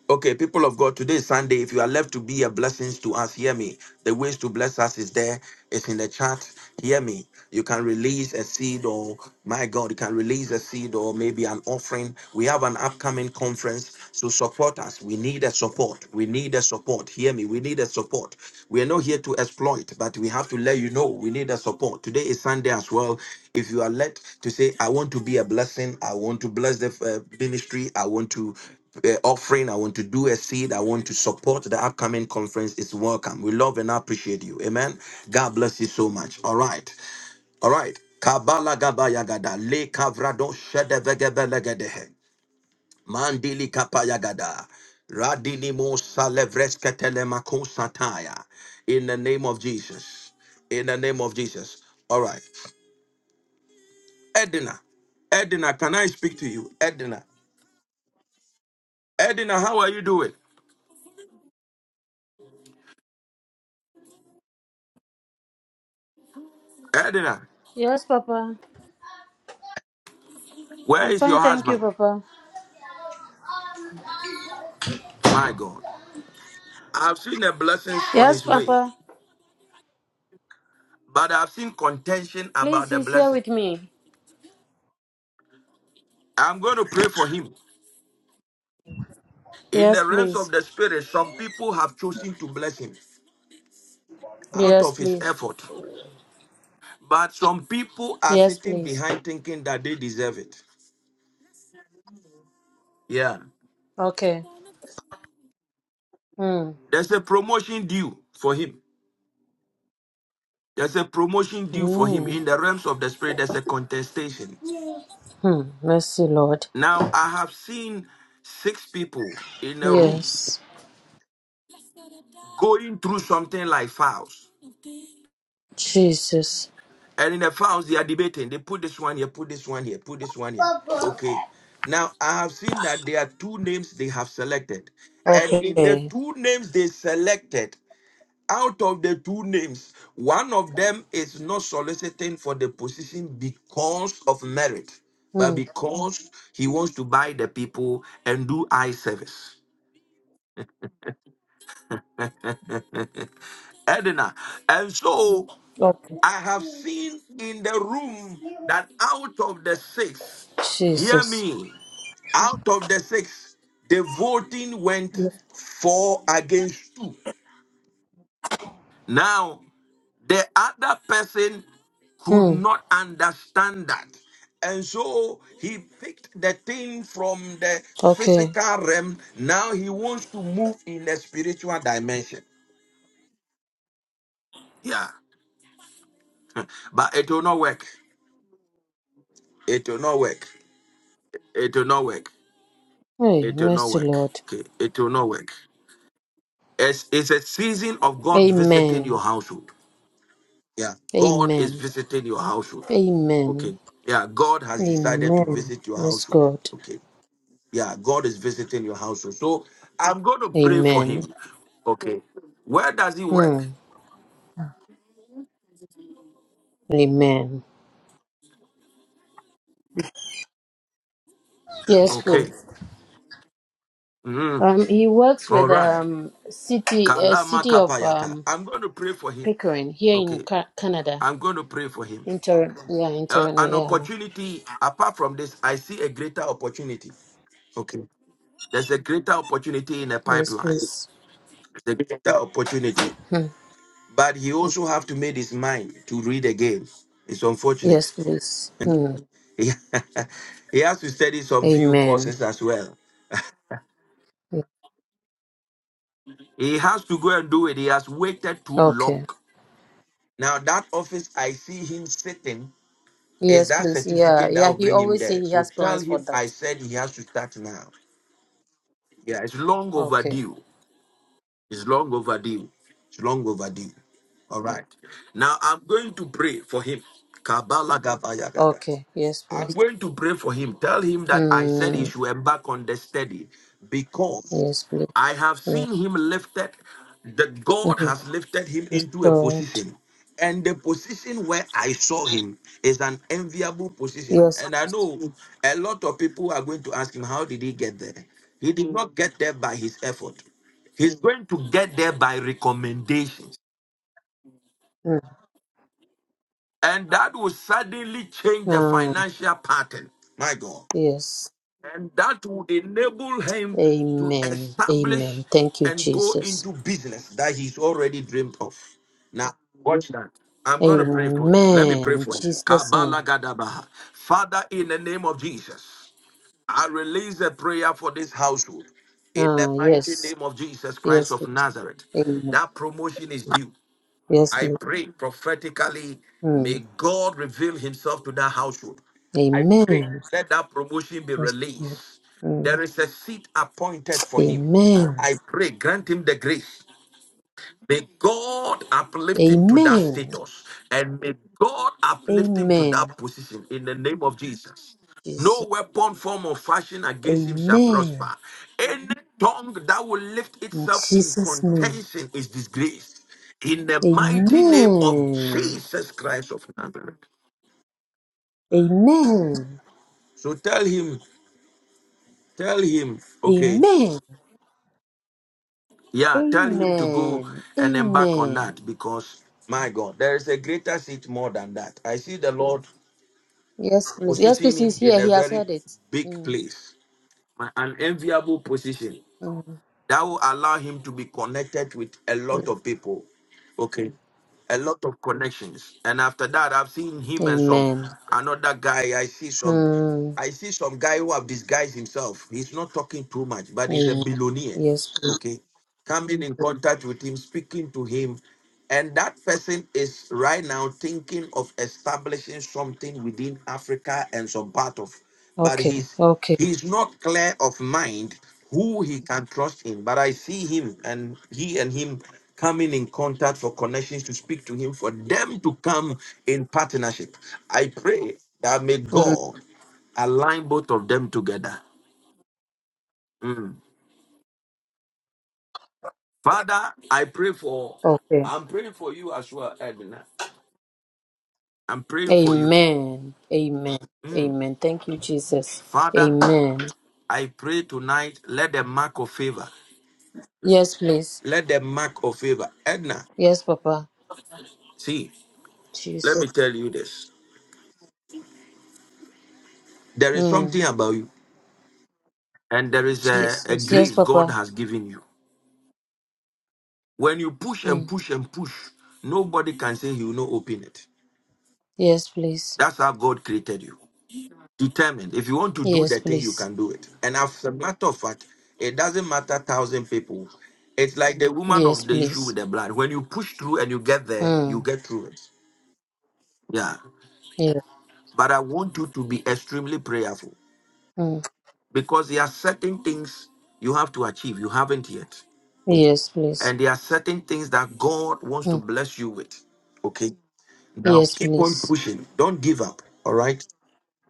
S1: Okay, people of God, today is Sunday. If you are left to be a blessing to us, hear me. The ways to bless us is there. It's in the chat. Hear me. You can release a seed, or my God, you can release a seed, or maybe an offering. We have an upcoming conference, so support us. We need a support. We need a support. Hear me. We need a support. We are not here to exploit, but we have to let you know we need a support. Today is Sunday as well. If you are led to say, I want to be a blessing, I want to bless the uh, ministry, I want to uh, offering. I want to do a seed. I want to support the upcoming conference. It's welcome. We love and appreciate you. Amen. God bless you so much. All right. All right. Kabala gaba yagada le kavrado shede vegebelegedehe mandili kapa yagada radini mo salevresketele mako sataya in the name of Jesus. In the name of Jesus. All right. Edina, Edina, can I speak to you? Edina, Edina, how are you doing? Edina,
S11: Yes, Papa.
S1: where
S11: I'm
S1: is
S11: fine,
S1: your
S11: thank you,
S1: husband?
S11: Papa.
S1: My God. I've seen the blessings on
S11: Yes,
S1: his way,
S11: Papa.
S1: but I've seen contention about
S11: Please,
S1: the
S11: he's here
S1: blessing.
S11: with me.
S1: I'm going to pray for him. In the
S11: Yes,
S1: realms of
S11: please.
S1: the spirit, some people have chosen to bless him out
S11: Yes,
S1: of his
S11: please.
S1: effort, but some people are
S11: Yes,
S1: sitting
S11: please.
S1: behind thinking that they deserve it. Yeah.
S11: Okay. Hmm.
S1: There's a promotion due for him. There's a promotion due for him.
S11: Hmm.
S1: In the realms of the spirit, there's a contestation.
S11: Hmm. Mercy, Lord.
S1: Now, I have seen six people in a room
S11: Yes.
S1: going through something like files.
S11: Jesus.
S1: And in the files, they are debating. They put this one here, put this one here, put this one here. Okay. Now, I have seen that there are two names they have selected. And in the
S11: Okay.
S1: two names they selected, out of the two names, one of them is not soliciting for the position because of merit, but
S11: Hmm.
S1: because he wants to buy the people and do eye service. Edna. And so
S11: Okay.
S1: I have seen in the room that out of the six, hear
S11: Jesus.
S1: me, out of the six, the voting went four against two. Now, the other person could
S11: Hmm.
S1: not understand that. And so he picked the thing from the
S11: Okay.
S1: physical realm. Now he wants to move in the spiritual dimension. Yeah. But it will not work. It will not work. It will not work.
S11: Hey,
S1: It will not
S11: mercy,
S1: work.
S11: Lord.
S1: Okay. It will not work. It's, it's a season of God visiting your
S11: Amen.
S1: household. Yeah. God is
S11: Amen.
S1: visiting your household.
S11: Amen.
S1: Okay. Yeah. God has decided to
S11: Amen.
S1: visit your
S11: Yes,
S1: household.
S11: God.
S1: Okay. Yeah. God is visiting your household. So I'm going to pray for
S11: Amen.
S1: him. Okay. Where does he work?
S11: Hmm. Amen. Yes,
S1: Okay.
S11: please.
S1: Mm.
S11: Um, he works
S1: All
S11: with
S1: right.
S11: um city uh,
S1: Kalama
S11: city of
S1: kapayata.
S11: um
S1: I'm going to pray for him.
S11: Pickering here in
S1: Okay.
S11: Ca- Canada
S1: I'm going to pray for him.
S11: in Toronto. Yeah, in
S1: uh,
S11: Toronto.
S1: an
S11: Yeah.
S1: opportunity apart from this i see a greater opportunity okay there's a greater opportunity in a
S11: Yes,
S1: pipeline
S11: please.
S1: there's a greater opportunity
S11: Hmm.
S1: but he also have to make his mind to read again it's unfortunate
S11: Yes, please. Hmm.
S1: he he has to study some few
S11: Amen.
S1: courses as well he has to go and do it he has waited too long
S11: Okay.
S1: now that office i see him sitting is
S11: Yes,
S1: that
S11: please. Yeah,
S1: certificate that
S11: yeah.
S1: will
S11: He
S1: bring him
S11: always say
S1: there
S11: he
S1: so
S11: has
S1: tell
S11: plans
S1: him
S11: for
S1: i
S11: that.
S1: said he has to start now yeah it's long
S11: Okay.
S1: overdue It's long overdue. It's long overdue. All right. Now I'm going to pray for him. Kabbalah Gavayagada.
S11: Okay. Yes,
S1: I'm
S11: please.
S1: going to pray for him. Tell him that I said he
S11: Hmm.
S1: should embark on the study because
S11: Yes, please.
S1: I have
S11: Yeah.
S1: seen him lifted, that God
S11: Mhm.
S1: has lifted him
S11: Yes,
S1: into a
S11: God.
S1: position. And the position where I saw him is an enviable position.
S11: Yes,
S1: And I
S11: please.
S1: know a lot of people are going to ask him, How did he get there? He did not get there by his effort, he's going to get there by recommendations.
S11: Hmm.
S1: And that will suddenly change the
S11: Ah,
S1: financial pattern. My God.
S11: yes.
S1: and that would enable him to
S11: Amen.
S1: establish
S11: Amen. Thank you,
S1: and go
S11: Jesus.
S1: into business that he's already dreamed of. Now, watch that. I'm going to pray for you. Let me
S11: Amen.
S1: pray
S11: In
S1: for you.
S11: Jesus'
S1: Kabala
S11: name.
S1: Gadabaha. Father, in the name of Jesus, I release a prayer for this household. In the
S11: Ah,
S1: mighty
S11: yes.
S1: name of Jesus Christ
S11: Yes.
S1: of Nazareth,
S11: Lord. Amen.
S1: that promotion is due.
S11: Yes.
S1: I
S11: Lord.
S1: pray prophetically, may
S11: Mm.
S1: God reveal himself to that household. I pray
S11: Amen.
S1: let that promotion be
S11: Yes, Lord.
S1: released. There
S11: Mm.
S1: is a seat appointed for him.
S11: Amen.
S1: I pray, grant him the grace. May God uplift him to that
S11: Amen.
S1: status and may God uplift him to
S11: Amen.
S1: that position in the name of Jesus.
S11: Jesus.
S1: No weapon, form, or fashion against him shall prosper.
S11: Amen.
S1: Any tongue that will lift
S11: In
S1: itself in
S11: Jesus' name.
S1: contention is disgraced. In the mighty name of
S11: Amen.
S1: Jesus Christ of Nazareth.
S11: Amen.
S1: So tell him, tell him, okay,
S11: Amen.
S1: yeah, tell him to go
S11: Amen.
S1: and embark on
S11: Amen.
S1: that because, my God, there is a greater seat more than that. I see the Lord
S11: Yes, please. Yes,
S1: position
S11: please.
S1: him
S11: He's
S1: in
S11: here.
S1: a
S11: He has
S1: very
S11: heard it.
S1: big
S11: Mm,
S1: place, an enviable position
S11: mm,
S1: that will allow him to be connected with a lot
S11: mm.
S1: of people. Okay. A lot of connections. And after that, I've seen him and some
S11: Amen.
S1: another guy. I see some
S11: Mm,
S1: I see some guy who have disguised himself. He's not talking too much, but he's a
S11: amen.
S1: billionaire.
S11: Yes, please.
S1: Okay. Coming in contact with him, speaking to him. And that person is right now thinking of establishing something within Africa and some part of, but
S11: Okay.
S1: he's
S11: Okay.
S1: He's not clear of mind who he can trust in, but I see him and he and him coming in contact for connections to speak to him, for them to come in partnership. I pray that may
S11: Mm,
S1: God align both of them together. Mm. Father, I pray for,
S11: okay.
S1: I'm praying for you as well, Edna. I'm praying for you.
S11: Amen. Amen.
S1: Mm.
S11: Amen. Thank you, Jesus.
S1: Father,
S11: Amen.
S1: I pray tonight, let the mark of favor,
S11: Yes, please.
S1: let the mark of favor. Edna,
S11: Yes, Papa.
S1: see, let
S11: Jesus.
S1: me tell you this. There is
S11: Mm,
S1: something about you, and there is a, a
S11: Jesus. Yes,
S1: grace God
S11: Papa.
S1: has given you. When you push and
S11: Mm,
S1: push and push, nobody can say He will not open it.
S11: yes, please.
S1: That's how God created you. Determined. If you want to do
S11: Yes,
S1: the thing, you
S11: please.
S1: can do it. And as a matter of fact, it doesn't matter thousand people. It's like the woman
S11: Yes,
S1: of the issue
S11: please.
S1: with the blood. When you push through and you get there, you
S11: Mm,
S1: get through it. Yeah.
S11: yes.
S1: But I want you to be extremely prayerful
S11: Mm,
S1: because there are certain things you have to achieve. You haven't yet.
S11: yes, please.
S1: And there are certain things that God wants to
S11: Mm,
S1: bless you with. Okay. Now
S11: yes,
S1: keep on
S11: please.
S1: pushing. Don't give up. All right.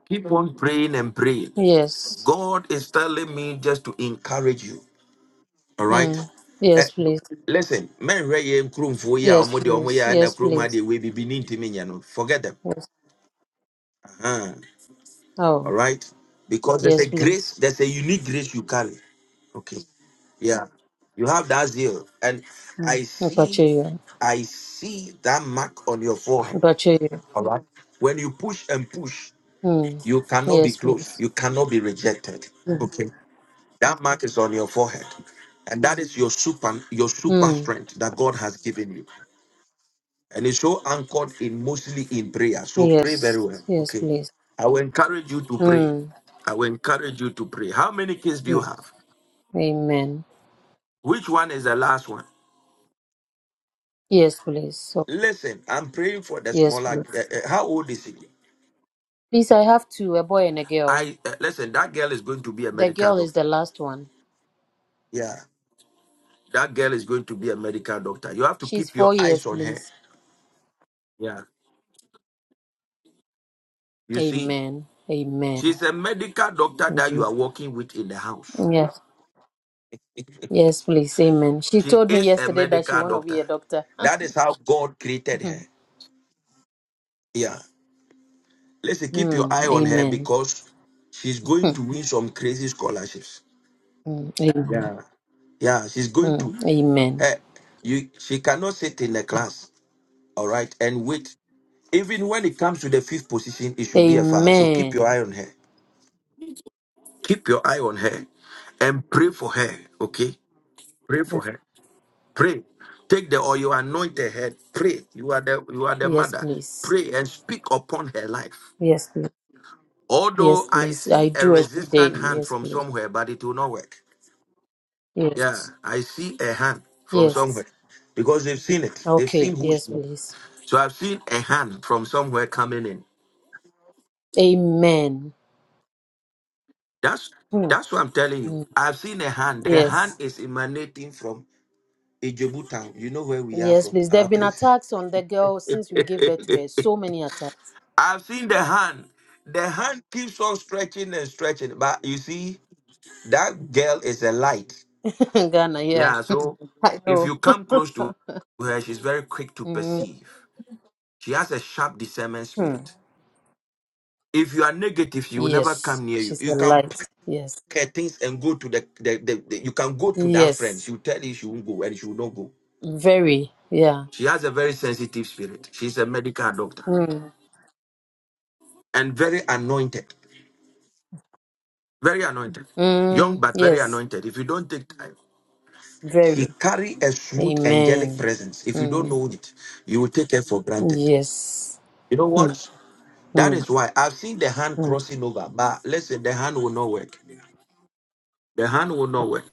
S1: Keep on praying and praying.
S11: Yes.
S1: God is telling me just to encourage you. All right.
S11: Mm.
S1: Eh,
S11: Yes, please.
S1: listen, men ready in room for ya or
S11: Yes,
S1: modi or
S11: please.
S1: moya and
S11: Yes,
S1: room where
S11: please.
S1: they will be beneath me. Forget them.
S11: Yes.
S1: Uh-huh. All
S11: Oh,
S1: right? Because there's a
S11: yes,
S1: grace,
S11: please.
S1: there's a unique grace you carry. Okay. Yeah. You have that zeal. And
S11: Mm.
S1: I see,
S11: Pacheco.
S1: I see that mark on your forehead.
S11: Pacheco.
S1: All right. When you push and push,
S11: Mm.
S1: you cannot be
S11: Yes,
S1: close.
S11: please.
S1: You cannot be rejected.
S11: Mm.
S1: Okay. That mark is on your forehead. And that is your super your super
S11: Mm.
S1: strength that God has given you and it's so anchored in mostly in prayer. So pray very
S11: Yes.
S1: well.
S11: Yes,
S1: Okay.
S11: please.
S1: I will encourage you to pray.
S11: Mm.
S1: I will encourage you to pray. How many kids do you
S11: Yeah.
S1: have?
S11: Amen.
S1: Which one is the last one?
S11: Yes, please. Okay.
S1: Listen, I'm praying for the
S11: Yes,
S1: smaller. Uh,
S11: please.
S1: uh, how old is he?
S11: Please, I have two, a boy and a girl.
S1: I uh, listen. That girl is going to be a
S11: The
S1: medical
S11: girl is
S1: doctor.
S11: the last one.
S1: Yeah, that girl is going to be a medical doctor. You have to
S11: She's
S1: keep your
S11: four
S1: eyes
S11: years,
S1: on her.
S11: please.
S1: Yeah, you see,
S11: Amen. Amen.
S1: she's a medical doctor that you
S11: Amen.
S1: are working with in the house.
S11: Yes. Yes, please. Amen. She
S1: She
S11: told me
S1: is a
S11: yesterday that she
S1: medical
S11: want to be a
S1: doctor.
S11: doctor.
S1: That is how God created her. Yeah. Listen, keep your eye
S11: Mm,
S1: on her
S11: amen.
S1: because she's going
S11: Mm,
S1: to win some crazy scholarships.
S11: mm, amen.
S1: Yeah. Yeah, she's going to
S11: Mm, amen.
S1: Hey, you she cannot sit in the class, all right, and wait. Even when it comes to the fifth position, it should be a foul. So keep your
S11: Amen.
S1: eye on her. Keep your eye on her and pray for her. Okay? Pray for her. Pray. Take the oil, you anoint her head. Pray. You are the you are the
S11: Yes,
S1: mother.
S11: please.
S1: Pray and speak upon her life.
S11: Yes, please.
S1: Although
S11: Yes,
S1: I
S11: please. I
S1: see a
S11: do every day.
S1: resistant hand
S11: Yes,
S1: from
S11: please.
S1: somewhere, but it will not work. Yeah,
S11: Yes.
S1: I see a hand from somewhere
S11: Yes.
S1: because they've seen it. They've
S11: Okay.
S1: seen who.
S11: Yes, please.
S1: So I've seen a hand from somewhere coming in.
S11: Amen.
S1: That's
S11: Mm,
S1: that's what I'm telling you.
S11: mm,
S1: I've seen a hand. The hand
S11: Yes.
S1: is emanating from Ijebu town. You know where we are
S11: Yes,
S1: from,
S11: please. There have
S1: our
S11: been
S1: place.
S11: attacks on the girl since we gave birth to her. So many attacks.
S1: I've seen the hand. The hand keeps on stretching and stretching. But you see, that girl is a light.
S11: In Ghana, yeah.
S1: Yeah, so
S11: I
S1: if
S11: know.
S1: you come close to her, she's very quick to
S11: Mm,
S1: perceive. She has a sharp discernment
S11: mm.
S1: spirit. If you are negative, she will never
S11: Yes.
S1: come near you.
S11: She's
S1: You
S11: a
S1: can
S11: light.
S1: pack
S11: Yes.
S1: her things and go to the, the, the, the- you can go to that friend.
S11: Yes.
S1: She will tell you she won't go and she will not go.
S11: Very, yeah.
S1: She has a very sensitive spirit. She's a medical doctor
S11: Mm.
S1: and very anointed. Very anointed. Young
S11: Mm,
S1: but very
S11: yes,
S1: anointed. If you don't take time, she
S11: very.
S1: carry a smooth angelic
S11: Amen.
S1: presence. If you don't
S11: Mm.
S1: know it, you will take her for granted.
S11: Yes.
S1: You know
S11: Mm,
S1: what? That
S11: mm,
S1: is why I've seen the hand
S11: mm,
S1: crossing over. But listen, the hand will not work. The hand will not work.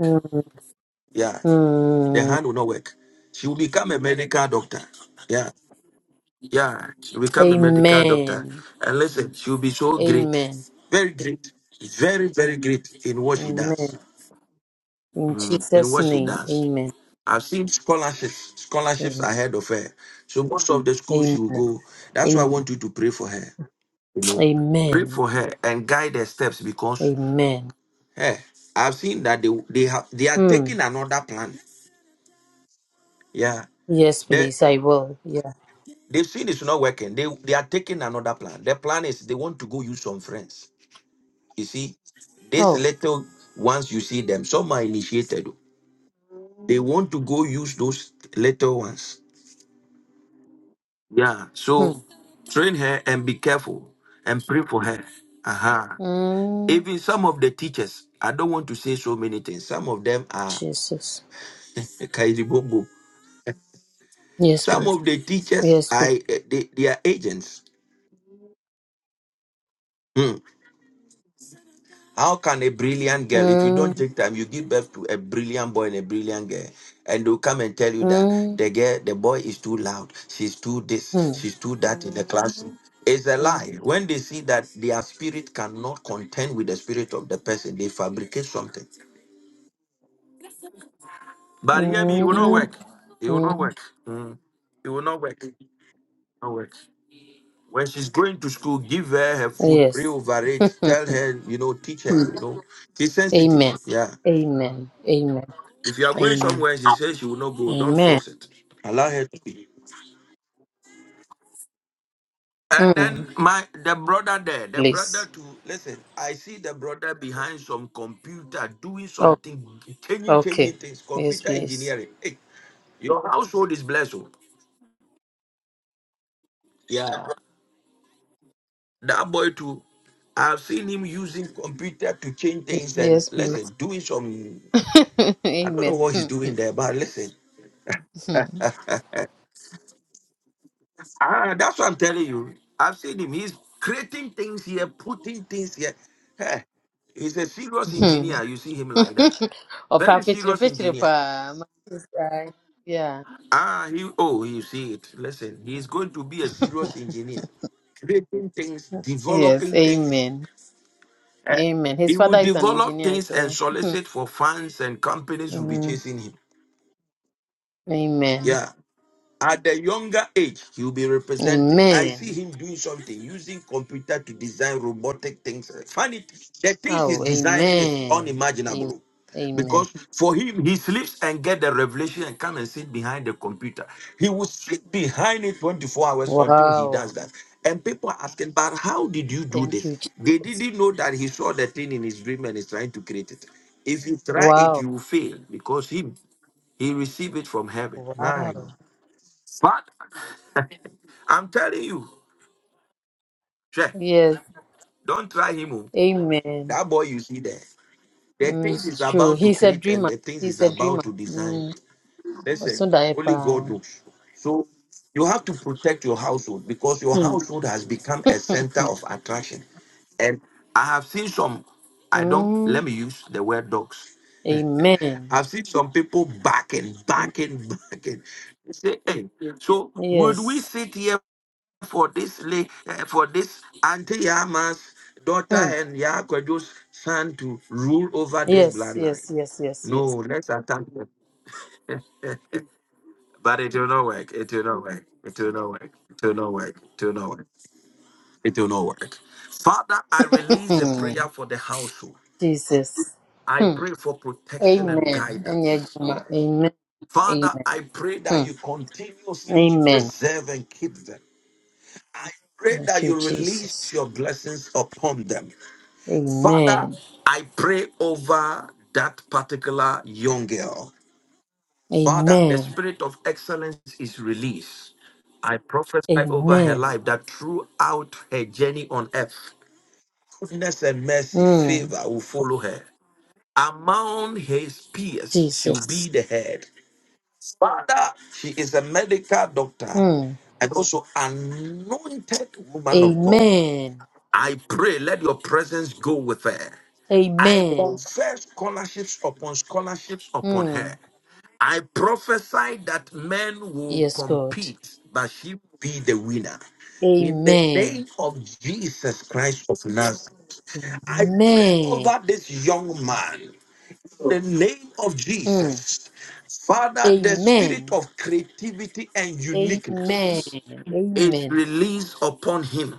S11: mm,
S1: Yeah. The
S11: mm.
S1: hand will not work. She will become a medical doctor. Yeah. Yeah. She will become a medical doctor.
S11: Amen.
S1: And listen, she will be so great.
S11: Amen.
S1: Very great. Very, very great in what she does.
S11: Amen. In
S1: Mm, in
S11: Jesus'
S1: what she
S11: name,
S1: does.
S11: amen.
S1: I've seen scholarships, scholarships
S11: Amen.
S1: ahead of her. So most of the schools she
S11: Amen.
S1: will go. That's why I
S11: Amen.
S1: want you to pray for her. You know, pray
S11: Amen.
S1: for her and guide her steps because
S11: Amen.
S1: Hey, I've seen that they they have they are
S11: Hmm.
S1: taking another plan. Yeah,
S11: Yes,
S1: they
S11: please, I will. Yeah.
S1: they've seen it's not working. They they are taking another plan. Their plan is they want to go use some friends. You see, these
S11: Oh.
S1: little ones you see them, some are initiated. They want to go use those little ones. Yeah.
S11: Hmm.
S1: So train her and be careful and pray for her. Uh-huh.
S11: Mm.
S1: Even some of the teachers, I don't want to say so many things. Some of them are
S11: Jesus.
S1: kaizibongo.
S11: Yes,
S1: Some
S11: please.
S1: of the teachers,
S11: Yes, please.
S1: I eh, they, they are agents. Hmm. How can a brilliant girl, if you don't
S11: Mm.
S1: take time, you give birth to a brilliant boy and a brilliant girl, and they'll come and tell you that the girl, the boy is too loud, she's too
S11: Mm.
S1: this, she's too that in the classroom. It's a lie. When they see that their spirit cannot contend with the spirit of the person, they fabricate something. But hear me, it will not
S11: hmm
S1: work. It will not work. Hmm. It will not work. It will Not work. When she's going to school, give her her food, pray
S11: Yes.
S1: over it, tell her, you know, teach her, you know. She's sensitive.
S11: Amen.
S1: Yeah.
S11: Amen. Amen.
S1: If you are going
S11: Amen.
S1: somewhere, and she says she will not go. Don't
S11: Amen.
S1: force it. Allow her to be. And
S11: Mm,
S1: then my the brother there, the brother
S11: please.
S1: to listen. I see the brother behind some computer doing
S11: Oh,
S1: something, changing, changing
S11: okay.
S1: things,
S11: Yes,
S1: computer
S11: please.
S1: engineering. Hey, your household is blessed. oh. Yeah. That boy too. I've seen him using computer to change things and
S11: Yes, please.
S1: listen, doing some. I don't know
S11: Amen.
S1: what he's doing there, but listen, ah, that's what I'm telling you. I've seen him. He's creating things here, putting things here. Hey, he's a serious engineer. You see him like that.
S11: Opa
S1: Very
S11: fetire
S1: serious
S11: fetire
S1: engineer.
S11: pa. Masai. Yeah.
S1: Ah, he oh, you see it. Listen, he's going to be a serious engineer. Creating things,
S11: Yes.
S1: developing things.
S11: Amen.
S1: Eh,
S11: Amen. His
S1: He will
S11: father is an
S1: develop
S11: engineer,
S1: things and
S11: so.
S1: solicit for funds and companies will be
S11: Mm.
S1: chasing him.
S11: Amen.
S1: Yeah. At the younger age, he will be represented. I see
S11: Amen.
S1: him doing something, using computer to design robotic things. Funny, the things he's
S11: Oh,
S1: designing is
S11: amen. Amen.
S1: unimaginable.
S11: Amen.
S1: Because for him, he sleeps and get the revelation and come and sit behind the computer. He will sit behind it 24 hours until he
S11: Wow.
S1: does that. And people are asking, but how did you do
S11: Thank you.
S1: this?
S11: Je-
S1: They didn't know that he saw the thing in his dream and is trying to create it. If you try it, you will
S11: Wow.
S1: fail because him he received it from heaven. My
S11: Wow.
S1: God. I'm telling you, check.
S11: Yes.
S1: Don't try him. oh.
S11: Amen.
S1: That boy you see there, the
S11: Mm,
S1: things he's
S11: it's true.
S1: about to
S11: He's a
S1: create and
S11: dreamer.
S1: the things he's
S11: He's a
S1: about
S11: dreamer.
S1: to design.
S11: Mm.
S1: Listen,
S11: Osunda
S1: only God
S11: epa.
S1: knows. So you have to protect your household because your
S11: Hmm.
S1: household has become a center of attraction. And I have seen some, I don't, let
S11: Mm.
S1: me use the word dogs.
S11: Amen.
S1: I've seen some people backing, backing, backing. They Say, hey, so would we
S11: Yes.
S1: sit here for this la- eh, for this Auntie Yama's daughter
S11: Hmm.
S1: and Yakwaju's son to rule over this
S11: Yes,
S1: bloodline.
S11: yes, yes, yes,
S1: No,
S11: yes.
S1: let's attack them. But it will not work. It will not work. It will not work. It will not work. It will not work. It will not work. Father, I release a
S11: Hmm.
S1: prayer for the household.
S11: Jesus.
S1: I
S11: Hmm.
S1: pray for protection and
S11: Amen. Enye
S1: guidance.
S11: Juma. Amen.
S1: Father,
S11: Amen.
S1: I pray that
S11: Hmm.
S1: you continuously
S11: Amen.
S1: preserve and keep them. I pray
S11: Thank
S1: that
S11: you,
S1: you release
S11: Jesus.
S1: your blessings upon them. Father,
S11: Amen.
S1: I pray over that particular young girl. Father, the
S11: Amen.
S1: spirit of excellence is released. I prophesy over her
S11: Amen.
S1: life that throughout her journey on earth, goodness and mercy,
S11: Mm.
S1: favor will follow her. Among his peers, she will be
S11: Jesus.
S1: the head. Father, she is a medical doctor
S11: Mm.
S1: and also anointed woman of God.
S11: Amen.
S1: I pray, let your presence go with her. I
S11: Amen.
S1: confer scholarships upon scholarships upon
S11: Mm.
S1: her. I prophesy that men will
S11: Yes, God.
S1: compete, but she will be the winner. In the name
S11: Amen.
S1: of Jesus Christ of Nazareth, I pray
S11: Amen.
S1: over this young man. In the name of
S11: Mm.
S1: Jesus, Father, the spirit
S11: Amen.
S1: of creativity and uniqueness
S11: Amen.
S1: is
S11: Amen.
S1: released upon him.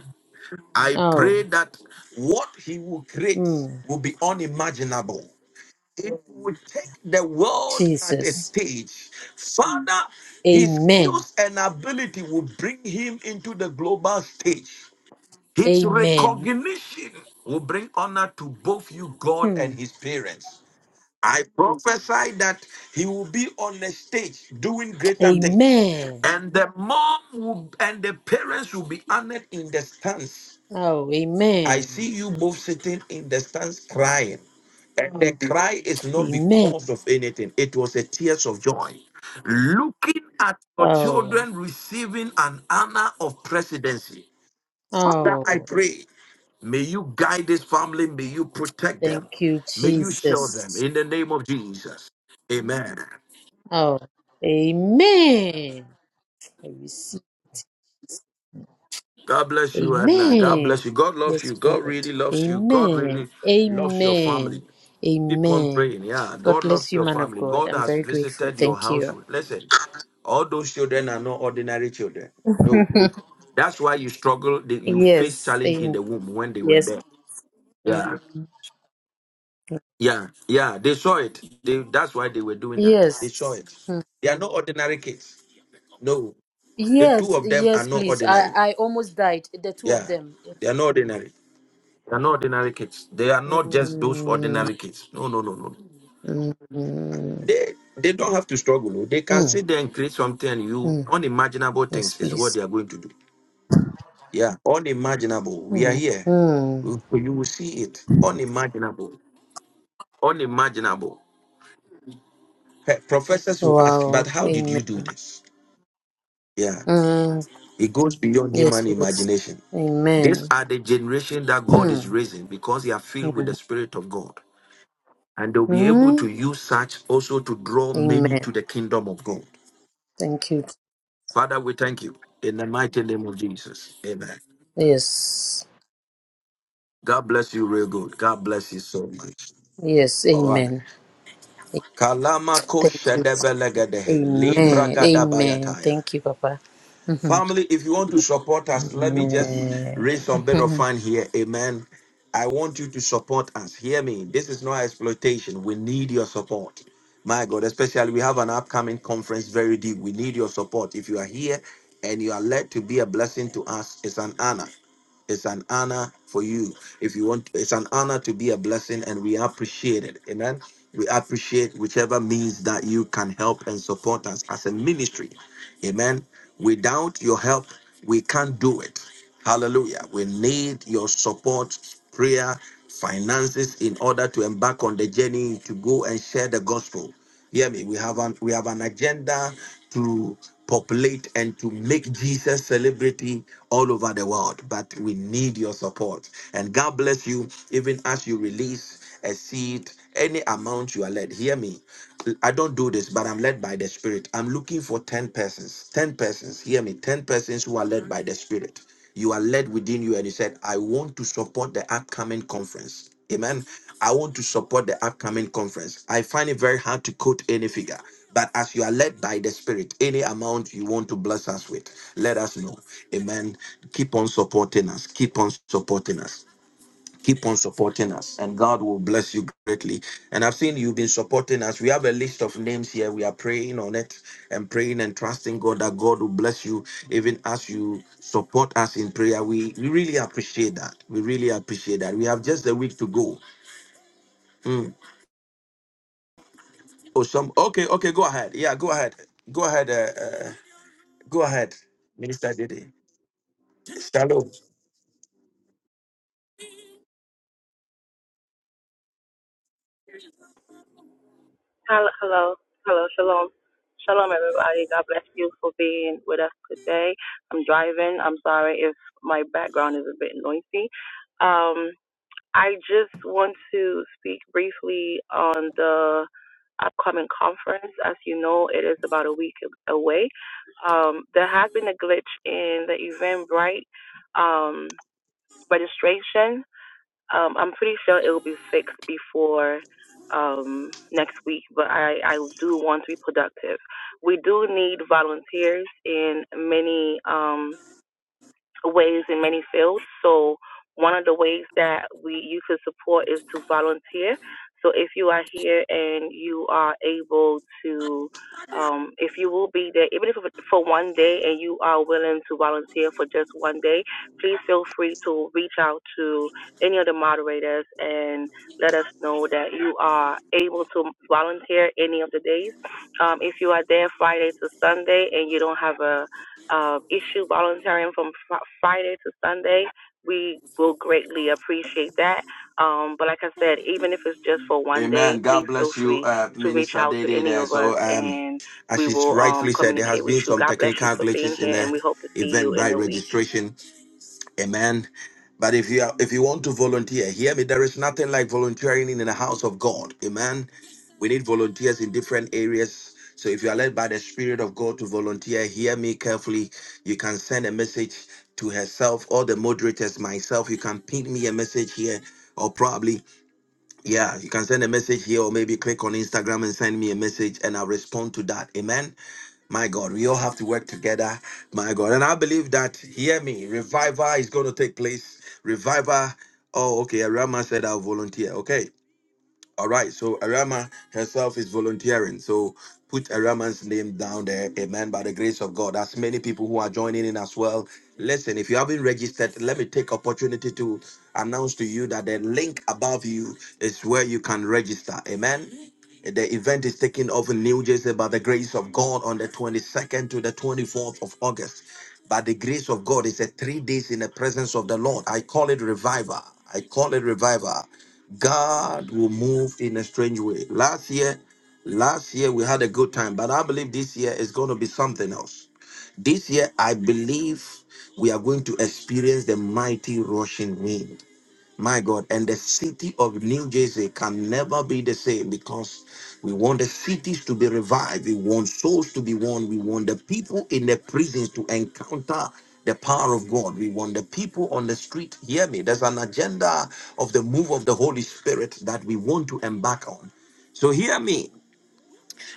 S1: I pray
S11: Oh.
S1: that what he will create
S11: Mm.
S1: will be unimaginable if we take the world at a
S11: Jesus.
S1: stage, Father, his
S11: Amen.
S1: skills and ability will bring him into the global stage. His
S11: Amen.
S1: recognition will bring honor to both you, God, and
S11: Hmm.
S1: his parents. I prophesy that he will be on the stage doing greater things,
S11: Amen.
S1: and the mom will, and the parents will be honored in the stands
S11: Oh,
S1: I see
S11: amen.
S1: you both sitting in the stands crying. And
S11: Hmm.
S1: the cry is not
S11: Amen.
S1: because of anything, it was a tears of joy. Looking at your
S11: Oh.
S1: children receiving an honor of presidency. Father, I
S11: Oh.
S1: pray, may you guide this family, may you protect them,
S11: Thank you,
S1: may you show them
S11: Jesus.
S1: in the name of Jesus. Amen.
S11: Oh. Amen. I receive.
S1: God bless you, Edna. God
S11: Amen.
S1: bless you. God loves
S11: Yes,
S1: you. God
S11: Lord.
S1: really loves you. God
S11: Amen.
S1: really loves your family.
S11: Amen.
S1: Keep on
S11: Amen.
S1: praying. Yeah.
S11: God
S1: God loves
S11: bless you,
S1: your
S11: man of
S1: family.
S11: God.
S1: God
S11: I'm
S1: has
S11: very grateful.
S1: visited your
S11: Thank you.
S1: household. Listen, all those children are not ordinary children. No. That's why you struggle. the- You face
S11: Yes.
S1: challenge in
S11: Amen.
S1: the womb when they were
S11: Yes.
S1: there. Yeah.
S11: Mm.
S1: Yeah. Yeah. They saw it. They, that's why they were doing that. They saw
S11: Yes.
S1: it. They are not ordinary kids. No. The two
S11: Yes.
S1: of them are
S11: Yes,
S1: not
S11: please. I,
S1: ordinary.
S11: I almost died. The two of
S1: Yeah.
S11: them.
S1: They are not ordinary. They are not ordinary kids. They are not just those
S11: Mm.
S1: ordinary kids. No, no, no, no.
S11: Mm. Mm.
S1: They they don't have to struggle. oh. They can
S11: Mm.
S1: sit there and create something and you
S11: Mm.
S1: unimaginable
S11: Yes,
S1: things is what
S11: please.
S1: they are going to do. Yeah, unimaginable. We are
S11: Mm.
S1: here.
S11: Mm.
S1: You you will see it. Unimaginable. Unimaginable. Pe- Professors will ask, but
S11: Wow.
S1: how did
S11: Amen.
S1: you do this? Yeah.
S11: Mm.
S1: It goes beyond
S11: Yes,
S1: human
S11: please.
S1: imagination.
S11: Amen.
S1: These are the generation that God is
S11: Hmm.
S1: raising because they are filled with the Spirit of God. And they'll be able
S11: Hmm.
S1: to use such also to draw many
S11: Amen.
S1: to the kingdom of God.
S11: Thank you.
S1: Father, we thank you in the mighty name of Jesus. Amen.
S11: Yes.
S1: God bless you real good. God bless you so much.
S11: Yes.
S1: All right.
S11: Amen. Thank
S1: Kalama ko
S11: you. Jesus.
S1: shedebelegedehe, Libra
S11: Amen. Amen.
S1: gadabayataya.
S11: Thank you, Papa. Mhm.
S1: Family, if you want to support us, let me just raise some bit
S11: Amen.
S1: of fun here. Amen. I want you to support us. Hear me. This is not exploitation. We need your support. My God, especially we have an upcoming conference very deep. We need your support. If you are here and you are led to be a blessing to us, it's an honor. It's an honor for you. If you want, it's an honor to be a blessing, and we appreciate it. Amen. We appreciate whichever means that you can help and support us as a ministry. Amen. Without your help, we can't do it. Hallelujah. We need your support, prayer, finances in order to embark on the journey to go and share the gospel. Hear me. We have an we have an agenda to populate and to make Jesus celebrity all over the world. But we need your support. And God bless you, even as you release a seed, any amount you are led. Hear me. I don't do this, but I'm led by the Spirit. I'm looking for 10 persons. 10 persons. Hear me. 10 persons who are led by the Spirit. You are led within you, and he said, I want to support the upcoming conference. Amen. I want to support the upcoming conference. I find it very hard to quote any figure, but as you are led by the Spirit, any amount you want to bless us with, let us know. Amen. Keep on supporting us. Keep on supporting us keep on supporting us and god will bless you greatly and i've seen you've been supporting us we have a list of names here we are praying on it and praying and trusting god that god will bless you even as you support us in prayer we, we really appreciate that we really appreciate that we have just a week to go Hmm. oh some okay okay go ahead yeah go ahead go ahead uh, uh, go ahead minister Dede. shalom
S12: Hello, hello, hello, shalom. Shalom, everybody. God bless you for being with us today. I'm driving. I'm sorry if my background is a bit noisy. Um, I just want to speak briefly on the upcoming conference. As you know, it is about a week away. Um, there has been a glitch in the Eventbrite um, registration um, I'm pretty sure it will be fixed before um, next week, but I, I do want to be productive. We do need volunteers in many. Um, ways in many fields. So one of the ways that we you could support is to volunteer. So if you are here and you are able to, um, if you will be there, even if for one day, and you are willing to volunteer for just one day, please feel free to reach out to any of the moderators and let us know that you are able to volunteer any of the days. Um, if you are there Friday to Sunday and you don't have a uh, issue volunteering from fr- Friday to Sunday. We will greatly appreciate that. Um, but like I said, even if it's just for one day,
S1: Amen.
S12: please
S1: God
S12: feel
S1: bless you,
S12: free
S1: uh,
S12: to reach
S1: Minister
S12: out to
S1: Dede
S12: any
S1: there.
S12: of us
S1: So, um,
S12: and
S1: as
S12: we
S1: she's
S12: will um,
S1: rightfully said, there has
S12: communicate with
S1: been
S12: you.
S1: some
S12: God bless you
S1: technical
S12: for being
S1: glitches in
S12: here
S1: the
S12: and we hope to see you in
S1: Eventbrite
S12: a week.
S1: registration. Amen. But if you are, if you want to volunteer, hear me. There is nothing like volunteering in the house of God. Amen. We need volunteers in different areas. So if you are led by the Spirit of God to volunteer, hear me carefully. You can send a message to herself or the moderators, myself. You can ping me a message here, or probably yeah, you can send a message here or maybe click on Instagram and send me a message and I'll respond to that. Amen. My God, we all have to work together. My God. And I believe that, hear me, revival is going to take place. Revival. Oh, okay. Rama said I'll volunteer. Okay. All right, so Arama herself is volunteering. So put Arama's name down there. Amen. By the grace of God. As many people who are joining in as well. Listen, if you haven't registered, let me take opportunity to announce to you that the link above you is where you can register. Amen. The event is taking off in New Jersey by the grace of God on the 22nd to the 24th of August. By the grace of God, it's a three days in the presence of the Lord. I call it revival. I call it revival. God will move in a strange way. Last year, last year we had a good time, but I believe this year is going to be something else. This year, I believe we are going to experience the mighty rushing wind. My God, and the city of New Jersey can never be the same because we want the cities to be revived. We want souls to be won. We want the people in the prisons to encounter the power of God. We want the people on the street. Hear me. There's an agenda of the move of the Holy Spirit that we want to embark on. So hear me.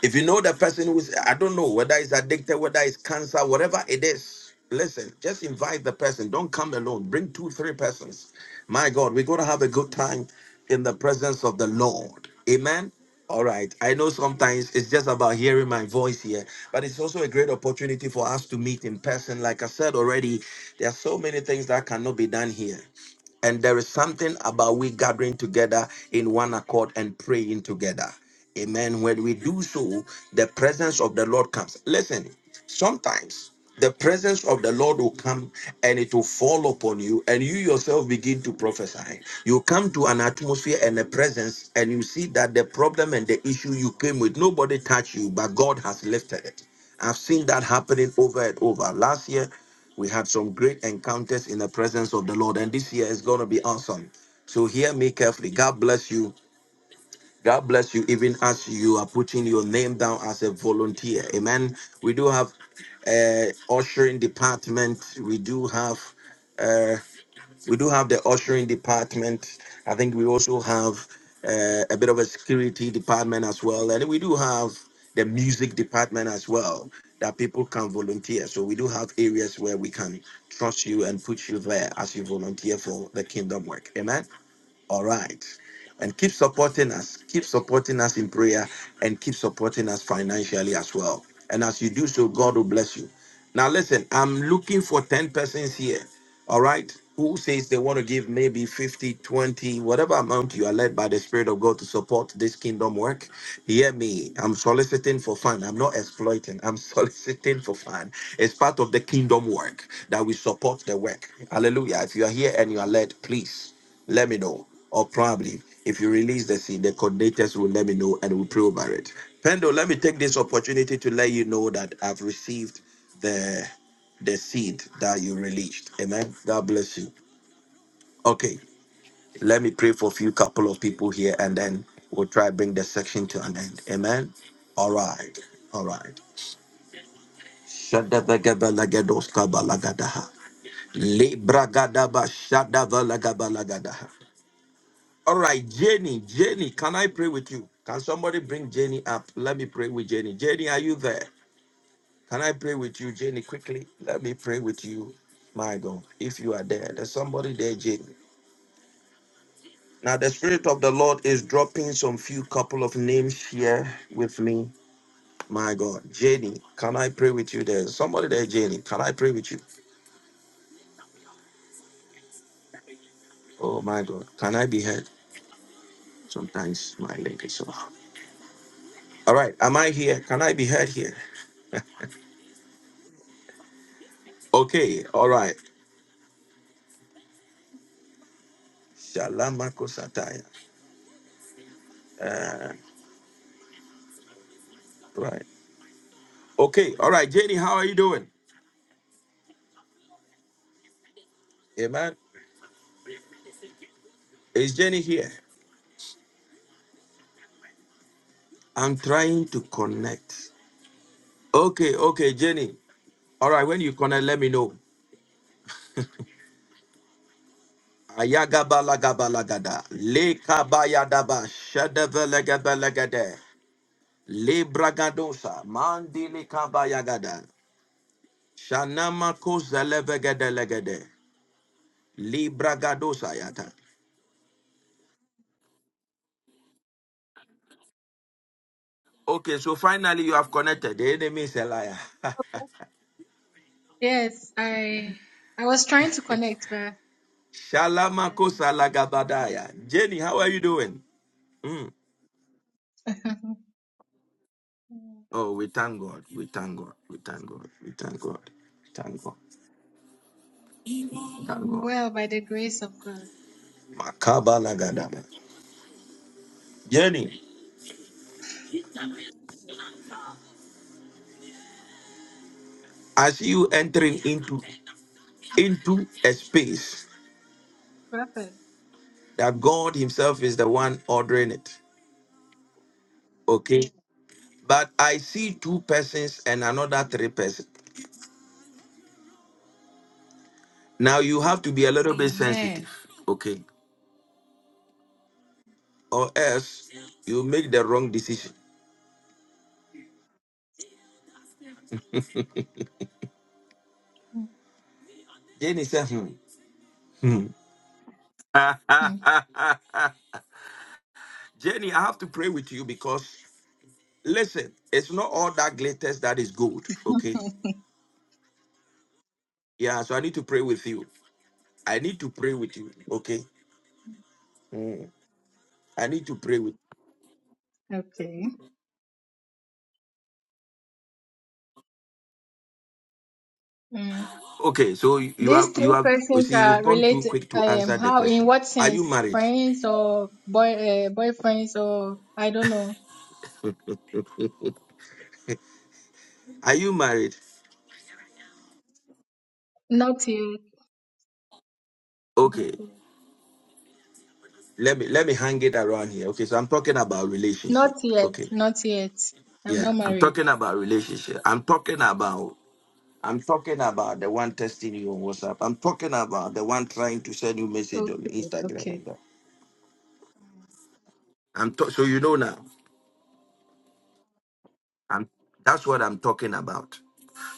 S1: If you know the person who's, I don't know whether it's addicted, whether it's cancer, whatever it is, listen, just invite the person. Don't come alone. Bring two, three persons. My God, we're going to have a good time in the presence of the Lord. Amen. All right. I know sometimes it's just about hearing my voice here, but it's also a great opportunity for us to meet in person. Like I said already, there are so many things that cannot be done here. And there is something about we gathering together in one accord and praying together. Amen. When we do so, the presence of the Lord comes. Listen, sometimes the presence of the Lord will come and it will fall upon you, and you yourself begin to prophesy. You come to an atmosphere and a presence, and you see that the problem and the issue you came with, nobody touched you, but God has lifted it. I've seen that happening over and over. Last year, we had some great encounters in the presence of the Lord, and this year is going to be awesome. So, hear me carefully. God bless you. God bless you, even as you are putting your name down as a volunteer. Amen. We do have uh, ushering department. We do have uh, we do have the ushering department. I think we also have uh, a bit of a security department as well. And we do have the music department as well that people can volunteer. So we do have areas where we can trust you and put you there as you volunteer for the kingdom work. Amen. All right. And keep supporting us. Keep supporting us in prayer and keep supporting us financially as well. And as you do so, God will bless you. Now, listen, I'm looking for 10 persons here all right who says they want to give maybe 50, 20, whatever amount you are led by the spirit of god to support this kingdom work hear me i'm soliciting for fun i'm not exploiting i'm soliciting for fun it's part of the kingdom work that we support the work hallelujah if you are here and you are led please let me know or probably if you release the seed the coordinators will let me know and we'll pray over it pendo let me take this opportunity to let you know that i've received the the seed that you released. Amen. God bless you. Okay, let me pray for a few couple of people here and then we'll try bring the section to an end. Amen. All right. All right. Shadabagebelagedoscabalagadaha. Libragadaba shadavalagabalagadaha. All right, Jenny, Jenny, can I pray with you? Can somebody bring Jenny up? Let me pray with Jenny. Jenny, are you there? Can I pray with you, Jenny, quickly? Let me pray with you. My God, if you are there, there's somebody there, Jenny. Now, the Spirit of the Lord is dropping some few couple of names here with me. My God. Jenny, can I pray with you there? Somebody there, Jenny, can I pray with you? Oh, my God. Can I be heard? Sometimes my leg is off. All right. Am I here? Can I be heard here? Okay. All right. Shalamako Sataya. Uh, right. Okay. All right. Jenny, how are you doing? Amen. Is Jenny here? I'm trying to connect. Okay. Okay, Jenny. All right. When you connect, let me know. Ayagabalagabalagada. Le kabayadaba. Shadavelegabalagade. Le bragadosa. Mandili kabayagada. Shanamako zelevegedelegede. Le bragadosa yata. Okay, so finally you have connected. The enemy is a liar.
S13: Yes, I I was trying to connect, but yeah.
S1: Shalamako salagabadaya. Jenny, how are you doing? Mm.
S13: Um,
S1: Oh, we thank God. We thank God. We thank God. We thank God. We Thank God. Thank
S13: I'm
S1: God.
S13: well by the grace of God.
S1: Makaba, Makabalagada. Jenny. I see you entering into into a space
S13: Perfect.
S1: that God Himself is the one ordering it. Okay. But I see two persons and another three persons. Now you have to be a little bit
S13: Amen.
S1: sensitive, okay? Or else you make the wrong decision. Jenny said, hmm. hmm.
S13: Mhm.
S1: Jenny, I have to pray with you because listen, it's not all that glitters that is gold, okay? Yeah, so I need to pray with you. I need to pray with you, okay? I need to pray with
S13: Okay. Mm.
S1: Okay, so you you have
S13: These
S1: you
S13: three
S1: have you
S13: questions
S1: see you've
S13: are
S1: gone too
S13: related.
S1: quick to
S13: Um,
S1: answer the
S13: how in
S1: question.
S13: what
S1: Are you
S13: sense?
S1: married?
S13: Friends or boy uh, boyfriends or I don't know.
S1: Are you married?
S13: Not yet. Not
S1: Okay,
S13: yet.
S1: let me let me hang it around here. Okay, so I'm talking about relationship.
S13: Not yet.
S1: Okay.
S13: Not yet. I'm
S1: Yeah,
S13: not
S1: I'm
S13: married.
S1: talking about relationship. I'm talking about I'm talking about the one texting you on WhatsApp. I'm talking about the one trying to send you message on
S13: Okay.
S1: Instagram
S13: Okay.
S1: and that. I'm ta- so you know now. I'm that's what I'm talking about.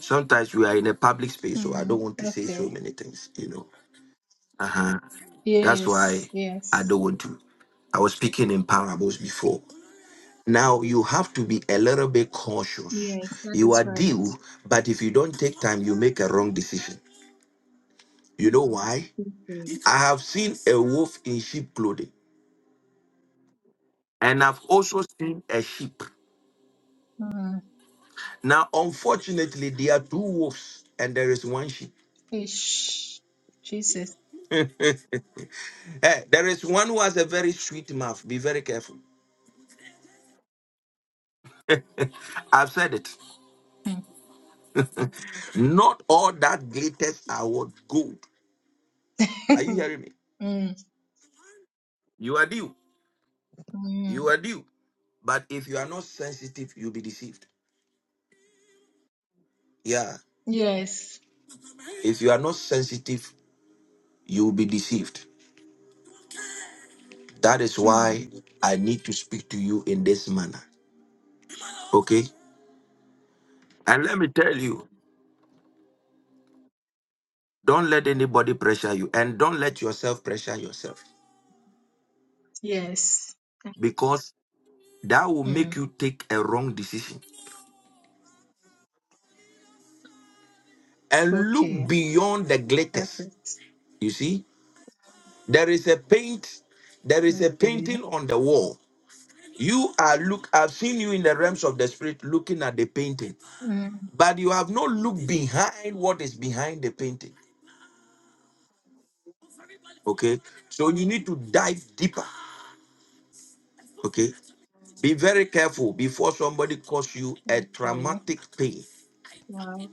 S1: Sometimes we are in a public space, so I
S13: Mm.
S1: don't want to say
S13: Okay.
S1: so many things, you know. Uh-huh. That's
S13: Yes.
S1: why I
S13: Yes.
S1: don't want to. I was speaking in parables before. Now you have to be a little bit cautious.
S13: Yes, that
S1: You
S13: is
S1: are
S13: right.
S1: due, but if you don't take time, you make a wrong decision. You know why?
S13: Okay.
S1: I have seen a wolf in sheep clothing, and I've also seen a sheep.
S13: Mm,
S1: Now, unfortunately, there are two wolves, and there is one sheep.
S13: ish. Jesus.
S1: Hey, there is one who has a very sweet mouth. Be very careful. I've said it.
S13: Mm.
S1: Not all that glitters are what gold. Are you hearing me?
S13: Mm,
S1: You are due.
S13: mm.
S1: You are due. But if you are not sensitive, you'll be deceived. Yeah.
S13: Yes.
S1: If you are not sensitive, you'll be deceived. That is
S13: Mm,
S1: why I need to speak to you in this manner. Okay? And let me tell you, don't let anybody pressure you and don't let yourself pressure yourself
S13: yes.
S1: because that will make
S13: Mm,
S1: you take a wrong decision. And look
S13: okay.
S1: beyond the glitters.
S13: Perfect.
S1: You see, there is a paint, there is a
S13: Okay.
S1: painting on the wall You are look. I've seen you in the realms of the spirit, looking at the painting,
S13: Mm,
S1: but you have not looked behind what is behind the painting. Okay, so you need to dive deeper. Okay, be very careful before somebody cause you a
S13: okay.
S1: traumatic pain.
S13: Wow.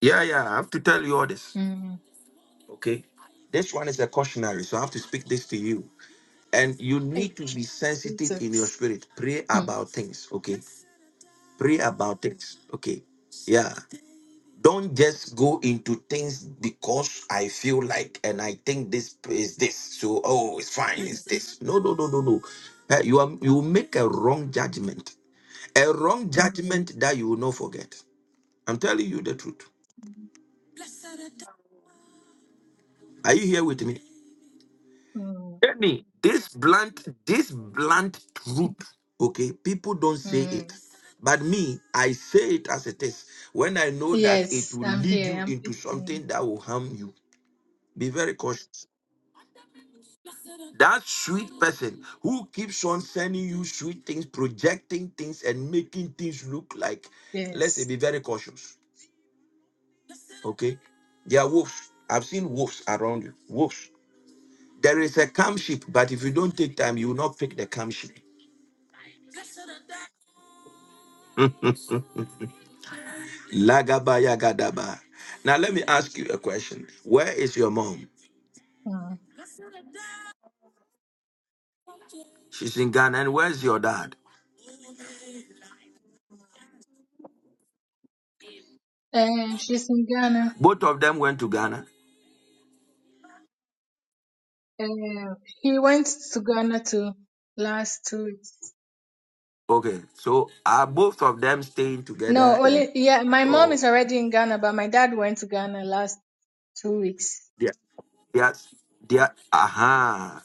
S1: Yeah, yeah. I have to tell you all this.
S13: Mm.
S1: Okay, this one is a cautionary, so I have to speak this to you. And you
S13: Hey,
S1: need to be sensitive in your
S13: Jesus.
S1: spirit. Pray
S13: Mm,
S1: about things. Okay, pray about things. Okay, yeah. Don't just go into things because I feel like and I think this is this. So oh, it's fine,
S13: yeah.
S1: it's this. No, no, no, no, no. Eh, you are you make a wrong judgment. A wrong judgment that you will not forget. I'm telling you the truth. Are you here with me?
S13: Mm,
S1: Any this blunt, this blunt truth. Okay, people don't say
S13: mm.
S1: it. But me, I say it as it is. When I know that it
S13: Yes,
S1: will
S13: I'm
S1: lead
S13: here.
S1: you
S13: I'm
S1: into
S13: listening.
S1: something that will harm you. Be very cautious. That sweet person who keeps on sending you sweet things, projecting things, and making things look like, let's say,
S13: Yes.
S1: be very cautious. Okay. There are wolves. I've seen wolves around you. Wolves. There is a calm sheep, but if you don't take time, you will not pick the calm sheep. Lagabaya gadaba. Now let me ask you a question. Where is your mom?
S13: Mm.
S1: She's in Ghana, and where's your dad?
S13: Uh, she's in Ghana.
S1: Both of them went to Ghana.
S13: Uh, he went to Ghana to last two weeks.
S1: Okay, so are both of them staying
S13: No,
S1: together in?
S13: only yeah. My mom is
S1: Oh.
S13: already in Ghana, but my dad went to Ghana last two weeks.
S1: They are, they are, they are, aha.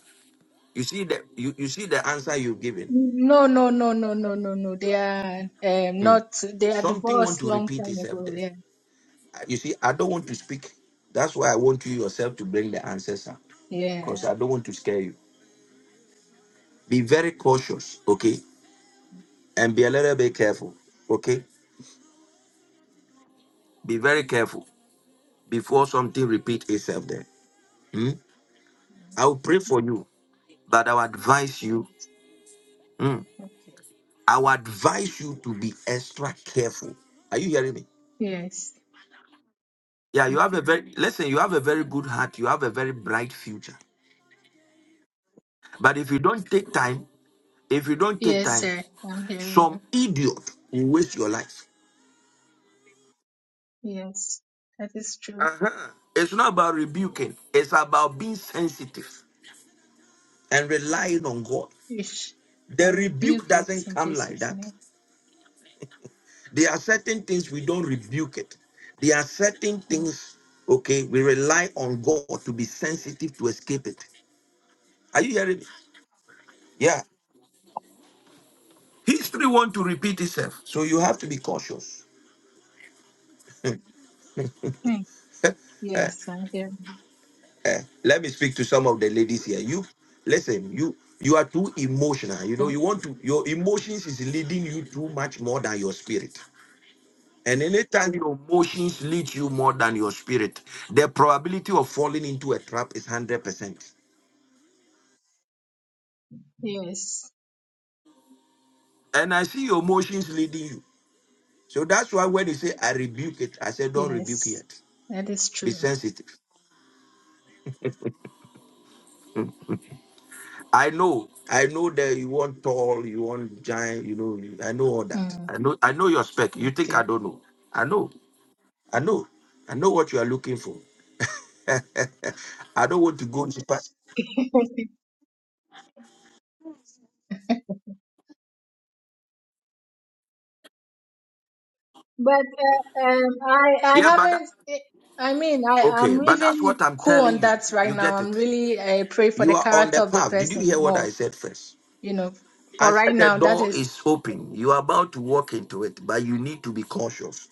S1: You see the you, you see the answer you've given.
S13: No, no, no, no, no, no, no. They are um,
S1: Hmm.
S13: not. They are
S1: Something want
S13: divorced
S1: to
S13: long
S1: repeat
S13: time
S1: itself
S13: ago.
S1: there.
S13: Yeah,
S1: Uh, You see, I don't want to speak. That's why I want you yourself to bring the answers up.
S13: yeah.
S1: Because I don't want to scare you. Be very cautious, okay? And be a little bit careful. Okay? Be very careful before something repeat itself there. Hmm? I will pray for you, but I will advise
S13: Yes.
S1: you. hmm,
S13: Okay.
S1: I will advise you to be extra careful. Are you hearing me?
S13: Yes.
S1: Yeah, you have a
S13: Okay.
S1: very listen, you have a very good heart, you have a very bright future. But if you don't take time, if you don't take
S13: Yes,
S1: time,
S13: sir. I'm hearing
S1: some idiot will waste your life.
S13: you. Yes, that is true.
S1: It's not about rebuking, it's about being sensitive and relying on God.
S13: Ish. I
S1: The rebuke
S13: rebuke it
S1: doesn't
S13: in
S1: come like
S13: Jesus'
S1: that.
S13: name.
S1: There are certain things we don't rebuke it. There are certain things, okay, we rely on God to be sensitive to escape it. Are you hearing me? Yeah. History want to repeat itself. So you have to be cautious.
S13: Mm. Yes, I'm hearing.
S1: Eh, Let me speak to some of the ladies here. You listen, you you are too emotional. You
S13: you.
S1: know,
S13: Mm.
S1: you want to your emotions is leading you too much more than your spirit. And anytime your emotions lead you more than your spirit, the probability of falling into a trap is hundred percent.
S13: Yes.
S1: And I see your emotions leading you. So that's why when you say I rebuke it, I say don't rebuke
S13: Yes,
S1: it.
S13: that is
S1: Be
S13: true.
S1: sensitive. I know. I know that you want tall, you want giant, you know, I know all that.
S13: Mm,
S1: I know I know your spec. You think I
S13: okay.
S1: don't know. I know. I know. I know what you are looking for. I don't want to go into past.
S13: But uh, um, I I
S1: Yeah, but that,
S13: haven't. eh, I mean, I
S1: okay,
S13: I'm
S1: but that's what
S13: even
S1: I'm
S13: cool
S1: telling
S13: on
S1: you.
S13: that right
S1: You
S13: now.
S1: get
S13: I'm
S1: it.
S13: really I pray for
S1: You
S13: the
S1: are on
S13: character
S1: the
S13: of the
S1: path. Did you
S13: person
S1: hear what I
S13: more.
S1: said first?
S13: You know,
S1: I
S13: for
S1: said
S13: right
S1: the
S13: now, that
S1: door
S13: is.
S1: is open. You are about to walk into it, but you need to be cautious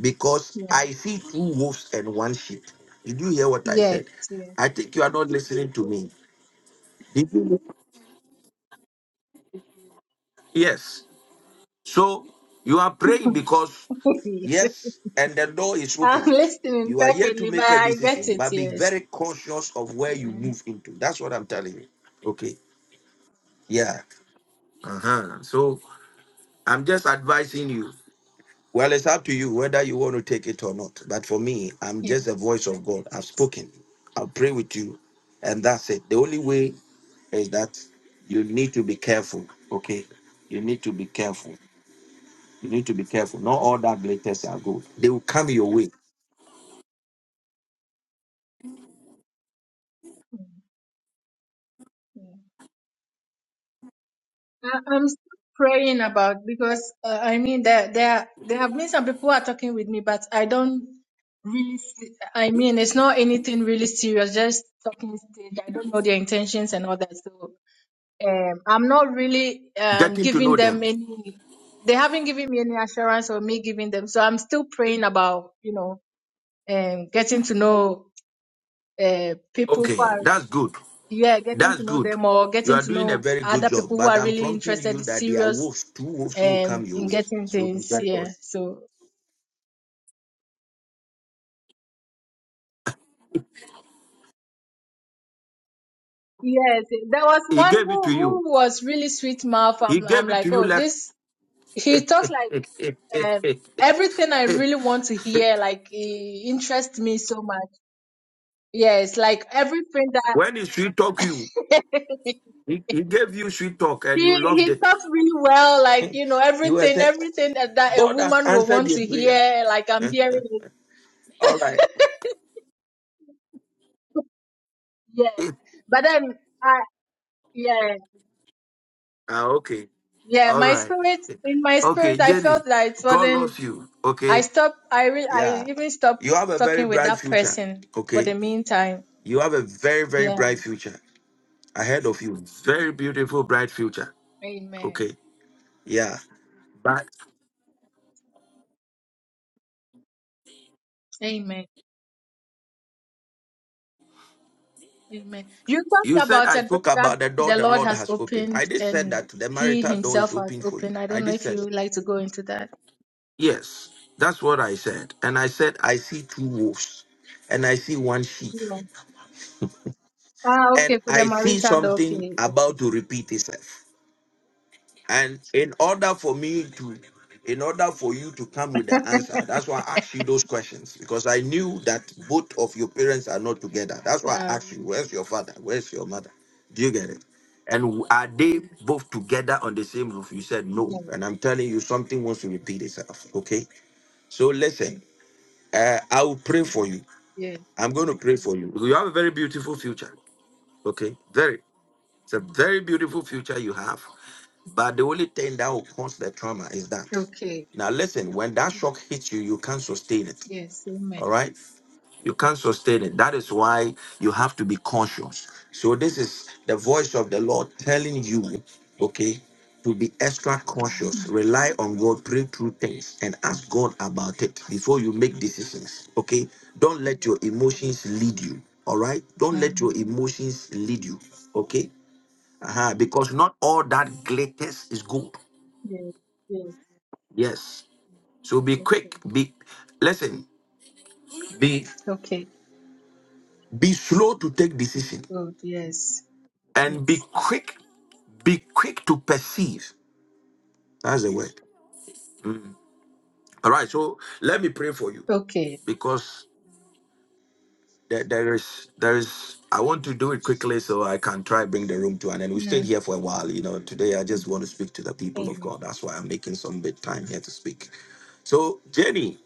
S1: because
S13: Yeah.
S1: I see two wolves and one sheep. Did you hear what I
S13: Yes.
S1: said?
S13: Yes.
S1: I think you are not listening to me. Did you? Yes. So you are praying because yes, and the door is
S13: I'm
S1: open.
S13: listening
S1: You are here to
S13: perfectly, but
S1: make a
S13: I get
S1: decision,
S13: it.
S1: but be
S13: Yes.
S1: very cautious of where you
S13: Yeah.
S1: move into. That's what I'm telling you. Okay. Yeah. Uh-huh. So I'm just advising you. Well, it's up to you whether you want to take it or not. But for me, I'm
S13: Yeah.
S1: just a voice
S13: I
S1: of God.
S13: get
S1: I've
S13: it.
S1: spoken. I'll pray with you. And that's it. The only way is that you need to be careful. Okay. You need to be careful. You need to be careful. Not all that glitters are good. They will come your way.
S13: Mm, yeah. I- I'm still praying about because uh, I mean there there there have been some people who are talking with me, but I don't really. See, I mean, it's not anything really serious. Just talking stage. I don't know their intentions and all that. So um, I'm not really um
S1: Getting to
S13: giving
S1: know
S13: them
S1: them.
S13: any. They haven't given me any assurance or me giving them. So I'm still praying about you know um getting to know uh people who
S1: Okay,
S13: are
S1: that's good.
S13: yeah getting
S1: That's
S13: to know
S1: good.
S13: them or
S1: You
S13: getting
S1: are
S13: to
S1: doing a
S13: know
S1: very good
S13: other
S1: job,
S13: people who
S1: but
S13: are
S1: I'm
S13: really
S1: prompting you
S13: interested,
S1: that there are
S13: serious
S1: wolves, two wolves who will come
S13: um
S1: your
S13: in
S1: way.
S13: getting
S1: So be
S13: things
S1: very
S13: yeah
S1: cautious.
S13: so yes there was
S1: He
S13: one
S1: gave it
S13: who
S1: to you.
S13: who was really sweet mouth
S1: He
S13: i'm, I'm
S1: gave it to
S13: like
S1: you
S13: oh
S1: left.
S13: this he talked like um everything i really want to hear like he interests me so much yes like everything that
S1: when he sweet talk you, he, he gave you sweet talk and
S13: he
S1: you loved
S13: he
S1: it.
S13: talks really well like you know
S1: you were
S13: everything
S1: saying,
S13: everything that, that a
S1: God has
S13: woman will
S1: answered
S13: want
S1: your
S13: to
S1: prayer.
S13: hear like i'm hearing it
S1: All right.
S13: yes
S1: ah,
S13: but then i yeah
S1: okay.
S13: yeah
S1: All
S13: my
S1: right.
S13: spirit in my
S1: Okay,
S13: spirit i felt
S1: Jenny,
S13: that it
S1: God
S13: wasn't
S1: loves you.
S13: I
S1: Okay,
S13: stopped. I re- I
S1: yeah.
S13: even stopped
S1: You have a very
S13: talking with
S1: bright
S13: that
S1: future.
S13: person for
S1: Okay,
S13: the meantime.
S1: you have a very, very
S13: Yeah.
S1: bright future ahead of you. Very beautiful, bright future.
S13: Amen.
S1: Okay, yeah. But
S13: Amen. Amen. You
S1: you
S13: talked
S1: said
S13: about
S1: I
S13: a door
S1: spoke
S13: that
S1: about the door
S13: the
S1: the
S13: Lord
S1: Lord
S13: has
S1: has opened. I
S13: opened
S1: did said
S13: and
S1: that the
S13: He
S1: marital door is
S13: Himself has
S1: open for you.
S13: opened. I
S1: I
S13: don't know
S1: did
S13: if
S1: said
S13: you
S1: that.
S13: would like to go into that.
S1: yes. That's what I said. And I said I see two wolves, and I see one sheep,
S13: Yeah. Ah, okay.
S1: and
S13: For the
S1: I see
S13: marital door.
S1: something
S13: Okay.
S1: about
S13: Okay.
S1: to repeat itself. And in order for me to, in order for you to come with the answer, that's why I asked you those questions because I knew that both of your parents are not together. That's why I asked you,
S13: Um,
S1: where's your father? Where's your mother? Do you get it? And w- are they both together on the same roof? You said no.
S13: yeah.
S1: And I'm telling you, something wants to repeat itself. Okay. So listen, uh, I will pray for
S13: Okay.
S1: you.
S13: Yes.
S1: I'm going to pray for you. You have a very beautiful future. Okay. Very. It's a very beautiful future you have. But the only thing that will cause the trauma is that.
S13: Okay.
S1: Now, listen, when that shock hits you, you can't sustain it.
S13: Yes. Amen.
S1: All right? You can't sustain it. That is why you have to be conscious. So, this is the voice of the Lord telling you, okay, to be extra cautious. Rely on God, pray through things, and ask God about it before you make decisions. Okay? Don't let your emotions lead you. All right? Don't let your
S13: Mm-hmm.
S1: emotions lead you. Okay? Uh-huh, because not all that glitters is good.
S13: Yes. Yes.
S1: Yes. So be quick.
S13: Okay.
S1: Be listen. Be
S13: Okay.
S1: be slow to take decision
S13: Good. Yes.
S1: and be
S13: Yes.
S1: quick. Be quick to perceive. That's the word. All right. So let me pray for you
S13: Okay.
S1: because there, there is there is i want to do it quickly so i can try bring the room to an end we stayed here for a while you know today i just want to
S13: Amen.
S1: speak to the people of god
S13: Amen.
S1: that's why i'm making some bit time here to speak so jenny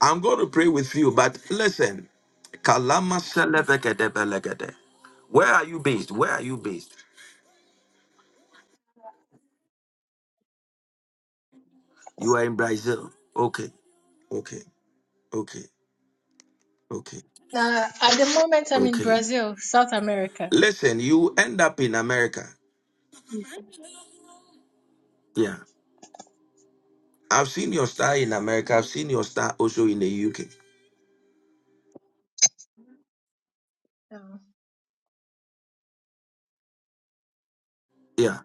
S1: i'm going to pray with you but listen Kalama selevekete belekete. where are you based where are you based you are in brazil okay okay okay okay
S13: Now, at the moment, I'm in
S1: okay
S13: Brazil, South America.
S1: listen you end up in america yeah I've seen your star in America. I've seen your star also in the UK.
S13: So,
S1: Yeah.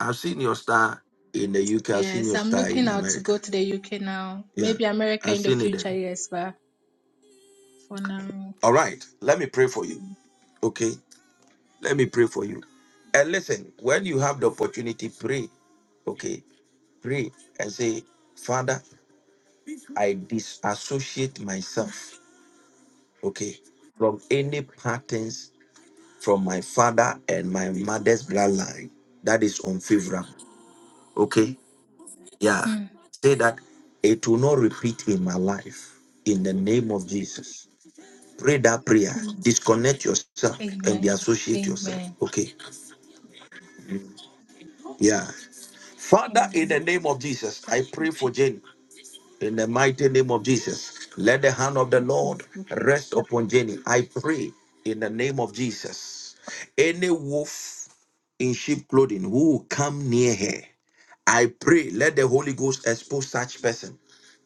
S1: I've seen your star in the UK. I've seen
S13: yes,
S1: your
S13: I'm
S1: star
S13: looking
S1: in
S13: out to
S1: America.
S13: go to the UK now.
S1: Yeah.
S13: Maybe America
S1: I've
S13: in the
S1: seen it there.
S13: future, yes, but for now.
S1: All right. Let me pray for you.
S13: mm,
S1: Okay. Let me pray for you. And listen, when you have the opportunity, pray. Okay. Pray and say, Father, I disassociate myself. Okay. From any patterns from my father and my mother's bloodline that is unfavorable. Okay. Yeah.
S13: mm.
S1: Say that it will not repeat in my life in the name of Jesus. Pray that prayer. Disconnect yourself and
S13: Amen.
S1: associate yourself.
S13: Amen.
S1: Okay. Yeah. Father, in the
S13: Amen.
S1: name of Jesus,
S13: Thank
S1: I
S13: you,
S1: pray for
S13: Jesus.
S1: Jenny. In the mighty name of Jesus, let the hand of the
S13: Okay,
S1: Lord
S13: okay.
S1: rest
S13: Perfect.
S1: upon Jenny. I pray in the name of Jesus. Any wolf in sheep clothing who will come near her. I pray, let the Holy Ghost expose such person.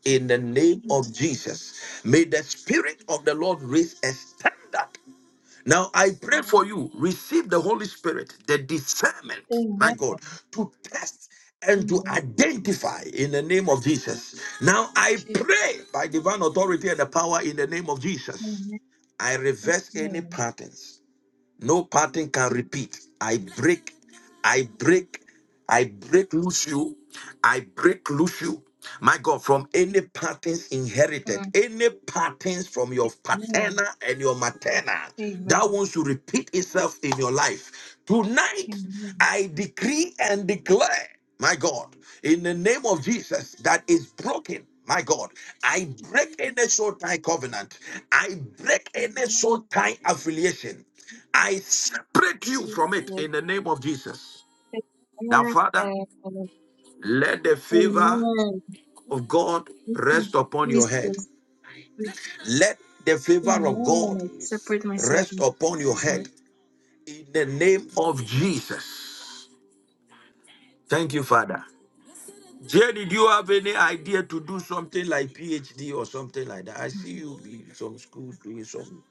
S1: In the name of Jesus, may the Spirit of the Lord raise a standard. Now I
S13: All
S1: pray for
S13: right.
S1: you, receive the Holy Spirit, the discernment, my
S13: Amen.
S1: God, to test and to
S13: Amen.
S1: identify in the name of Jesus. Now I
S13: Jesus.
S1: pray by divine authority and the power in the name of Jesus.
S13: Amen.
S1: I reverse any
S13: Amen.
S1: patterns no pattern can repeat. I break, I break, I break loose you. I break loose you. My God, from any patterns inherited,
S13: Mm.
S1: any patterns from your
S13: Amen.
S1: paternal and your maternal
S13: Amen.
S1: that wants to repeat itself in your life. Tonight,
S13: Amen.
S1: I decree and declare my God, in the name of Jesus that is broken. My God, I break any soul tie covenant. I break any soul tie affiliation. I separate you from it
S13: Jesus.
S1: in the name of Jesus. Now, Father,
S13: Amen.
S1: let the favor
S13: Amen.
S1: of God
S13: Thank you,
S1: rest upon your head.
S13: Jesus.
S1: Let the favor of
S13: Amen.
S1: God
S13: I separate myself
S1: rest
S13: in
S1: upon your
S13: Jesus' name.
S1: head in the name of Jesus. Thank you, Father. Jay, did you have any idea to do something like PhD or something like that? I see you in some school doing something.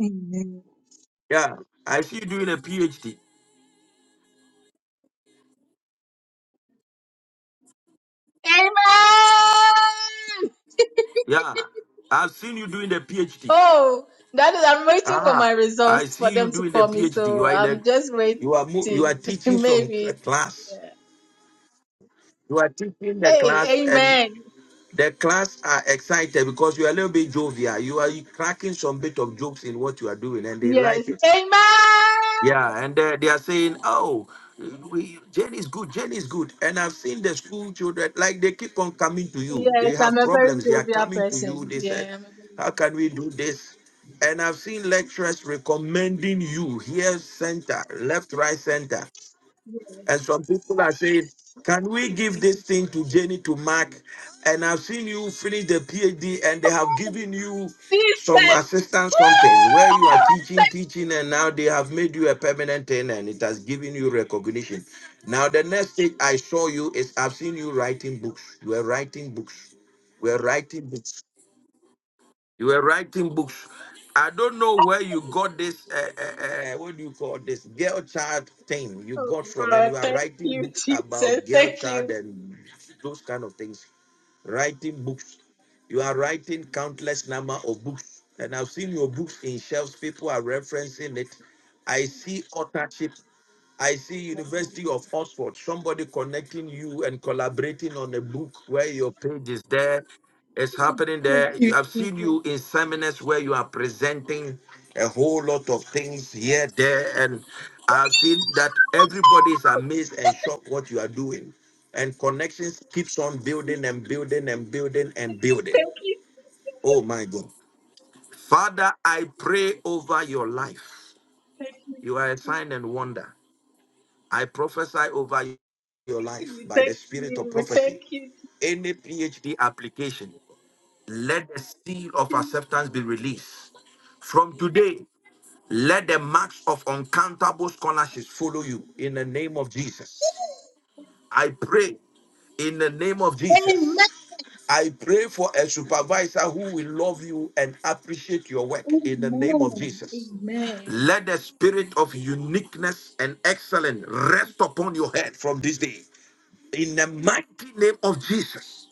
S13: Amen.
S1: Yeah, I see you doing a PhD.
S13: Amen.
S1: Yeah, I've seen you doing the PhD.
S13: Oh, that is, I'm waiting for
S1: Ah,
S13: my
S1: I
S13: results for
S1: see you
S13: them to
S1: doing the
S13: call me.
S1: PhD. You
S13: So
S1: are in a,
S13: I'm just waiting.
S1: you are mo- you are teaching some cl-
S13: Maybe.
S1: class.
S13: Yeah.
S1: You are teaching the class,
S13: Hey,
S1: and
S13: amen.
S1: the class are excited because you are a little bit jovial. You are cracking some bit of jokes in what you are doing, and they
S13: Yes.
S1: like it.
S13: Amen.
S1: Yeah, and they, they are saying, "Oh, we Jane is good. Jane is good." And I've seen the school children like they keep on coming to you.
S13: Yes,
S1: They
S13: I'm
S1: have
S13: a very
S1: problems. They are
S13: jovial
S1: coming to you.
S13: person.
S1: They said,
S13: Yeah, I'm a very
S1: "How
S13: jovial.
S1: can we do this?" And I've seen lecturers recommending you here, center, left, right, center.
S13: Yeah.
S1: And some people are saying, can we
S13: Hey,
S1: give
S13: thank
S1: this
S13: you.
S1: thing to Jenny to Mark? And I've seen you finish the PhD and they have given you
S13: Hey,
S1: some
S13: Jesus.
S1: assistance, something where you are
S13: Woo!
S1: teaching, teaching, and now they have made you a permanent thing and it has given you recognition. Now, the next thing I saw you is I've seen you writing books. You are writing books. We are writing books. You were writing books. I don't know where you got this, uh, uh, uh, uh, what do you call this, girl child thing you
S13: Oh
S1: got from, and
S13: God,
S1: you are
S13: thank
S1: writing
S13: you,
S1: books
S13: Jesus.
S1: about girl
S13: Thank
S1: child
S13: you.
S1: and those kind of things writing books. You are writing countless number of books, and I've seen your books in shelves. People are referencing it. I see authorship. I see University of Oxford. Somebody connecting you and collaborating on a book where your page is there. It's happening
S13: Thank
S1: there. You-
S13: you,
S1: I've seen you
S13: Jesus.
S1: in seminars where you are presenting a whole lot of things here, there, and I've seen that everybody is amazed and shocked what you are doing and connections keeps on building and building and building and building.
S13: Thank you.
S1: Oh my God. Father, I pray over your life.
S13: Thank you,
S1: You are a sign and wonder. I prophesy over your life
S13: Jesus.
S1: by the
S13: Thank
S1: spirit of
S13: you. Thank
S1: prophecy.
S13: you,
S1: Any PhD application, let the seal of
S13: Jesus.
S1: acceptance be released. From today, let the marks of uncountable scholarships follow you in the name of Jesus. I pray in the name of
S13: Amen.
S1: Jesus. I pray for a supervisor who will love you and appreciate your work in
S13: Amen.
S1: the name of Jesus.
S13: Amen.
S1: Let the spirit of uniqueness and excellence rest upon your head from this day. In the mighty name of Jesus.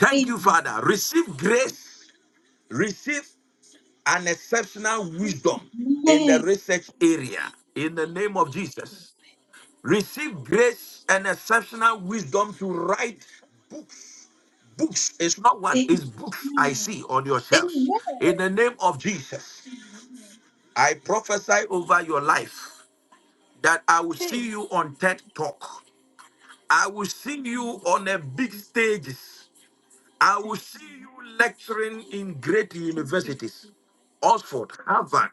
S1: Thank you,
S13: Amen.
S1: Father. Receive grace, receive an exceptional wisdom in the
S13: Amen.
S1: research area. In the name of Jesus. Receive grace and exceptional wisdom to write books. Books. It's not one,
S13: Amen.
S1: it's books I see on your
S13: Amen.
S1: shelves. In the name of Jesus,
S13: Amen.
S1: I prophesy over your life that I will see
S13: Hey,
S1: you on TED Talk. I will see you on a big stages. I will
S13: thank,
S1: see you lecturing in great
S13: thank you.
S1: universities. Oxford, Harvard.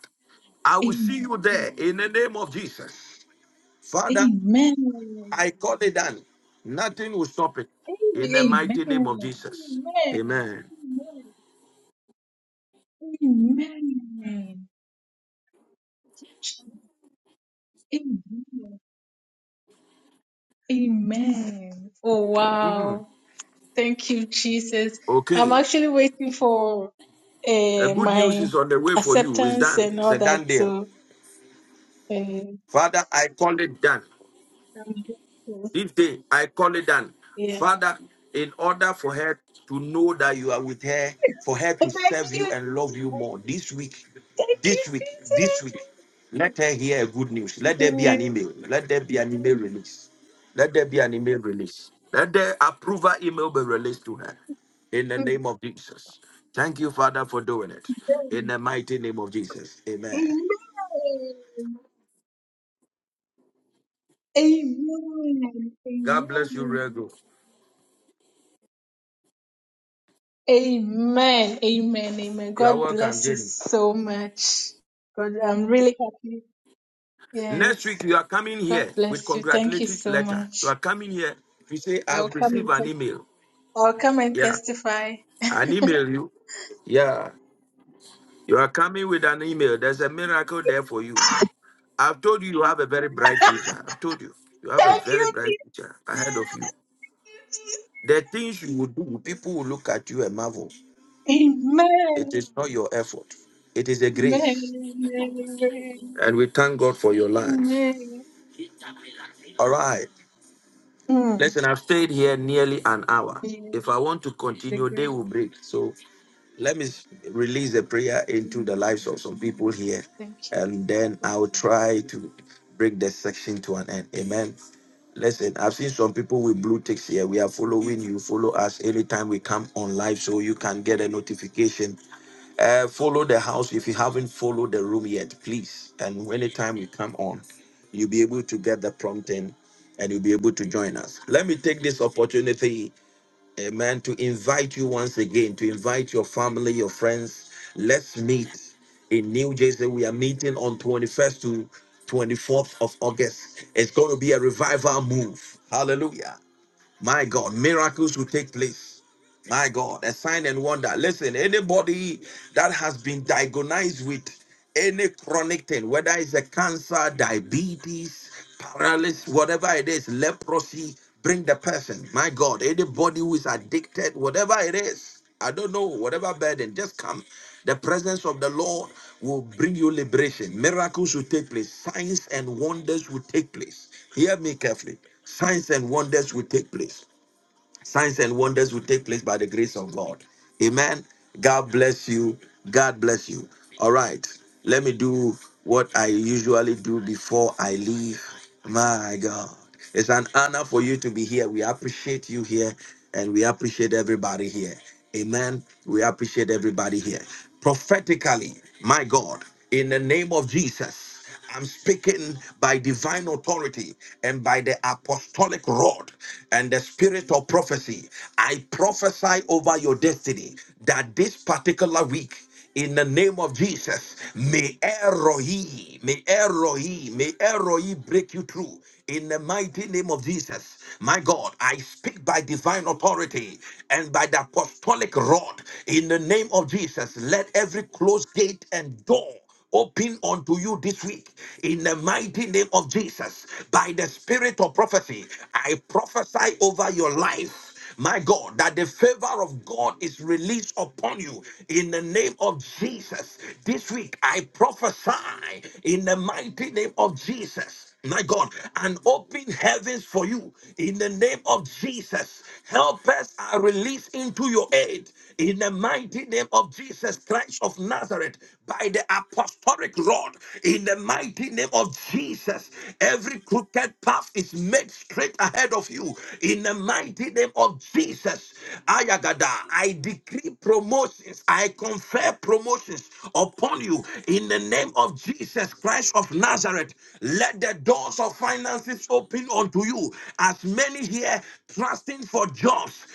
S1: I will see
S13: Amen.
S1: you there in the name of Jesus. Father,
S13: Amen. Amen.
S1: I call it done. Nothing will stop it. In the
S13: Amen.
S1: mighty name of Jesus. Amen.
S13: Amen. Amen. Amen. Oh,
S1: Mhm.
S13: wow. Thank you, Jesus. I'm
S1: Okay.
S13: actually waiting for
S1: A
S13: uh,
S1: good news
S13: my
S1: is on the way for you. It's
S13: acceptance
S1: done.
S13: and
S1: It's
S13: all
S1: a done
S13: that.
S1: deal.
S13: So, uh, I'm
S1: Father, I call it done.
S13: grateful.
S1: This day I call it done.
S13: yeah.
S1: Father, in order for her to know that you are with her, for her to
S13: Thank
S1: serve
S13: you.
S1: you and love you more this week,
S13: Thank you,
S1: this week,
S13: Jesus.
S1: this week, let her hear good news. Let there be an
S13: Amen.
S1: email. Let there be an email release. Let there be an email release. Let the approval email be released to her. In the name of Jesus. Thank you, Father, for doing it. In the mighty name of Jesus. Amen.
S13: Amen. Amen.
S1: God bless you,
S13: Amen.
S1: real good.
S13: Amen. Amen. Amen.
S1: You are
S13: God
S1: welcome,
S13: bless you
S1: Jenny.
S13: so much. God, I'm really happy.
S1: Next
S13: Yes.
S1: week, you are coming here
S13: God
S1: with
S13: bless you. Thank you
S1: congratulatory
S13: so
S1: letter. You
S13: much.
S1: are coming here to say,
S13: I'll
S1: I've
S13: come
S1: received
S13: and
S1: an
S13: te-
S1: email.
S13: I'll come and
S1: Yeah,
S13: testify.
S1: an email you. Yeah, you are coming with an email. There's a miracle there for you. I've told you, you have a very bright future. I've told you, you have a
S13: Thank
S1: very
S13: you,
S1: bright future ahead of you.
S13: Jesus.
S1: The things you will do, people will look at you and marvel. It
S13: Amen.
S1: is not your effort, it is a grace.
S13: Amen.
S1: And we thank God for your life.
S13: Amen.
S1: All right.
S13: Mm.
S1: Listen, I've stayed here nearly an hour.
S13: Yeah,
S1: If I want to
S13: the
S1: continue, they
S13: grace.
S1: will break. So let me s- release a prayer into the
S13: Amen.
S1: lives of some people
S13: Amen.
S1: here,
S13: Thank you.
S1: and then
S13: God
S1: I'll
S13: bless.
S1: try to break the section to an end. Amen. Listen, I've seen some people with blue ticks here. We are following you. Follow us anytime we come on live so you can get a notification uh, follow the house if you haven't followed the room yet, please. And anytime you come on, you'll be able to get the prompting and you'll be able to join us. Let me take this opportunity, amen, to invite you once again, to invite your family, your friends. Let's meet in New Jersey. We are meeting on 21st to 24th of August. It's going to be a revival move. Hallelujah. My God, miracles will take place. My God, a sign and wonder. Listen, anybody that has been diagnosed with any chronic thing, whether it's a cancer, diabetes, paralysis, whatever it is, leprosy, bring the person. My God, anybody who is addicted, whatever it is, I don't know, whatever burden, just come. The presence of the Lord will bring you liberation. Miracles will take place. Signs and wonders will take place. Hear me carefully. Signs and wonders will take place signs and wonders will take place by the grace of God. Amen. God bless you. God bless you. All right. Let me do what I usually do before I leave. My God. It's an honor for you to be here. We appreciate you here and we appreciate everybody here. Amen. We appreciate everybody here. Prophetically, my God, in the name of Jesus. I'm speaking by divine authority and by the apostolic rod and the spirit of prophecy. I prophesy over your destiny that this particular week, in the name of Jesus, may eroi, may eroi, may eroi break you through. In the mighty name of Jesus, my God, I speak by divine authority and by the apostolic rod. In the name of Jesus, let every closed gate and door open unto you this week in the mighty name of Jesus. By the spirit of prophecy, I prophesy over your life. My God, that the favor of God is released upon you in the name of Jesus. This week, I prophesy in the mighty name of Jesus my God, and open heavens for you in the name of Jesus. Helpers are released into your aid in the mighty name of Jesus Christ of Nazareth by the apostolic rod in the mighty name of Jesus. Every crooked path is made straight ahead of you in the mighty name of Jesus. Ayagada, I decree promotions I confer promotions upon you in the name of Jesus Christ of Nazareth. Let the doors of finances open unto you. As many here trusting for jobs,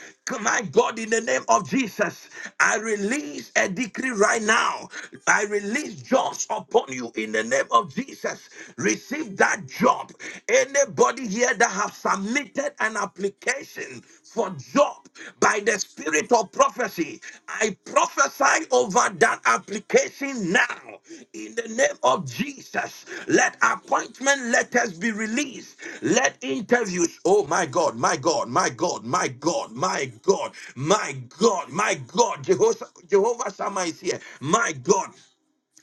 S1: my God, in the name of Jesus, I release a decree right now. I release jobs upon you in the name of Jesus. Receive that job. Anybody here that have submitted an application for job by the spirit of prophecy, I prophesy over that application now in the name of Jesus. Let appointment letters be released. Let interviews. Oh my God, my God, my God, my God, my God, my God, my God. Jehovah, Jehovah Shammah is here. My God.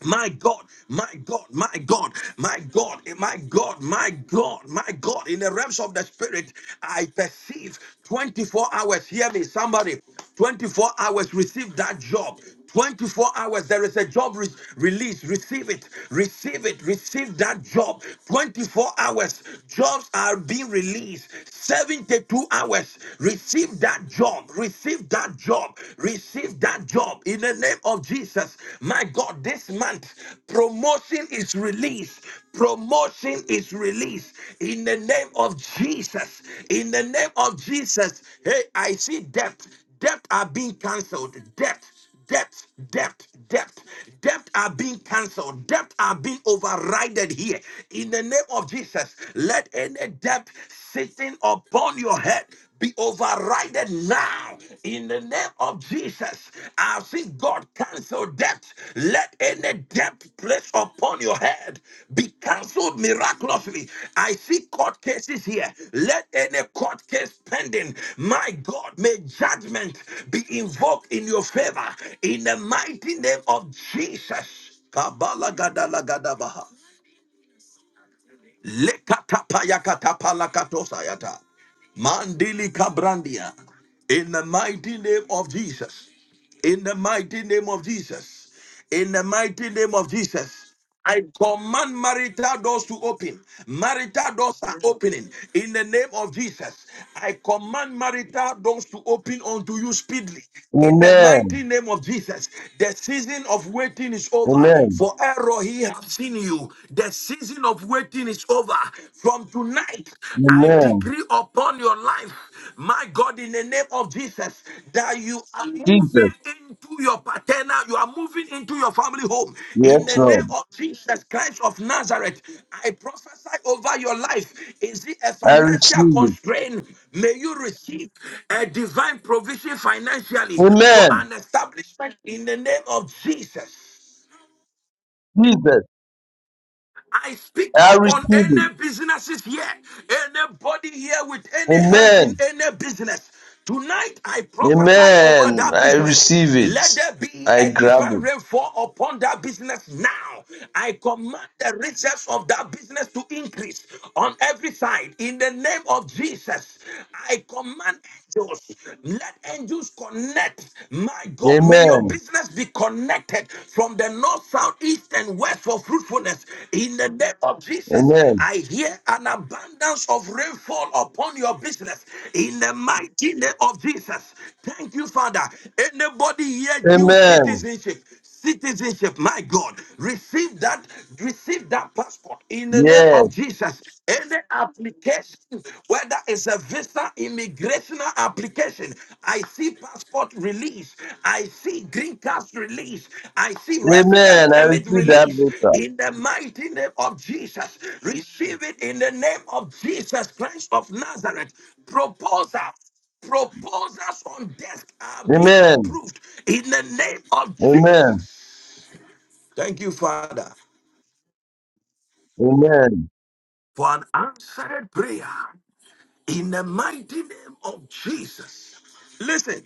S1: My God, my God, my God, my God, my God, my God, my God, in the realms of the spirit, I perceive 24 hours. Hear me, somebody. 24 hours, receive that job. 24 hours, there is a job re- release. Receive it, receive it, receive that job. 24 hours, jobs are being released. 72 hours, receive that job, receive that job job. Receive that job in the name of Jesus. My God, this month, promotion is released. Promotion is released in the name of Jesus. In the name of Jesus. Hey, I see debt. Debt are being cancelled. Debt. Debt, debt, debt, debt are being cancelled. Debt are being overrided here. In the name of Jesus, let any debt sitting upon your head be overrided now. In the name of Jesus, I've seen God cancel debt. Let any debt placed upon your head be cancelled miraculously. I see court cases here. Let any court case pending, my God, may judgment be invoked in your favor in the mighty name of Jesus. Kabala gadala gadabaha. Lekatapayakatapalakatosayata. Mandili Kabrandia. In the mighty name of Jesus. In the mighty name of Jesus. In the mighty name of Jesus. I command marital doors to open. Marital doors are opening in the name of Jesus. I command marital doors to open unto you speedily. In the
S14: Amen.
S1: mighty name of Jesus, the season of waiting is over.
S14: Amen.
S1: For error, he has seen you. The season of waiting is over. From tonight, I
S14: Amen.
S1: decree upon your life, my God, in the name of Jesus, that you are
S14: Jesus.
S1: moving into your paternal, you are moving into your family home. In
S14: Yes,
S1: the
S14: Lord.
S1: name of Jesus Christ of Nazareth, I prophesy over your life. Is it a
S14: I
S1: financial
S14: receive it.
S1: constraint? May you receive a divine provision financially for
S14: Amen.
S1: an establishment in the name of Jesus.
S14: Jesus.
S1: I speak
S14: I
S1: upon
S14: receive it.
S1: any businesses here, anybody here with any hands in
S14: Amen.
S1: any business. Tonight I prophesy over
S14: Amen.
S1: that
S14: I
S1: business.
S14: receive it.
S1: Let there be
S14: I
S1: a
S14: grab
S1: divine
S14: it.
S1: rainfall upon that business now. I command the riches of that business to increase on every side. In the name of Jesus, I command angels. Let angels connect. My God, may your
S14: Amen.
S1: business be connected from the north, south, east, and west for fruitfulness. In the name of Jesus,
S14: Amen.
S1: I hear an abundance of rainfall upon your business. In the mighty name of Jesus. Thank you, Father. Anybody here due
S14: Amen.
S1: citizenship? citizenship. My God, receive that, receive that passport in the name
S14: Yes.
S1: of Jesus. Any application, whether it's a visa, immigration application, I see passport release, I see green card release, I see resident
S14: Amen. I
S1: permit
S14: receive that
S1: release
S14: letter.
S1: in the mighty name of Jesus. Receive it in the name of Jesus Christ of Nazareth. Proposal. Proposals on desk are being
S14: Amen.
S1: approved in the name of
S14: Amen.
S1: Jesus. Thank you, Father,
S14: Amen.
S1: for an answered prayer in the mighty name of Jesus. Listen,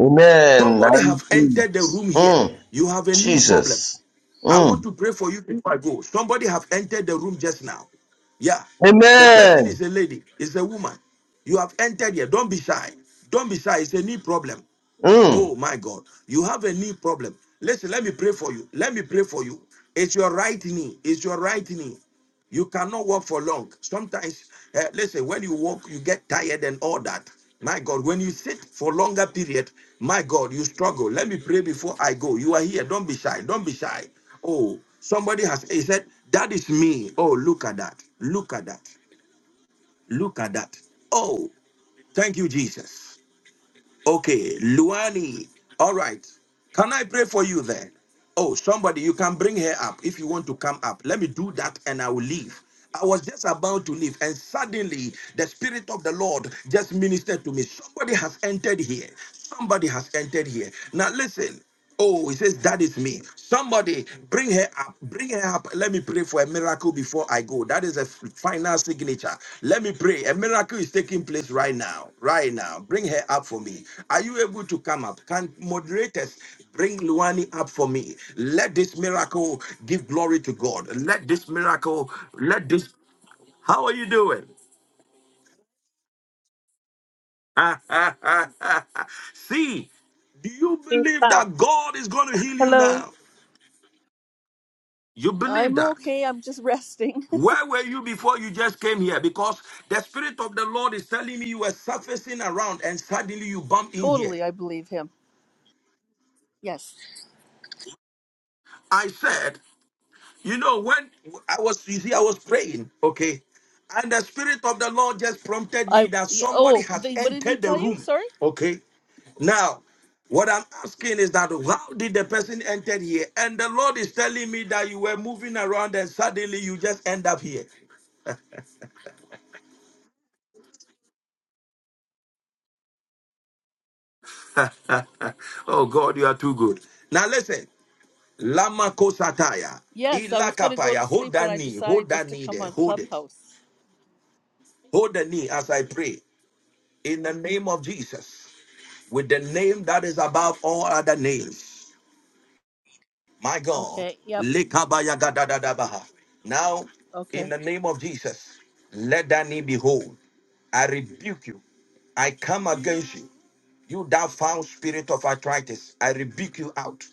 S14: Amen. I
S1: somebody have
S14: receive
S1: entered
S14: it.
S1: the room here.
S14: Mm.
S1: You have a knee problem.
S14: Jesus.
S1: I
S14: Mm.
S1: want to pray for you before I go. Somebody have entered the room just now. Yeah. The person
S14: Amen.
S1: is a lady, is a woman. You have entered here. Don't be shy. Don't be shy. It's a knee problem.
S14: Mm.
S1: Oh my God, you have a knee problem. Listen, let me pray for you. Let me pray for you. It's your right knee. It's your right knee. You cannot walk for long. Sometimes, uh, listen, when you walk, you get tired and all that. My God, when you sit for longer period, my God, you struggle. Let me pray before I go. You are here. Don't be shy. Don't be shy. Oh, somebody has he said, that is me. Oh, look at that. Look at that. Look at that. Oh, thank you, Jesus. Okay, Luani. All right. Can I pray for you then? Oh, somebody, you can bring her up if you want to come up. Let me do that and I will leave. I was just about to leave, and suddenly the Spirit of the Lord just ministered to me. Somebody has entered here. Somebody has entered here. Now, listen. Oh, he says, That is me. Somebody bring her up. Bring her up. Let me pray for a miracle before I go. That is a final signature. Let me pray. A miracle is taking place right now. Right now. Bring her up for me. Are you able to come up? Can moderators bring Luani up for me? Let this miracle give glory to God. Let this miracle, let this. How are you doing? See, do you believe that God is going to heal you
S15: Hello.
S1: now? You believe
S15: I'm
S1: that?
S15: okay. I'm just resting.
S1: Where were you before you just came here? Because the Spirit of the Lord is telling me you were surfacing around and suddenly you bumped in here.
S15: totally, I believe him. Yes.
S1: I said, you know, when I was, you see, I was praying, okay? And the Spirit of the Lord just prompted
S15: I
S1: me that
S15: y-
S1: somebody
S15: oh,
S1: has
S15: the, what did he
S1: entered the
S15: tell you?
S1: room,
S15: Sorry?
S1: okay? Now, what I'm asking is that how did the person enter here? And the Lord is telling me that you were moving around and suddenly you just end up here. Oh God, you are too good. Now listen. Lama kosataya.
S15: Yes, I was going to go to
S1: Ilakapaya. Hold
S15: sleep and
S1: that
S15: I
S1: knee. Hold
S15: decided just
S1: that
S15: to
S1: knee
S15: come
S1: there.
S15: on
S1: Hold it.
S15: Clubhouse.
S1: Hold the knee as I pray. In the name of Jesus. With the name that is above all other names. My God.
S15: Okay. Yep.
S1: Likabaya gadadadabaha. Now, in
S15: Okay.
S1: the name of Jesus, let that knee be whole. I rebuke you. I come against you. You that foul spirit of arthritis, I rebuke you out.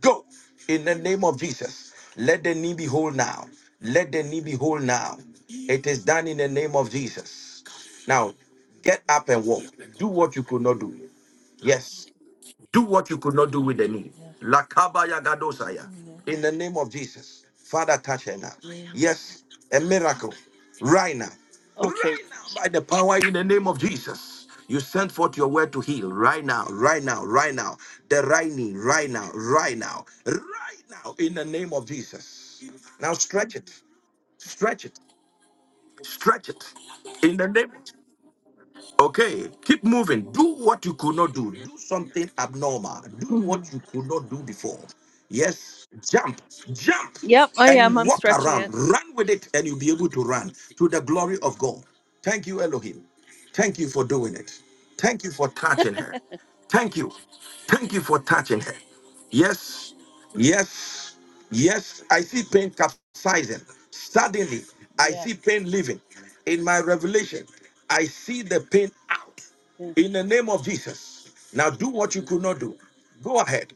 S1: Go in the name of Jesus. Let the knee be whole now. Let the knee be whole now. It is done in the name of Jesus. Now, get up and walk. Do what you could not do. Yes. Do what you could not do with the knee.
S15: Yeah.
S1: Lakabaya gadosaya.
S15: Mhm.
S1: In the name of Jesus. Father, touch her now.
S15: Mm.
S1: Yes, a miracle. Right now.
S15: Okay.
S1: Right now, by the power in the name of Jesus. You sent forth your word to heal right now, right now, right now. The right knee, right now, right now, right now, in the name of Jesus. Now stretch it, stretch it, stretch it. In the name. Okay, keep moving. Do what you could not do. Do something abnormal. Do
S15: Mhm.
S1: what you could not do before. Yes, jump, jump,
S15: Yep, I
S1: and
S15: am. I'm
S1: walk
S15: stretching
S1: around.
S15: it.
S1: Run with it, and you'll be able to run to the glory of God. Thank you, Elohim. Thank you for doing it. Thank you for touching her. Thank you. Thank you for touching her. Yes, yes. Yes, I see pain capsizing. Suddenly, I
S15: Yes.
S1: see pain leaving. In my revelation, I see the pain out.
S15: Yeah,
S1: In the name of Jesus. Now do what you could not do. Go ahead.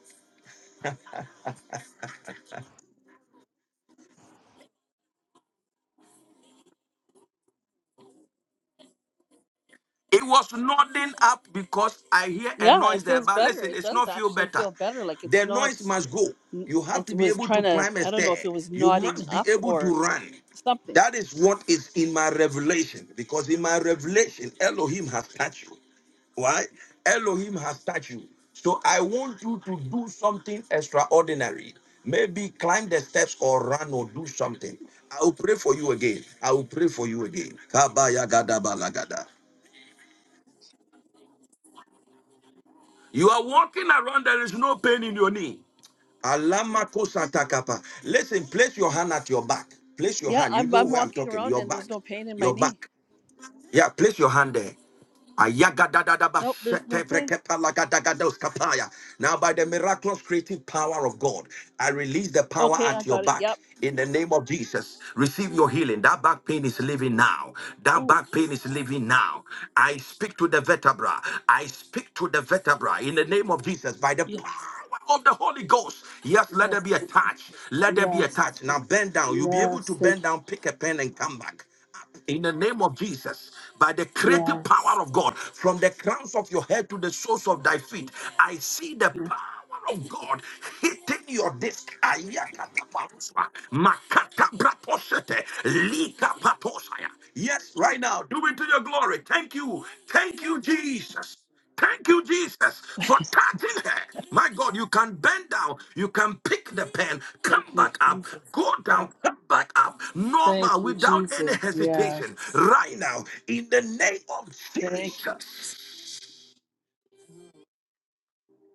S1: It was nodding up because I hear a
S15: Yeah, it
S1: noise there.
S15: feels
S1: But
S15: better.
S1: listen,
S15: It
S1: it's
S15: does
S1: not feel
S15: actually
S1: better.
S15: feel better. Like
S1: The
S15: it's
S1: noise
S15: not
S1: must go. You have
S15: it
S1: to be
S15: was
S1: able to
S15: trying to
S1: climb a
S15: I don't know if
S1: stair.
S15: it was
S1: You
S15: knotting
S1: must be
S15: up
S1: able to
S15: or
S1: run.
S15: something.
S1: That is what is in my revelation. Because in my revelation, Elohim has touched you. Why? Elohim has touched you. So I want you to do something extraordinary. Maybe climb the steps or run or do something. I will pray for you again. I will pray for you again. Kabaya gada balagada. You are walking around, there is no pain in your knee. Alamako Satakapa. Listen, place your hand at your back. Place your
S15: Yeah,
S1: hand. You
S15: I'm
S1: know
S15: I'm
S1: where I'm
S15: walking
S1: talking.
S15: around
S1: Your
S15: and there's
S1: back.
S15: no pain in my
S1: Your back.
S15: knee.
S1: Yeah, place your hand there.
S15: Nope, there's no pain.
S1: Ayagadadadabashetevrekepalagadagadauskapaya. Now, by the miraculous creative power of God, I release the power
S15: Okay, I
S1: at your
S15: got it.
S1: back.
S15: Yep.
S1: In the name of Jesus, receive your healing. That back pain is leaving now. That
S15: Ooh.
S1: back pain is leaving now. I speak to the vertebra. I speak to the vertebra. In the name of Jesus, by the
S15: Yeah.
S1: power of the Holy Ghost. Yes, let there
S15: Yes.
S1: be a touch. Let there be a
S15: Yes.
S1: touch. Now bend down. You'll be able to
S15: Yes. Thank
S1: bend
S15: you.
S1: down, pick a pen, and come back in the name of Jesus, by the creative
S15: Yes.
S1: power of God, from the crowns of your head to the soles of thy feet, I see the
S15: Yes.
S1: power of God hitting your disc. Ayakataparuswa, makatabraposete, likapatosaya. Yes, right now, do it to your glory. Thank you. Thank you, Jesus. Thank you, Jesus, for touching her. My God, you can bend down, you can pick the pen, come
S15: Thank you,
S1: back up,
S15: Jesus.
S1: go
S15: Oh,
S1: down, come back up, normal,
S15: thank you,
S1: without any
S15: Jesus. Yes.
S1: hesitation. Right now, in the name of
S15: Thank you.
S1: Jesus,
S15: Jesus.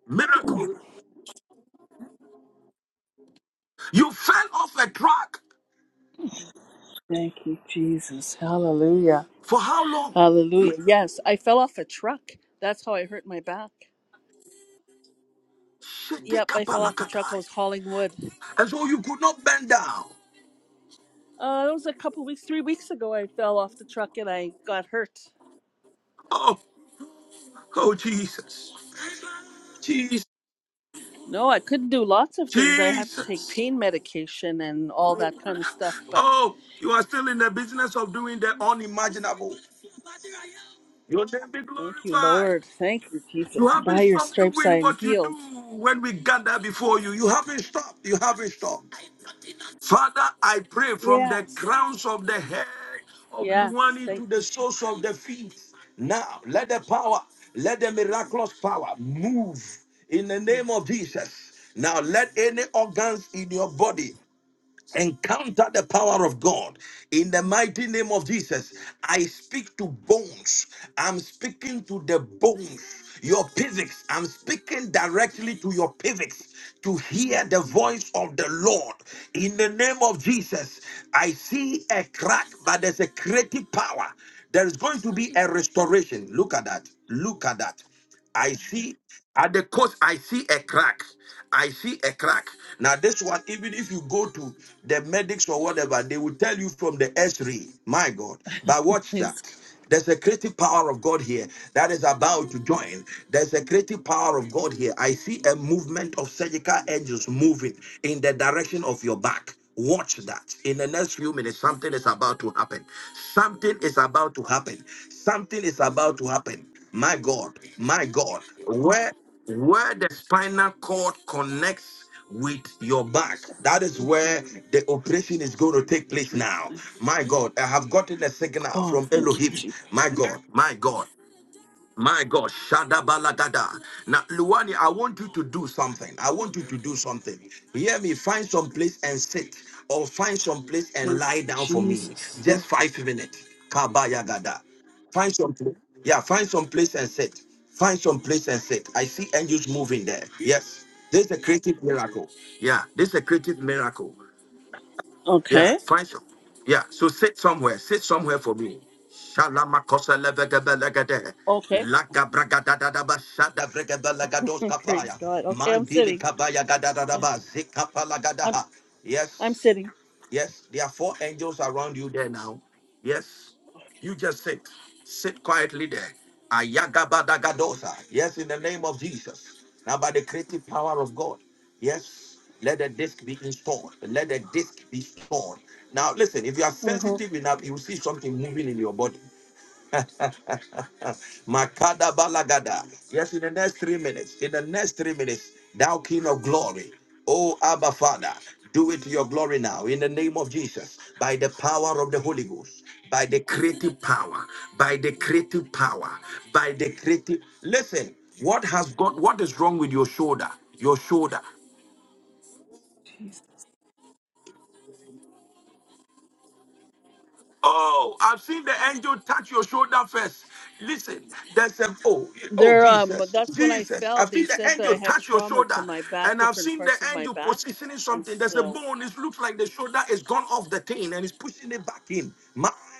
S1: miracle. You fell off a truck
S15: Thank you, Jesus. Hallelujah.
S1: for how long?
S15: Hallelujah. Yes, I fell off a truck. That's how I hurt my back. Yep, I fell off a truck. I
S1: Shetekapalakatai.
S15: was hauling wood.
S1: And so you could not bend down.
S15: Uh, it was a couple weeks, three weeks ago. I fell off the truck and I got hurt.
S1: Oh, oh, Jesus, Jesus,
S15: No, I couldn't do lots of things. I had to take
S1: Jesus.
S15: pain medication and all that kind of stuff. But
S1: Oh, you are still in the business of doing the unimaginable. Your name be
S15: thank you,
S1: glorified.
S15: Lord. Thank you,
S1: You
S15: Jesus.
S1: haven't
S15: By your
S1: stopped
S15: stripes, I
S1: doing
S15: am
S1: what you
S15: healed.
S1: do when we gather before you. You haven't stopped. You haven't stopped. Father, I pray from the
S15: Yes.
S1: crowns of the head of
S15: Yes.
S1: Luani
S15: Thank
S1: to the
S15: you,
S1: soles of the feet. Now, let the power, let the miraculous power move in the
S15: Jesus.
S1: name of Jesus. Now, let any organs in your body Encounter the power of God in the mighty name of Jesus. I speak to bones. I'm speaking to the bones, your physics. I'm speaking directly to your physics to hear the voice of the Lord. In the name of Jesus, I see a crack, but there's a creative power. There is going to be a restoration. Look at that. Look at that. I see at the coast, I see a crack. I see a crack. Now, this one, even if you go to the medics or whatever, they will tell you from the x-ray. My God. But watch that.
S15: Praise God.
S1: There's a creative power of God here that is about to join. There's a creative power of God here. I see a movement of surgical angels moving in the direction of your back. Watch that. In the next few minutes, something is about to happen. Something is about to happen. Something is about to happen. My God, my God, where where the spinal cord connects with your back, that
S15: Thank
S1: is
S15: you,
S1: where the operation is going to take place
S15: Jesus.
S1: now. My God, I have gotten a signal
S15: Oh,
S1: from
S15: thank you,
S1: Elohim.
S15: Jesus.
S1: My God, my God. My God, shada Shadabalagada. Now, Luwani, I want you to do something. I want you to do something. Hear me. Find some place and sit, or find some place and
S15: Thank
S1: lie
S15: you,
S1: down for me.
S15: Jesus.
S1: Just
S15: Thank-
S1: five minutes. Kabayagada. Find some place. Yeah, find some place and sit. Find some place and sit. I see angels moving there. Yes. This is a creative miracle. Yeah, this is a creative miracle. Yeah,
S15: Okay.
S1: find some. Yeah, so sit somewhere. Sit somewhere for me. Shalama levegebelegede.
S15: Okay.
S1: Laka bragadadadaba shada bregebelegados kapaya.
S15: Praise God. Okay, I'm
S1: Mandili
S15: sitting.
S1: kabaya
S15: I'm
S1: gadadadaba
S15: I'm,
S1: zikapalagadaha.
S15: I'm
S1: Yes.
S15: sitting.
S1: Yes, there are four angels around you there now. Yes, you just sit, sit quietly there. Ayagabadagadosa. Yes, in the name of Jesus. Now, by the creative power of God, yes, let the disc be installed. Let the disc be stored. Now, listen, if you are
S15: Mm-hmm.
S1: sensitive enough, you will see something moving in your body. Makada balagada. Yes, in the next three minutes, in the next three minutes, thou King of glory, O Abba Father, do it to your glory now in the name of Jesus, by the power of the Holy Ghost, by the creative power, by the creative power, by the creative. Listen, what has got what is wrong with your shoulder? Your shoulder. Oh, I've seen the angel touch your shoulder first. Listen, there's a oh, oh
S15: There, um,
S1: Jesus,
S15: that's when I
S1: Jesus.
S15: fell.
S1: I've
S15: They
S1: seen the
S15: said that
S1: angel
S15: I had
S1: touch your
S15: trauma to
S1: shoulder,
S15: my back,
S1: and I've
S15: different
S1: seen the
S15: parts of my
S1: angel
S15: back,
S1: positioning
S15: and
S1: something. There's a
S15: so
S1: bone. It looks like the shoulder is gone off the thing and it's pushing it back in.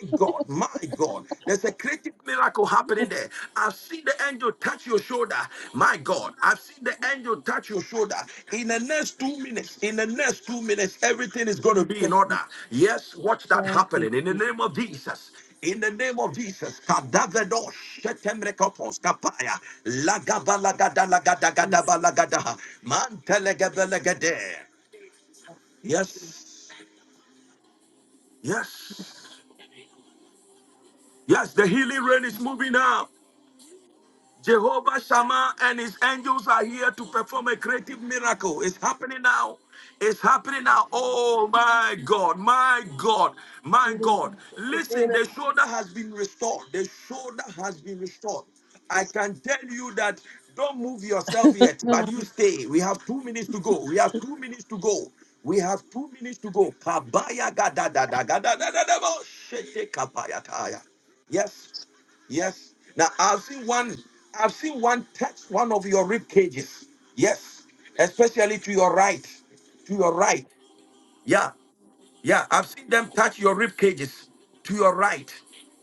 S1: My God, my God, there's a creative miracle happening there. I've seen the angel touch your shoulder. My God, I've seen the angel touch your shoulder. In the next two minutes, in the next two minutes, everything is going to be in
S15: thank
S1: order.
S15: you,
S1: Yes, watch that happening in the
S15: Jesus.
S1: name of Jesus. In the name of Jesus, Kadavedo Shetemrekopos Kapaya Lagabalagada Lagadagada Balagadaha Mantelegabelegade. Yes, yes, yes, the healing rain is moving now. Jehovah Shammah and his angels are here to perform a creative miracle. It's happening now. It's happening now. Oh my God, my God, my
S15: thank
S1: God.
S15: you,
S1: Listen,
S15: Jesus.
S1: the shoulder has been restored. The shoulder has been restored. I can tell you that don't move yourself yet, but you stay. We have two minutes to go. We have two minutes to go. We have two minutes to go. Kabaya gada da da gada da da da bo. Shete kabaya taya. Yes. Yes. Now I've seen one. I've seen one touch one of your rib cages. Yes. Especially to your right. To your right. Yeah. Yeah. I've seen them touch your rib cages. To your right.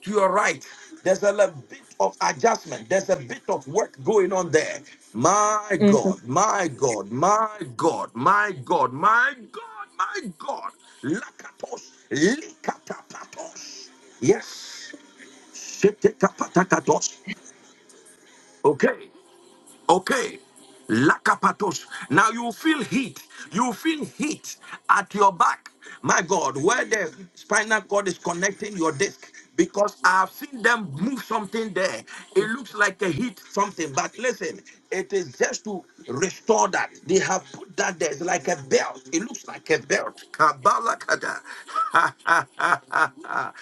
S1: To your right. There's a little bit of adjustment. There's a bit of work going on there. My
S15: Mhm.
S1: God. My God. My God. My God. My God. My God. Lakatos. Likatapatos. Yes. Shetekapatakatos. Okay, okay. Lakapatos. Now you feel heat. You feel heat at your back. My God, where the spinal cord is connecting your disc. Because I've seen them move something there. It looks like a heat something. But listen, it is just to restore that. They have put that there. It's like a belt. It looks like a belt. Kabalakada.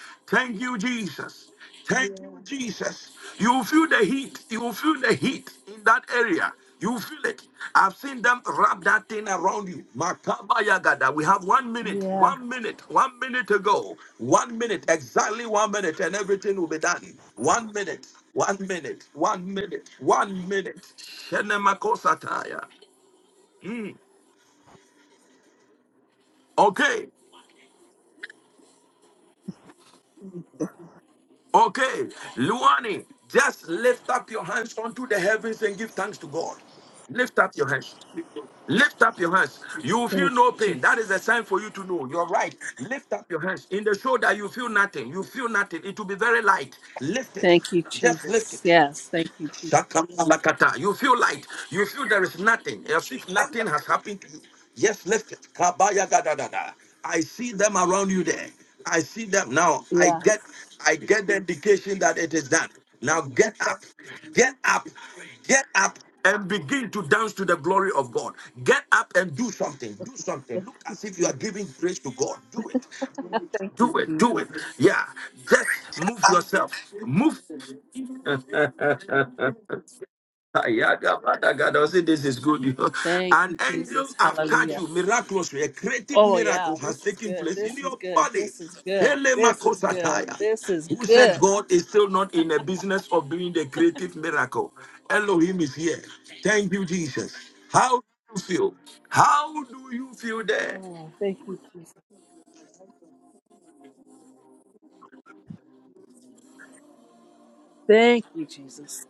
S1: Thank you, Jesus. Thank you, Jesus. You will feel the heat. You will feel the heat in that area. You will feel it. I've seen them wrap that thing around you. Makaba yagada. We have one minute,
S15: Yeah,
S1: one minute, one minute to go. One minute, exactly one minute, and everything will be done. One minute, one minute, one minute, one minute. Shenemakosataya. Mm. Okay. Okay, Luani, just lift up your hands onto the heavens and give thanks to God. Lift up your hands. Lift up your hands. You will feel
S15: thank
S1: no
S15: you,
S1: pain. That is a
S15: Jesus.
S1: sign for you to know. You're right. Lift up your hands. In the shoulder, you feel nothing. You feel nothing. It will be very light. Lift it.
S15: Thank you,
S1: Just lift
S15: Jesus.
S1: it.
S15: Yes, thank you, Jesus.
S1: Shakamalakata. You feel light. You feel there is nothing. As if nothing has happened to you. Yes, lift it. Kabaya gadadada. I see them around you there. I see them now. I
S15: Yes,
S1: get I get the indication that it is done. Now get up. Get up. Get up and begin to dance to the glory of God. Get up and do something. Do something.
S15: thank
S1: Look
S15: you,
S1: as if you are
S15: Jesus.
S1: giving praise to God. Do it.
S15: Thank you,
S1: Do it. Do
S15: Jesus.
S1: it. Yeah. Just move yourself. Move. God, I say this is good. you know.
S15: Thank
S1: An
S15: you,
S1: angel
S15: Jesus.
S1: have touched
S15: Hallelujah.
S1: you miraculously. A creative
S15: Oh
S1: miracle
S15: yeah,
S1: has
S15: this is
S1: taken
S15: good.
S1: place in
S15: This is
S1: your
S15: good.
S1: body.
S15: This is good.
S1: Hele
S15: This is good.
S1: Makosataya,
S15: This is
S1: who said
S15: good.
S1: God is still not in the business of doing the creative miracle. Elohim is here. Thank you, Jesus. How do you feel? How do you feel there?
S15: Oh, thank you, Jesus. Thank you, Jesus.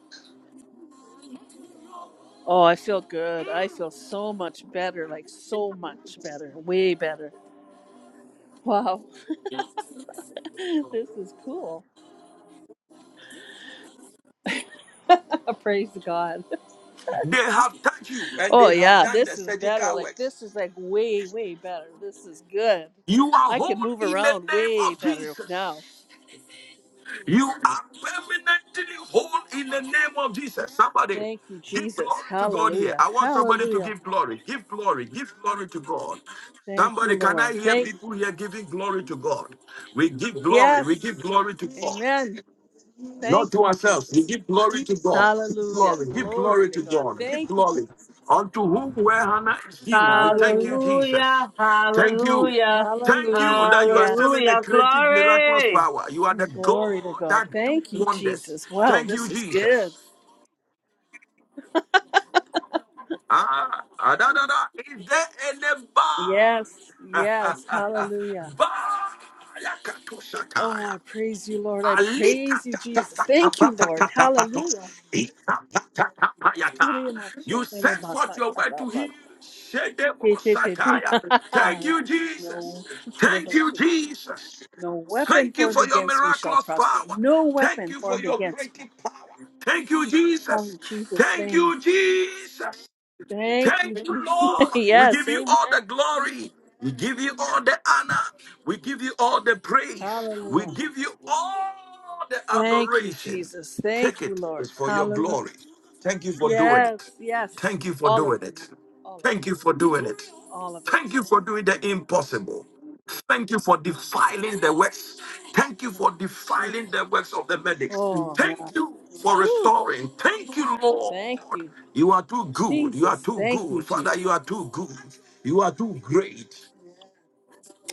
S15: Oh, I feel good. I feel so much better. Like so much better. Way better. Wow. this is cool. Praise God.
S1: They have touched you and
S15: Oh
S1: they have
S15: yeah,
S1: done the
S15: this is better.
S1: surgical
S15: Like
S1: works.
S15: this is like way, way better. This is good.
S1: You are
S15: I
S1: whole
S15: can move
S1: in the
S15: around
S1: name
S15: way
S1: of
S15: better
S1: Jesus.
S15: now.
S1: You are permanently whole in the name of Jesus. Somebody
S15: Thank you,
S1: give
S15: Jesus.
S1: glory to God here.
S15: Hallelujah.
S1: I want somebody to
S15: Hallelujah.
S1: give glory. Give glory. Give glory to God.
S15: Thank you,
S1: Somebody, can I
S15: Lord.
S1: hear
S15: Thank
S1: people here giving glory to God? We give glory. We
S15: Yes.
S1: give glory to God
S15: Amen. Thank
S1: not to
S15: you,
S1: ourselves. We
S15: Jesus.
S1: give glory to God. Give
S15: Hallelujah.
S1: glory. Give
S15: Glory
S1: glory
S15: to
S1: to
S15: God.
S1: God. Give
S15: Thank you,
S1: glory.
S15: Jesus.
S1: Unto whom where Hannah is due. We thank you,
S15: Hallelujah.
S1: Jesus. Thank you. Thank you
S15: Hallelujah.
S1: that you are still
S15: Yes.
S1: in a creative, miraculous power. You are the God
S15: Glory to God.
S1: that do
S15: Thank you,
S1: wonders.
S15: Jesus. Wow,
S1: Thank you,
S15: this is good.
S1: Jesus. Ah, ah, da, da, da. Is there any
S15: Yes. Yes.
S1: bar?
S15: Hallelujah.
S1: bar?
S15: Oh,
S1: Yakatoshataya.
S15: I praise you, Lord. I
S1: Alita
S15: praise you,
S1: ta ta
S15: Jesus.
S1: ta ta
S15: Thank you,
S1: ta ta
S15: Lord.
S1: ta ta ta.
S15: Hallelujah.
S1: Ita ta ta ta ta ya ta. You sent forth your word to heal. Shedebo sataya. Thank you, Jesus. Thank you,
S15: No.
S1: Jesus.
S15: No weapon
S1: Thank you
S15: formed
S1: for your
S15: against me shall
S1: miraculous
S15: prosper.
S1: power.
S15: No
S1: Thank
S15: weapon
S1: you for
S15: formed
S1: your
S15: against me.
S1: creative power. Thank you, Jesus.
S15: In Jesus'
S1: Thank
S15: name.
S1: you, Jesus.
S15: Thank
S1: Thank
S15: you.
S1: you,
S15: Jesus.
S1: Lord. We
S15: yes,
S1: give you
S15: amen.
S1: all the
S15: Thank you.
S1: glory. We give you all the honor. We give you all the praise. We
S15: Hallelujah.
S1: give you all the
S15: Thank you,
S1: adoration.
S15: Jesus.
S1: Take
S15: Thank you,
S1: it. It's
S15: Lord.
S1: for your
S15: Hallelujah.
S1: glory. Thank you for doing
S15: Yes,
S1: it.
S15: yes.
S1: Thank you for
S15: All of
S1: doing
S15: it.
S1: it.
S15: All of
S1: Thank
S15: it.
S1: you for doing it.
S15: All of it.
S1: Thank you for doing the impossible. Thank you for defiling the works. Thank you
S15: Thank
S1: for
S15: you,
S1: defiling
S15: Jesus.
S1: the works of the medics.
S15: Oh, yeah.
S1: Thank you for
S15: Whew.
S1: restoring. Thank you,
S15: Thank
S1: Lord.
S15: you,
S1: You are too good. You are
S15: Jesus.
S1: too
S15: Thank you,
S1: good.
S15: Jesus.
S1: Father, you are too good. You are too great.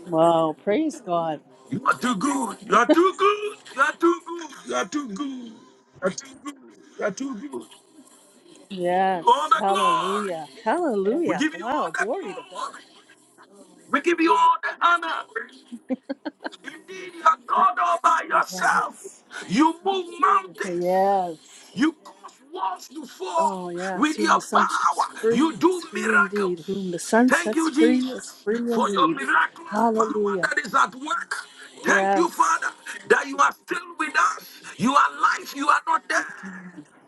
S15: Wow. Praise God.
S1: You are too good. You are too good. You are too good. You are too good. You are too good. You are too good. You all
S15: Yes.
S1: the glory.
S15: Hallelujah.
S1: We
S15: Hallelujah.
S1: give you all
S15: Wow.
S1: the
S15: Glory to God.
S1: glory. We give you all the honor. Indeed, you are God all by yourself.
S15: Yes.
S1: You move mountains.
S15: Yes.
S1: You cause walls to fall
S15: Oh, yes.
S1: with
S15: Whom
S1: your
S15: the sun
S1: power.
S15: sets free
S1: You do
S15: is free indeed.
S1: miracles.
S15: Whom the sun
S1: Thank
S15: sets
S1: you,
S15: free is
S1: Jesus,
S15: free
S1: for your
S15: indeed.
S1: miraculous power
S15: Hallelujah.
S1: that is at work. Thank you,
S15: Yes.
S1: Father, that you are still with us. You are alive. You are not dead.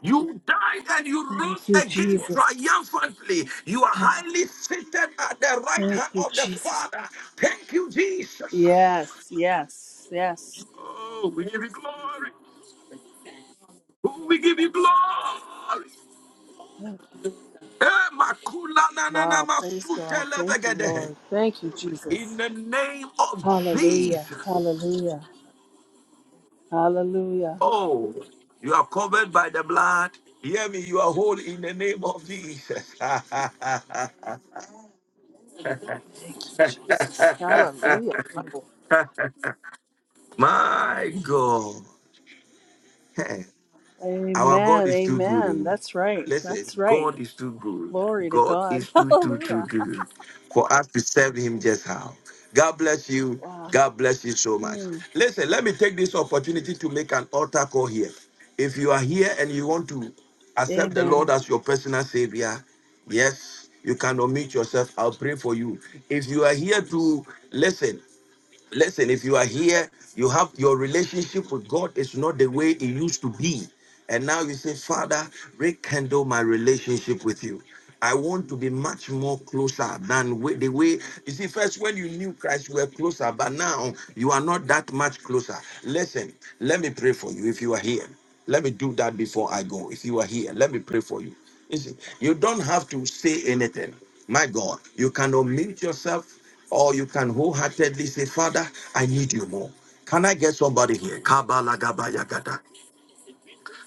S1: You died and you rose
S15: Thank you,
S1: again
S15: Jesus.
S1: triumphantly. You are
S15: Ah,
S1: highly seated at the right
S15: Thank
S1: hand
S15: you,
S1: of the
S15: Jesus.
S1: Father. Thank you, Jesus.
S15: Yes, yes, yes.
S1: Oh, we give you glory. Oh, we give you glory.
S15: Thank you.
S1: Eh, makula na na na
S15: Wow. Praise
S1: masute
S15: God. Thank you,
S1: lebegedehe.
S15: Lord. Thank you,
S1: In
S15: Jesus.
S1: the name of
S15: Hallelujah.
S1: Jesus.
S15: Hallelujah. Hallelujah.
S1: Oh, you are covered by the blood. Hear me, you are whole in the name of Jesus.
S15: Thank you, Jesus. Hallelujah. Wow.
S1: My God. Our God
S15: Amen.
S1: is too good.
S15: Amen.
S1: oh.
S15: That's right.
S1: Listen,
S15: That's right.
S1: God is too good.
S15: Glory to
S1: God
S15: God.
S1: is too, too, too
S15: Hallelujah.
S1: good for us to serve Him just how. God bless you.
S15: Wow.
S1: God bless you so much.
S15: Hmm.
S1: Listen, let me take this opportunity to make an altar call here. If you are here and you want to accept the
S15: Amen.
S1: Lord as your personal Savior, yes, you can unmute yourself. I'll pray for you. If you are here to listen, Listen, if you are here, you have your relationship with God is not the way it used to be. And now you say, Father, rekindle my relationship with you. I want to be much more closer than way, the way you see. First, when you knew Christ, you were closer, but now you are not that much closer. Listen, let me pray for you if you are here. Let me do that before I go. If you are here, let me pray for you. Listen, you don't have to say anything. My God, you can unmute yourself. Or you can wholeheartedly say, Father, I need you more. Can I get somebody here? Kabalagabayagada.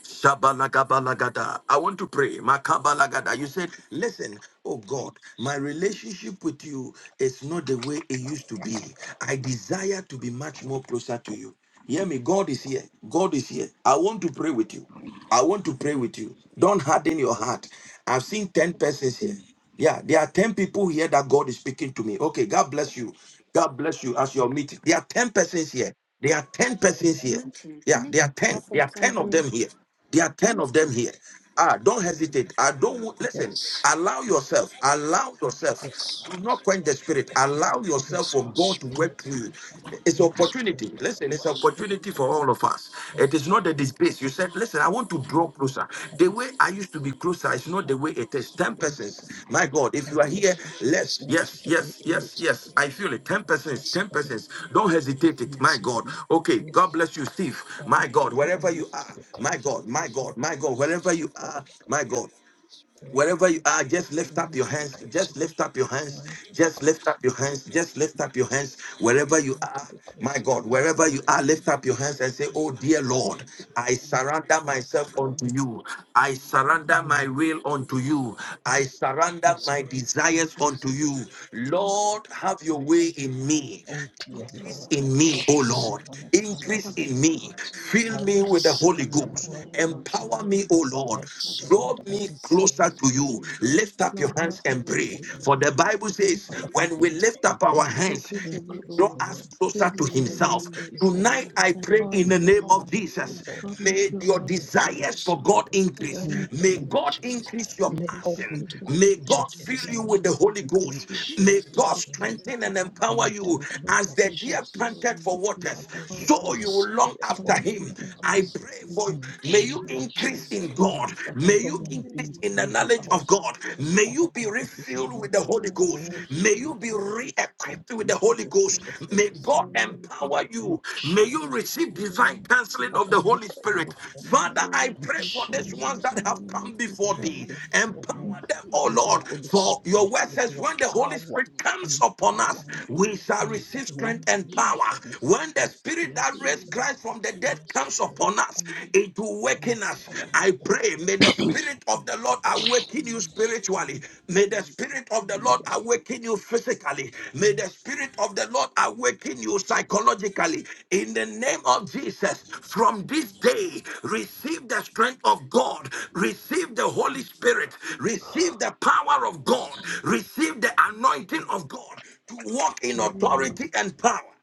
S1: Shabalagabalagada. I want to pray. Makabalagada. You said, Listen, oh God, my relationship with you is not the way it used to be. I desire to be much more closer to you. Hear me. God is here. God is here. I want to pray with you. I want to pray with you. Don't harden your heart. I've seen 10 persons here. Yeah, there are 10 people here that God is speaking to me. Okay, God bless you. God bless you as your meeting. There are 10 persons here. There are 10 persons here. Yeah, there are 10.
S16: Prophet,
S1: There are
S16: I'm
S1: 10 of
S16: here.
S1: them here. There are 10 of them here. Ah, don't hesitate. I don't want- listen.
S17: Yes.
S1: Allow yourself. Allow yourself.
S17: Yes.
S1: Do not quench the
S17: Spirit
S1: spirit.
S17: of God.
S1: Allow yourself
S17: Yes,
S1: for
S17: Lord.
S1: God to
S17: Spirit
S1: work
S17: of
S1: through you.
S17: God.
S1: It's
S17: Yes,
S1: opportunity.
S17: Spirit of
S1: Listen,
S17: God.
S1: it's
S17: Spirit
S1: opportunity
S17: of
S1: for
S17: God.
S1: all of us.
S17: Yes.
S1: It is not a disgrace. You
S17: Yes.
S1: said, listen, I want to
S17: My
S1: draw
S17: Lord.
S1: closer.
S17: My
S1: The way
S17: Master.
S1: I used to be closer
S17: Yes,
S1: is not
S17: Lord.
S1: the way it is. Ten
S17: Spirit of
S1: persons.
S17: God.
S1: My God, if
S17: My
S1: you are here,
S17: relationship is
S1: let's
S17: not
S1: yes,
S17: the way
S1: yes,
S17: it
S1: yes,
S17: used to
S1: yes.
S17: be.
S1: I feel it. Ten
S17: Have
S1: persons,
S17: mercy
S1: ten
S17: on me.
S1: persons. Don't
S17: Have
S1: hesitate it. My
S17: mercy on
S1: God.
S17: me.
S1: Okay.
S17: Yes.
S1: God bless you, Steve. My
S17: Father, the
S1: God,
S17: way I
S1: wherever you
S17: used to
S1: are,
S17: be
S1: my God,
S17: closer
S1: my
S17: is not
S1: God,
S17: the
S1: my
S17: way.
S1: God, wherever you
S17: Spirit
S1: are,
S17: of God.
S1: my God.
S17: Spirit of
S1: Wherever you
S17: God.
S1: are, just
S17: I
S1: lift up
S17: want
S1: your
S17: to be
S1: hands.
S17: closer.
S1: Just lift up your
S17: I
S1: hands.
S17: want to be
S1: Just lift up your hands. Just
S17: closer.
S1: lift up your hands. Wherever
S17: I
S1: you
S17: want
S1: are,
S17: to be
S1: my
S17: closer,
S1: God, wherever you
S17: Spirit
S1: are,
S17: of
S1: lift
S17: God.
S1: up your hands and say,
S17: I
S1: Oh,
S17: want
S1: dear
S17: to be
S1: Lord,
S17: closer.
S1: I surrender myself
S17: Father,
S1: unto you. I surrender my
S17: Amen.
S1: will unto you. I surrender
S17: Yes,
S1: my
S17: Lord.
S1: desires
S17: Yes,
S1: unto
S17: Lord.
S1: you. Lord, have your way in me.
S17: Oh,
S16: Oh,
S17: dear
S16: dear
S1: Increase
S17: Lord,
S16: Lord,
S1: in me,
S17: I
S1: O Lord.
S17: surrender
S16: I
S17: my life
S16: surrender
S1: Increase
S17: unto
S1: in
S16: myself
S17: you.
S1: me.
S16: unto you.
S17: I
S1: Fill
S17: will
S1: me with the
S16: I
S1: Holy
S17: surrender my
S16: surrender
S1: Ghost.
S16: my
S17: will
S16: will unto
S17: unto
S1: Empower
S16: you.
S17: you.
S1: me, O
S17: I
S1: Lord
S16: I surrender
S1: draw
S17: surrender my
S16: my
S1: me
S16: desires
S1: closer
S16: unto
S17: desires
S1: to
S17: unto
S16: you.
S1: you.
S17: you.
S1: Lift up your
S16: Lord,
S17: Lord,
S16: have
S1: hands
S17: have
S16: your
S1: and
S17: your
S16: way
S1: pray.
S16: in
S17: way in
S16: me.
S1: For
S17: me.
S1: the Bible says,
S16: Only
S17: Father,
S1: when
S16: through
S1: we
S17: create
S16: me.
S1: lift
S17: in
S1: up
S17: me,
S1: our
S6: Amen.
S1: hands,
S6: In
S16: Increase
S1: He
S16: in me,
S1: will
S6: Jesus'
S16: O
S17: increase
S1: draw
S17: in
S16: Lord.
S6: name,
S17: me,
S1: us
S16: Fill
S1: closer to
S16: me with
S17: fill
S16: the
S17: me
S16: Holy
S1: himself.
S17: with
S6: amen.
S17: the
S16: Ghost.
S17: Holy
S1: Tonight
S6: Amen.
S17: Ghost,
S1: I pray
S16: Empower
S1: in
S16: me,
S1: the
S16: O
S1: name
S6: Amen.
S16: Lord.
S1: of
S17: empower me, O
S6: Amen.
S1: Jesus.
S17: Lord,
S16: Draw me
S1: May your
S17: draw
S16: closer
S17: me
S16: to you.
S6: Amen.
S1: desires
S17: closer,
S1: for God
S17: Lord,
S16: That I
S1: increase.
S17: in
S16: will
S6: Amen.
S17: the
S1: May
S17: name
S6: Amen.
S17: of
S1: God
S17: Jesus.
S1: increase your
S17: May
S16: attention
S17: help
S16: pass
S1: passion.
S17: me
S16: pastors
S17: to
S16: of
S17: go
S1: May
S16: things
S17: to
S16: in
S6: In
S1: God
S17: church
S6: the
S17: every
S1: fill
S6: mighty
S1: you
S16: everything.
S6: name
S1: with
S17: Sunday.
S1: the
S6: of
S1: Holy
S16: I
S6: Jesus,
S16: come
S17: In
S1: Ghost.
S16: to you today
S6: I pray
S1: May
S16: for
S1: God
S17: Jesus' name,
S16: forgiveness of
S1: strengthen
S16: sins
S1: and
S16: and
S1: empower
S16: answer
S17: in the
S1: you
S16: Draw
S6: for
S16: me
S6: this
S17: name
S1: as
S17: of
S1: the
S16: closer
S1: deer
S16: to you, O
S17: Jesus,
S16: Lord.
S1: panted
S6: day,
S1: for
S16: Fill me with
S1: waters.
S17: Father,
S16: the power of
S17: your
S16: your
S1: So you
S16: Lord.
S1: will long
S17: desires
S16: Father,
S17: for
S1: after
S17: me
S16: make me
S1: him.
S16: feel
S1: I
S17: increase.
S1: pray
S16: released
S1: for
S17: In
S6: I
S1: joy.
S17: the
S1: May
S6: pray
S1: you
S17: name of
S6: for
S1: increase
S17: Jesus,
S1: in God.
S17: Father, I
S1: May
S6: this
S17: don't
S1: you
S16: Employee,
S17: want to
S1: increase
S17: be
S6: story,
S1: in the
S17: in the
S1: knowledge
S6: for the children, for the people, for
S1: of
S6: this
S17: house.
S1: God.
S6: family,
S1: May
S17: Father
S1: you be
S17: God, every
S1: refilled
S17: Sunday.
S1: with the Holy
S16: employment
S1: Ghost.
S17: Oh,
S16: and inclusion,
S1: May you
S17: Spirit of
S1: be
S17: God,
S1: re
S17: help
S1: equipped
S17: me
S1: with the
S17: to
S1: Holy
S17: go to
S1: Ghost.
S17: church
S1: May
S17: every
S1: God
S6: for
S17: Sunday.
S1: empower
S17: In
S1: you. May you
S17: Jesus'
S6: the
S1: receive
S17: mighty name.
S1: divine counseling of
S17: Father,
S6: glory,
S1: the Holy
S17: make a way
S1: Spirit.
S17: for me.
S1: Father,
S6: glory
S1: I
S17: In
S1: pray for
S6: to
S1: these
S6: His
S1: ones
S17: Jesus'
S1: that have
S17: name.
S1: come before
S17: Father,
S1: thee.
S6: name.
S17: refill
S1: Empower
S6: This
S17: me
S1: empower them,
S6: day,
S1: oh
S16: inclusion.
S17: with your
S1: Lord.
S17: Holy
S1: For your
S17: Spirit,
S1: word
S17: with
S1: says,
S17: your
S1: when
S6: since
S1: the Holy
S6: the
S17: power.
S1: Spirit
S6: first of
S1: comes
S6: my
S1: upon
S17: Empower
S1: us,
S6: life,
S17: me
S1: we shall
S17: in the
S1: receive
S6: I
S17: name
S1: strength
S17: of
S1: and power.
S6: will
S1: When
S17: Jesus.
S1: the Spirit that
S17: Yes,
S1: raised
S6: pray
S17: Lord.
S1: Christ from the dead
S17: Yes,
S1: comes
S17: Spirit.
S1: upon
S6: for the
S17: of
S1: us,
S6: Lord, and
S1: it will
S17: God.
S1: awaken
S6: for
S1: us.
S17: Empower me,
S1: I
S17: Lord.
S1: pray,
S17: Yes,
S1: may the Spirit of the Lord awaken you
S6: the
S1: spiritually. May the Spirit of the
S17: Lord.
S1: Lord
S6: family,
S17: Yes,
S1: awaken you you physically. May
S17: Lord.
S1: the Spirit of the Lord awaken you psychologically. In the name of Jesus, from this day, receive the strength of God, receive the Holy Spirit, receive the power of God, receive the anointing of God to walk in
S16: Amen.
S1: authority and power.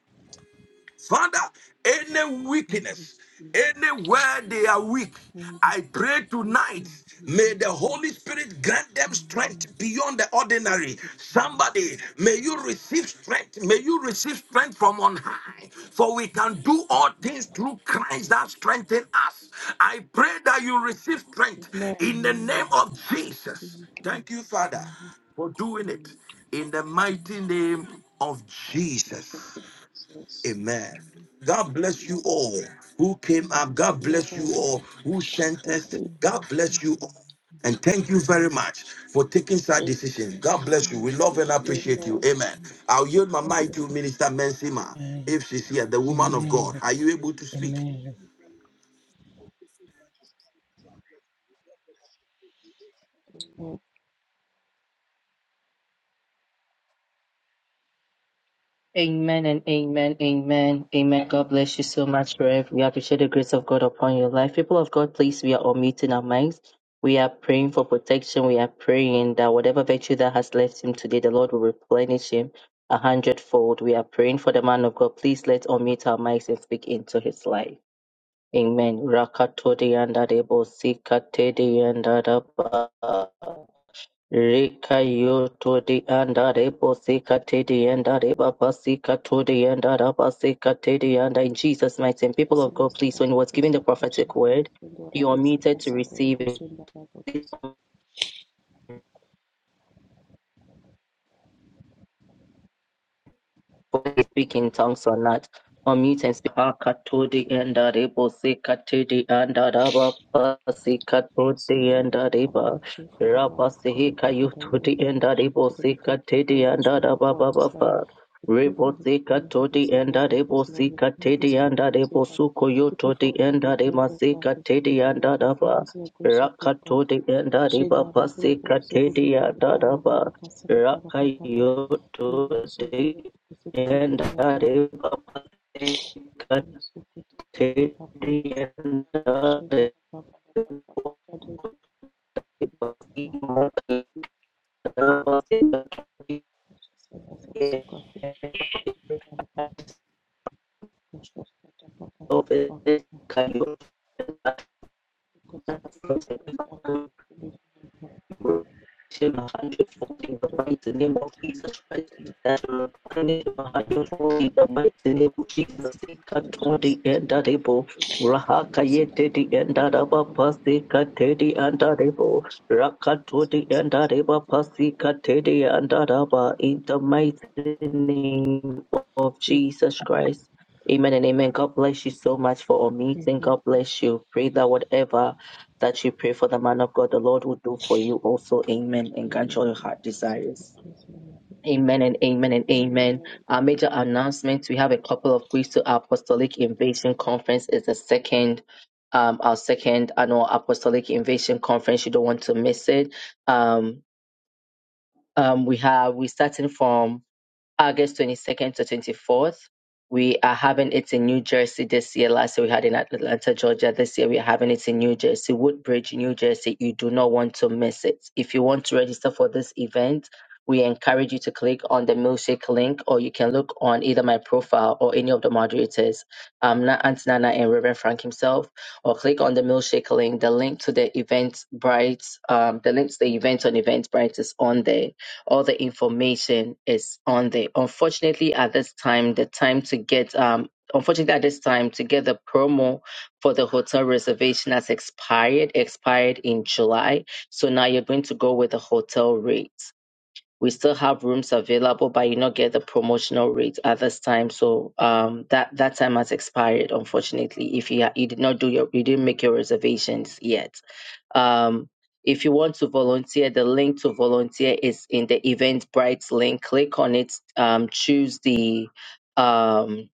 S1: Father, any
S6: and
S1: weakness,
S6: for
S1: anywhere they are weak,
S6: the
S1: I pray tonight,
S6: Speaking
S1: may
S6: Holy
S1: the
S6: Spirit,
S1: Holy Spirit grant them
S6: come
S1: strength beyond the
S6: and
S1: ordinary.
S6: the kingdom.
S1: Somebody, may you receive strength. May you receive strength from on high. For we can do all things through Christ that strengthen us. I pray that you receive strength
S16: Amen.
S1: in the name
S6: Amen.
S1: of Jesus.
S6: Thank you.
S1: Thank you, Father,
S6: Holy
S1: for
S6: Spirit,
S1: doing it
S6: mercy,
S1: in the mighty name of
S16: All
S1: Jesus.
S16: functions of access.
S1: Amen.
S6: mercy,
S1: God bless you
S6: mercy,
S1: all who came up. God
S6: mercy.
S1: bless you
S16: Amen.
S1: all who sent
S16: Thank
S1: us.
S6: The
S16: you.
S1: God
S6: Lord is
S1: bless
S6: with
S1: you all.
S6: you.
S1: And thank you very much for taking such decisions.
S16: Amen.
S1: God bless you.
S6: Amen.
S1: We love and appreciate you.
S16: Amen.
S1: Amen. I'll yield my mic to Minister Mensima
S17: Mm.
S1: if she's here, the woman of God.
S17: Amen. Amen.
S1: Are you able to speak?
S17: Amen.
S16: Amen.
S18: bless you so much, Rev. We appreciate the grace of God upon your life. People of God, please, we are all meeting our minds. We are praying for protection. We are praying that whatever virtue that has left him today, the Lord will replenish him a hundredfold. We are praying for the man of God. Please let's unmute our mics and speak into his life. Amen. Rakatodi and Adebo, Sikatedi and Adaba. Rika yo to the anda rebo sika te the anda reba basika to the anda raba sika te the and In Jesus' mighty name, people
S16: Así
S18: of God,
S16: más tarde,
S18: please, when he
S16: hasta
S18: was
S16: que
S18: giving the
S16: salga la
S18: prophetic
S16: senda,
S18: word,
S16: hasta que la
S18: you are
S16: bestia,
S18: muted to
S16: hasta que la
S18: receive it.
S16: bestia,
S18: whether you speak in tongues or not. Unmute and speak. Hakatodi and Arebo Sikatidi and Araba
S16: So,
S18: Sikatodi
S16: Lord,
S18: and
S16: and Father,
S18: Areba.
S16: we pray for the man
S18: Rabba
S16: of God. We
S18: Sihika
S16: pray for the
S18: Yutudi
S16: word and
S18: and
S16: worship
S18: Arebo
S16: today. We thank you
S18: Sikatidi
S16: for your
S18: and
S16: strength
S18: Araba
S16: upon his life.
S18: Baba.
S16: We pray
S18: Rebo
S16: for his family, for
S18: Sikatodi
S16: His
S18: and
S16: children, and deaf
S18: Arebo
S16: as Lord. We commit
S18: Sikatidi
S16: this
S18: and
S16: meeting to
S18: Arebo
S16: your hands.
S18: Suko
S16: We pray
S18: Yutodi
S16: for all
S18: and
S16: the
S18: Arema
S16: members that is
S18: Sikatidi
S16: here. The
S18: and
S16: Lord, your
S18: Araba.
S16: blessings and your grace shall be upon them.
S18: Rakatodi and Areba
S16: Shedara burubu
S18: Pasikatidi
S16: sukutu
S18: and
S16: kutukara
S18: Araba.
S16: rapaka sakata rapakata. Ibu sodoro
S18: Rakayotodi
S16: kusukutu
S18: and
S16: kusakata
S18: the dev
S16: rapaka.
S18: of the cathedral
S16: Ibu sukutu Sakata, Sukutu, kaki
S18: and
S16: hapurubu sakata.
S18: the dev
S16: Shedara rapaka
S18: of
S16: rapaka rapaka.
S18: the body of the cathedral
S16: He prayed
S18: of the cathedral Him 140 in the name of Jesus Christ. That you will find him 140 in the name of Jesus. Katodi and Ikatodi endarebo. Rahakayete di endaraba pasika tedi andarebo. Rakatodi endareba pasika tedi andaraba. In the mighty name of Jesus Christ. Amen and amen. God bless you so much for our meeting.
S16: that
S18: God bless you. Pray that whatever that you pray for the man of God, the Lord will do for you also. Amen.
S16: he
S18: And grant
S16: may
S18: you all your heart
S16: increase in the
S18: desires.
S16: Amen. of
S18: Amen and amen and
S16: Amen.
S18: amen. Our
S16: Amen.
S18: major announcement we have a couple of weeks to our Apostolic Invasion Conference It's the second. Um, our second annual Apostolic Invasion Conference. You don't want to miss it. Um, um, we have, we're starting from August 22nd to 24th. We are having it in New Jersey this year. Last year we had it in Atlanta, Georgia. This year we are having it in New Jersey, Woodbridge, New Jersey. You do not want to miss it. If you want to register for this event, we encourage you to click on the milkshake link, or you can look on either my profile or any of the moderators, um, Na- Aunt Nana and Reverend Frank himself, or click on the milkshake link. The link to the Eventbrite, um, the link to the event on Eventbrite is on there all the information is on there. Unfortunately, at this time, the time to get um unfortunately at this time to get the promo for the hotel reservation has expired, expired in July. So now you're going to go with the hotel rate we still have rooms available, but you not get the promotional rate at this time. So um, that that time has expired, unfortunately. If you ha- you did not do your you didn't make your reservations yet. Um, if you want to volunteer, the link to volunteer is in the Eventbrite link. Click on it. Um, choose the um,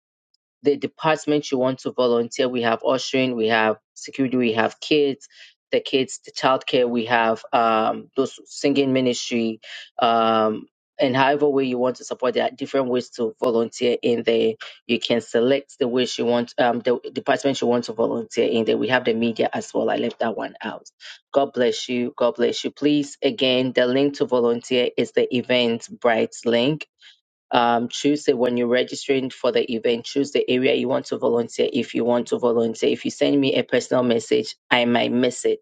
S18: the department you want to volunteer. We have ushering, we have security, we have kids, the kids, the childcare, we have um, those singing ministry, um, and however way you want to support. There are different ways to volunteer in there. You can select the ways you want, um, the department you want to volunteer in there. We have the media as well. I left that one out. God bless you. God bless you. Please, again, the link to volunteer is the event bright link um, choose the, when you're registering for the event, choose the area you want to volunteer if you want to volunteer. If you send me a personal message, I might miss it.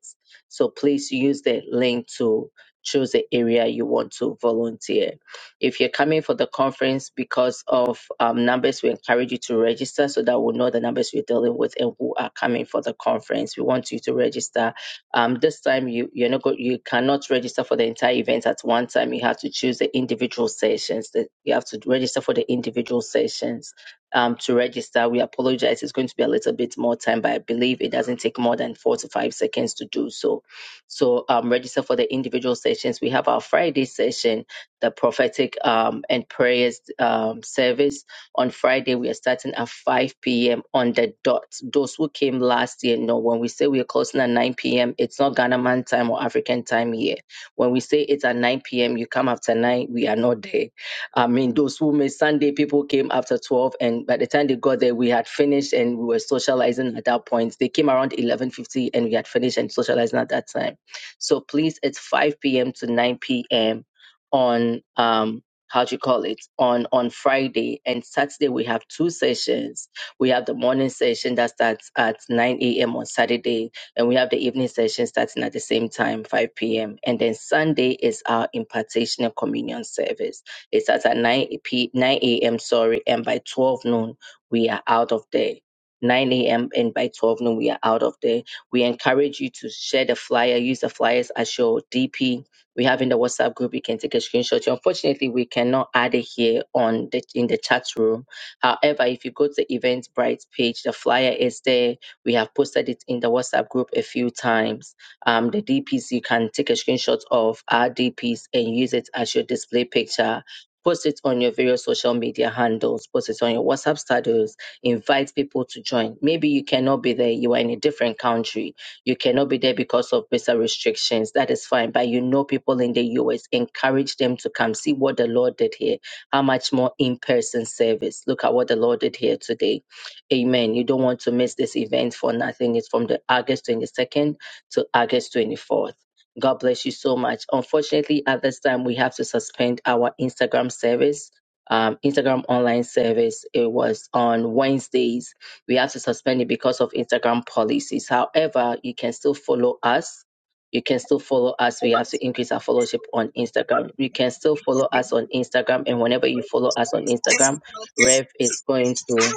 S18: So please use the link to choose the area you want to volunteer. If you're coming for the conference because of um, numbers, we encourage you to register so that we'll know the numbers we're dealing with and who are coming for the conference. We want you to register um, this time you you're not go- you cannot register for the entire event at one time. You have to choose the individual sessions. That you have to register for the individual sessions. Um, to register, we apologize. It's going to be a little bit more time, but I believe it doesn't take more than four to five seconds to do so. So um, register for the individual sessions. We have our Friday session, the prophetic um, and prayers um, service on Friday, we are starting at 5 p.m. on the dot. Those who came last year know when we say we are closing at 9 p.m., it's not Ghana man time or African time here. When we say it's at 9 p.m., you come after 9, we are not there. I mean, those who made Sunday, people came after 12, and by the time they got there, we had finished and we were socializing at that point. They came around 11.50 and we had finished and socializing at that time. So please, it's 5 p.m. to 9 p.m. on um, how do you call it on on friday and saturday we have two sessions we have the morning session that starts at 9 a.m on saturday and we have the evening session starting at the same time 5 p.m and then sunday is our impartation and communion service it starts at 9 p 9 a.m sorry and by 12 noon we are out of there 9 a.m. and by 12 noon, we are out of there. We encourage you to share the flyer, use the flyers as your DP we have in the WhatsApp group. You can take a screenshot. Unfortunately, we cannot add it here on the in the chat room. However, if you go to the Eventbrite page, the flyer is there. We have posted it in the WhatsApp group a few times. Um, the DPs you can take a screenshot of our DPs and use it as your display picture. Post it on your various social media handles. Post it on your WhatsApp status. Invite people to join. Maybe you cannot be there. You are in a different country you cannot be there because of visa restrictions. That is fine. But you know, people in the US, encourage them to come see what the Lord did here. How much more in person service? Look at what the Lord did here today. Amen. You don't want to miss this event for nothing. It's from the August 22nd to August 24th. God bless you so much. Unfortunately, at this time, we have to suspend our Instagram service um, Instagram online service. It was on Wednesdays we had to suspend it because of Instagram policies. However, you can still follow us. You can still follow us. We have to increase our followership on Instagram. You can still follow us on Instagram. And whenever you
S19: This
S18: follow us on Instagram, Rev is going to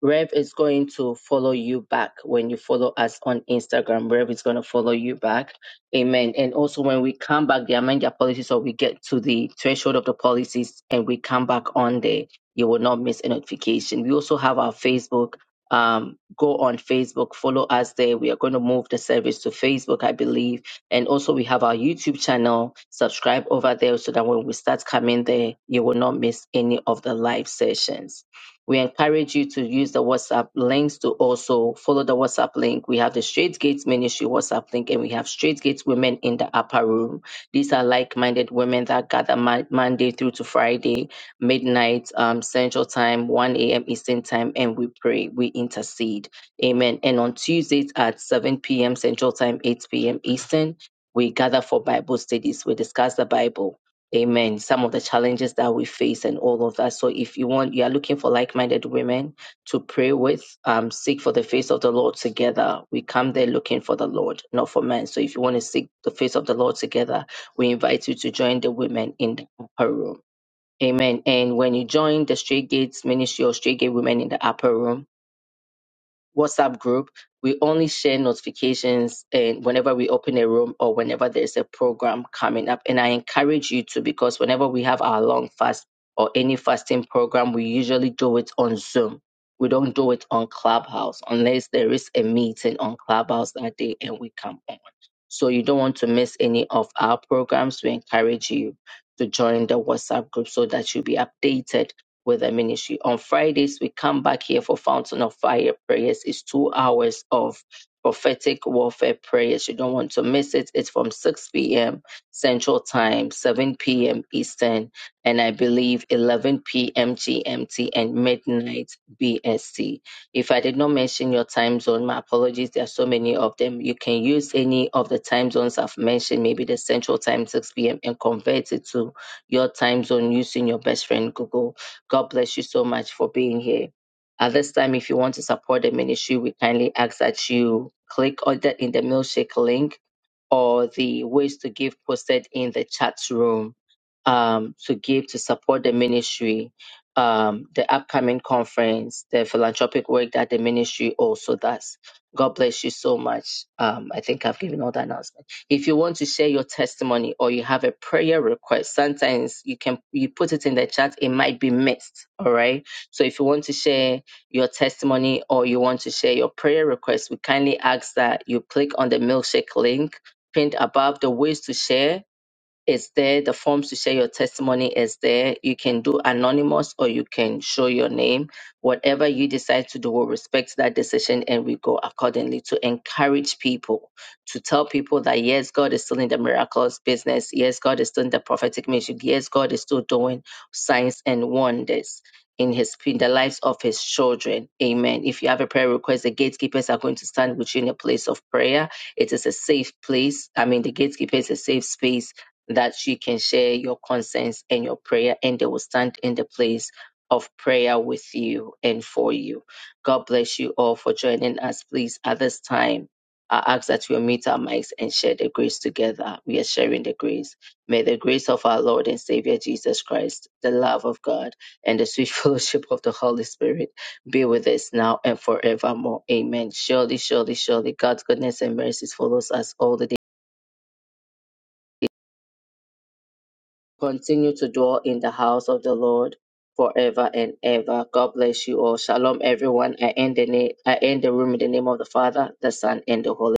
S18: Rev is going to follow you back when you follow us on Instagram. Rev is going to follow you back. Amen. And also, when we come back, they amend their policies or we get to the threshold of the policies and we come back on there, you will not miss a notification. We also have our Facebook. Um, go on Facebook, follow us there. We are going to move the service to Facebook, I believe. And also, we have our YouTube channel. Subscribe over there so that when we start coming there, you will not miss any of the live sessions. We encourage you to use the WhatsApp links to also follow the WhatsApp link. We have the Straight Gates Ministry WhatsApp link and we have Straight Gates Women in the Upper Room. These are like minded women that gather Mon- Monday through to Friday, midnight, um, Central Time, 1 a.m. Eastern Time, and we pray, we intercede. Amen. And on Tuesdays at 7 p.m. Central Time, 8 p.m. Eastern, we gather for Bible studies. We discuss the Bible Amen. Some of the challenges that we face and all of that. So if you want, you are looking for like-minded women to pray with, um, seek for the face of the Lord together. We come there looking for the Lord, not for men. So if you want to seek the face of the Lord together, we invite you to join the women in the upper room. Amen. And when you join the Straight Gates Ministry or Straight Gate Women in the upper room, WhatsApp group. We only share notifications and whenever we open a room or whenever there's a program coming up. And I encourage you to because whenever we have our long fast or any fasting program, we usually do it on Zoom. We don't do it on Clubhouse unless there is a meeting on Clubhouse that day and we come on. So you don't want to miss any of our programs. We encourage you to join the WhatsApp group so that you'll be updated with the ministry. On Fridays, we come back here for Fountain of Fire prayers. It's two hours of prophetic warfare prayers. You don't want to miss it. It's from 6 p.m. Central Time, 7 p.m. Eastern, and I believe 11 p.m. GMT and midnight BST. If I did not mention your time zone, my apologies. There are so many of them. You can use any of the time zones I've mentioned, maybe the Central Time, 6 p.m., and convert it to your time zone using your best friend Google God bless you so much for being here. At this time, if you want to support the ministry, we kindly ask that you click on the, in the milkshake link or the ways to give posted in the chat room um, to give to support the ministry, um, the upcoming conference, the philanthropic work that the ministry also does. God bless you so much. Um, I think I've given all the announcements. If you want to share your testimony or you have a prayer request, sometimes you can you put it in the chat. It might be missed. All right. So if you want to share your testimony or you want to share your prayer request, we kindly ask that you click on the milkshake link pinned above the ways to share is there. The forms to share your testimony is there. You can do anonymous or you can show your name. Whatever you decide to do, we'll respect that decision and we go accordingly to encourage people, to tell people that yes, God is still in the miracles business. Yes, God is still in the prophetic ministry. Yes, God is still doing signs and wonders. In his in the lives of his children, Amen. If you have a prayer request, the gatekeepers are going to stand with you in a place of prayer. It is a safe place. I mean, the gatekeeper is a safe space that you can share your concerns and your prayer, and they will stand in the place of prayer with you and for you. God bless you all for joining us. Please, at this time, I ask that we meet our mics and share the grace together. We are sharing the grace. May the grace of our Lord and Savior Jesus Christ, the love of God, and the sweet fellowship of the Holy Spirit be with us now and forevermore. Amen. Surely, surely, surely, God's goodness and mercies follows us all the days continue to dwell in the house of the Lord forever and ever. God bless you all. Shalom, everyone. I end the, na- I end the room in the name of the Father, the Son, and the Holy